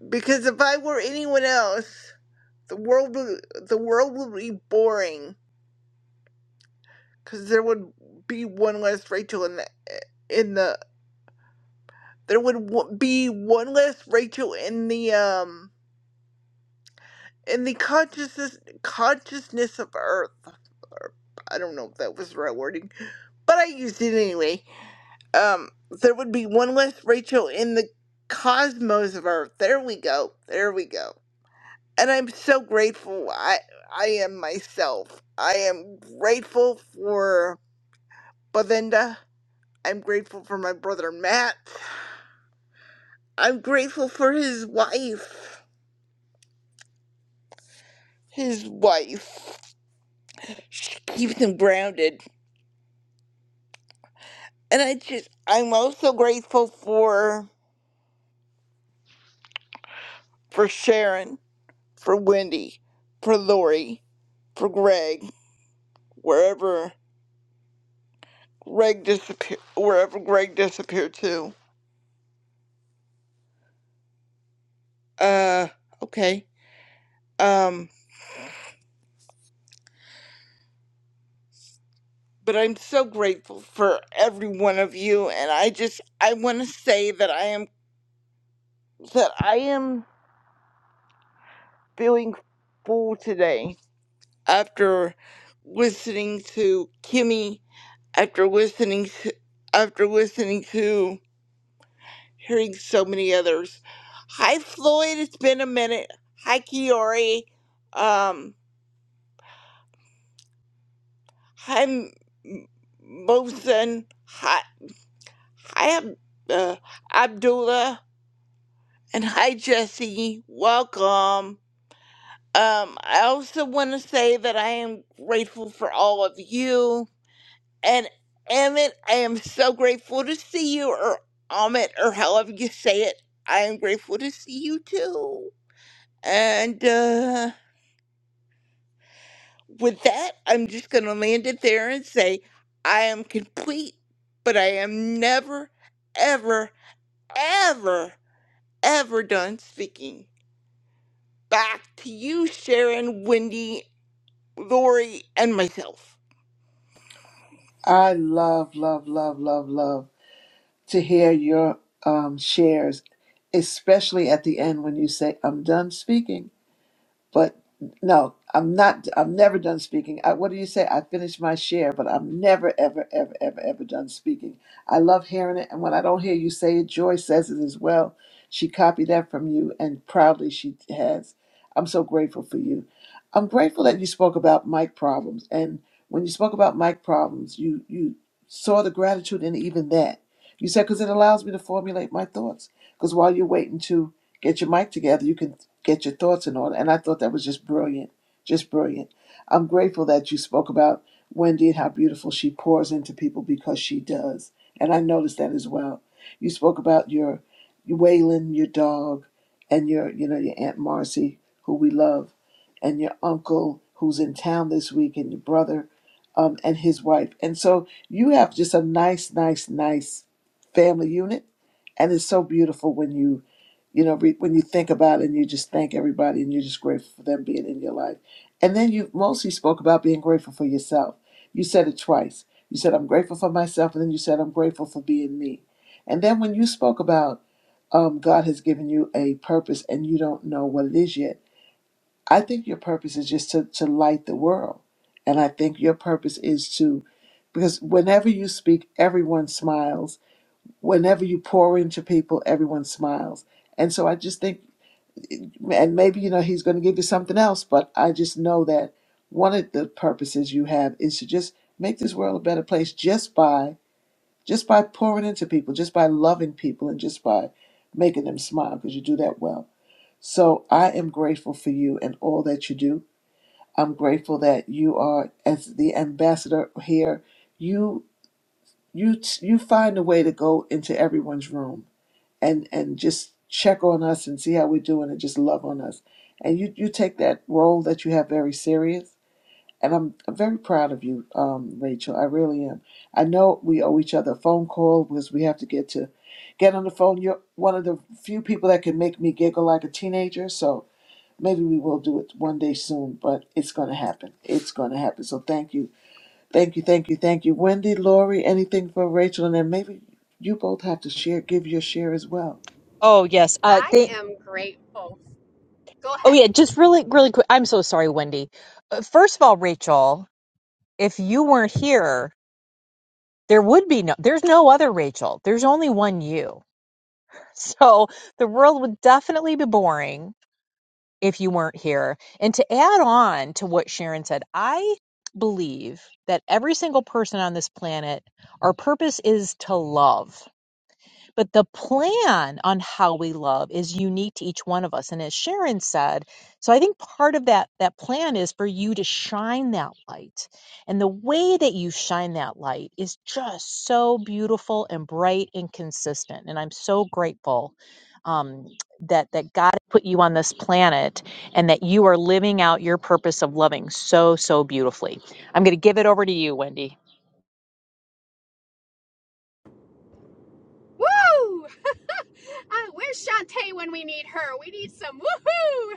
S30: Because if I were anyone else, the world would, the world would be boring. Because there would be one less Rachel in the eh, in the there would w- be one less Rachel in the um in the consciousness consciousness of Earth. Or, I don't know if that was the right wording, but I used it anyway. Um, there would be one less Rachel in the cosmos of Earth. There we go. There we go. And I'm so grateful. I I am myself. I am grateful for Belinda. I'm grateful for my brother Matt. I'm grateful for his wife. His wife. She keeps him grounded. And I just I'm also grateful for for Sharon, for Wendy, for Lori, for Greg, wherever Greg disappear wherever Greg disappeared to. Uh okay. Um but I'm so grateful for every one of you and I just I wanna say that I am that I am feeling full today after listening to Kimmy after listening to after listening to hearing so many others. Hi, Floyd. It's been a minute. Hi, Kiori. Um, hi, M- M- Mosin. Hi, hi, Ab- uh, Abdullah. And hi, Jesse. Welcome. Um, I also want to say that I am grateful for all of you. And Emmett, I am so grateful to see you, or Amit, or however you say it. I am grateful to see you too. And, uh, with that, I'm just going to land it there and say I am complete, but I am never, ever, ever, ever done speaking. Back to you, Sharon, Wendy, Lori, and myself.
S5: I love, love, love, love, love to hear your um, shares, especially at the end when you say, I'm done speaking. But no, I'm not. I'm never done speaking. I, what do you say? I finished my share, but I'm never, ever, ever, ever, ever done speaking. I love hearing it, and when I don't hear you say it, Joy says it as well. She copied that from you, and proudly she has. I'm so grateful for you. I'm grateful that you spoke about mic problems, and when you spoke about mic problems, you you saw the gratitude in even that. You said because it allows me to formulate my thoughts. Because while you're waiting to get your mic together, you can get your thoughts in order. And I thought that was just brilliant, just brilliant. I'm grateful that you spoke about Wendy and how beautiful she pours into people because she does. And I noticed that as well. You spoke about your Waylon, your dog, and your, you know, your Aunt Marcy, who we love, and your uncle who's in town this week, and your brother, um, and his wife. And so you have just a nice, nice, nice family unit and it's so beautiful when you you know, re- when you think about it and you just thank everybody and you're just grateful for them being in your life. And then you mostly spoke about being grateful for yourself. You said it twice. You said, I'm grateful for myself. And then you said, I'm grateful for being me. And then when you spoke about um, God has given you a purpose and you don't know what it is yet, I think your purpose is just to, to light the world. And I think your purpose is to, because whenever you speak, everyone smiles. Whenever you pour into people, everyone smiles. And so I just think and maybe you know he's going to give you something else but i just know that one of the purposes you have is to just make this world a better place just by just by pouring into people just by loving people and just by making them smile because you do that well so i am grateful for you and all that you do i'm grateful that you are as the ambassador here you you you find a way to go into everyone's room and and just check on us and see how we're doing and just love on us. And you you take that role that you have very serious. And I'm, I'm very proud of you, um, Rachel. I really am. I know we owe each other a phone call because we have to get to get on the phone. You're one of the few people that can make me giggle like a teenager. So maybe we will do it one day soon. But it's going to happen. It's going to happen. So thank you, thank you, thank you, thank you, Wendy, Lori. Anything for Rachel, and then maybe you both have to share, give your share as well.
S25: Oh, yes. Uh,
S23: I
S25: thank.
S23: am grateful. Go
S25: Oh,
S23: ahead.
S25: yeah. Just really, really quick. I'm so sorry, Wendy. Uh, First of all, Rachel, if you weren't here, there would be no. There's no other Rachel. There's only one you. [laughs] So the world would definitely be boring. if you weren't here. And to add on to what Sharon said, I believe that every single person on this planet, our purpose is to love. But the plan on how we love is unique to each one of us. And as Sharon said, so I think part of that, that plan is for you to shine that light. And the way that you shine that light is just so beautiful and bright and consistent. And I'm so grateful um, that, that God put you on this planet and that you are living out your purpose of loving so, so beautifully. I'm going to give it over to you, Wendy.
S23: Woo! [laughs] Uh, where's Shantae when we need her? We need some woohoo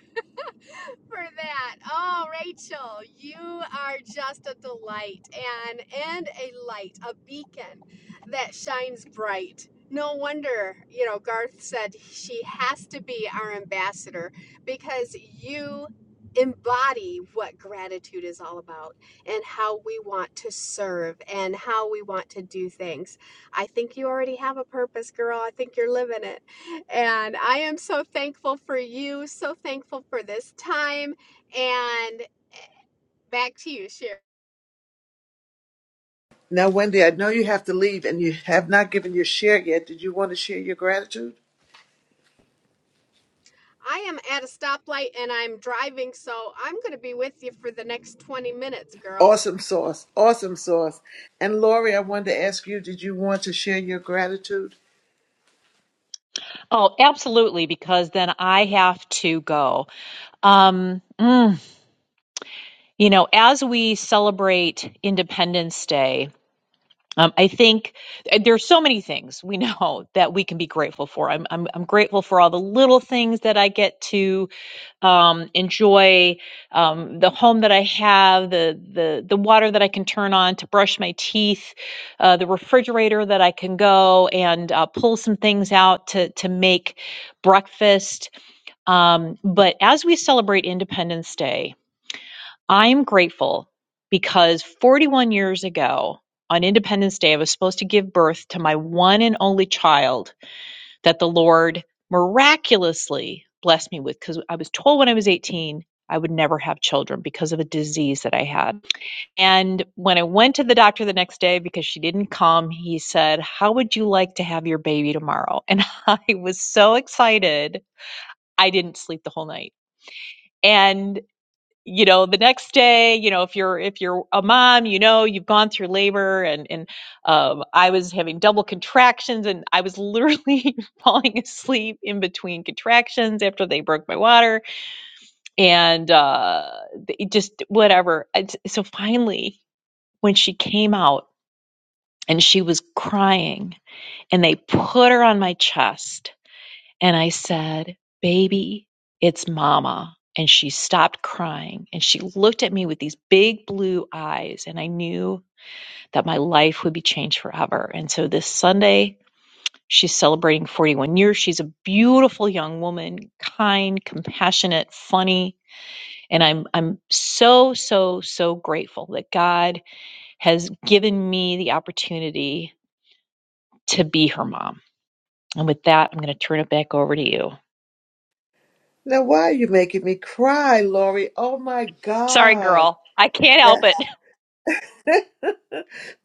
S23: [laughs] for that. Oh, Rachel, you are just a delight and and a light, a beacon that shines bright. No wonder, you know, Garth said she has to be our ambassador because you embody what gratitude is all about and how we want to serve and how we want to do things. I think you already have a purpose, girl. I think you're living it. And I am so thankful for you, so thankful for this time. And back to you, Sherry.
S5: Now, Wendy, I know you have to leave and you have not given your share yet. Did you want to share your gratitude?
S23: I am at a stoplight and I'm driving, so I'm going to be with you for the next 20 minutes, girl.
S5: Awesome sauce. Awesome sauce. And Lori, I wanted to ask you, did you want to share your gratitude?
S25: Oh, absolutely, because then I have to go. Um, mm, you know, as we celebrate Independence Day, um, I think eh, there's so many things we [laughs] know that we can be grateful for. I'm, I'm, I'm grateful for all the little things that I get to um, enjoy um, the home that I have, the the the water that I can turn on to brush my teeth, uh, the refrigerator that I can go and uh, pull some things out to to make breakfast. Um, but as we celebrate Independence Day, I am grateful because 41 years ago on Independence Day, I was supposed to give birth to my one and only child that the Lord miraculously blessed me with because I was told when I was 18 I would never have children because of a disease that I had. And when I went to the doctor the next day because she didn't come, he said, How would you like to have your baby tomorrow? [laughs] And I was so excited, I didn't sleep the whole night. And you know the next day you know if you're if you're a mom you know you've gone through labor and and um, i was having double contractions and i was literally [laughs] falling asleep in between contractions after they broke my water and uh it just whatever It's- so finally when she came out and she was crying and they put her on my chest and I said, Baby, it's mama. And she stopped crying and she looked at me with these big blue eyes. And I knew that my life would be changed forever. And so this Sunday, she's celebrating 41 years. She's a beautiful young woman, kind, compassionate, funny. And I'm, I'm so, so, so grateful that God has given me the opportunity to be her mom. And with that, I'm going to turn it back over to you.
S5: Now, why are you making me cry, Lori? Oh my
S25: Sorry,
S5: God.
S25: girl. I can't help
S5: That,
S25: it.
S5: [laughs]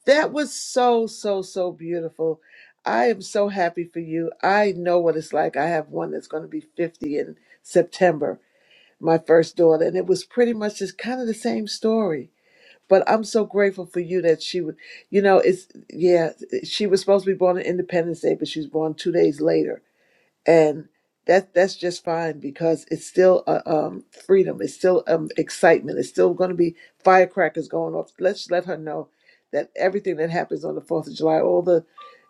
S5: that was so, so, so beautiful. I am so happy for you. I know what it's like. I have one that's going to be 50 in September, my first daughter, and it was pretty much just kind of the same story But I'm so grateful for you that she would, you know, it's, yeah, she was supposed to be born on Independence Day, but she was born two days later and that that's just fine because it's still uh, um, freedom. It's still um, excitement. It's still going to be firecrackers going off. Let's let her know that everything that happens on the Fourth of July, all the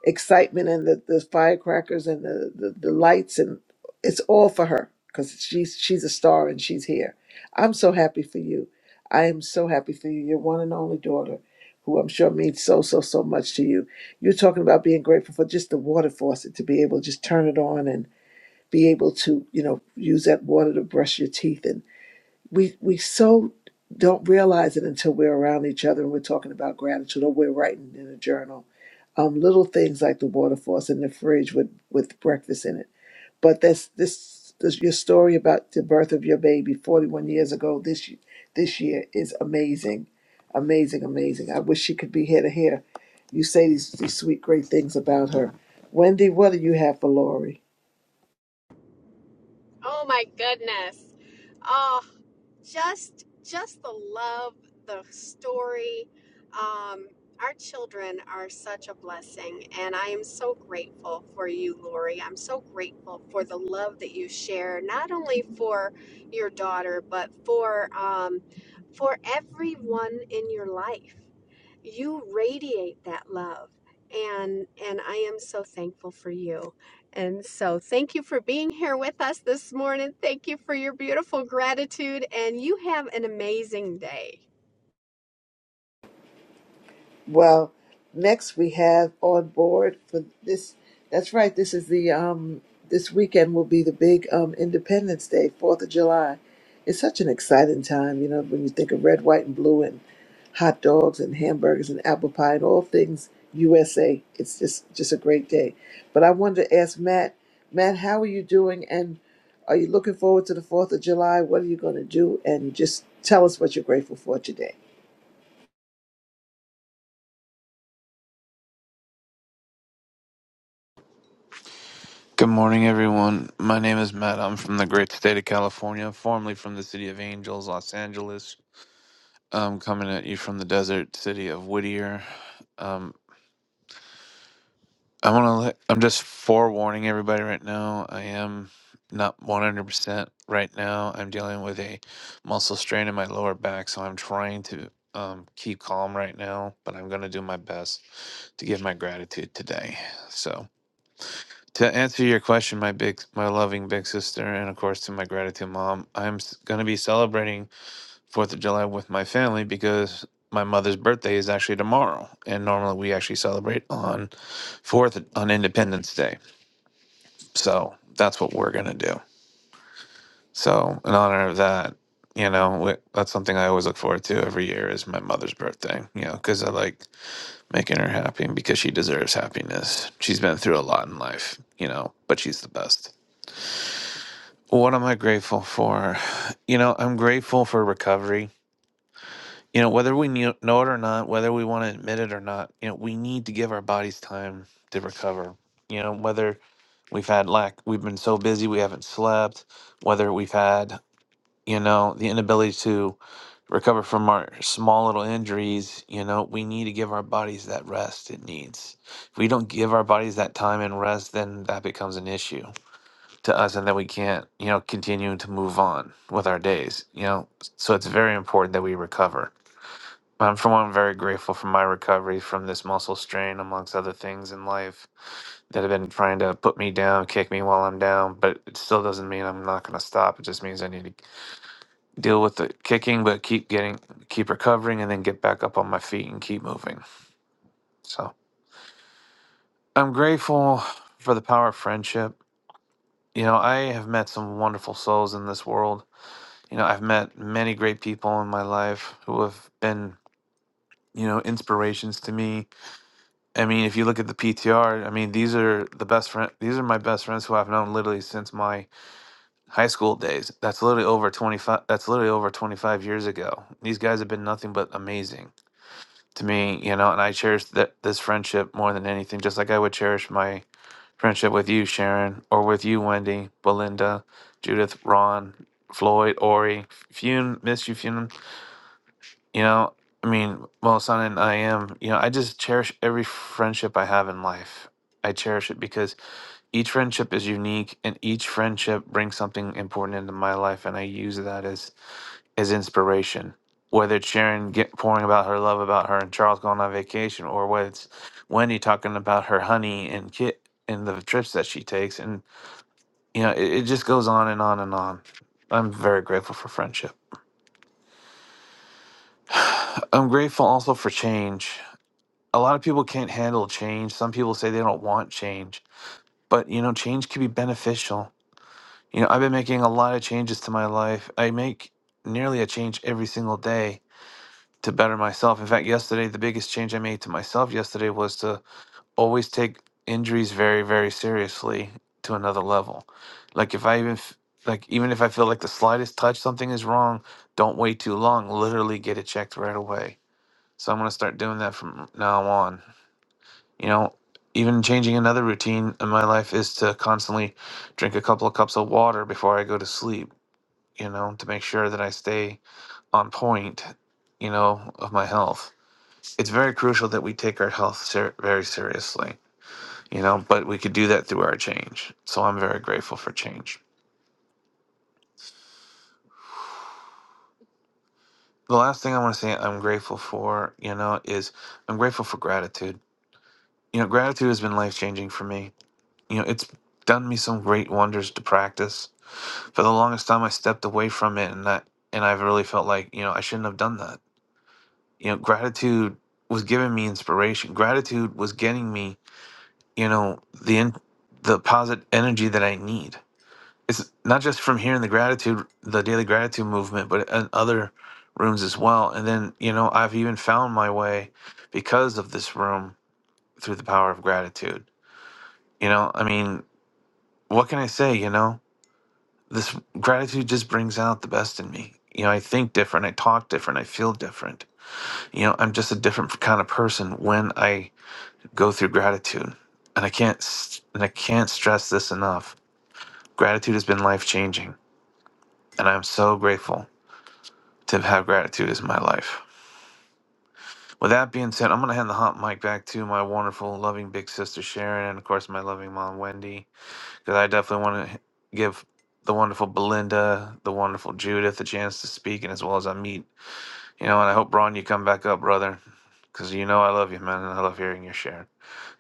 S5: excitement and the, the firecrackers and the, the the lights and it's all for her because she's she's a star and she's here. I'm so happy for you. I am so happy for you. Your one and only daughter, who I'm sure means so so so much to you. You're talking about being grateful for just the water faucet to be able to just turn it on and be able to, you know, use that water to brush your teeth. And we we so don't realize it until we're around each other and we're talking about gratitude or we're writing in a journal. Um, little things like the water faucet in the fridge with, with breakfast in it. But that's this this your story about the birth of your baby 41 years ago this y- this year is amazing. Amazing, amazing. I wish she could be here to hear you say these, these sweet, great things about her. Wendy, what do you have for Lori?
S23: Oh my goodness. Oh, just just the love, the story. Um, our children are such a blessing, and I am so grateful for you, Lori. I'm so grateful for the love that you share, not only for your daughter, but for um, for everyone in your life you radiate that love and and i am so thankful for you and so thank you for being here with us this morning thank you for your beautiful gratitude and you have an amazing day
S5: Well, next we have on board for this. That's right. This is the um. This weekend will be the big um Independence Day, Fourth of July. It's such an exciting time, you know, when you think of red, white, and blue, and hot dogs and hamburgers and apple pie and all things USA. It's just just a great day. But I wanted to ask Matt, Matt, how are you doing? And are you looking forward to the Fourth of July? What are you going to do? And just tell us what you're grateful for today.
S31: Good morning, everyone. My name is Matt. I'm from the great state of California, formerly from the city of Angels, Los Angeles. I'm coming at you from the desert city of Whittier. Um, I want to let, I'm just forewarning everybody right now. I am not 100% right now. I'm dealing with a muscle strain in my lower back, so I'm trying to um, keep calm right now, but I'm going to do my best to give my gratitude today. So. to answer your question, my big, my loving big sister, and of course to my gratitude mom, I'm going to be celebrating Fourth of July with my family because my mother's birthday is actually tomorrow, and normally we actually celebrate on Fourth on Independence Day. So that's what we're going to do. So in honor of that, you know, we, that's something I always look forward to every year is my mother's birthday. You know, because I like making her happy and because she deserves happiness. She's been through a lot in life, you know, but she's the best. What am I grateful for? You know, I'm grateful for recovery. You know, whether we knew- know it or not, whether we want to admit it or not, you know, we need to give our bodies time to recover. You know, whether we've had lack, we've been so busy we haven't slept, whether we've had, you know, the inability to recover from our small little injuries, you know, we need to give our bodies that rest it needs. If we don't give our bodies that time and rest, then that becomes an issue to us and then we can't you know continue to move on with our days you know so it's very important that we recover i'm for one very grateful for my recovery from this muscle strain amongst other things in life that have been trying to put me down kick me while i'm down but it still doesn't mean i'm not going to stop it just means i need to deal with the kicking but keep getting keep recovering and then get back up on my feet and keep moving so i'm grateful for the power of friendship you know i have met some wonderful souls in this world you know, I've met many great people in my life who have been, you know, inspirations to me. I mean, if you look at the PTR, I mean, these are the best friend. These are my best friends who I've known literally since my high school days. That's literally over twenty five. That's literally over twenty five years ago. These guys have been nothing but amazing to me, you know, and I cherish that this friendship more than anything. Just like I would cherish my friendship with you, Sharon, or with you, Wendy, Belinda, Judith, Ron, Floyd, Ori, Fune. Miss you, Fune You know, I mean, well, son, and I am, you know, I just cherish every friendship I have in life. I cherish it because each friendship is unique and each friendship brings something important into my life. And I use that as, as inspiration. Whether it's Sharon get, pouring about her love about her and Charles going on vacation, or whether it's Wendy talking about her honey and kit and the trips that she takes. And, you know, it, it just goes on and on and on. I'm very grateful for friendship. I'm grateful also for change a lot of people can't handle change. Some people say they don't want change, but you know, change can be beneficial. You know, I've been making a lot of changes to my life. I make nearly a change every single day to better myself. In fact, yesterday, the biggest change I made to myself yesterday was to always take injuries very, very seriously to another level. Like if I even f- like even if I feel like the slightest touch something is wrong, don't wait too long. Literally get it checked right away. So I'm gonna start doing that from now on you know even changing another routine in my life is to constantly drink a couple of cups of water before i go to sleep you know to make sure that i stay on point you know of my health it's very crucial that we take our health ser- very seriously you know but we could do that through our change so i'm very grateful for change the last thing i want to say i'm grateful for you know is i'm grateful for gratitude you know gratitude has been life changing for me you know it's done me some great wonders to practice for the longest time I stepped away from it and that and I've really felt like, you know, I shouldn't have done that. You know, gratitude was giving me inspiration. Gratitude was getting me, you know, the in, the positive energy that I need. It's not just from here in the gratitude, the daily gratitude movement, but in other rooms as well. And then, you know, I've even found my way because of this room through the power of gratitude. You know, I mean, what can I say, you know? this gratitude just brings out the best in me. You know, I think different, I talk different, I feel different. You know, I'm just a different kind of person when I go through gratitude. And I can't s- and I can't stress this enough. Gratitude has been life-changing, and I'm so grateful to have gratitude as my life. With that being said, I'm going to hand the hot mic back to my wonderful, loving big sister Sharon, and of course my loving mom Wendy, because I definitely want to give the wonderful Belinda, the wonderful Judith a chance to speak, and as well as Amit You know, and I hope, Ron, you come back up, brother, because you know I love you, man, and I love hearing your share.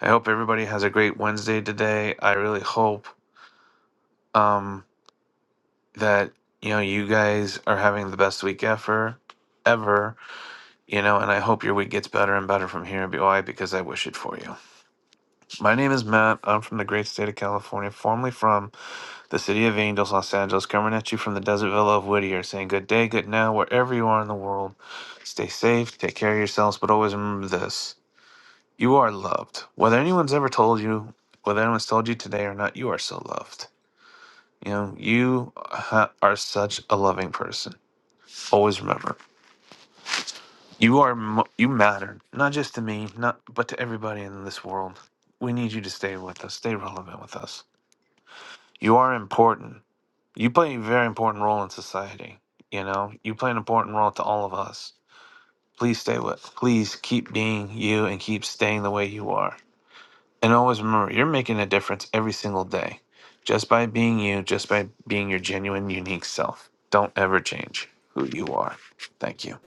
S31: I hope everybody has a great Wednesday today. I really hope um, that, you know, you guys are having the best week ever, ever, you know, and I hope your week gets better and better from here, BY, because I wish it for you. My name is Matt. I'm from the great state of California, formerly from the city of Angels, Los Angeles, coming at you from the desert villa of Whittier, saying good day, good now, wherever you are in the world. Stay safe, take care of yourselves, but always remember this. You are loved. Whether anyone's ever told you, whether anyone's told you today or not, you are so loved. You know, you ha- are such a loving person. Always remember, you are mo- you matter not just to me, not but to everybody in this world. We need you to stay with us, stay relevant with us. You are important. You play a very important role in society. You know, you play an important role to all of us. Please stay with. Please keep being you and keep staying the way you are. And always remember, you're making a difference every single day just by being you, just by being your genuine, unique self. Don't ever change who you are. Thank you.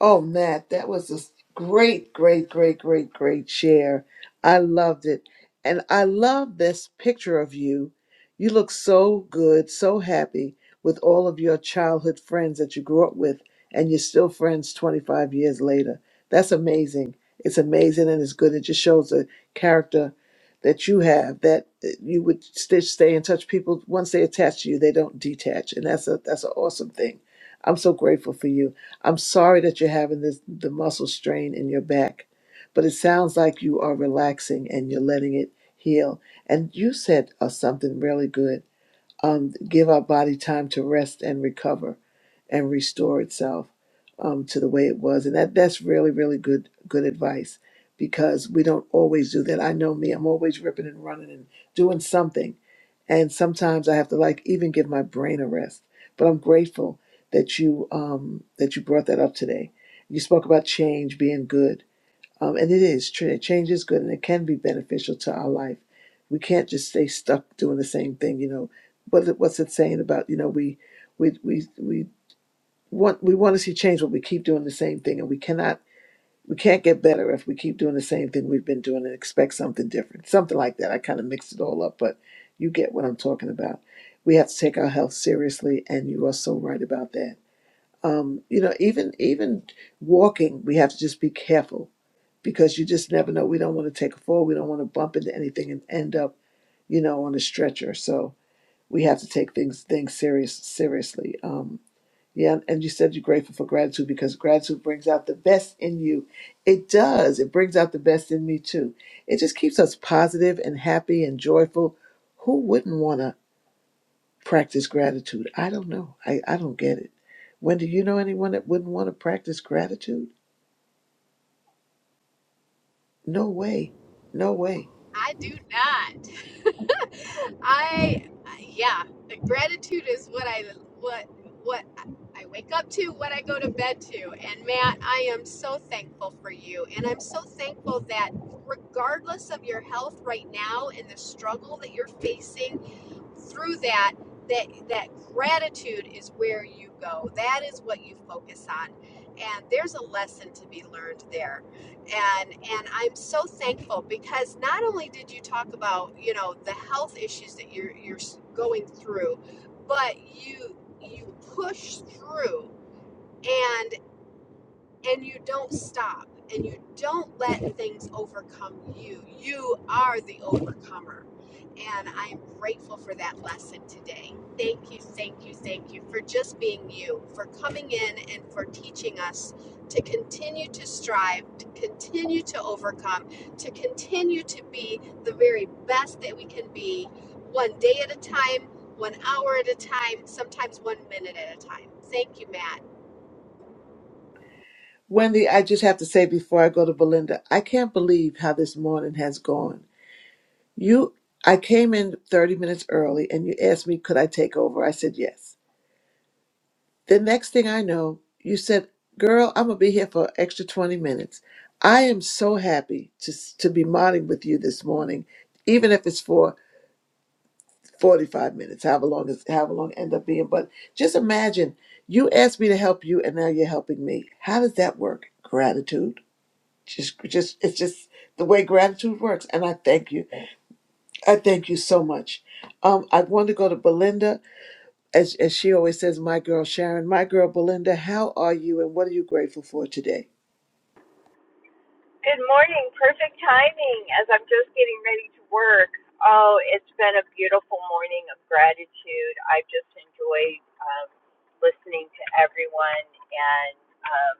S5: Oh, Matt, that was a s- great, great, great, great, great share. I loved it. And I love this picture of you. You look so good, so happy with all of your childhood friends that you grew up with, and you're still friends 25 years later. That's amazing. It's amazing and it's good. It just shows the character that you have that uh, you would stay, stay in touch. People, once they attach to you, they don't detach. And that's a, that's an awesome thing. I'm so grateful for you. I'm sorry that you're having this the muscle strain in your back, but it sounds like you are relaxing and you're letting it heal. And you said uh, something really good. Um, give our body time to rest and recover, and restore itself um, to the way it was. And that that's really really good good advice because we don't always do that. I know me. I'm always ripping and running and doing something and sometimes I have to like even give my brain a rest. But I'm grateful that you um, that you brought that up today. You spoke about change being good, um, and it is true. Change is good, and it can be beneficial to our life. We can't just stay stuck doing the same thing, you know. What what's it saying about you know we we we we want we want to see change, but we keep doing the same thing, and we cannot we can't get better if we keep doing the same thing we've been doing and expect something different. Something like that. I kind of mixed it all up, but you get what I'm talking about. We have to take our health seriously, and you are so right about that. Um, you know, even even walking, we have to just be careful because you just never know. We don't want to take a fall. We don't want to bump into anything and end up, you know, on a stretcher. So we have to take things things serious seriously. Um, yeah, and you said you're grateful for gratitude because gratitude brings out the best in you. It does. It brings out the best in me too. It just keeps us positive and happy and joyful. Who wouldn't want to practice gratitude? I don't know. I, I don't get it. Wendy, you know anyone that wouldn't want to practice gratitude? No way. No way.
S23: i do not [laughs] I yeah, gratitude is what I what what I wake up to, what I go to bed to. And Matt, I am so thankful for you and I'm so thankful that regardless of your health right now and the struggle that you're facing through that that that gratitude is where you go that is what you focus on and there's a lesson to be learned there and and i'm so thankful because not only did you talk about you know the health issues that you're you're going through but you you push through and you don't stop and you don't let things overcome you. You are the overcomer. And I am grateful for that lesson today. Thank you, thank you, thank you for just being you, for coming in and for teaching us to continue to strive, to continue to overcome, to continue to be the very best that we can be one day at a time, one hour at a time, sometimes one minute at a time. Thank you, Matt.
S5: Wendy, I just have to say before I go to Belinda, I can't believe how this morning has gone. You I came in 30 minutes early and you asked me could I take over? I said yes The next thing I know, you said, "Girl, I'm gonna be here for an extra 20 minutes." I am so happy to s- to be modding with you this morning, even if it's for 45 minutes, however long it's however long it end up being. But just imagine you asked me to help you, and now you're helping me. How does that work? Gratitude. Just, just it's just the way gratitude works, and I thank you. I thank you so much. Um, I want to go to Belinda as, as she always says, my girl Sharon, my girl Belinda, how are you and what are you grateful for today?
S32: Good morning. Perfect timing as I'm just getting ready to work. Oh, it's been a beautiful morning of gratitude. I've just enjoyed um, listening to everyone. And um,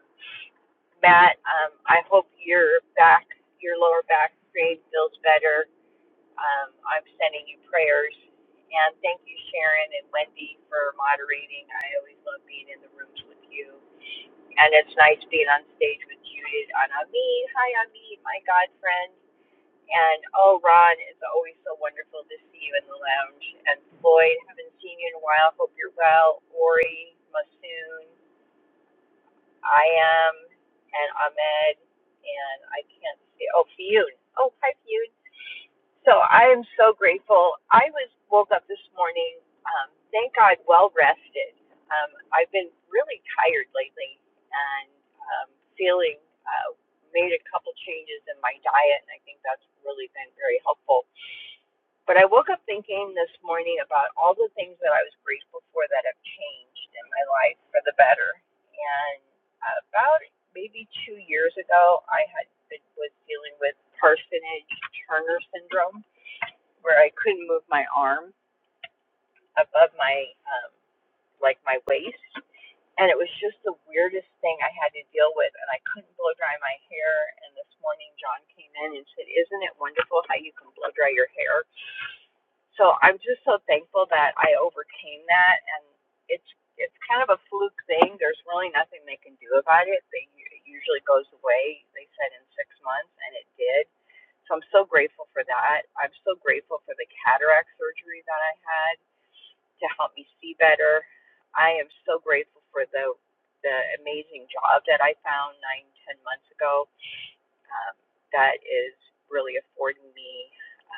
S32: Matt, um, I hope your back, your lower back strain feels better. Um, I'm sending you prayers. And thank you, Sharon and Wendy, for moderating. I always love being in the rooms with you and it's nice being on stage with Judith and Amin. Hi, Amin, my god friend. And oh, Ron, it's always so wonderful to see you in the lounge. And Floyd, haven't seen you in a while. Hope you're well. Ori, Masoon, I am, and Ahmed, and I can't see. Oh, Fiyun. Oh, hi, Fiyun. So I am so grateful. I was woke up this morning, um, thank God, well rested. Um, I've been really tired lately and um, feeling uh, made a couple changes in my diet, and I think that's really been very helpful. But I woke up thinking this morning about all the things that I was grateful for that have changed in my life for the better. And about maybe two years ago, I had been was dealing with parsonage Turner syndrome where I couldn't move my arm above my um, like my waist, and it was just the weirdest thing I had to deal with. And I couldn't blow dry my hair. And this morning, John came in and said, "Isn't it wonderful how you can blow dry your hair?" So I'm just so thankful that I overcame that, and it's it's kind of a fluke thing. There's really nothing they can do about it. They it usually goes away. They said in six months, and it did. So I'm so grateful for that. I'm so grateful for the cataract surgery that I had to help me see better. I am so grateful for the the amazing job that I found nine ten months ago um, that is really affording me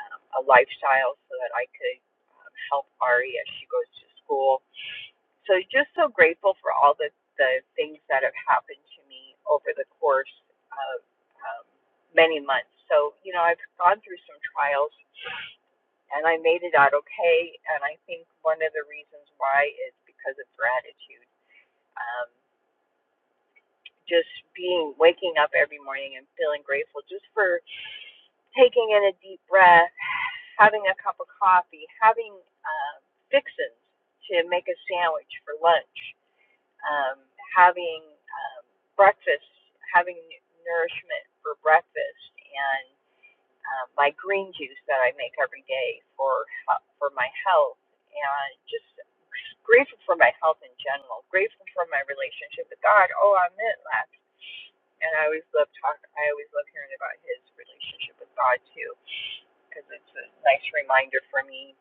S32: um, a lifestyle so that I could um, help Ari as she goes to school. So just so grateful for all the, the things that have happened to me over the course of um, many months. So, you know, I've gone through some trials and I made it out okay. And I think one of the reasons why is because of gratitude. Um, just being waking up every morning and feeling grateful just for taking in a deep breath, having a cup of coffee, having um, fixins to make a sandwich for lunch, um, having um, breakfast, having nourishment for breakfast, and um, my green juice that I make every day for for my health, and just grateful for my health in general. Grateful for my relationship with God. Oh, I met last, and I always love talk. I always love hearing about his relationship with God too because it's a nice reminder for me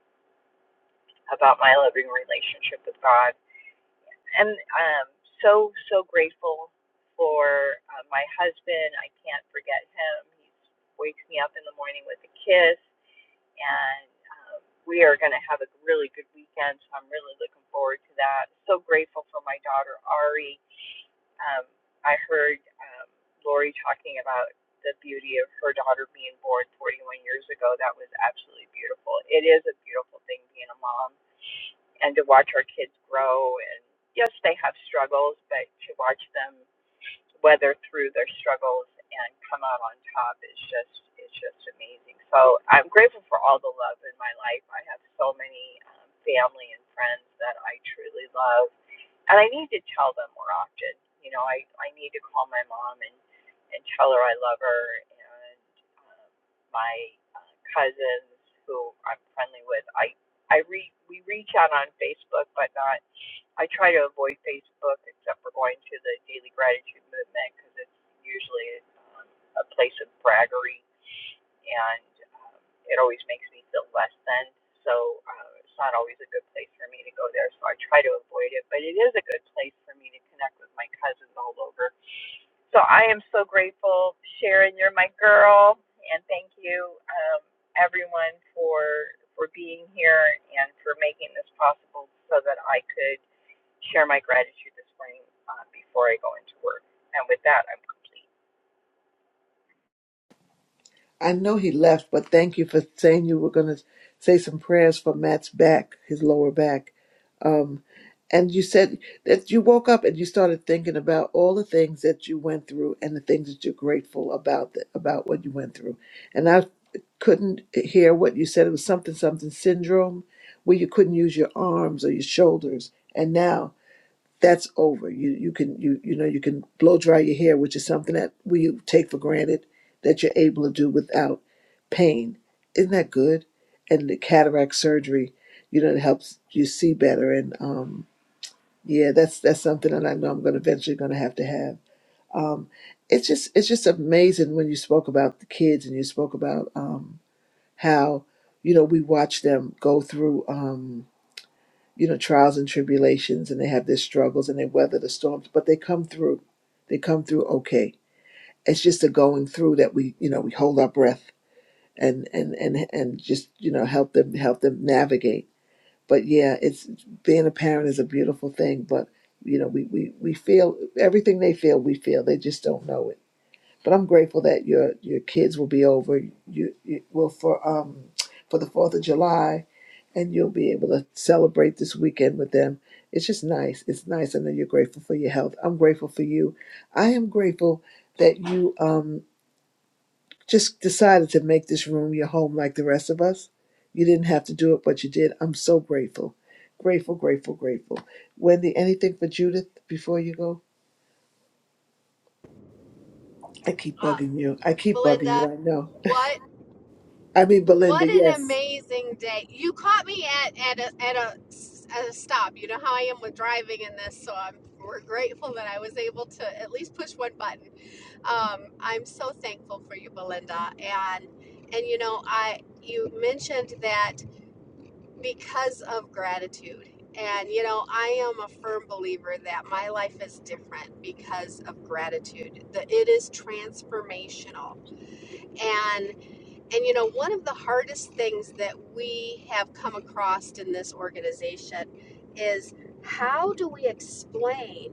S32: about my loving relationship with God. And um, so, so grateful for uh, my husband. I can't forget him. He wakes me up in the morning with a kiss, and um, we are going to have a really good weekend. So I'm really looking forward to that. So grateful for my daughter Ari um, I heard um, Lori talking about the beauty of her daughter being born 41 years ago. That was absolutely beautiful. It is a beautiful thing being a mom and to watch our kids grow. And yes, they have struggles, but to watch them weather through their struggles and come out on top is just it's just amazing. So I'm grateful for all the love in my life. I have so many um, family and friends that I truly love, and I need to tell them more often. You know, I I need to call my mom and and tell her I love her and um, my uh, cousins who I'm friendly with. I I re we reach out on Facebook, but not I try to avoid Facebook except for going to the Daily Gratitude Movement because it's usually um, a place of braggery and um, it always makes me feel less than. So uh, it's not always a good place for me to go there. So I try to avoid it, but it is a good place for me to connect with my cousins all over. So I am so grateful, Sharon. You're my girl, and thank you, um, everyone, for for being here and for making this possible so that I could share my gratitude this morning uh, before I go into work. And with that, I'm complete.
S5: I know he left, but thank you for saying you were going to say some prayers for Matt's back, his lower back. Um, and you said that you woke up and you started thinking about all the things that you went through and the things that you're grateful about th- about what you went through. And I couldn't hear what you said. It was something something syndrome where you couldn't use your arms or your shoulders. And now that's over. You you can you you know you can blow dry your hair, which is something that we take for granted that you're able to do without pain. Isn't that good? And the cataract surgery, you know, it helps you see better. And um, yeah, that's that's something that I know I'm going to eventually going to have to have. Um, it's just it's just amazing when you spoke about the kids and you spoke about um, how you know we watch them go through. Um, you know, trials and tribulations and they have their struggles and they weather the storms, but they come through. They come through okay. It's just the going through that we, you know, we hold our breath and and and and just, you know, help them help them navigate. But yeah, it's being a parent is a beautiful thing, but you know, we we we feel everything they feel, we feel. They just don't know it but I'm grateful that your your kids will be over. You, you will for um for the Fourth of July, and you'll be able to celebrate this weekend with them. It's just nice. It's nice. I know you're grateful for your health. I'm grateful for you. I am grateful that you um just decided to make this room your home like the rest of us. You didn't have to do it, but you did. I'm so grateful. Grateful, grateful, grateful. Wendy, anything for Judith before you go? I keep bugging you. I keep bugging you.
S23: Belinda.
S5: I know.
S23: What
S5: I mean, Belinda,
S23: what an
S5: yes.
S23: amazing day! You caught me at at a, at a at a stop. You know how I am with driving in this, so I'm we're grateful that I was able to at least push one button. Um, I'm so thankful for you, Belinda, and and you know I you mentioned that because of gratitude. And you know, I am a firm believer that my life is different because of gratitude. That it is transformational and you know, one of the hardest things that we have come across in this organization is how do we explain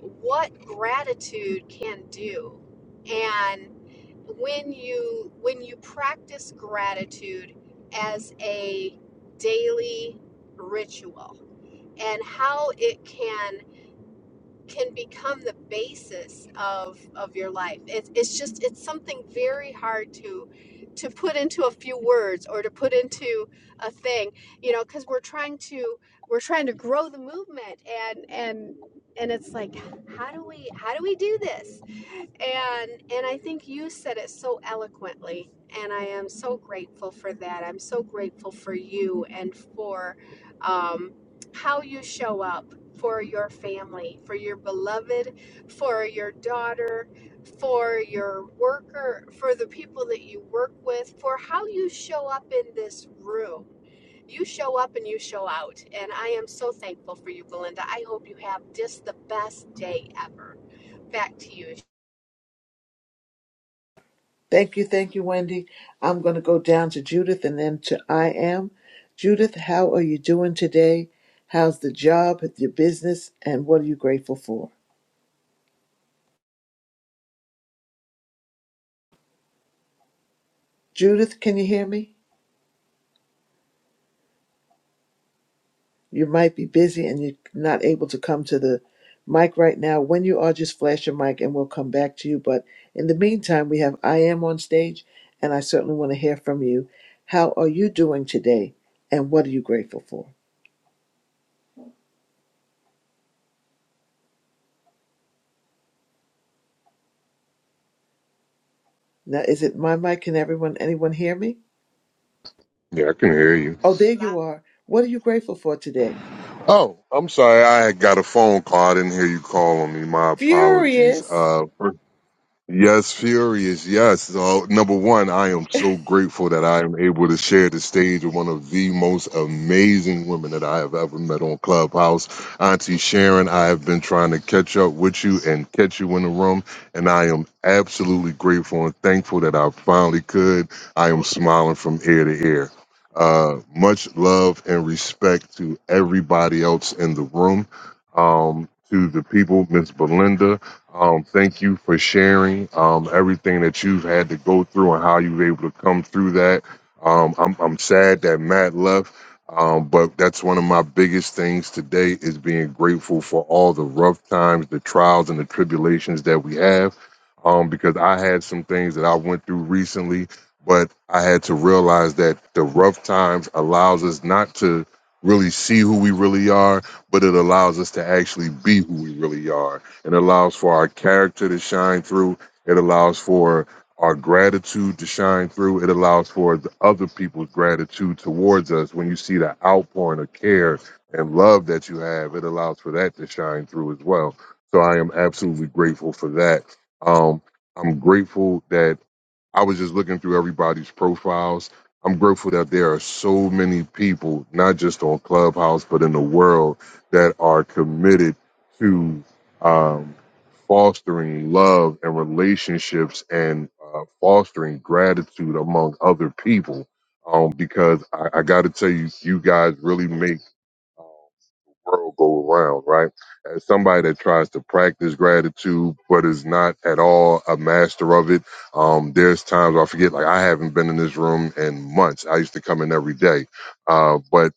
S23: what gratitude can do? And when you when you practice gratitude as a daily ritual and how it can can become the basis of of your life. It's it's just it's something very hard to to put into a few words or to put into a thing, you know, because we're trying to we're trying to grow the movement and and and it's like how do we how do we do this? And and I think you said it so eloquently and I am so grateful for that. I'm so grateful for you and for um, how you show up for your family, for your beloved, for your daughter, for your worker, for the people that you work with, for how you show up in this room. You show up and you show out. And I am so thankful for you, Belinda. I hope you have just the best day ever. Back to you.
S5: Thank you, thank you, Wendy. I'm going to go down to Judith and then to I am. Judith, how are you doing today? How's the job, your business, and what are you grateful for? Judith, can you hear me? You might be busy and you're not able to come to the mic right now. When you are, just flash your mic and we'll come back to you. But in the meantime, we have I am on stage and I certainly want to hear from you. How are you doing today and what are you grateful for? Now, is it my mic? Can everyone, anyone hear me?
S33: Yeah, I can hear you.
S5: Oh, there you
S23: Sheila.
S5: are. What are you grateful for today?
S33: Oh, I'm sorry. I had got a phone call. I didn't hear you call on me. My apologies.
S5: Furious.
S33: Uh, Yes, furious. Yes. So, number one, I am so grateful that I am able to share the stage with one of the most amazing women that I have ever met on Clubhouse. Auntie Sharon, I have been trying to catch up with you and catch you in the room, and I am absolutely grateful and thankful that I finally could. I am smiling from ear to ear. Uh, much love and respect to everybody else in the room. Um, to the people, Miss Belinda. Um, thank you for sharing um, everything that you've had to go through and how you were able to come through that. Um, I'm, I'm sad that Matt left, um, but that's one of my biggest things today is being grateful for all the rough times, the trials, and the tribulations that we have. Um, because I had some things that I went through recently, but I had to realize that the rough times allows us not to really see who we really are, but it allows us to actually be who we really are it allows for our character to shine through. It allows for our gratitude to shine through. It allows for the other people's gratitude towards us. When you see the outpouring of care and love that you have, it allows for that to shine through as well. So I am absolutely grateful for that. Um, I'm grateful that I was just looking through everybody's profiles. I'm grateful that there are so many people, not just on Clubhouse, but in the world, that are committed to um, fostering love and relationships and uh, fostering gratitude among other people. Um, because I, I got to tell you, you guys really make um, the world go around, right? As somebody that tries to practice gratitude but is not at all a master of it, um, there's times I forget, like I haven't been in this room in months. I used to come in every day. Uh, but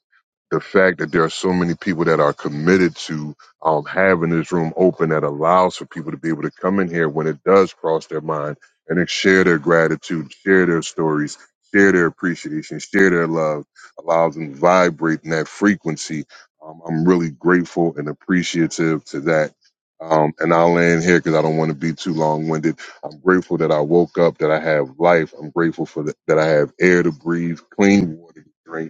S33: the fact that there are so many people that are committed to um, having this room open that allows for people to be able to come in here when it does cross their mind and then share their gratitude, share their stories, share their appreciation, share their love, allows them to vibrate in that frequency. Um, I'm really grateful and appreciative to that. Um, and I'll land here because I don't want to be too long winded. I'm grateful that I woke up, that I have life. I'm grateful for the, that I have air to breathe, clean water to drink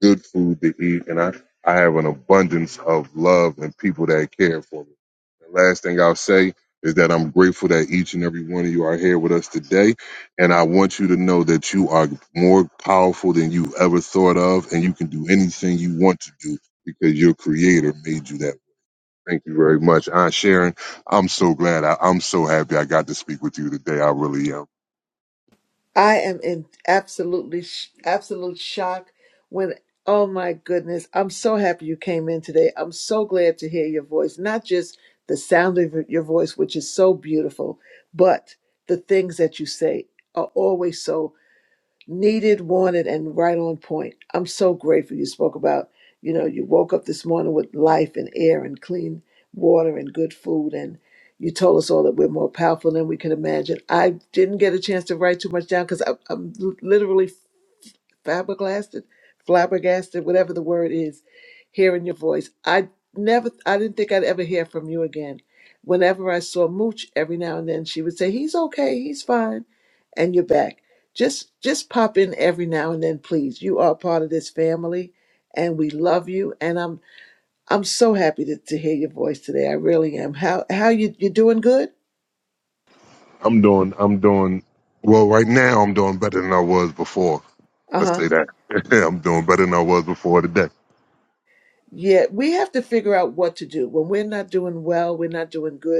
S33: good food to eat, and I, I have an abundance of love and people that care for me. The last thing I'll say is that I'm grateful that each and every one of you are here with us today, and I want you to know that you are more powerful than you ever thought of, and you can do anything you want to do because your creator made you that. way. Thank you very much, Aunt Sharon. I'm so glad. I, I'm so happy I got to speak with you today. I really am.
S5: I am in absolutely sh- absolute shock when oh my goodness, I'm so happy you came in today. I'm so glad to hear your voice, not just the sound of your voice which is so beautiful, but the things that you say are always so needed, wanted, and right on point. I'm so grateful you spoke about, you know, you woke up this morning with life and air and clean water and good food. And you told us all that we're more powerful than we can imagine. I didn't get a chance to write too much down because I'm, literally flabbergasted, flabbergasted, whatever the word is, hearing your voice. I never, I didn't think I'd ever hear from you again. Whenever I saw Mooch, every now and then she would say, "He's okay, he's fine," and you're back. Just, just pop in every now and then, please. You are part of this family, and we love you. And I'm, I'm so happy to, to hear your voice today. I really am. How, how you, you doing? Good.
S33: I'm doing I'm doing well right now I'm doing better than I was before.
S5: Uh
S33: Let's
S5: huh.
S33: say that. [laughs] I'm doing better than I was before today.
S5: Yeah, we have to figure out what to do when we're not doing well. We're not doing good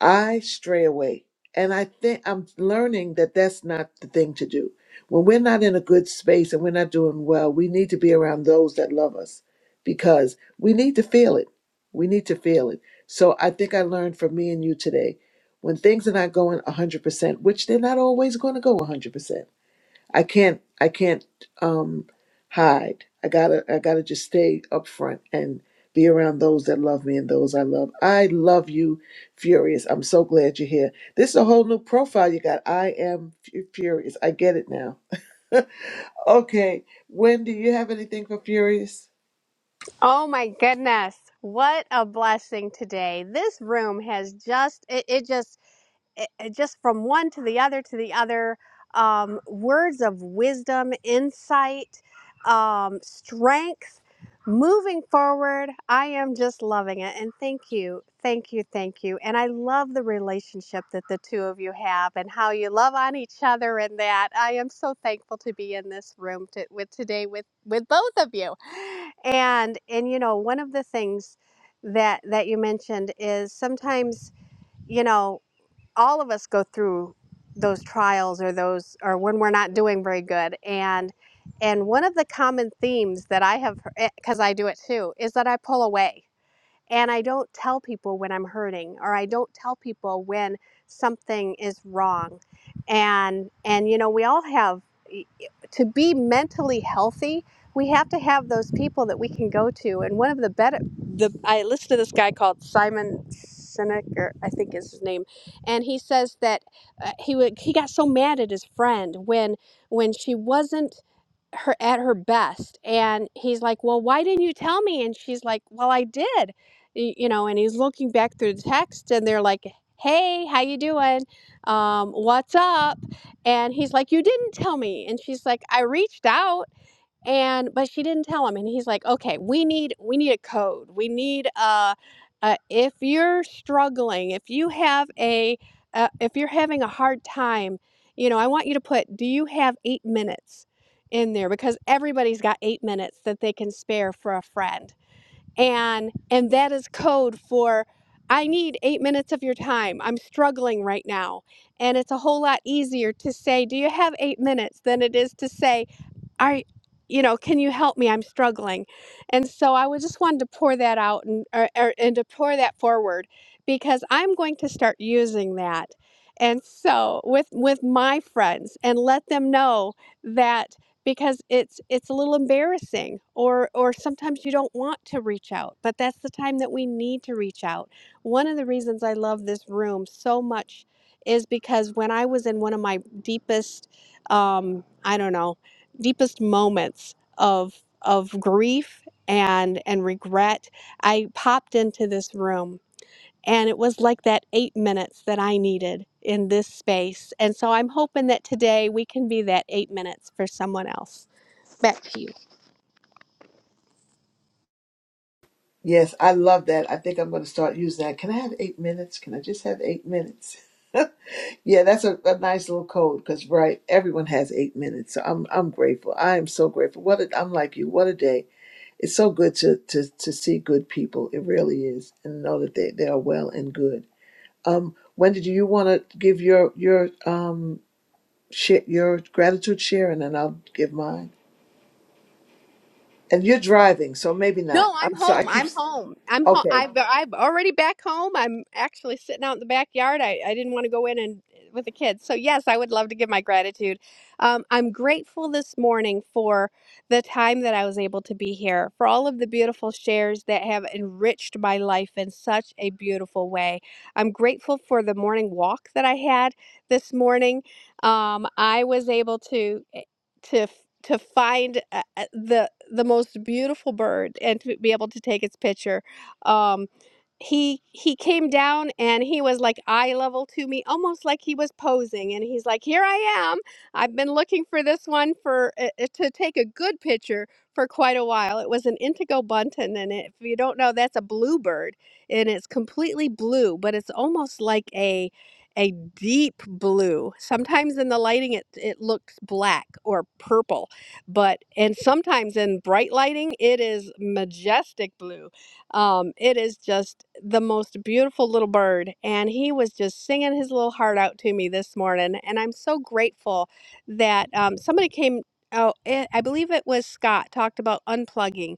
S5: I stray away. And I think I'm learning that that's not the thing to do. When we're not in a good space and we're not doing well, we need to be around those that love us because we need to feel it. We need to feel it. So I think I learned from me and you today when things are not going 100%, which they're not always going to go 100%. I can't I can't um hide. I gotta I gotta just stay up front and be around those that love me and those I love. I love you, Furious. I'm so glad you're here. This is a whole new profile you got. I am Fu- Furious. I get it now. [laughs] okay, Wendy, you have anything for Furious?
S23: Oh my goodness. What a blessing today. This room has just, it, it just it, it just from one to the other to the other um, words of wisdom insight um, strength moving forward i am just loving it and thank you thank you thank you and i love the relationship that the two of you have and how you love on each other and that i am so thankful to be in this room to, with today with with both of you and and you know one of the things that that you mentioned is sometimes you know all of us go through those trials or those or when we're not doing very good and and one of the common themes that i have because i do it too is that i pull away and I don't tell people when I'm hurting or I don't tell people when something is wrong. And and you know, we all have to be mentally healthy, we have to have those people that we can go to. And one of the better the I listened to this guy called Simon Sinek or I think is his name, and he says that uh, he would, he got so mad at his friend when when she wasn't her at her best and he's like well why didn't you tell me and she's like well i did Y- you know and he's looking back through the text and they're like hey how you doing um, what's up and he's like you didn't tell me and she's like i reached out and but she didn't tell him and he's like okay we need we need a code we need uh, uh if you're struggling if you have a uh, if you're having a hard time you know i want you to put do you have eight minutes in there because everybody's got eight minutes that they can spare for a friend and and that is code for i need eight minutes of your time i'm struggling right now and it's a whole lot easier to say do you have eight minutes than it is to say I, you know, can you help me? I'm struggling. And so I was just wanted to pour that out and, or, or, and to pour that forward because I'm going to start using that. And so with, with my friends and let them know that because it's, it's a little embarrassing or, or sometimes you don't want to reach out, but that's the time that we need to reach out. One of the reasons I love this room so much is because when I was in one of my deepest, um, I don't know, deepest moments of of grief and and regret i popped into this room and it was like that 8 minutes that i needed in this space and so i'm hoping that today we can be that 8 minutes for someone else
S5: Yes, I love that. I think I'm going to start using that. Can I have eight minutes? Can I just have eight minutes? [laughs] Yeah, that's a, a nice little code because right, everyone has eight minutes. So I'm I'm grateful. I am so grateful. What a, I'm like you. What a day! It's so good to to to see good people. It really is, and know that they they are well and good. Um, Wendy, do you want to give your your um share, your gratitude share, and then I'll give mine. And you're driving, so maybe not.
S23: No, I'm
S5: I'm sorry. I
S23: home.
S5: keep
S23: I'm
S5: s-
S23: home. I'm home.
S5: okay.
S23: I've I've already back home. I'm actually sitting out in the backyard. I, I didn't want to go in and with the kids. So yes, I would love to give my gratitude. Um, I'm grateful this morning for the time that I was able to be here, for all of the beautiful shares that have enriched my life in such a beautiful way. I'm grateful for the morning walk that I had this morning. Um, I was able to to f- to find uh, uh, the the most beautiful bird and to be able to take its picture. Um, he he came down and he was like eye level to me, almost like he was posing. And he's like, "Here I am. I've been looking for this one for uh, uh, to take a good picture for quite a while." It was an indigo bunting, and if you don't know, that's a bluebird, and it's completely blue, but it's almost like a a deep blue. Sometimes in the lighting it it looks black or purple, but and sometimes in bright lighting it is majestic blue. Um, it is just the most beautiful little bird, and he was just singing his little heart out to me this morning, and I'm so grateful that um, somebody came. Oh, eh, I believe it was Scott talked about unplugging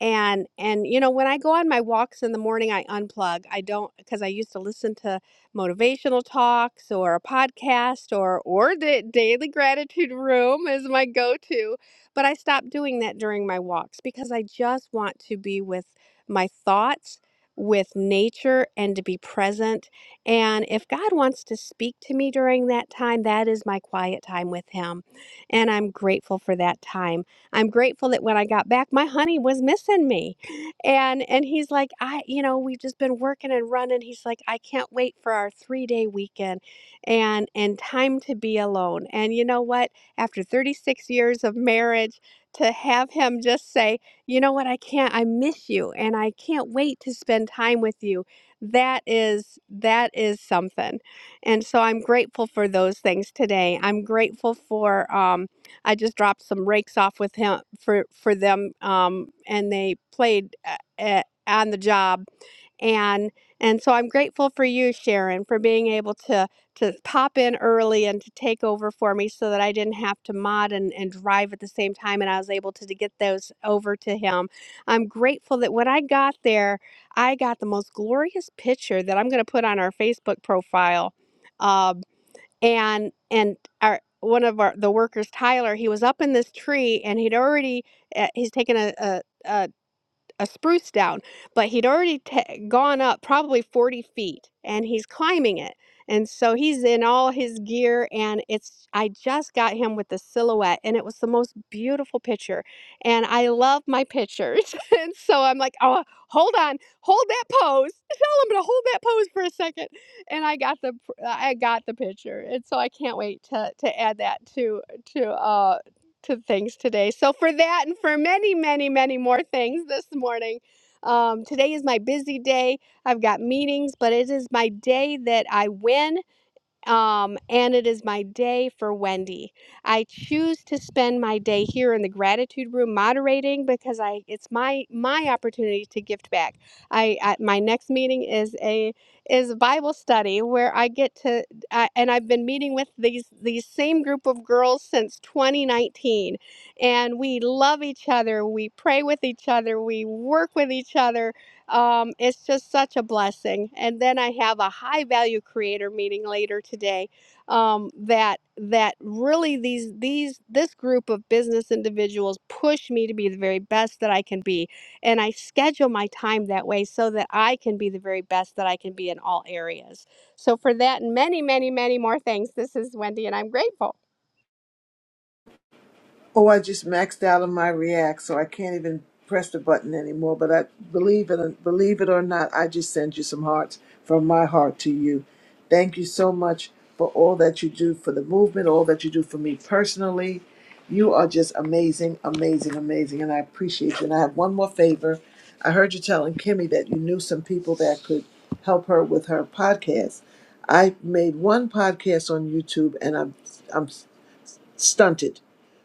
S23: and and you know, when I go on my walks in the morning, I unplug. I don't because I used to listen to motivational talks or a podcast or or the daily gratitude room is my go-to, but I stopped doing that during my walks because I just want to be with my thoughts, with nature and to be present. And if God wants to speak to me during that time, that is my quiet time with him. And I'm grateful for that time. I'm grateful that when I got back, my honey was missing me. And and he's like, I, you know, we've just been working and running. He's like, I can't wait for our three day weekend and and time to be alone. And you know what? After 36 years of marriage, to have him just say, you know what, I can't, I miss you and I can't wait to spend time with you. That is that is something. And so I'm grateful for those things today. I'm grateful for um I just dropped some rakes off with him for for them, um, and they played uh, at, on the job, and and so I'm grateful for you, Sharon, for being able to to pop in early and to take over for me so that I didn't have to mod and, and drive at the same time and I was able to, to get those over to him. I'm grateful that when I got there, I got the most glorious picture that I'm going to put on our Facebook profile Um, and and our one of our the workers tyler he was up in this tree and he'd already uh, he's taken a, a, a a spruce down, but he'd already ta gone up probably 40 feet and he's climbing it. And so he's in all his gear and it's I just got him with the silhouette and it was the most beautiful picture. And I love my pictures. [laughs] and so I'm like, "Oh, hold on. Hold that pose. [laughs] Tell him to hold that pose for a second. And I got the I got the picture. And so I can't wait to to add that to to uh to things today. So, for that and for many, many, many more things this morning, um, today is my busy day. I've got meetings, but it is my day that I win. Um, and it is my day for Wendy. I choose to spend my day here in the gratitude room moderating because I it's my my opportunity to gift back. I at my next meeting is a is a Bible study where I get to I and I've been meeting with these these same group of girls since 2019 and we love each other, we pray with each other, we work with each other um, it's just such a blessing. And then I have a high value creator meeting later today. Um, that that really these these this group of business individuals push me to be the very best that I can be, and I schedule my time that way so that I can be the very best that I can be in all areas. So for that and many many many more things, this is Wendy, and I'm grateful.
S5: Oh, I just maxed out on my React, so I can't even press the button anymore. But I believe it, believe it or not, I just send you some hearts from my heart to you. Thank you so much for all that you do for the movement, all that you do for me personally. You are just amazing, amazing, amazing, and I appreciate you. And I have one more favor. I heard you telling Kimmy that you knew some people that could help her with her podcast. I made one podcast on YouTube, and I'm I'm stunted.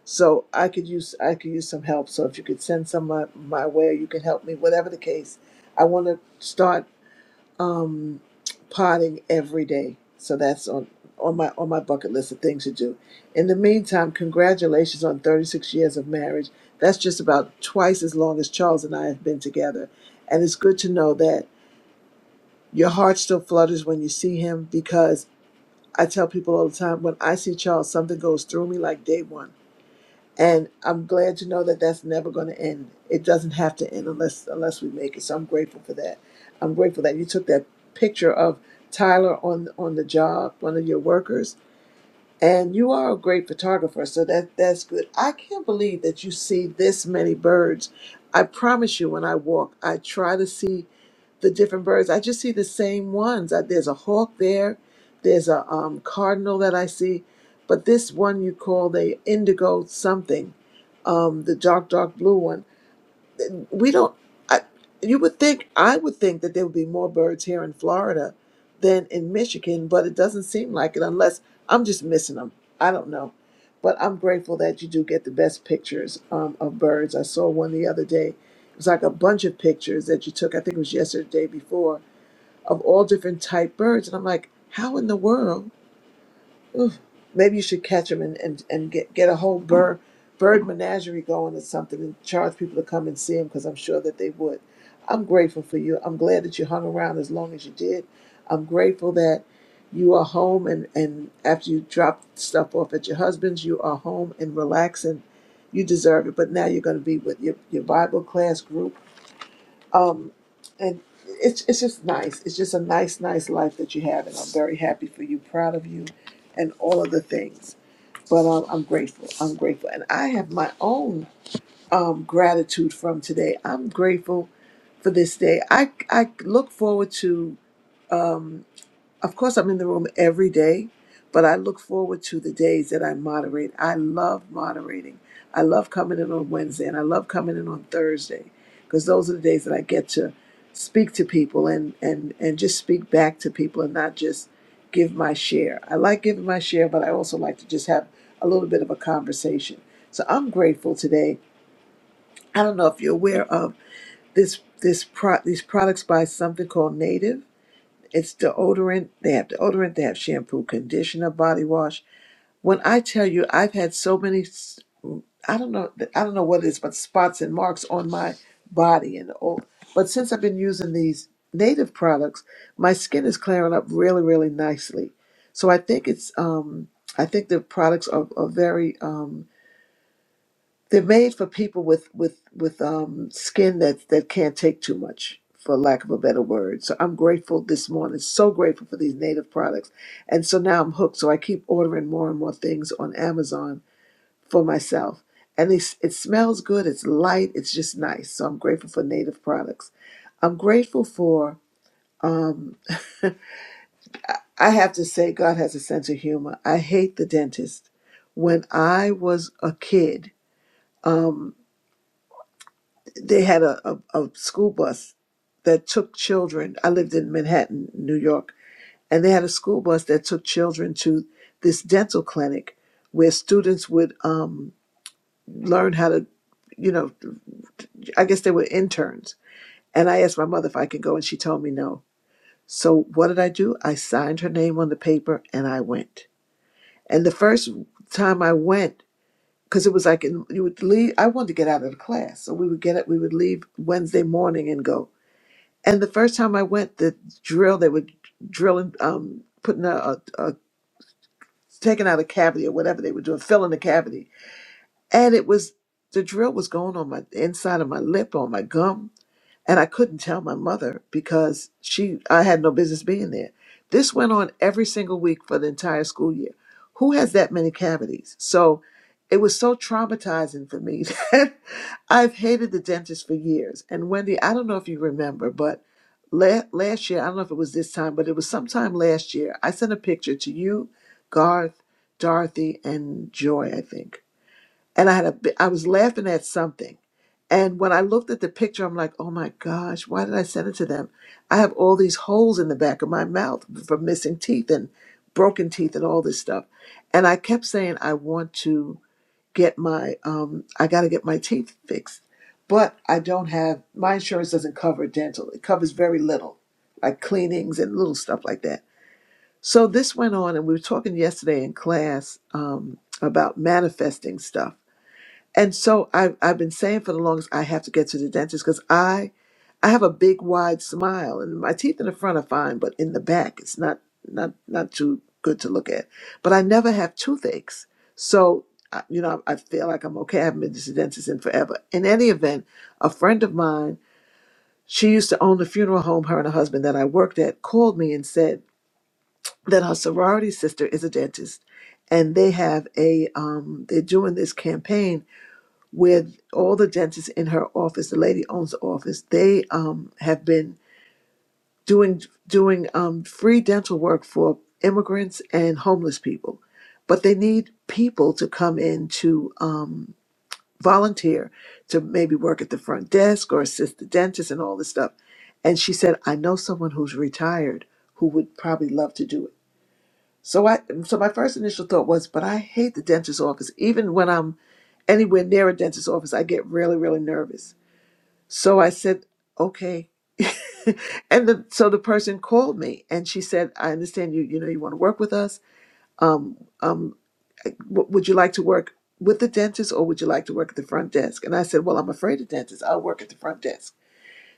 S5: So I could use I could use some help. So if you could send some my, my way, or you can help me. Whatever the case, I want to start um, potting every day. So that's on on my on my bucket list of things to do. In the meantime, congratulations on 36 years of marriage. That's just about twice as long as Charles and I have been together. And it's good to know that your heart still flutters when you see him because I tell people all the time when I see Charles, something goes through me like day one and I'm glad to know that that's never going to end. It doesn't have to end unless unless we make it. So I'm grateful for that. I'm grateful that you took that picture of Tyler on on the job, one of your workers, and you are a great photographer. So that that's good. I can't believe that you see this many birds. I promise you, when I walk, I try to see the different birds. I just see the same ones. Uh, There's a hawk there. There's a um, cardinal that I see, but this one you call the indigo something, um, the dark dark blue one. We don't. I, you would think I would think that there would be more birds here in Florida than in Michigan, but it doesn't seem like it unless I'm just missing them. I don't know. But I'm grateful that you do get the best pictures um, of birds. I saw one the other day. It was like a bunch of pictures that you took. I think it was yesterday, day before of all different type birds. And I'm like, how in the world? Ugh. Maybe you should catch them and, and, and get, get a whole bird, bird menagerie going or something and charge people to come and see them because I'm sure that they would. I'm grateful for you. I'm glad that you hung around as long as you did. I'm grateful that you are home and, and after you drop stuff off at your husband's, you are home and relaxing. You deserve it. But now you're going to be with your, your Bible class group um, and it's it's just nice. It's just a nice, nice life that you have, and I'm very happy for you, proud of you, and all of the things. But um, I'm grateful. I'm grateful, and I have my own um, gratitude from today. I'm grateful for this day. I I look forward to. Um, of course, I'm in the room every day, but I look forward to the days that I moderate. I love moderating. I love coming in on Wednesday and I love coming in on Thursday because those are the days that I get to speak to people and, and, and just speak back to people and not just give my share. I like giving my share, but I also like to just have a little bit of a conversation. So I'm grateful today. I don't know if you're aware of this this pro- these products by something called Native. It's deodorant. They have deodorant. They have shampoo, conditioner, body wash. When I tell you, I've had so many. s- I don't know. I don't know what it is, but spots and marks on my body and all. But since I've been using these native products, my skin is clearing up really, really nicely. So I think it's. Um, I think the products are, are very. um, they're made for people with with with um, skin that that can't take too much, for lack of a better word. So I'm grateful this morning, so grateful for these native products, and so now I'm hooked. So I keep ordering more and more things on Amazon for myself, and it's, it smells good. It's light. It's just nice. So I'm grateful for native products. I'm grateful for. Um, [laughs] I have to say, God has a sense of humor. I hate the dentist. When I was a kid. um, they had a, a, a school bus that took children. I lived in Manhattan, New York, and they had a school bus that took children to this dental clinic where students would um, learn how to, you know, I guess they were interns. And I asked my mother if I could go, and she told me no. So what did I do? I signed her name on the paper and I went. And the first time I went, because it was like in, you would leave. I wanted to get out of the class, so we would get up. We would leave Wednesday morning and go. And the first time I went, the drill they were drilling, um, putting a, a, a taking out a cavity or whatever they were doing, filling the cavity, and it was the drill was going on my the inside of my lip, on my gum, and I couldn't tell my mother because she I had no business being there. This went on every single week for the entire school year. Who has that many cavities? So it was so traumatizing for me [laughs] that I've hated the dentist for years. And Wendy, I don't know if you remember, but la- last year, I don't know if it was this time, but it was sometime last year, I sent a picture to you, Garth, Dorothy, and Joy, I think and I had a bi- I was laughing at something. And when I looked at the picture, I'm like, oh my gosh, why did I send it to them? I have all these holes in the back of my mouth from missing teeth and broken teeth and all this stuff. And I kept saying, I want to get my, um, I got to get my teeth fixed. But I don't have, my insurance doesn't cover dental. It covers very little, like cleanings and little stuff like that. So this went on, and we were talking yesterday in class um, about manifesting stuff. And so I, I've been saying for the longest, I have to get to the dentist because I, I have a big wide smile, and my teeth in the front are fine, but in the back, it's not not not too good to look at. But I never have toothaches, so I- you know I, I feel like I'm okay. I haven't been to the dentist in forever. In any event, a friend of mine, she used to own the funeral home her and her husband that I worked at, called me and said that her sorority sister is a dentist, and they have a um, they're doing this campaign with all the dentists in her office, the lady owns the office, they um, have been doing doing um, free dental work for immigrants and homeless people, but they need people to come in to um, volunteer to maybe work at the front desk or assist the dentist and all this stuff. And she said, I know someone who's retired who would probably love to do it. So I so my first initial thought was, but I hate the dentist's office. Even when I'm anywhere near a dentist's office, I get really, really nervous. So I said, okay. [laughs] And the, so the person called me and she said, I understand you, you know, you want to work with us. Um, um, w- would you like to work with the dentist or would you like to work at the front desk? And I said, well, I'm afraid of dentists. I'll work at the front desk.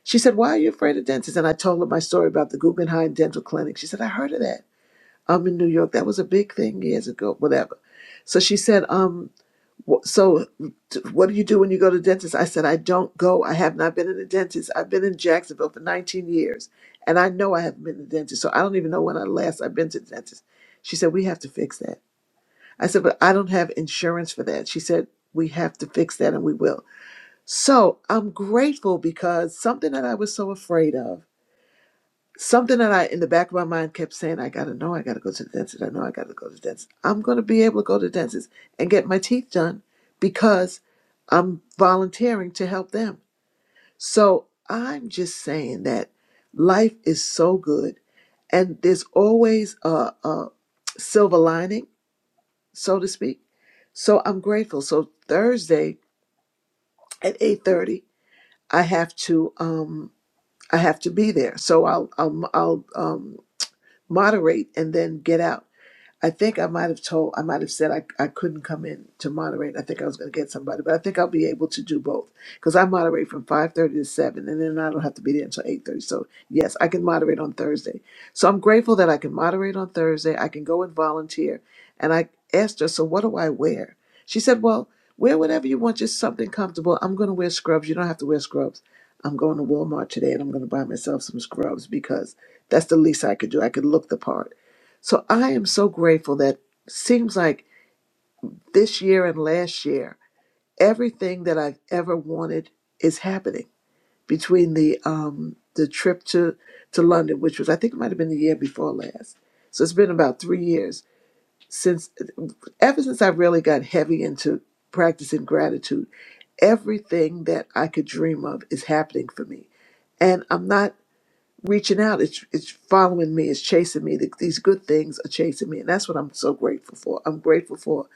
S5: She said, why are you afraid of dentists? And I told her my story about the Guggenheim Dental Clinic. She said, I heard of that. I'm in New York. That was a big thing years ago, whatever. So she said, um, Wh- So, t- what do you do when you go to the dentist? I said, I don't go. I have not been in the dentist. I've been in Jacksonville for 19 years, and I know I haven't been to the dentist. So I don't even know when I last I've been to the dentist. She said, we have to fix that. I said, but I don't have insurance for that. She said, we have to fix that, and we will. So I'm grateful because something that I was so afraid of something that I, in the back of my mind, kept saying, I gotta know, I gotta go to the dentist, I know, I gotta go to the dentist. I'm gonna be able to go to the dentist and get my teeth done because I'm volunteering to help them. So I'm just saying that life is so good and there's always a, a silver lining, so to speak. So I'm grateful. So Thursday at 8:30, I have to um I have to be there. So I'll I'll I'll um moderate and then get out I think I might have told, I might have said I, I couldn't come in to moderate. I think I was going to get somebody, but I think I'll be able to do both because I moderate from 5.30 to 7 and then I don't have to be there until 8.30. So yes, I can moderate on Thursday. So I'm grateful that I can moderate on Thursday. I can go and volunteer. And I asked her, so what do I wear? She said, well, wear whatever you want, just something comfortable. I'm going to wear scrubs. You don't have to wear scrubs. I'm going to Walmart today and I'm going to buy myself some scrubs because that's the least I could do. I could look the part so I am so grateful that seems like this year and last year, everything that I've ever wanted is happening between the um the trip to to London, which was I think it might have been the year before last. So it's been about three years since ever since I really got heavy into practicing gratitude, everything that I could dream of is happening for me. And I'm not reaching out. It's it's following me. It's chasing me. The- These good things are chasing me, and that's what I'm so grateful for. I'm grateful for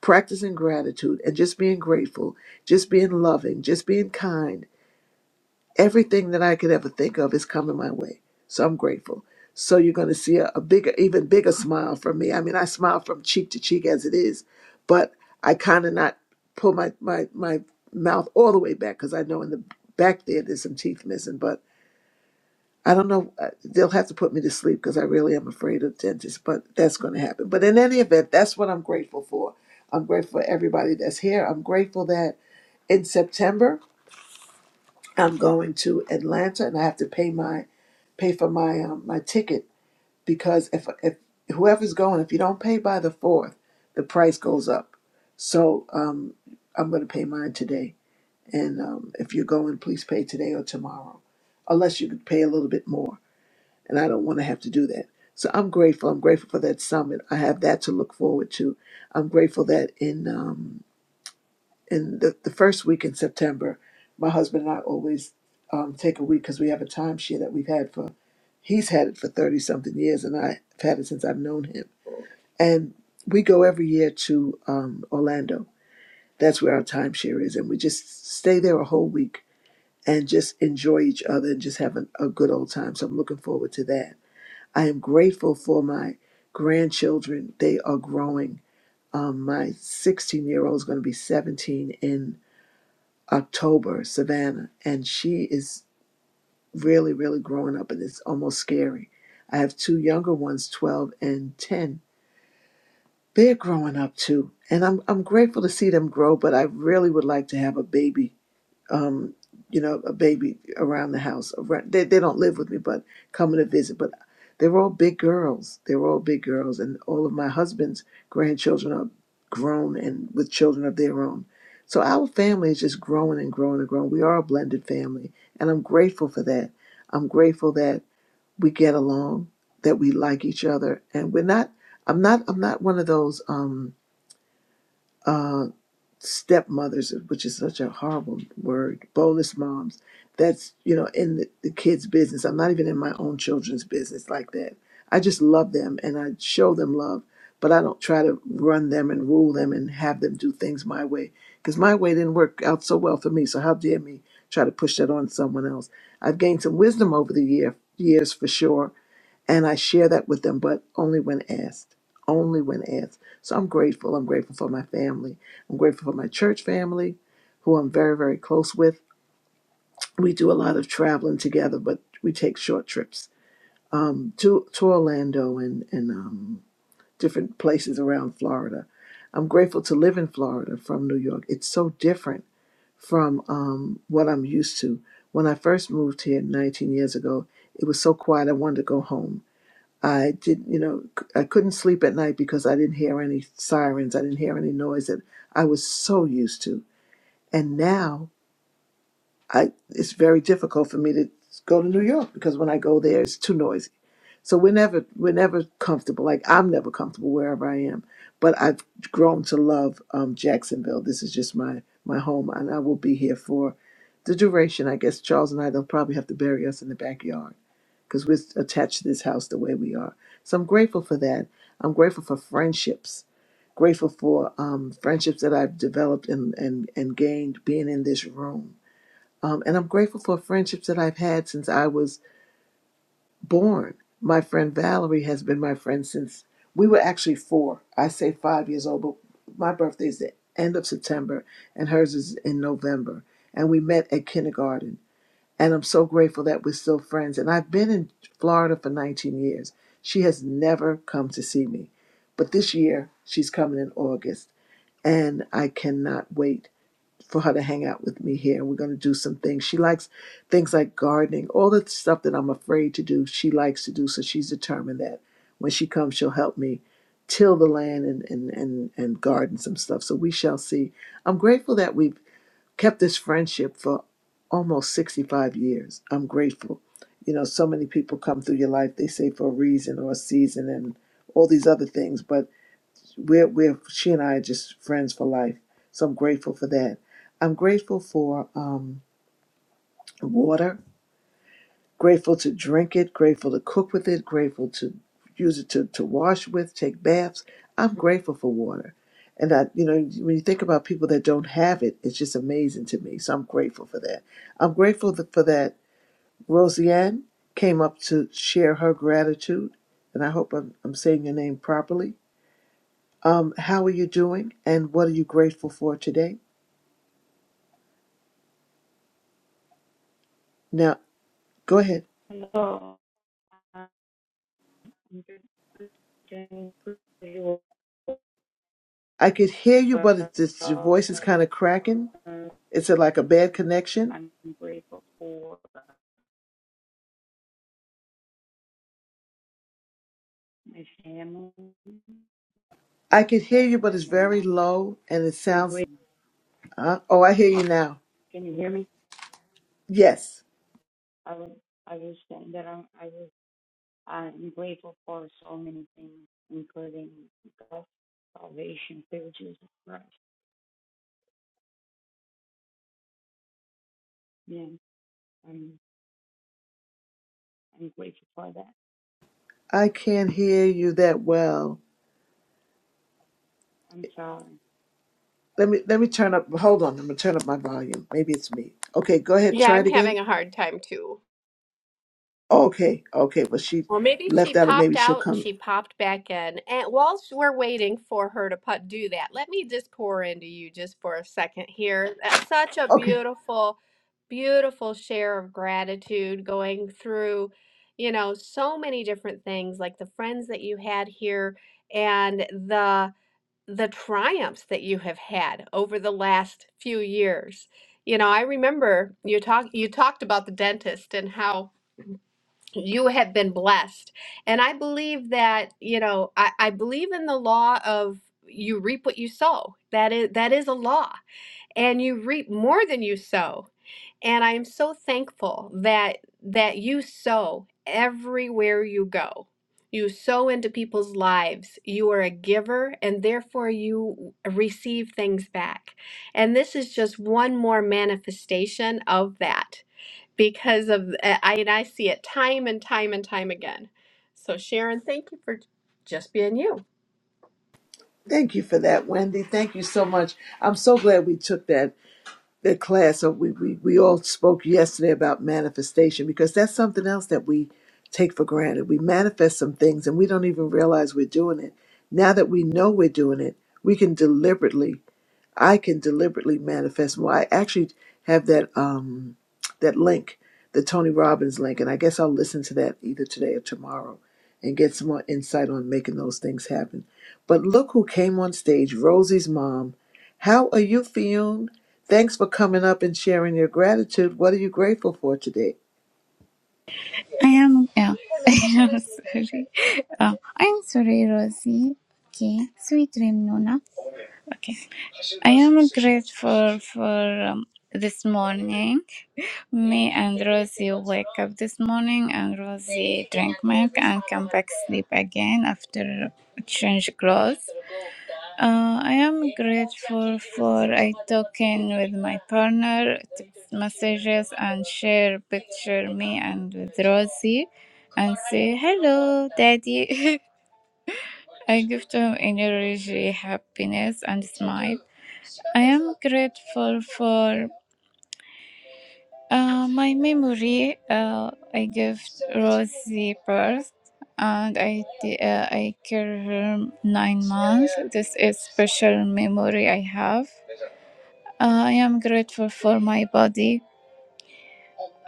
S5: practicing gratitude and just being grateful, just being loving, just being kind. Everything that I could ever think of is coming my way, so I'm grateful. So you're going to see a, a bigger, even bigger smile from me. I mean, I smile from cheek to cheek as it is, but I kind of not pull my my my mouth all the way back because I know in the back there there's some teeth missing, but I don't know. uh, They'll have to put me to sleep because I really am afraid of dentists, but that's going to happen. But in any event, that's what I'm grateful for. I'm grateful for everybody that's here. I'm grateful that in September I'm going to Atlanta and I have to pay my pay for my um, my ticket because if if whoever's going, if you don't pay by the fourth, the price goes up. So um, I'm going to pay mine today. And um, if you're going, please pay today or tomorrow, unless you could pay a little bit more and I don't want to have to do that. So I'm grateful. I'm grateful for that summit. I have that to look forward to. I'm grateful that in um, in the, the first week in September, my husband and I always um, take a week because we have a timeshare that we've had for he's had it for thirty something years, and I've had it since I've known him. And we go every year to um, Orlando. That's where our timeshare is, and we just stay there a whole week and just enjoy each other and just have an, a good old time. So I'm looking forward to that I am grateful for my grandchildren. They are growing. Um, my 16 year old is going to be 17 in October, Savannah, and she is really, really growing up, and it's almost scary. I have two younger ones, 12 and 10. They're growing up too, and I'm I'm grateful to see them grow. But I really would like to have a baby um, you know, a baby around the house. Around, they they don't live with me, but coming to visit. But they were all big girls. They were all big girls, and all of my husband's grandchildren are grown and with children of their own. So our family is just growing and growing and growing. We are a blended family, and I'm grateful for that. I'm grateful that we get along, that we like each other, and we're not. I'm not. I'm not one of those. Um, uh, stepmothers, which is such a horrible word, boneless moms. That's, you know, in the, the kids' business. I'm not even in my own children's business like that. I just love them and I show them love, but I don't try to run them and rule them and have them do things my way because my way didn't work out so well for me. So how dare me try to push that on someone else? I've gained some wisdom over the year, years for sure and I share that with them, but only when asked. Only when asked. So I'm grateful. I'm grateful for my family. I'm grateful for my church family, who I'm very, very close with. We do a lot of traveling together, but we take short trips um, to, to Orlando and, and um, different places around Florida. I'm grateful to live in Florida from New York. It's so different from um, what I'm used to. When I first moved here 19 years ago, it was so quiet, I wanted to go home I did, you know, c- I couldn't sleep at night because I didn't hear any sirens. I didn't hear any noise that I was so used to. And now I, it's very difficult for me to go to New York because when I go there, it's too noisy. So we're never, we're never comfortable. Like I'm never comfortable wherever I am. But I've grown to love um, Jacksonville. This is just my my home, and I will be here for the duration. I guess Charles and I, they'll probably have to bury us in the backyard because we're attached to this house the way we are. So I'm grateful for that. I'm grateful for friendships. Grateful for um, friendships that I've developed and, and, and gained being in this room. Um, and I'm grateful for friendships that I've had since I was born. My friend Valerie has been my friend since we were actually four. I say five years old, but my birthday is the end of September and hers is in November. And we met at kindergarten and I'm so grateful that we're still friends. And I've been in Florida for 19 years. She has never come to see me. But this year, she's coming in August. And I cannot wait for her to hang out with me here. We're going to do some things. She likes things like gardening, all the stuff that I'm afraid to do, she likes to do. So she's determined that when she comes, she'll help me till the land and, and, and, and garden some stuff. So we shall see. I'm grateful that we've kept this friendship for almost 65 years. I'm grateful. You know, so many people come through your life, they say for a reason or a season and all these other things, but we're, we're she and I are just friends for life. So I'm grateful for that. I'm grateful for um, water grateful to drink it, grateful to cook with it, grateful to use it to, to wash with, take baths. I'm grateful for water. And I, you know, when you think about people that don't have it, it's just amazing to me. So I'm grateful for that. I'm grateful th- for that. Roseanne came up to share her gratitude, and I hope I'm, I'm saying your name properly. Um, how are you doing, and what are you grateful for today? Now, go ahead.
S34: Hello, I'm doing pretty well.
S5: I could hear you, but it's, it's, your voice is
S34: Um,
S5: kind of cracking. It's a, like a bad connection.
S34: I'm grateful for my family and
S5: I can hear you, but it's
S34: my
S5: very
S34: mom.
S5: low and it
S34: I'm
S5: sounds.
S34: grateful.
S5: Uh, oh, I hear you now.
S34: Can you hear me?
S5: Yes,
S34: I was I was saying that I'm I was I'm grateful for so many things, including God's salvation through Jesus Christ. Yeah, I'm I'm grateful for that.
S5: I can't hear you that well.
S34: I'm sorry.
S5: Let me let me turn up. Hold on, I'm gonna turn up my volume. Maybe it's me. Okay, go ahead.
S23: Yeah,
S5: Try
S23: I'm
S5: it again.
S23: having a hard time too.
S5: Okay, okay. Well, she
S23: Well, maybe she
S5: left out, and maybe
S23: popped
S5: she'll
S23: out and
S5: come.
S23: she popped back in. And whilst we're waiting for her to put, do that, let me just pour into you just for a second here. That's such a
S5: Okay.
S23: beautiful, beautiful share of gratitude going through, you know, so many different things like the friends that you had here and the the triumphs that you have had over the last few years. You know, I remember you talk you talked about the dentist and how you have been blessed. And I believe that, you know, I, I believe in the law of you reap what you sow. That is that is a law. And you reap more than you sow. And I am so thankful that that you sow everywhere you go. You sow into people's lives. You are a giver and therefore you receive things back. And this is just one more manifestation of that because of eh, I and I see it time and time and time again. So Sharon, thank you for just being you.
S5: Thank you for that, Wendy. Thank you so much. I'm so glad we took that that class so we, we we all spoke yesterday about manifestation because that's something else that we take for granted we manifest some things and we don't even realize we're doing it now that we know we're doing it we can deliberately I can deliberately manifest more. I actually have that um that link, the Tony Robbins link, and I guess I'll listen to that either today or tomorrow and get some more insight on making those things happen. But look who came on stage, Rosie's mom. How are you, Fionn? Thanks for coming up and sharing your gratitude. What are you grateful for today?
S35: I am. Yeah, [laughs] I am sorry. Oh, I'm sorry, Rosie. Okay, sweet dream, Nona. Okay, I am grateful for um, this morning. Me and Rosie wake up this morning, and Rosie drink milk and come back sleep again after change clothes. Uh, I am grateful for I talk in with my partner, text messages, and share picture me and with Rosie, and say hello, daddy. [laughs] I give to him energy, happiness, and smile. I am grateful for uh, my memory. Uh, I give Rosie birth. And I, t- uh, I care her nine months. This is special memory I have. Uh, I am grateful for my body.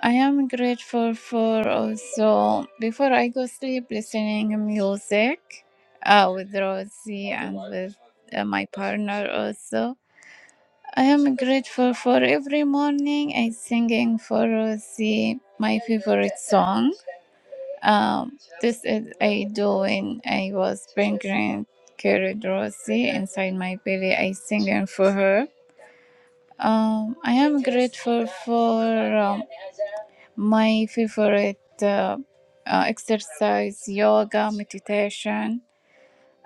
S35: I am grateful for also before I go sleep listening music uh, with Rosie and with uh, my partner also. I am grateful for every morning I singing for Rosie my favorite song. Um, this is I do when I was pregnant, carried Rosie inside my belly. I singing for her. Um, I am grateful for Um, My favorite uh, uh, exercise, yoga, meditation.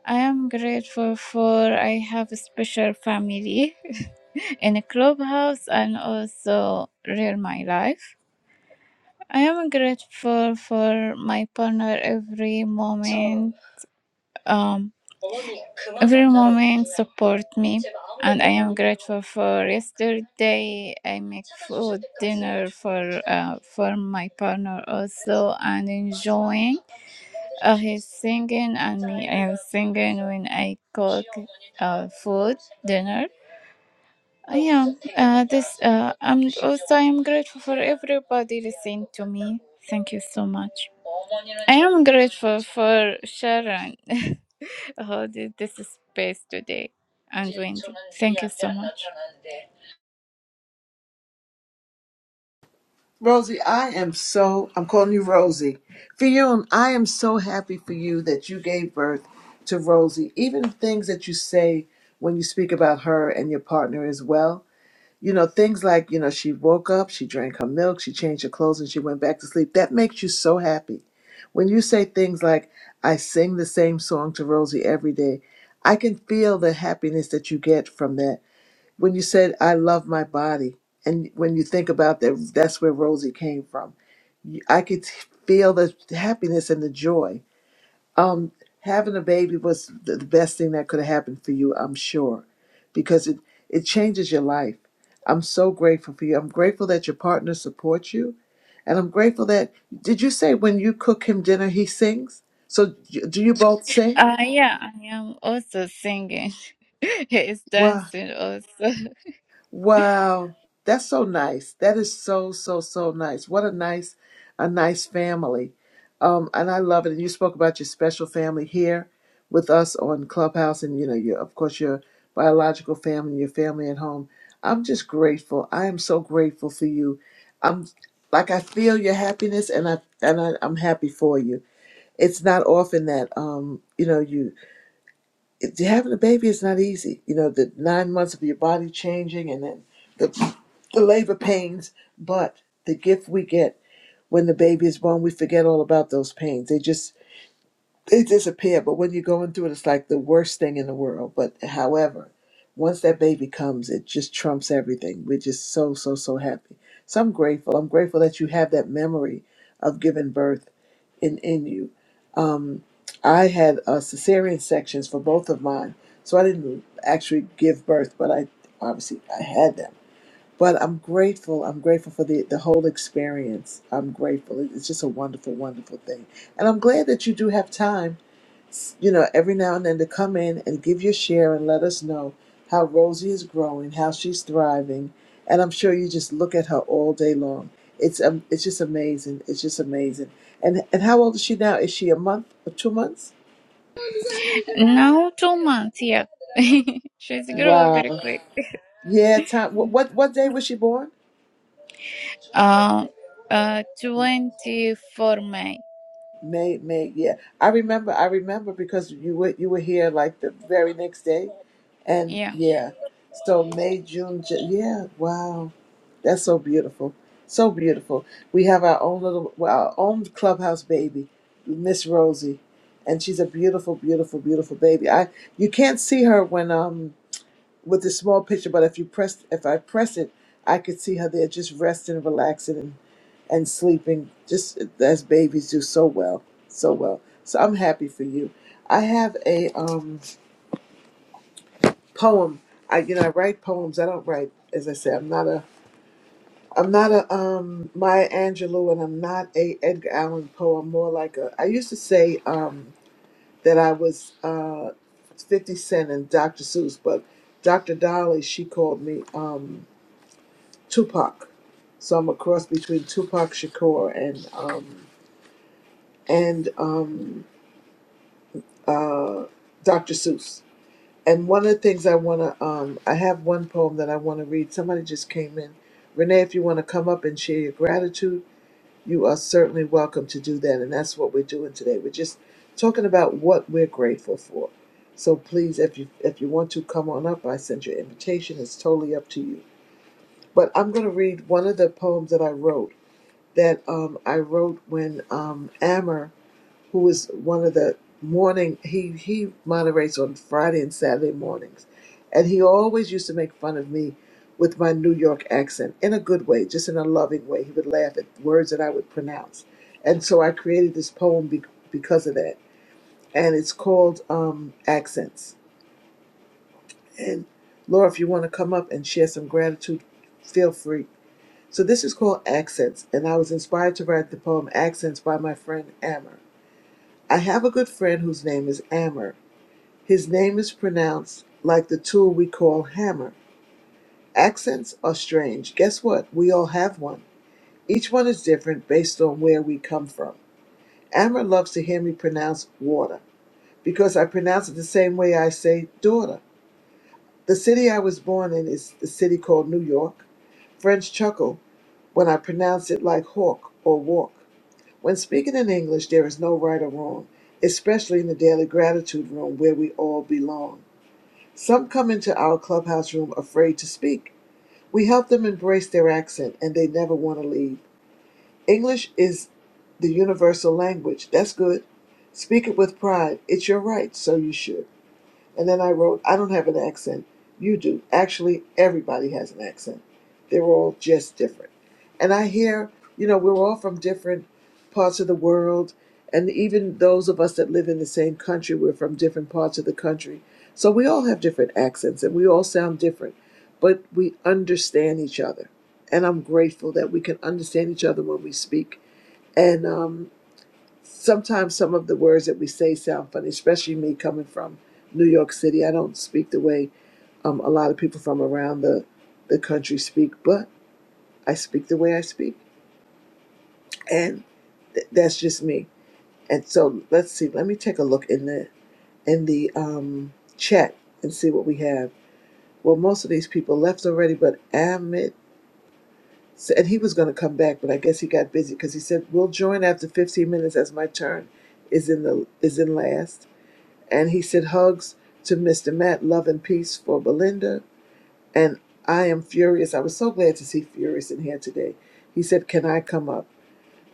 S35: I am grateful for I have a special family [laughs] in a clubhouse and also real my life. I am grateful for my partner every moment um, every moment support me, and I am grateful for yesterday. I make food dinner for uh, for my partner also, and enjoying uh, his singing and me. I am singing when I cook uh, food dinner. Uh, Yeah, uh, this uh, I'm also I'm grateful for everybody listening to me. Thank you so much. I am grateful for Sharon [laughs] who did this space today and Wendy. Thank you so much.
S5: Rosie, I am so, I'm calling you Rosie. Fiyun, I am so happy for you that you gave birth to Rosie. Even things that you say when you speak about her and your partner as well, you know, things like, you know, she woke up, she drank her milk, she changed her clothes, and she went back to sleep. That makes you so happy. When you say things like, I sing the same song to Rosie every day, I can feel the happiness that you get from that when you said I love my body, and when you think about that, that's where Rosie came from. You- I could feel the happiness and the joy. Um, having a baby was the the best thing that could have happened for you, I'm sure, because it it changes your life. I'm so grateful for you. I'm grateful that your partner supports you, and I'm grateful that did you say when you cook him dinner he sings? So do do you both sing?
S35: Uh, yeah, I am also singing. [laughs] he is
S5: Wow.
S35: dancing also.
S5: Wow, that's so nice. That is so so so nice. What a nice, a nice family, um, and I love it. And you spoke about your special family here with us on Clubhouse, and you know, your of course your biological family, your family at home. I'm just grateful. I am so grateful for you. I'm like I feel your happiness, and I and I, I'm happy for you. It's not often that um, you know you it- having a baby is not easy. You know the nine months of your body changing, and then the the labor pains, but the gift we get when the baby is born, we forget all about those pains. They just they disappear. But when you're going through it, it's like the worst thing in the world. But however, once that baby comes, it just trumps everything. We're just so so so happy. So I'm grateful. I'm grateful that you have that memory of giving birth in in you. Um, I had uh, cesarean sections for both of mine, so I didn't actually give birth, but I obviously I had them but I'm grateful. I'm grateful for the, the whole experience. I'm grateful. It- It's just a wonderful, wonderful thing. And I'm glad that you do have time, s- you know, every now and then to come in and give your share and let us know how Rosie is growing, how she's thriving. And I'm sure you just look at her all day long. It's um, it's just amazing. It's just amazing. And and how old is she now? Is she a month or two months?
S35: [laughs] now two months, yeah. [laughs] She's grow very
S5: Wow.
S35: quick. [laughs]
S5: Yeah. Time. What what, what day was she born?
S35: Uh, uh, 24 May.
S5: May, May, yeah. I remember, I remember because you were you were here like the very next day, and
S35: yeah
S5: yeah. So May, June, Ju- yeah. Wow, that's so beautiful, so beautiful. We have our own little, well, our own clubhouse baby, Miss Rosie, and she's a beautiful, beautiful, beautiful baby. I you can't see her when um with the small picture, but if you press, if I press it, I could see her there just resting, relaxing, and sleeping just as babies do so well so well so i'm happy for you i have a um poem i you know i write poems i don't write as i say i'm not a i'm not a um maya angelou and i'm not a edgar allan poe i'm more like a i used to say um that i was uh 50 cent and dr seuss but dr dolly she called me um tupac so i'm a cross between tupac shakur and um and um uh, Dr. Seuss. And one of the things I want to, um, I have one poem that I want to read. Somebody just came in. Renee, if you want to come up and share your gratitude, you are certainly welcome to do that. And that's what we're doing today. We're just talking about what we're grateful for. So please, if you if you want to come on up, I send your invitation. It's totally up to you. But I'm going to read one of the poems that I wrote that um, I wrote when um, Ammer who was one of the morning he he moderates on Friday and Saturday mornings, and he always used to make fun of me with my New York accent in a good way, just in a loving way. He would laugh at words that I would pronounce, and so I created this poem be, because of that, and it's called um, Accents. And Laura, if you want to come up and share some gratitude, feel free. So this is called Accents, and I was inspired to write the poem Accents by my friend Ammer. I have a good friend whose name is Ammer. His name is pronounced like the tool we call hammer. Accents are strange. Guess what? We all have one. Each one is different based on where we come from. Amber loves to hear me pronounce water because I pronounce it the same way I say daughter. The city I was born in is the city called New York. Friends chuckle when I pronounce it like hawk or walk. When speaking in English, there is no right or wrong, especially in the daily gratitude room where we all belong. Some come into our clubhouse room afraid to speak. We help them embrace their accent and they never want to leave. English is the universal language. That's good. Speak it with pride. It's your right, so you should. And then I wrote, I don't have an accent. You do. Actually, everybody has an accent. They're all just different. And I hear, you know, we're all from different parts of the world. And even those of us that live in the same country, we're from different parts of the country. So we all have different accents and we all sound different, but we understand each other. And I'm grateful that we can understand each other when we speak. And, um, sometimes some of the words that we say sound funny, especially me coming from New York City. I don't speak the way um, a lot of people from around the, the country speak, but I speak the way I speak, and th- that's just me. And so let's see. Let me take a look in the in the um, chat and see what we have. Well, most of these people left already, but Amit said he was going to come back, but I guess he got busy because he said we'll join after 15 minutes as my turn is in the is in last. And he said, Hugs to Mr. Matt, love and peace for Belinda. And I am furious. I was so glad to see Furious in here today. He said, Can I come up?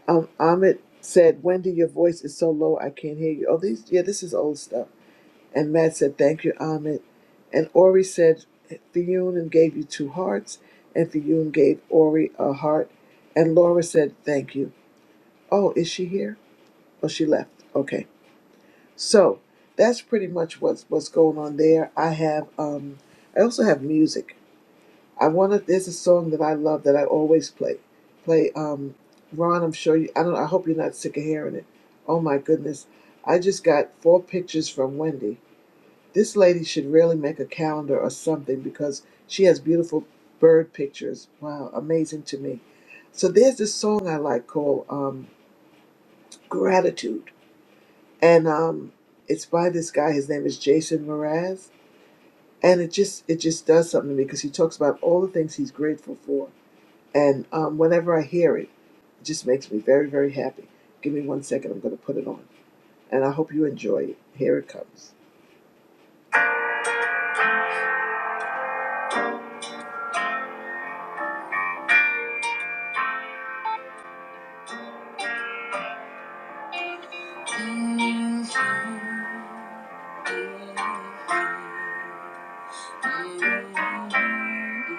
S5: Um, Ahmed said, Wendy, your voice is so low, I can't hear you. Oh, these, yeah, this is old stuff. And Matt said, Thank you, Ahmed. And Ori said, Fionn and gave you two hearts. And Fionn gave Ori a heart. And Laura said, Thank you. Oh, is she here? Oh, she left. Okay. So that's pretty much what's what's going on there. I have um I also have music. I wanna there's a song that I love that I always play. Play um Ron, I'm sure you I don't I hope you're not sick of hearing it. Oh my goodness. I just got four pictures from Wendy. This lady should really make a calendar or something because she has beautiful bird pictures. Wow, amazing to me. So there's this song I like called um Gratitude and um, it's by this guy. His name is Jason Mraz, and it just it just does something to me because he talks about all the things he's grateful for, and um, whenever I hear it, it just makes me very very happy. Give me one second. I'm going to put it on, and I hope you enjoy it. Here it comes. I'm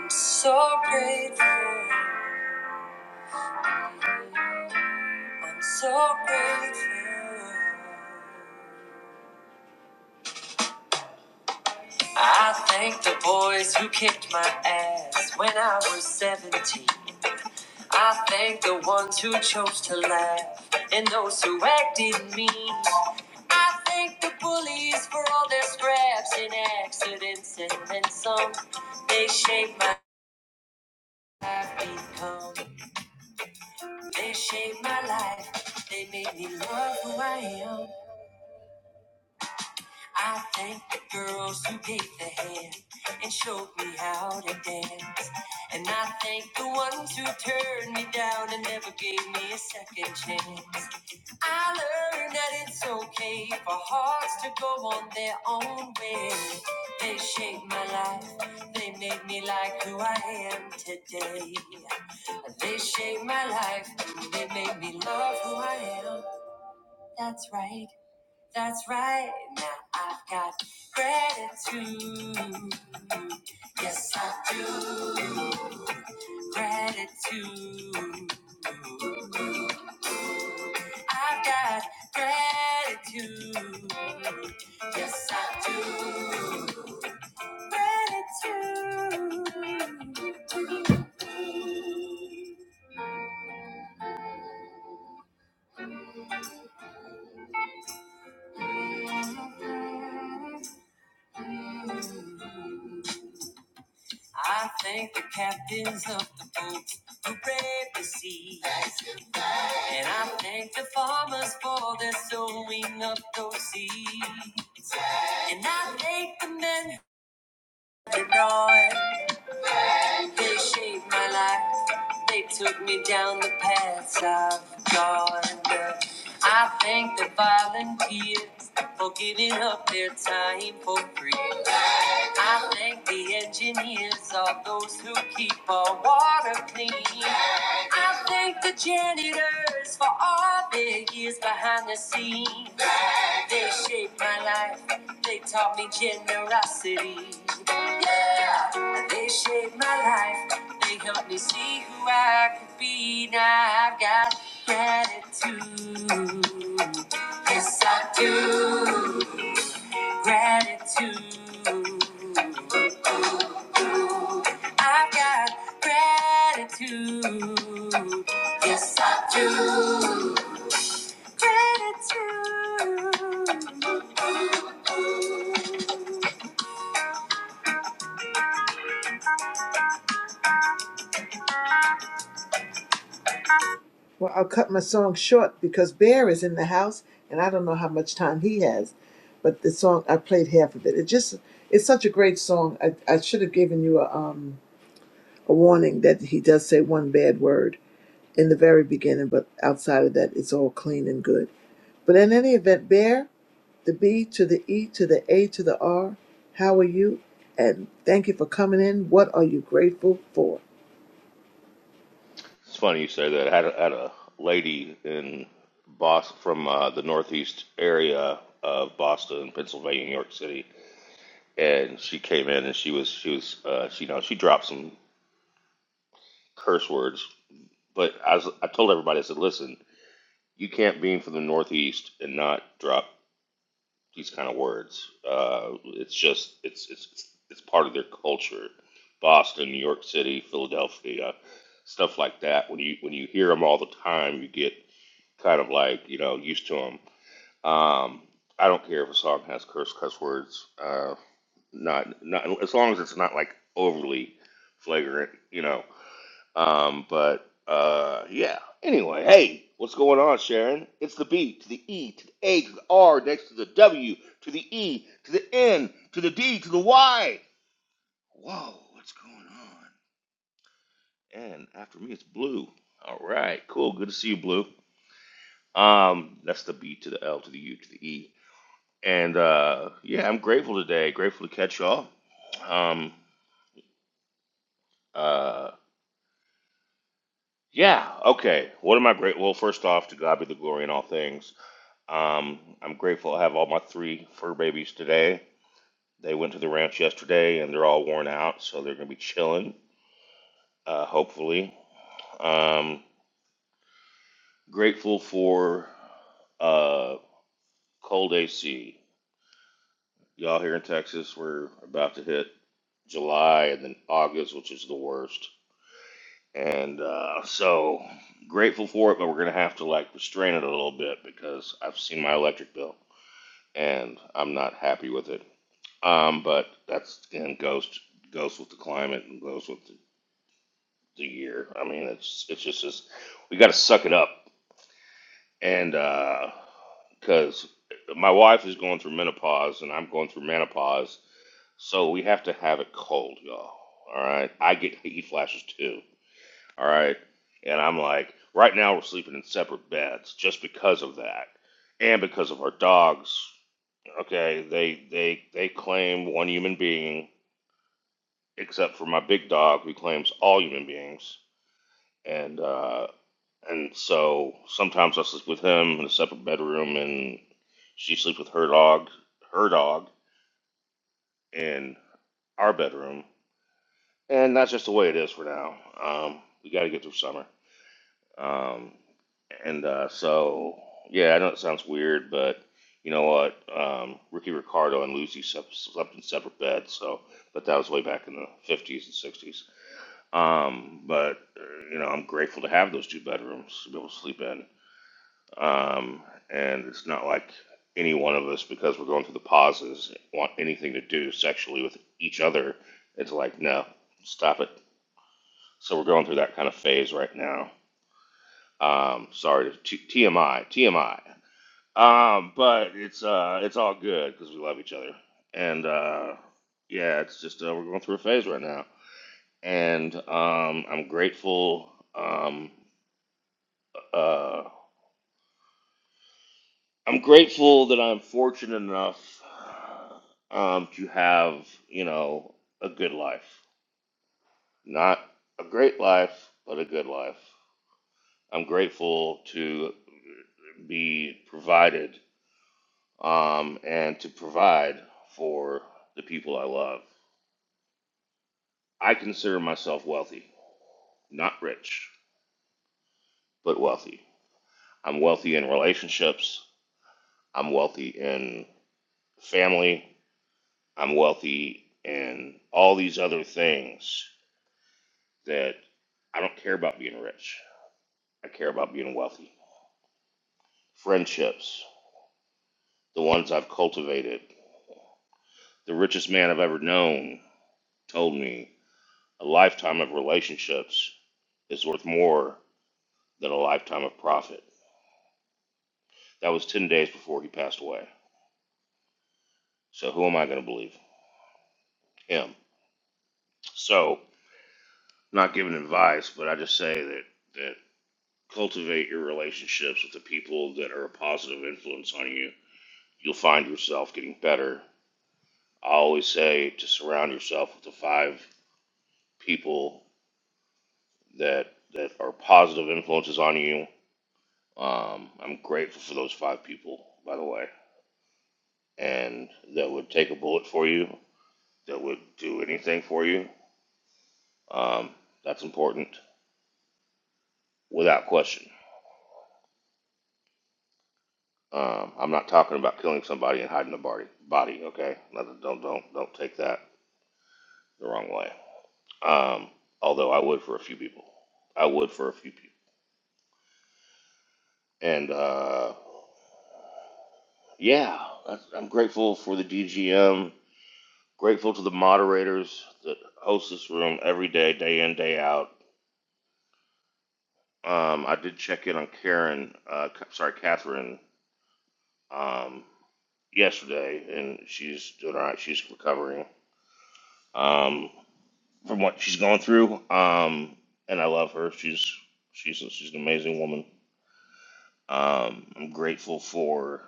S5: So grateful. I'm so grateful. I thank the boys who kicked my ass when I was 17. I thank the ones who chose to laugh and those who acted mean. I thank the bullies for all their scraps and accidents and then some. They shaped my life become. They shaped my life. They made me love who I am. I thank the girls who gave the hand and showed me how to dance. And I thank the ones who turned me down and never gave me a second chance. I learned that it's okay for hearts to go on their own way. They shaped my life, they made me like who I am today. They shaped my life, they made me love who I am. That's right. That's right. Now I've got gratitude. Yes, I do. Gratitude. I've got gratitude. Yes, I do. Gratitude. I thank the captains of the boats who brave the sea. That's And I thank the farmers for their sowing of those seeds. And I thank the men who died. They shaped my life. They took me down the paths I've gone. I thank the volunteers for giving up their time for free. I thank the engineers, all those who keep our water clean. I thank the janitors for all their years behind the scenes. They shaped my life, they taught me generosity. Yeah, they shaped my life, they helped me see who I could be. Now I've got gratitude. Yes, I do. Gratitude. I've got gratitude. Yes, I do. Gratitude. Well, I'll cut my song short because Bear is in the house and I don't know how much time he has. But the song I played half of it. It just it's such a great song. I, I should have given you a um a warning that he does say one bad word in the very beginning, but outside of that, it's all clean and good. But in any event, bear the B to the E to the A to the R. How are you? And thank you for coming in. What are you grateful for?
S36: It's funny you say that. I had a, had a lady in Boston from uh, the northeast area of Boston, Pennsylvania, New York City, and she came in and she was she was uh, she you know she dropped some curse words, but I was, I told everybody I said, listen, you can't be from the northeast and not drop these kind of words. Uh, it's just it's it's it's part of their culture. Boston, New York City, Philadelphia, stuff like that. When you when you hear them all the time, you get kind of like you know used to them. Um, I don't care if a song has curse cuss words, uh, not not as long as it's not like overly flagrant, you know. Um, but uh, yeah. Anyway, hey, what's going on, Sharon? It's the B to the E to the A to the R next to the W to the E to the N to the D to the Y. Whoa, what's going on? And after me, it's Blue. All right, cool. Good to see you, Blue. Um, that's the B to the L to the U to the E And uh, yeah, I'm grateful today. Grateful to catch y'all. Um, uh, yeah, okay. What am I grateful? Well, first off, to God be the glory in all things. Um, I'm grateful I have all my three fur babies today. They went to the ranch yesterday and they're all worn out, so they're going to be chilling, uh, hopefully. Um, grateful for uh, cold AC. Y'all here in Texas, we're about to hit July and then August, which is the worst. And uh, so grateful for it, but we're gonna have to like restrain it a little bit because I've seen my electric bill and I'm not happy with it. Um, but that's again goes goes with the climate and goes with the, the year. I mean, it's it's just this, we got to suck it up and because uh, my wife is going through menopause and I'm going through menopause, so we have to have it cold, y'all. All right, I get heat flashes too All right. And I'm like, right now we're sleeping in separate beds just because of that. And because of our dogs. Okay, they they they claim one human being, except for my big dog who claims all human beings. And uh and so sometimes I sleep with him in a separate bedroom and she sleeps with her dog her dog in our bedroom. And that's just the way it is for now. Um we gotta get through summer. Um, and uh, so, yeah, I know it sounds weird, but you know what? Um, Ricky Ricardo and Lucy sep- slept in separate beds. So, but that was way back in the fifties and sixties. Um, but uh, you know, I'm grateful to have those two bedrooms to be able to sleep in. Um, and it's not like any one of us, because we're going through the pauses, want anything to do sexually with each other. It's like, no, stop it. So we're going through that kind of phase right now um, sorry, T- TMI, TMI. Um, but it's uh, it's all good because we love each other, and uh, yeah, it's just uh, we're going through a phase right now, and um, I'm grateful. Um, uh, I'm grateful that I'm fortunate enough um, to have you know a good life, not a great life, but a good life. I'm grateful to be provided um, and to provide for the people I love. I consider myself wealthy, not rich, but wealthy. I'm wealthy in relationships. I'm wealthy in family. I'm wealthy in all these other things that I don't care about being rich. I care about being wealthy. Friendships, the ones I've cultivated. The richest man I've ever known told me a lifetime of relationships is worth more than a lifetime of profit. That was 10 days before he passed away. So who am I going to believe? Him. So, not giving advice, but I just say that, that cultivate your relationships with the people that are a positive influence on you. You'll find yourself getting better. I always say to surround yourself with the five people that that are positive influences on you. Um, I'm grateful for those five people, by the way, and that would take a bullet for you, that would do anything for you, Um, that's important without question. Um, I'm not talking about killing somebody and hiding a body. Body, okay? Don't don't don't take that the wrong way. Um, although I would for a few people. I would for a few people. And uh, yeah, that's, I'm grateful for the DGM. Grateful to the moderators that host this room every day, day in, day out. Um, I did check in on Karen. Uh, sorry, Catherine. Um, yesterday, and she's doing all right. She's recovering um, from what she's gone through, um, and I love her. She's she's she's an amazing woman. Um, I'm grateful for.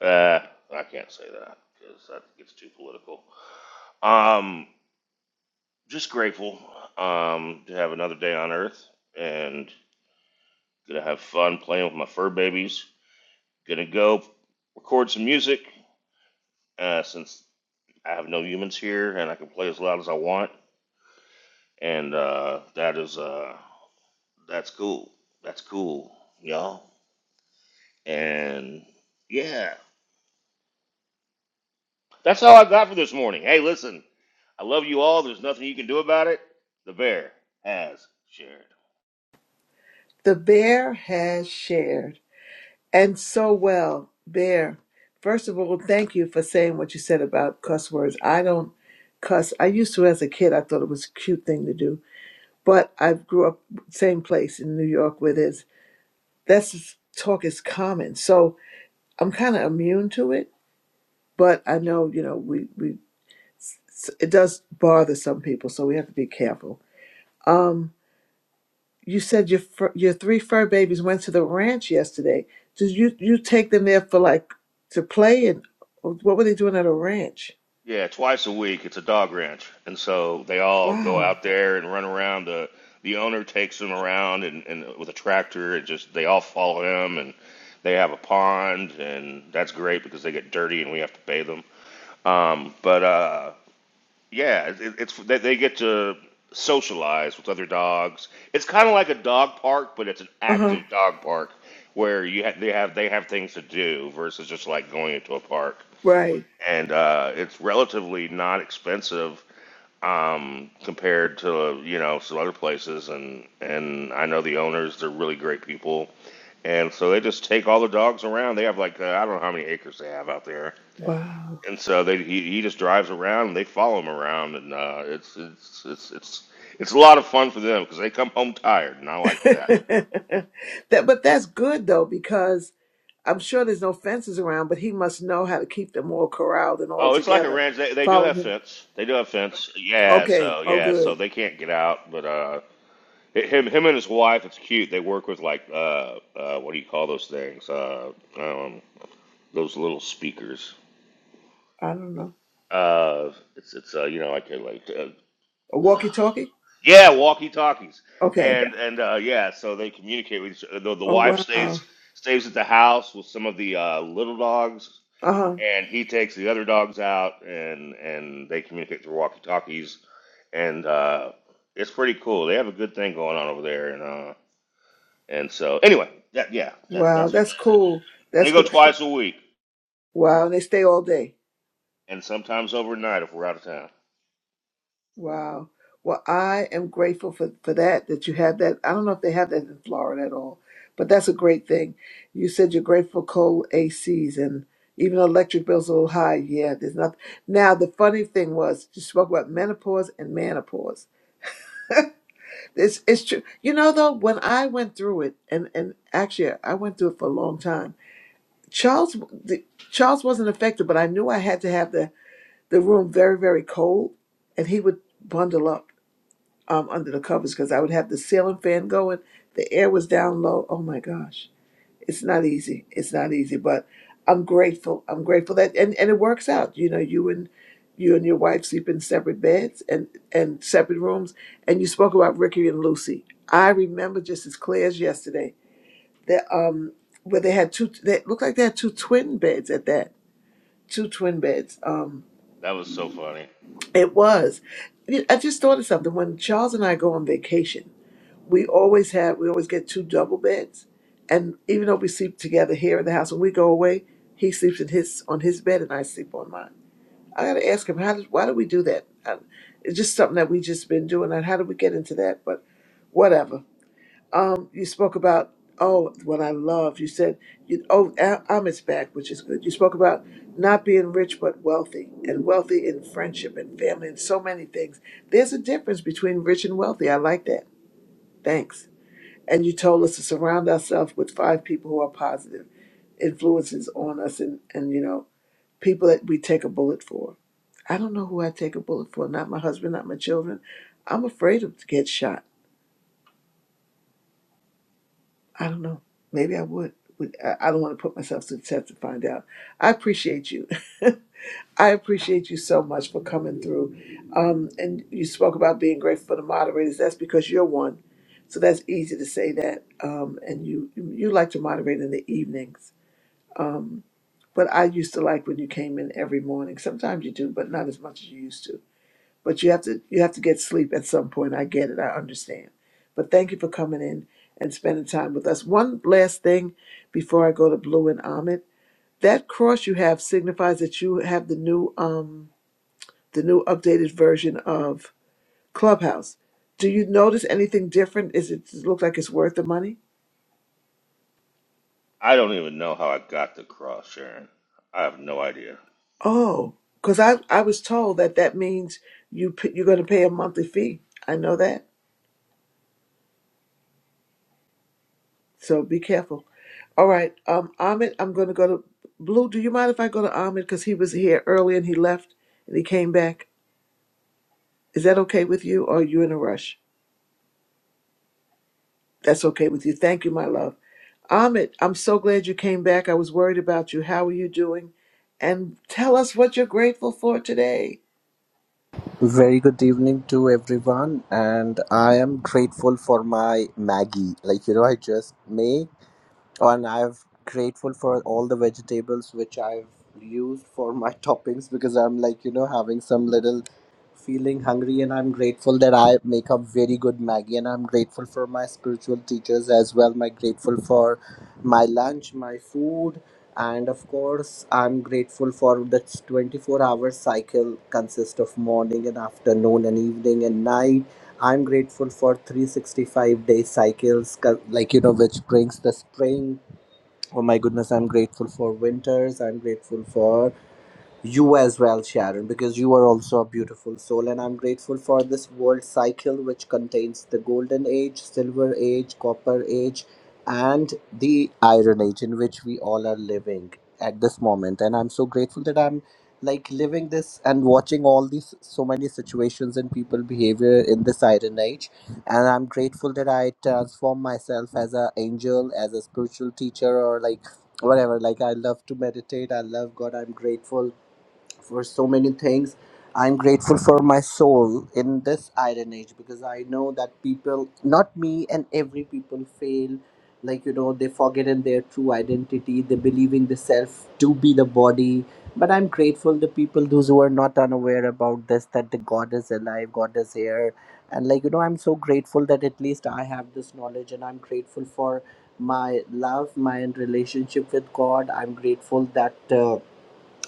S36: Uh, I can't say that because that gets too political. Um, just grateful um, to have another day on Earth, and gonna have fun playing with my fur babies. Gonna go record some music uh, since I have no humans here, and I can play as loud as I want and uh, that is uh, that's cool. That's cool, y'all. And yeah, that's all I got for this morning. Hey, listen, I love you all. There's nothing you can do about it. The bear has shared.
S5: The bear has shared, and so well. Bear, first of all, thank you for saying what you said about cuss words. I don't cuss. I used to as a kid. I thought it was a cute thing to do but I grew up same place in New York where there's that's talk is common. So I'm kind of immune to it, but I know you know we we it does bother some people, so we have to be careful. Um, you said your fur, your three fur babies went to the ranch yesterday. Did you you take them there for like to play and what were they doing at a ranch?
S36: Yeah, twice a week it's a dog ranch, and so they all go
S5: Wow.
S36: out there and run around. the The owner takes them around and, and with a tractor, and just they all follow him, and they have a pond, and that's great because they get dirty and we have to bathe them. Um, but uh, Yeah, it, it- it's they, they get to socialize with other dogs. It's kind of like a dog park, but it's an
S5: Uh huh.
S36: active dog park where you ha- they have they have things to do versus just like going into a park.
S5: Right.
S36: And uh, it's relatively not expensive um, compared to you know some other places. And and I know the owners; they're really great people. And so they just take all the dogs around. They have like uh, I don't know how many acres they have out there,
S5: Wow.
S36: and so they he, he just drives around and they follow him around and uh, it's it's it's it's it's a lot of fun for them because they come home tired and I
S5: [laughs]
S36: like that.
S5: that, but that's good though because I'm sure there's no fences around, but he must know how to keep them all corralled and all
S36: Oh, it's like a
S5: together.
S36: ranch. They, they do
S5: Follow
S36: have
S5: him.
S36: fence. They do have fence. Yeah,
S5: Okay.
S36: so
S5: Oh,
S36: yeah, so
S5: good.
S36: they can't get out. But uh, him him and his wife, it's cute. They work with like uh, uh what do you call those things? Uh, um, those little speakers.
S5: I don't know.
S36: Uh, it's it's uh, you know like uh, like uh,
S5: A walkie talkie?
S36: Yeah, walkie talkies,
S5: Okay.
S36: and Okay. and uh, yeah, so they communicate with each other. The, the
S5: Oh,
S36: wife
S5: wow.
S36: stays stays at the house with some of the uh, little dogs,
S5: Uh huh.
S36: and he takes the other dogs out, and and they communicate through walkie talkies, and uh, it's pretty cool. They have a good thing going on over there, and uh, and so anyway, that yeah, that
S5: Wow.
S36: that's what
S5: That's cool.
S36: they they
S5: That's
S36: go
S5: cool.
S36: twice a week,
S5: Wow. And they stay all day.
S36: and sometimes overnight if we're out of town.
S5: Wow. Well, I am grateful for, for that, that you have that. I don't know if they have that in Florida at all, but that's a great thing. You said you're grateful for cold ACs and even though electric bills are a little high. Yeah, there's nothing. Now, the funny thing was you spoke about menopause and menopause. It's, it's true. You know, though, when I went through it, and, and actually I went through it for a long time, Charles, the, Charles wasn't affected, but I knew I had to have the, the room very, very cold and he would bundle up um, under the covers because I would have the ceiling fan going. The air was down low. Oh my gosh, it's not easy. It's not easy, but I'm grateful. I'm grateful that and, and it works out. You know, you and you and your wife sleep in separate beds and and separate rooms. And you spoke about Ricky and Lucy. I remember just as clear as yesterday that um where they had two. They looked like they had two twin beds at that. Two twin beds. Um,
S36: That was so funny.
S5: it was. I just thought of something when Charles and I go on vacation we always have we always get two double beds and even though we sleep together here in the house when we go away he sleeps in his on his bed and i sleep on mine i gotta ask him how did why do we do that I, it's just something that we just been doing and how did we get into that but whatever um you spoke about oh what i love you said you oh i'm back which is good you spoke about not being rich but wealthy and wealthy in friendship and family and so many things there's a difference between rich and wealthy i like that thanks and you told us to surround ourselves with five people who are positive influences on us and, and you know, people that we take a bullet for. I don't know who I take a bullet for, not my husband, not my children. I'm afraid of to get shot. I don't know. Maybe I would. Would- I I don't want to put myself to the test to find out. I appreciate you. [laughs] I appreciate you so much for coming through. Um, and you spoke about being grateful for the moderators. That's because you're one, so that's easy to say that. Um, and you you like to moderate in the evenings. Um, but I used to like when you came in every morning. Sometimes you do, but not as much as you used to. But you have to you have to get sleep at some point. I get it. I understand. But thank you for coming in and spending time with us. One last thing before I go to Blue and Ahmed. That cross you have signifies that you have the new um the new updated version of Clubhouse. Do you notice anything different? Is it, does it look like it's worth the money?
S36: I don't even know how I got the cross, Sharon. I have no idea.
S5: Oh, because I, I was told that that means you p- you're going to pay a monthly fee. I know that, so be careful. All right, um, Ahmed, I'm going to go to Blue. Do you mind if I go to Ahmed because he was here early and he left and he came back? Is that okay with you, or are you in a rush? That's okay with you. Thank you, my love. Ahmed, I'm so glad you came back. I was worried about you. How are you doing? And tell us what you're grateful for today.
S37: Very good evening to everyone, and I am grateful for my Maggie. Like, you know, I just made and i'm grateful for all the vegetables which i've used for my [laughs] toppings because i'm like you know having some little feeling hungry and i'm grateful that i make a very good maggie and i'm grateful for my spiritual teachers as well my grateful for my lunch my food and of course i'm grateful for the 24 hour cycle consists of morning and afternoon and evening and night I'm grateful for 365 day cycles, 'cause, like you know, which brings the spring. Oh my goodness, I'm grateful for winters. I'm grateful for you as well, Sharon, because you are also a beautiful soul, and I'm grateful for this world cycle which contains the golden age, silver age, copper age, and the iron age in which we all are living at this moment. And I'm so grateful that I'm like living this and watching all these so many situations and people behavior in this iron age and i'm grateful that i transform myself as an angel as a spiritual teacher or like whatever like i love to meditate i love god i'm grateful for so many things. I'm grateful for my soul in this iron age because I know that people, not me and every people, fail. Like, you know, they forget in their true identity. They believe in the self to be the body. But I'm grateful the people, those who are not unaware about this, that the God is alive, God is here. And like, you know, I'm so grateful that at least I have this knowledge and I'm grateful for my love, my relationship with God. I'm grateful that. Uh,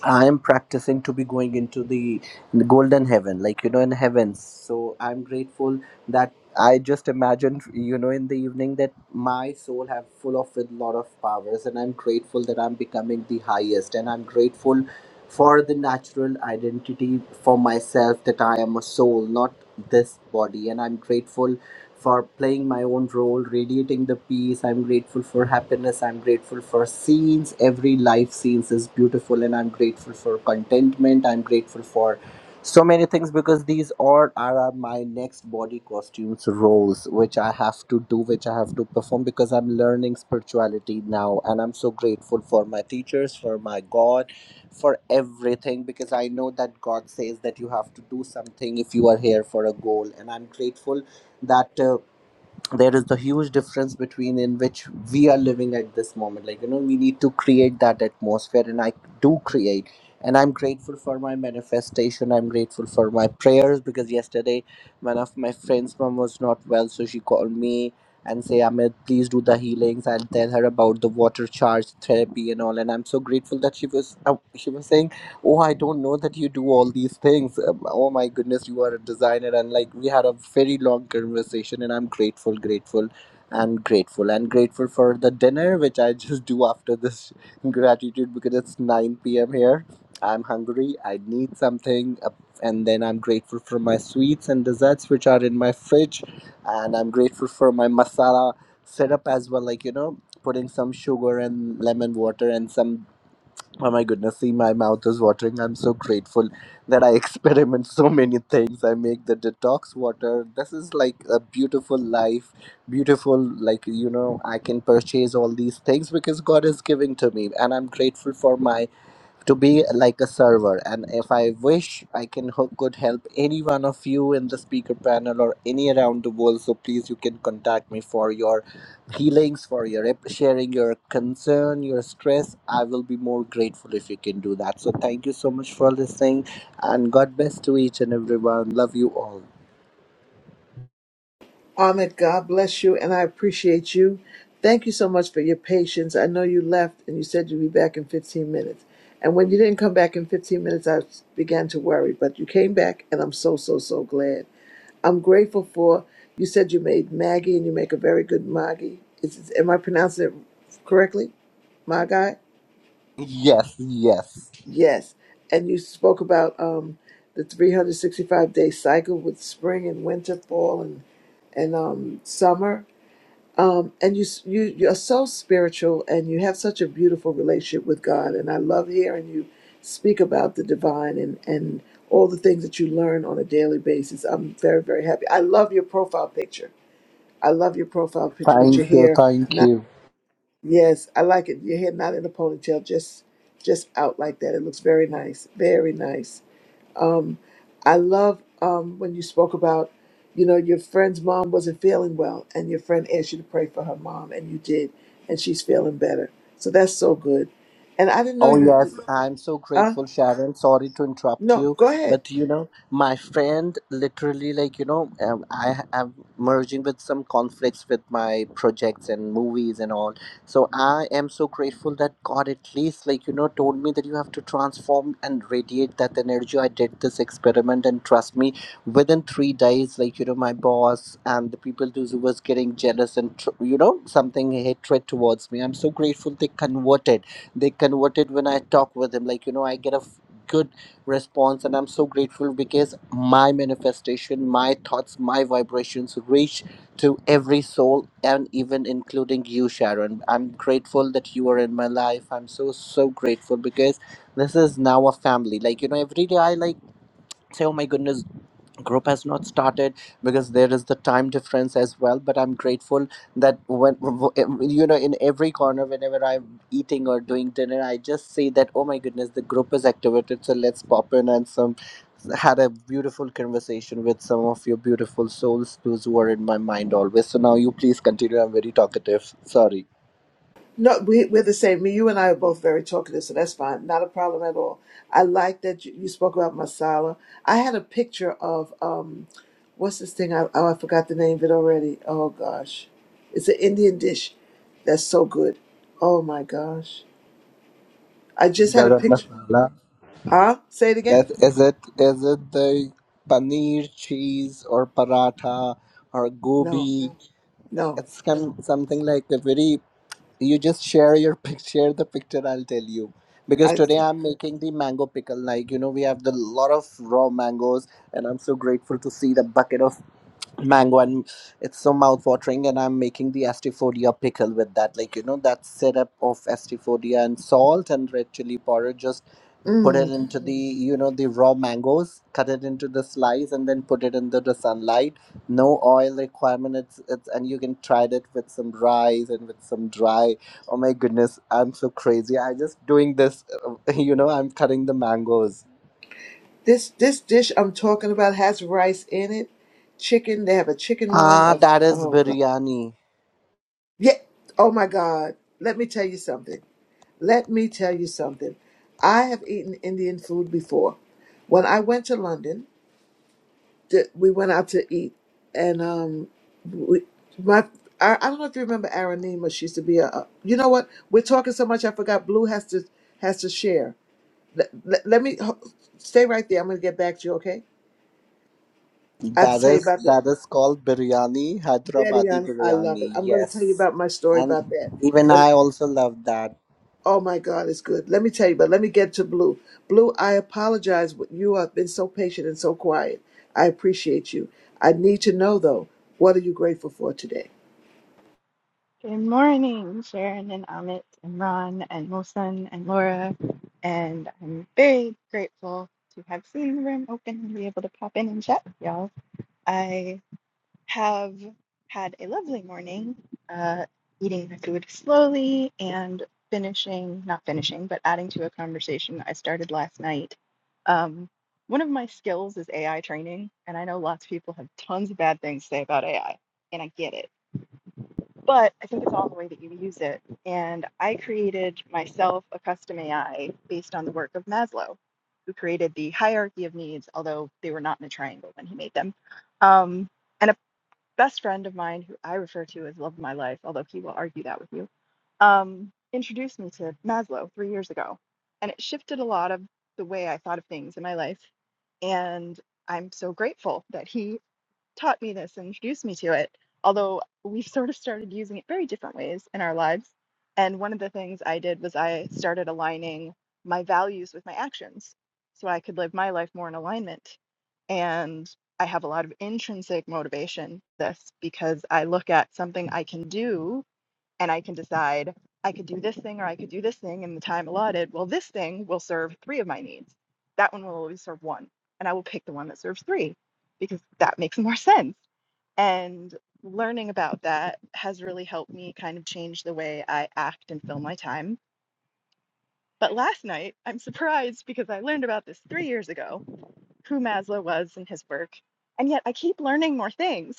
S37: I am practicing to be going into the golden heaven, like you know, in heavens. So I'm grateful that I just imagined, you know, in the evening that my soul have full of with lot of powers, and I'm grateful that I'm becoming the highest, and I'm grateful for the natural identity for myself that I am a soul, not this body, and I'm grateful for playing my own role, radiating the peace. I'm grateful for happiness. I'm grateful for scenes. Every life scenes is beautiful, and I'm grateful for contentment. I'm grateful for so many things because these all are, my next body costumes roles which i have to do which i have to perform because i'm learning spirituality now and i'm so grateful for my teachers for my god for everything because i know that god says that you have to do something if you are here for a goal and i'm grateful that uh, there is the huge difference between in which we are living at this moment like you know we need to create that atmosphere and i do create and i'm grateful for my manifestation i'm grateful for my prayers because yesterday one of my friends mom was not well so she called me and say amit please do the healings i'll tell her about the water charge therapy and all and i'm so grateful that she was uh, she was saying oh i don't know that you do all these things um, oh my goodness you are a designer and like we had a very long conversation and i'm grateful grateful and grateful and grateful for the dinner which i just do after this [laughs] gratitude because it's 9 p.m here i'm hungry i need something uh, and then i'm grateful for my sweets and desserts which are in my fridge and i'm grateful for my masala setup as well like you know putting some sugar and lemon water and some Oh my goodness, see, my mouth is watering. I'm so grateful that I [laughs] experiment so many things. I make the detox water. This is like a beautiful life. Beautiful, like, you know, I can purchase all these things because God is giving to me. And I'm grateful for my to be like a server and if i wish i can hook could help any one of you in the speaker panel or any around the world so please you can contact me for your healings for your ep- sharing your concern your stress i will be more grateful if you can do that so thank you so much for listening and god bless to each and everyone love you all
S5: Ahmed, God bless you, and I appreciate you. Thank you so much for your patience. I know you left and you said you'd be back in 15 minutes. And when you didn't come back in 15 minutes, I began to worry, but you came back, and I'm so, so, so glad. I'm grateful for you said you made Maggie and you make a very good Maggie. Is, am I pronouncing it correctly? My
S37: yes yes
S5: Yes. And you spoke about um, the 365 day cycle with spring and winter, fall and, and um, summer um, and you s- you you're so spiritual and you have such a beautiful relationship with God and I love hearing you speak about the divine and and all the things that you learn on a daily basis. I'm very very happy. I love your profile picture. I love your profile picture with
S37: thank
S5: your
S37: you
S5: hair
S37: thank
S5: not
S37: you
S5: yes, I like it. Your hair not in a ponytail, just just out like that. It looks very nice. Very nice. I love um, when you spoke about, you know, your friend's mom wasn't feeling well, and your friend asked you to pray for her mom, and you did, and she's feeling better. So that's so good. And I didn't know
S37: Oh, yes,
S5: you.
S37: I'm so
S5: Uh,
S37: grateful, Sharon. Sorry to interrupt
S5: no,
S37: you,
S5: go ahead.
S37: but you know, my friend literally, like, you know, um, I am merging with some conflicts with my projects and movies and all. So I am so grateful that God at least, like, you know, told me that you have to transform and radiate that energy. I did this experiment, and trust me, within three days, like, you know, my boss and the people who was getting jealous and, tr- you know, something hatred towards me. I'm so grateful they converted they converted when I talk with him. Like, you know, I get a f- good response, and I'm so grateful because my manifestation, my thoughts, my vibrations reach to every soul, and even including you, Sharon. I'm grateful that you are in my life. I'm so, so grateful because this is now a family. Like, you know, every day I like say, Oh my goodness, group has not started because there is the time difference as well but i'm grateful that when you know in every corner whenever i'm eating or doing dinner i just see that oh my goodness the group is activated so let's pop in and some had a beautiful conversation with some of your beautiful souls those who are in my mind always so now you please continue i'm very talkative sorry
S5: No, we, we're the same. Me, you, and I are both very talkative, so that's fine. Not a problem at all. I like that you, you spoke about masala. I had a picture of um, what's this thing? I, oh, I forgot the name of it already. Oh gosh, it's an Indian dish. That's so good. Oh my gosh. I just had a
S37: garam
S5: picture.
S37: masala
S5: Huh? Say it again?
S37: is, is it is it the paneer cheese or paratha or
S5: No,
S37: gobi
S5: no.
S37: it's come something like a very you just share your pic- [laughs] share the picture i'll tell you because
S5: I
S37: today i'm making the mango pickle like you know we have the lot of raw mangoes and i'm so grateful to see the bucket of mango and it's so mouth-watering and i'm making the astifodia pickle with that like you know that syrup of astifodia and salt and red chili powder just put it
S5: mm,
S37: into the you know the raw mangoes cut it into the slice and then put it into the sunlight no oil requirement it's it's and you can try it with some rice and with some dry oh my goodness i'm so crazy i just doing this [laughs] you know i'm cutting the mangoes
S5: this this dish I'm talking about has rice in it, chicken. They have a chicken one.
S37: ah
S5: A,
S37: that is
S5: oh god.
S37: biryani
S5: Yeah. Oh my god. Let me tell you something. Let me tell you something. I have eaten Indian food before. When I went to London, that we went out to eat, and um, we, my I, I don't know if you remember Aranima. She used to be a, a. You know what? We're talking so much. I forgot. Blue has to has to share. Let, let, let me ho- stay right there. I'm going to get back to you. Okay. I have to
S37: that
S5: tell you
S37: is
S5: about the
S37: that is called biryani
S5: Betty.
S37: hyderabadi
S5: I, I love it.
S37: biryani
S5: I'm going to
S37: yes
S5: tell you about my story about
S37: and
S5: that.
S37: even i
S5: But
S37: also love that
S5: oh my God, it's good. Let me tell you. But let me get to Blue. Blue, I apologize. but You have been so patient and so quiet. I appreciate you. I need to know though. What are you grateful for today?
S38: Good morning, Sharon and Amit and Ron and Wilson and Laura. And I'm very grateful to have seen the room open and be able to pop in and chat with y'all. I have had a lovely morning, uh, eating my food slowly and finishing, not finishing, but adding to a conversation I started last night. Um, one of my skills is AI training, and I know lots of people have tons of bad things to say about AI, and I get it but I think it's all the way that you use it. And I created myself a custom AI based on the work of Maslow, who created the hierarchy of needs, although they were not in a triangle when he made them. Um, and a best friend of mine, who I refer to as Love of My Life, although he will argue that with you, um, introduced me to Maslow three years ago. And it shifted a lot of the way I thought of things in my life. And I'm so grateful that he taught me this and introduced me to it, although we've [laughs] sort of started using it very different ways in our lives. And one of the things I did was I started aligning my values with my actions so I could live my life more in alignment. And I have a lot of intrinsic motivation for this because I look at something I can do and I can decide I could do this thing or I could do this thing in the time allotted. Well, this thing will serve three of my needs. That one will always serve one. And I will pick the one that serves three because that makes more sense. And learning about that has really helped me kind of change the way I act and fill my time. But last night, I'm surprised because I learned about this three years ago, who Maslow was and his work. And yet I keep learning more things.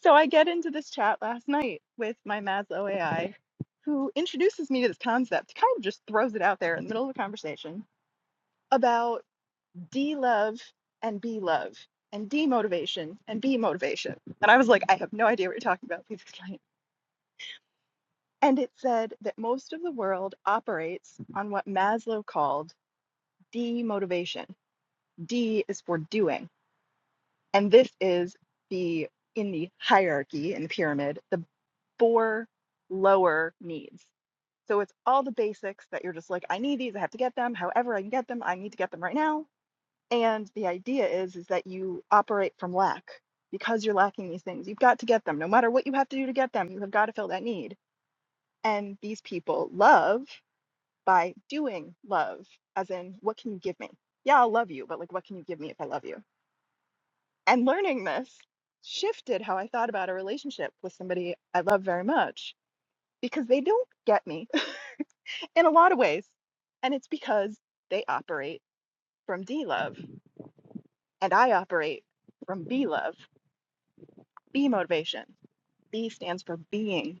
S38: So I get into this chat last night with my Maslow AI, who introduces me to this concept, kind of just throws it out there in the middle of a conversation about D love and B love and D motivation and B motivation. And I was like, I have no idea what you're talking about. Please explain. And it said that most of the world operates on what Maslow called D motivation. D is for doing. And this is the in the hierarchy in the pyramid, the four lower needs So it's all the basics that you're just like, I need these, I have to get them, however I can get them, I need to get them right now. And the idea is is that you operate from lack because you're lacking these things. You've got to get them. No matter what you have to do to get them, you have got to fill that need. And these people love by doing love, as in, what can you give me? Yeah, I'll love you, but like, what can you give me if I love you? And learning this shifted how I thought about a relationship with somebody I love very much because they don't get me in a lot of ways. And it's because they operate from D love and I operate from B love, B motivation. B stands for being.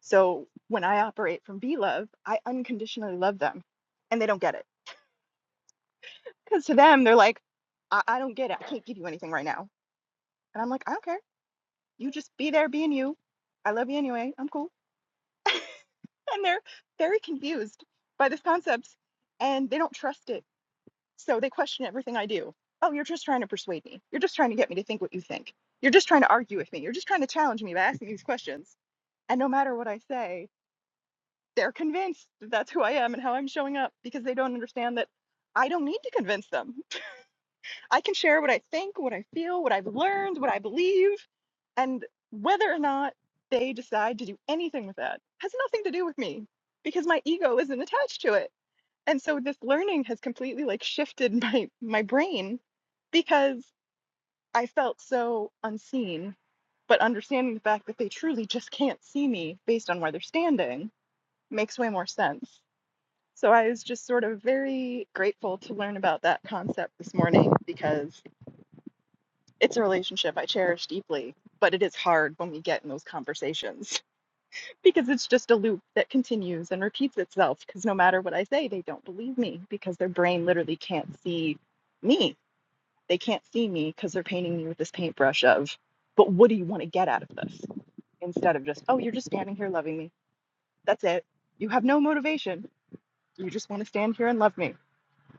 S38: So when I operate from B love, I unconditionally love them and they don't get it. Because to them, they're like, I-, I don't get it. I can't give you anything right now. And I'm like, I don't care. You just be there being you. I love you anyway. I'm cool. And they're very confused by this concept and they don't trust it So they question everything I do. Oh, you're just trying to persuade me. You're just trying to get me to think what you think. You're just trying to argue with me. You're just trying to challenge me by asking these questions. And no matter what I say, they're convinced that that's who I am and how I'm showing up because they don't understand that I don't need to convince them. I can share what I think, what I feel, what I've learned, what I believe, and whether or not they decide to do anything with that has nothing to do with me because my ego isn't attached to it and so this learning has completely like shifted [laughs] my my brain because I felt so unseen, but understanding the fact that they truly just can't see me based on where they're standing makes way more sense. So I was just sort of very grateful to learn about that concept this morning because it's a relationship I cherish deeply, but it is hard when we get in those conversations. because it's just a loop that continues and repeats itself because no matter what i say they don't believe me because their brain literally can't see me they can't see me because they're painting me with this paintbrush of but what do you want to get out of this instead of just oh you're just standing here loving me that's it you have no motivation you just want to stand here and love me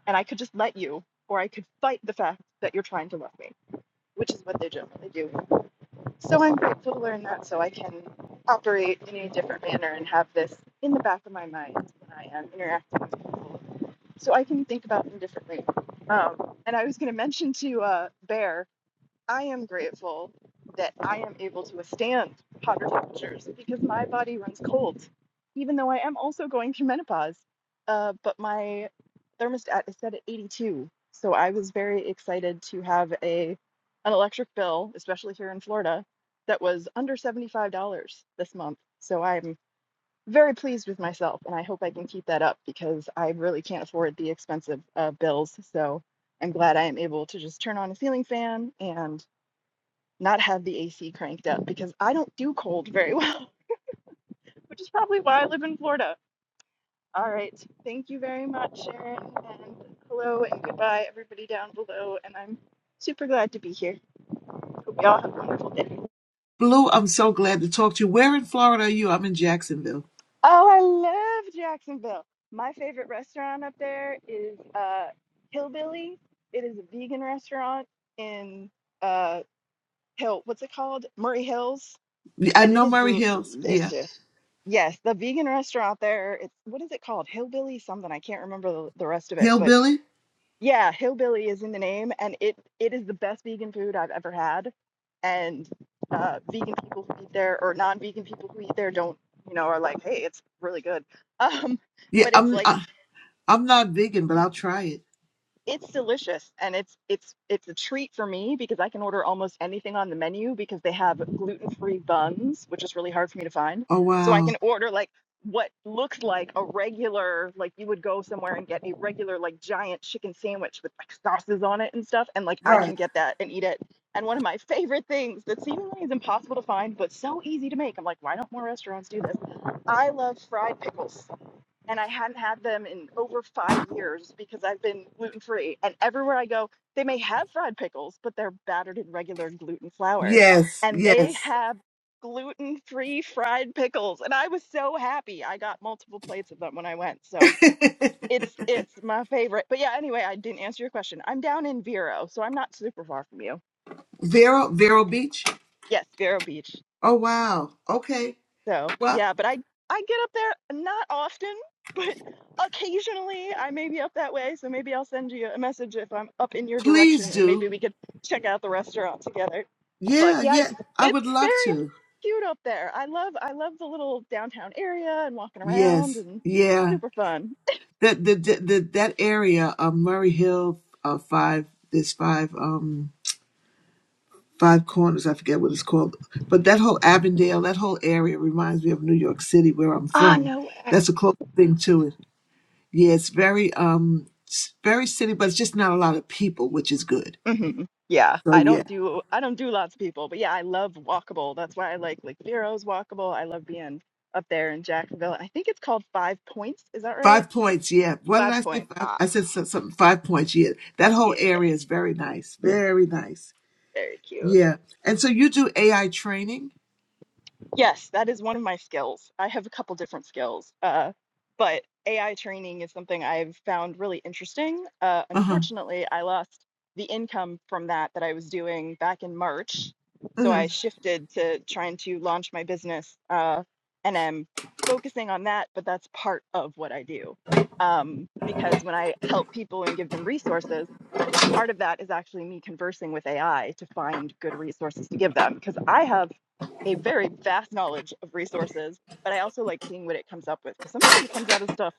S38: and i could just let you or i could fight the fact that you're trying to love me which is what they generally do so I'm grateful to learn that so I can operate in a different manner and have this in the back of my mind when I am interacting with people. So I can think about them differently. Um, and I was going to mention to uh, Bear. I am grateful that I am able to withstand hotter temperatures because my body runs cold, even though I am also going through menopause. Uh, but my thermostat is set at 82, so I was very excited to have a an electric bill, especially here in Florida, that was under $75 this month. So I'm very pleased with myself, and I hope I can keep that up because I really can't afford the expensive uh, bills. So I'm glad I am able to just turn on a ceiling fan and not have the AC cranked up because I don't do cold very [laughs] well, which is probably why I live in Florida. All right. Thank you very much, Sharon. And hello and goodbye, everybody down below. And I'm super glad to be here. Hope y'all have a wonderful day.
S5: Blue, I'm so glad to talk to you. Where in Florida are you? I'm in Jacksonville.
S38: Oh, I love Jacksonville. My favorite restaurant up there is uh, Hillbilly. It is a vegan restaurant in uh, Hill. What's it called? Murray Hills
S5: Yeah, I
S38: and it
S5: know
S38: is
S5: Murray Hills. Yeah,
S38: delicious. Yes, the vegan restaurant there, it's what is it called? Hillbilly something. I can't remember the, the rest of it, but
S5: hillbilly.
S38: yeah, Hillbilly is in the name and it it is the best vegan food I've ever had. And uh, vegan people who eat there or non-vegan people who eat there don't, you know, are like, "Hey, it's really good." [laughs] Um,
S5: Yeah,
S38: but it's
S5: I'm.
S38: like
S5: I, I'm not vegan, but I'll try it.
S38: It's delicious and it's it's it's a treat for me because I can order almost anything on the menu because they have gluten-free buns, which is really hard for me to find.
S5: Oh
S38: So I
S5: wow.
S38: can order like what looks like a regular like you would go somewhere and get a regular like giant chicken sandwich with like sauces on it and stuff and like I can
S5: Right.
S38: get that and eat it. And one of my favorite things that seemingly is impossible to find but so easy to make. I'm like, why don't more restaurants do this? I love fried pickles and I hadn't had them in over five years because I've been gluten free. And everywhere I go, they may have fried pickles, but they're battered in regular gluten flour.
S5: Yes.
S38: And they
S5: Yes.
S38: have gluten free fried pickles. And I was so happy. I got multiple plates of them when I went. So
S5: [laughs]
S38: it's it's my favorite. But yeah, anyway, I didn't answer your question. I'm down in Vero, so I'm not super far from you.
S5: Vero Vero Beach.
S38: Yes, Vero Beach.
S5: Oh wow. Okay.
S38: So
S5: Well,
S38: yeah, but I I get up there not often, [laughs] but occasionally I may be up that way. So maybe I'll send you a message if I'm up in your
S5: please
S38: direction, and maybe
S5: do.
S38: we could check out the restaurant together. But
S5: Yeah.
S38: yeah,
S5: Yeah.
S38: it's
S5: I
S38: it's
S5: would love
S38: very
S5: to.
S38: cute up there. I love I love the little downtown area and walking around
S5: Yes.
S38: and
S5: Yeah.
S38: super fun.
S5: That the, the, the that area of Murray Hill uh, five. There's five. Um Five Corners, I forget what it's called. But that whole Avondale, that whole area reminds me of New York City, where I'm
S38: Ah,
S5: from.
S38: no way.
S5: That's a close thing to it. Yeah, it's very um it's very city, but it's just not a lot of people, which is good.
S38: hmm Yeah,
S5: So
S38: I
S5: yeah.
S38: don't do I don't do lots of people, but yeah, I love walkable. That's why I like Lake Bureau's walkable. I love being up there in Jacksonville. I think it's called Five Points. Is that right?
S5: Five points, yeah. What did
S38: Five
S5: I say?
S38: Points.
S5: Five,
S38: Ah,
S5: I said so- something five points, yeah. That whole
S38: yeah,
S5: area is very nice. Very nice.
S38: very cute.
S5: Yeah. And so you do AI training?
S38: Yes, that is one of my skills. I have a couple different skills, uh, but AI training is something I've found really interesting. Uh,
S5: Uh-huh.
S38: unfortunately, I lost the income from that that I was doing back in March, so I
S5: Mhm.
S38: shifted to trying to launch my business, uh, and I'm focusing on that. But that's part of what I do, um, because when I help people and give them resources part of that is actually me conversing with AI to find good resources to give them because I have a very vast knowledge of resources, but I also like seeing what it comes up with because sometimes it comes out of stuff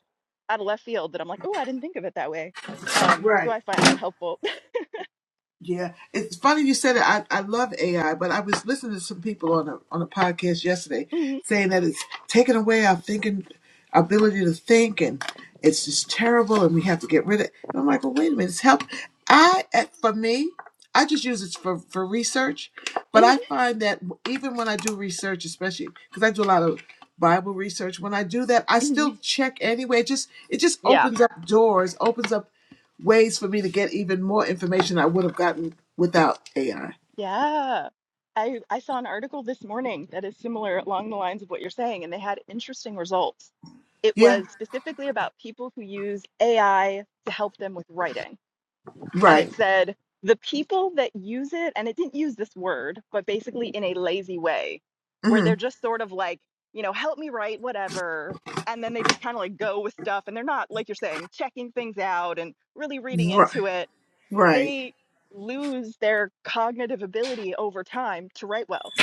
S38: out of left field that I'm like, oh, I didn't think of it that way. Um, so
S5: Right.
S38: I find that helpful. [laughs]
S5: Yeah, it's funny you said it. I, I love AI, but I was listening to some people on a on a podcast yesterday
S38: Mhm,
S5: saying that it's taken away our thinking ability to think, and it's just terrible, and we have to get rid of it. And I'm like, well, wait a minute, it's help. I at- for me, I just use it for for research, but
S38: mhm,
S5: I find that even when I do research, especially because I do a lot of Bible research, when I do that, I
S38: mhm.
S5: still check anyway. It just it just
S38: yeah,
S5: opens up doors, opens up ways for me to get even more information I would have gotten without AI.
S38: yeah. I I saw an article this morning that is similar along the lines of what you're saying, and they had interesting results. It
S5: Yeah,
S38: was specifically about people who use AI to help them with writing and
S5: right.
S38: it said the people that use it and it didn't use this word but basically in a lazy way where
S5: hmm
S38: they're just sort of like you know help me write whatever and then they just kind of like go with stuff and they're not like you're saying checking things out and really reading
S5: Right,
S38: into it
S5: right.
S38: they lose their cognitive ability over time to write well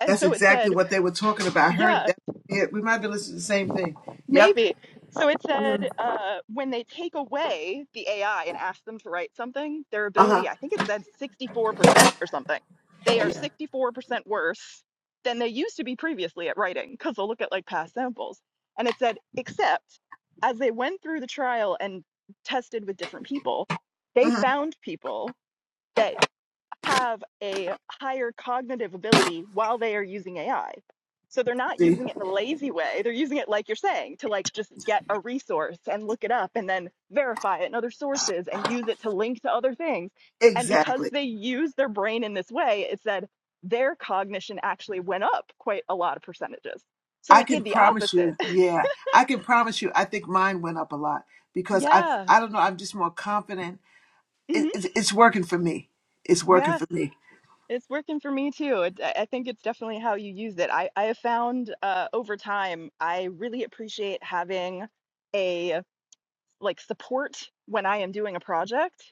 S38: and
S5: That's
S38: so it
S5: exactly
S38: said
S5: what they were talking about. I heard
S38: yeah
S5: that. Yeah, we might be listening to the same thing. Yep.
S38: Maybe. So it
S5: hmm
S38: said uh, when they take away the AI and ask them to write something, their
S5: Uh huh.
S38: ability, I think it said 64% or something. They are
S5: Yeah.
S38: 64% worse than they used to be previously at writing because they'll look at like past samples. And it said, except as they went through the trial and tested with different people, they
S5: hmm
S38: found people that have a higher cognitive ability while they are using AI. So they're not
S5: See,
S38: using it in a lazy way. They're using it like you're saying to like just get a resource and look it up and then verify it in other sources and use it to link to other things. And because
S5: exactly.
S38: they use their brain in this way, it said their cognition actually went up quite a lot of percentages. So
S5: I
S38: it
S5: can
S38: did the
S5: promise
S38: opposite.
S5: you. Yeah, I can promise you. I think mine went up a lot
S38: [laughs]
S5: because I,
S38: yeah.
S5: I don't know. I'm just more confident. It,
S38: Mhm.
S5: it's it's working for me. It's working
S38: Yeah.
S5: for me.
S38: It's working for me too. It, I I think it's definitely how you use it. I, I have found uh, over time, I really appreciate having a like support when I am doing a project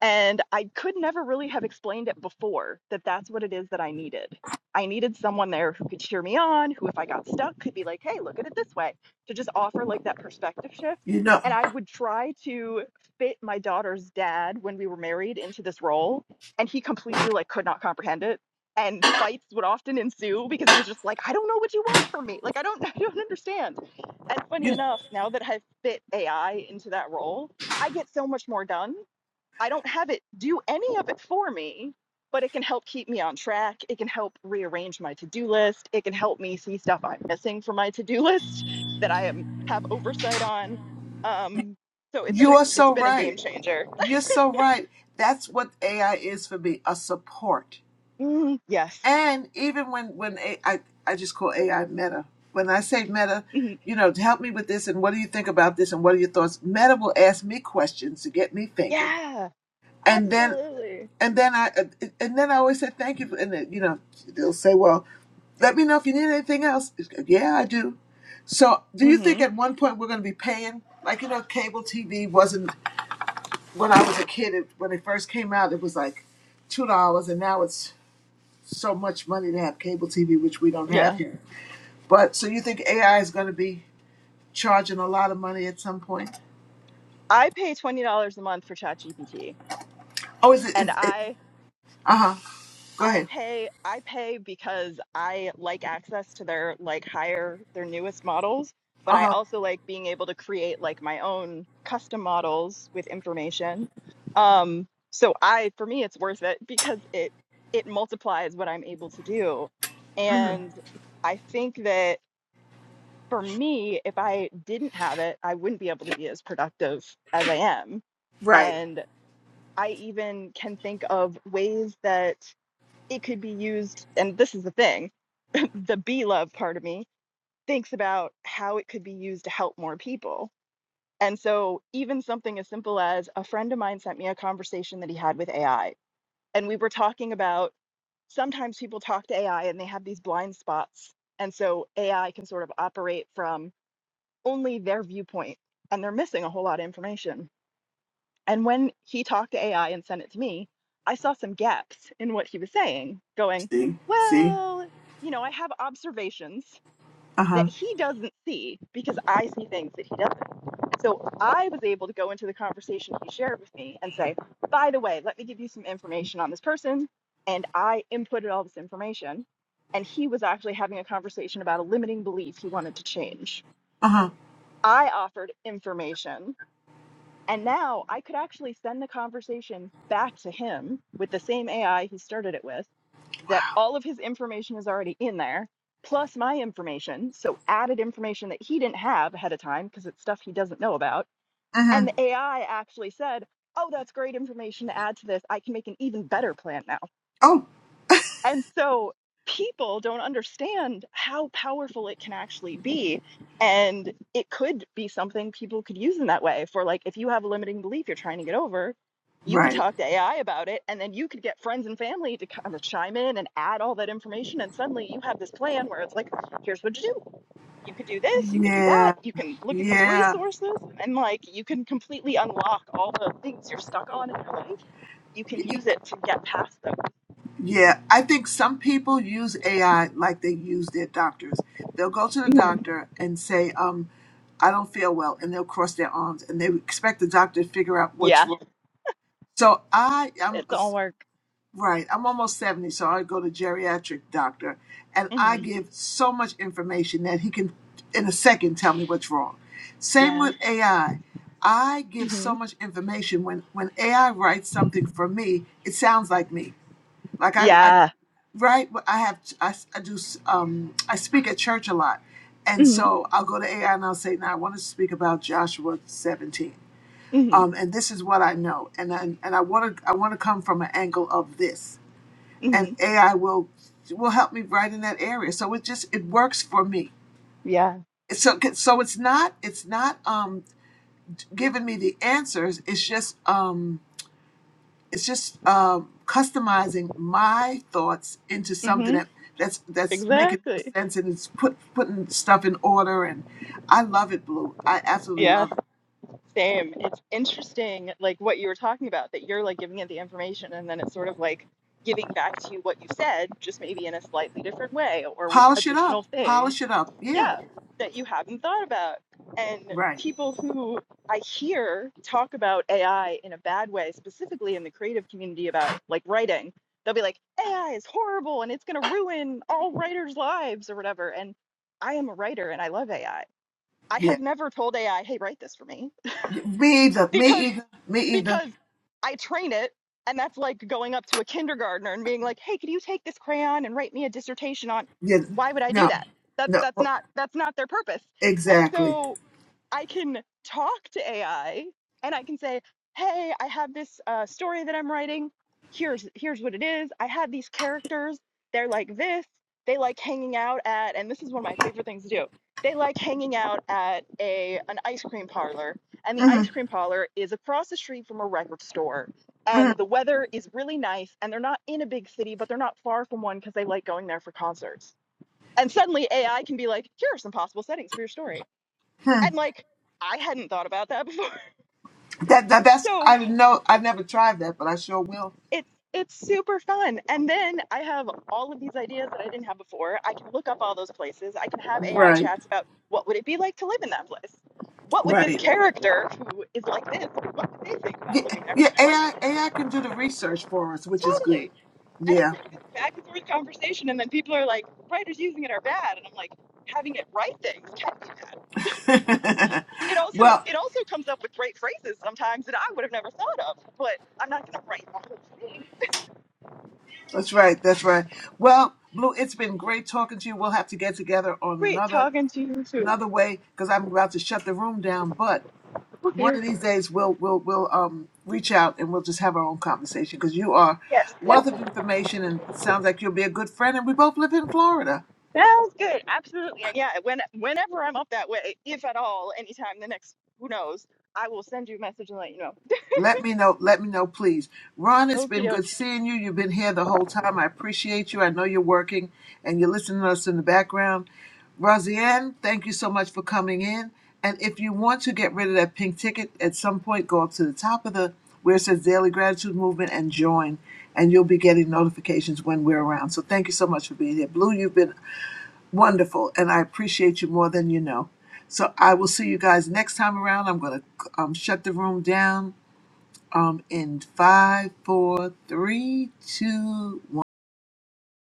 S38: and I could never really have explained it before that that's what it is that I needed. I needed someone there who could cheer me on, who, if I got stuck, could be like, hey, look at it this way, to just offer like that perspective shift.
S5: You know,
S38: And I would try to fit my daughter's dad when we were married into this role. And he completely like could not comprehend it. And fights would often ensue because he was just like, I don't know what you want from me. Like, I don't, [laughs] I don't understand. And funny
S5: you
S38: enough, now that I've fit AI into that role, I get so much more done I don't have it do any of it for me, but it can help keep me on track. It can help rearrange my to-do list. It can help me see stuff I'm missing from my to-do [laughs] list that I am have oversight on. Um, so it's
S5: you are
S38: just it's
S5: so
S38: been a
S5: right.
S38: game changer.
S5: You're so right. That's what AI is for me, a support.
S38: Mm, yes.
S5: And even when when AI, I I just call AI Meta. When I say Meta,
S38: Mhm.
S5: you know, to help me with this and what do you think about this and what are your thoughts? Meta will ask me questions to get me thinking,
S38: Yeah.
S5: and then
S38: Absolutely.
S5: and then I and then I always say thank you, and then, you know, they'll say, well, let me know if you need anything else. Yeah, I do. So, do you think
S38: hmm
S5: at one point we're going to be paying? Like, you know, cable TV wasn't when I was a kid, it, when it first came out, it was like two dollars, and now it's so much money to have cable TV, which we don't have
S38: Yeah.
S5: here. But so you think AI is going to be charging a lot of money at some point?
S38: I pay twenty dollars a month for ChatGPT,
S5: Oh, is it?
S38: and
S5: Is it
S38: I
S5: uh huh. Go
S38: I
S5: ahead.
S38: pay I pay because I like access to their like higher their newest models, but
S5: Uh
S38: I
S5: huh.
S38: also like being able to create like my own custom models with information. Um so I for me it's worth it because it it multiplies what I'm able to do.
S5: hmm
S38: And I think that for me if I didn't have it, I wouldn't be able to be as productive as I am.
S5: Right.
S38: And I even can think of ways that it could be used and this is the thing [laughs] the be love part of me thinks about how it could be used to help more people and so even something as simple as a friend of mine sent me a conversation that he had with ai and we were talking about sometimes people talk to ai and they have these blind spots and so ai can sort of operate from only their viewpoint and they're missing a whole lot of information and when he talked to AI and sent it to me, I saw some gaps in what he was saying, going,
S5: See. See.
S38: well, you know, I have observations
S5: Uh huh.
S38: that he doesn't see because I see things that he doesn't. So I was able to go into the conversation he shared with me and say, by the way, let me give you some information on this person. And I inputted all this information. And he was actually having a conversation about a limiting belief he wanted to change.
S5: Uh huh.
S38: I offered information and now I could actually send the conversation back to him with the same AI he started it with, that all of his information is already in there, plus my information. So added information that he didn't have ahead of time because it's stuff he doesn't know about.
S5: Uh huh.
S38: And the AI actually said, Oh, that's great information to add to this. I can make an even better plan now.
S5: Oh.
S38: And so people don't understand how powerful it can actually be. And it could be something people could use in that way for like, if you have a limiting belief you're trying to get over, you could
S5: Right.
S38: talk to AI about it. And then you could get friends and family to kind of chime in and add all that information. And suddenly you have this plan where it's like, here's what to do. You could do this, you can do that,
S5: Yeah.
S38: you can look at these
S5: Yeah.
S38: resources, and like you can completely unlock all the things you're stuck on in your life. You can use it to get past them.
S5: Yeah, I think some people use AI like they use their doctors. They'll go to the
S38: [laughs]
S5: doctor and say, um, I don't feel well, and they'll cross their arms and they expect the doctor to figure out what's
S38: Yeah.
S5: wrong. So I am
S38: It don't work.
S5: right, I'm almost 70, so I go to geriatric doctor and I
S38: hmm
S5: give so much information that he can in a second tell me what's wrong. Same
S38: Yeah.
S5: with AI. I I give so
S38: hmm
S5: much information when when AI writes something for me, it sounds like me. Like I, I
S38: Yeah.
S5: right? But I have I I do um, I speak at church a lot, and
S38: hmm
S5: so I'll go to AI and I'll say, "Now I want to speak about Joshua 17."
S38: hmm
S5: Um, and this is what I know, and I, and I want to I want to come from an angle of this,
S38: hmm
S5: and AI will will help me right in that area. So it just it works for me.
S38: Yeah.
S5: So so it's not it's not um, giving me the answers. It's just um, it's just uh, customizing my thoughts into something
S38: hmm
S5: that that's that's making more
S38: Exactly.
S5: sense and it's put putting stuff in order and I love it, Blue. I absolutely
S38: Yeah.
S5: love it.
S38: Same. It's interesting, like what you were talking about, that you're like giving it the information and then it's sort of like giving back to you what you said, just maybe in a slightly different way or with
S5: Polish it up,
S38: additional things
S5: polish it up. Yeah,
S38: yeah, that you haven't thought about. And
S5: right.
S38: people who I hear talk about AI in a bad way, specifically in the creative community about like writing, they'll be like, AI is horrible and it's going to ruin all writers' lives or whatever. And I am a writer and I love AI. I I
S5: Yeah,
S38: have never told AI, hey, write this for me,
S5: me either. Me
S38: because
S5: either. Me either.
S38: because I train it. And that's like going up to a kindergartner and being like, "Hey, could you take this crayon and write me a dissertation on?"
S5: Yeah,
S38: Why would I do
S5: no,
S38: that? That
S5: no,
S38: that's not that's not their purpose. And
S5: exactly.
S38: so I can talk to AI and I can say, "Hey, I have this uh, story that I'm writing. Here's here's what it is. I have these characters. They're like this. They like hanging out at, and this is one of my favorite things to do. They like hanging out at a an ice cream parlor, and the
S5: hmm
S38: ice cream parlor is across the street from a record store.
S5: hmm
S38: And the weather is really nice, and they're not in a big city, but they're not far from one because they like going there for concerts. And suddenly AI can be like, here are some possible settings for your story and like I hadn't thought about that [laughs] before.
S5: That, that that's
S38: So
S5: I didn't know. I never tried that, but I sure will.
S38: it's it's super fun. And then I have all of these ideas that I didn't have before. I can look up all those places. I can have AI
S5: Right,
S38: chats about what would it be like to live in that place? What would this
S5: right.
S38: character who is like this, what would they think
S5: Yeah,
S38: about living there?
S5: yeah,
S38: Like
S5: AI AI can do the research for us, which is good.
S38: totally. And it's
S5: Yeah.
S38: like this back and forth conversation and then people are like, writers using it are bad and I'm like, having it write things can be bad. it also
S5: Well,
S38: it also comes up with great phrases sometimes that I would have never thought of, but I'm not gonna write my whole thing.
S5: that's right. That's right. Well, Blue, it's been great talking to you. We'll have to get together on
S38: Great
S5: another
S38: talking to you too.
S5: another way because I'm about to shut the room down. But one
S38: Okay.
S5: of these days, we'll we'll we'll um reach out and we'll just have our own conversation because you are
S38: Yes,
S5: a wealth of
S38: definitely.
S5: information and sounds like you'll be a good friend. And we both live in Florida.
S38: Sounds good. Absolutely. And yeah, when whenever I'm up that way, if at all, anytime the next who knows, I will send you a message and let you know.
S5: Let me know. Let me know, please. Ron, it's
S38: Okie
S5: been
S38: doke.
S5: good seeing you. You've been here the whole time. I appreciate you. I know you're working and you're listening to us in the background. Rosianne, thank you so much for coming in. And if you want to get rid of that pink ticket at some point, go up to the top of the where it says Daily Gratitude Movement and join, and you'll be getting notifications when we're around. So thank you so much for being here. Blue, you've been wonderful, and I appreciate you more than you know. So I will see you guys next time around. I'm going to um, shut the room down um in five, four, three, two, one.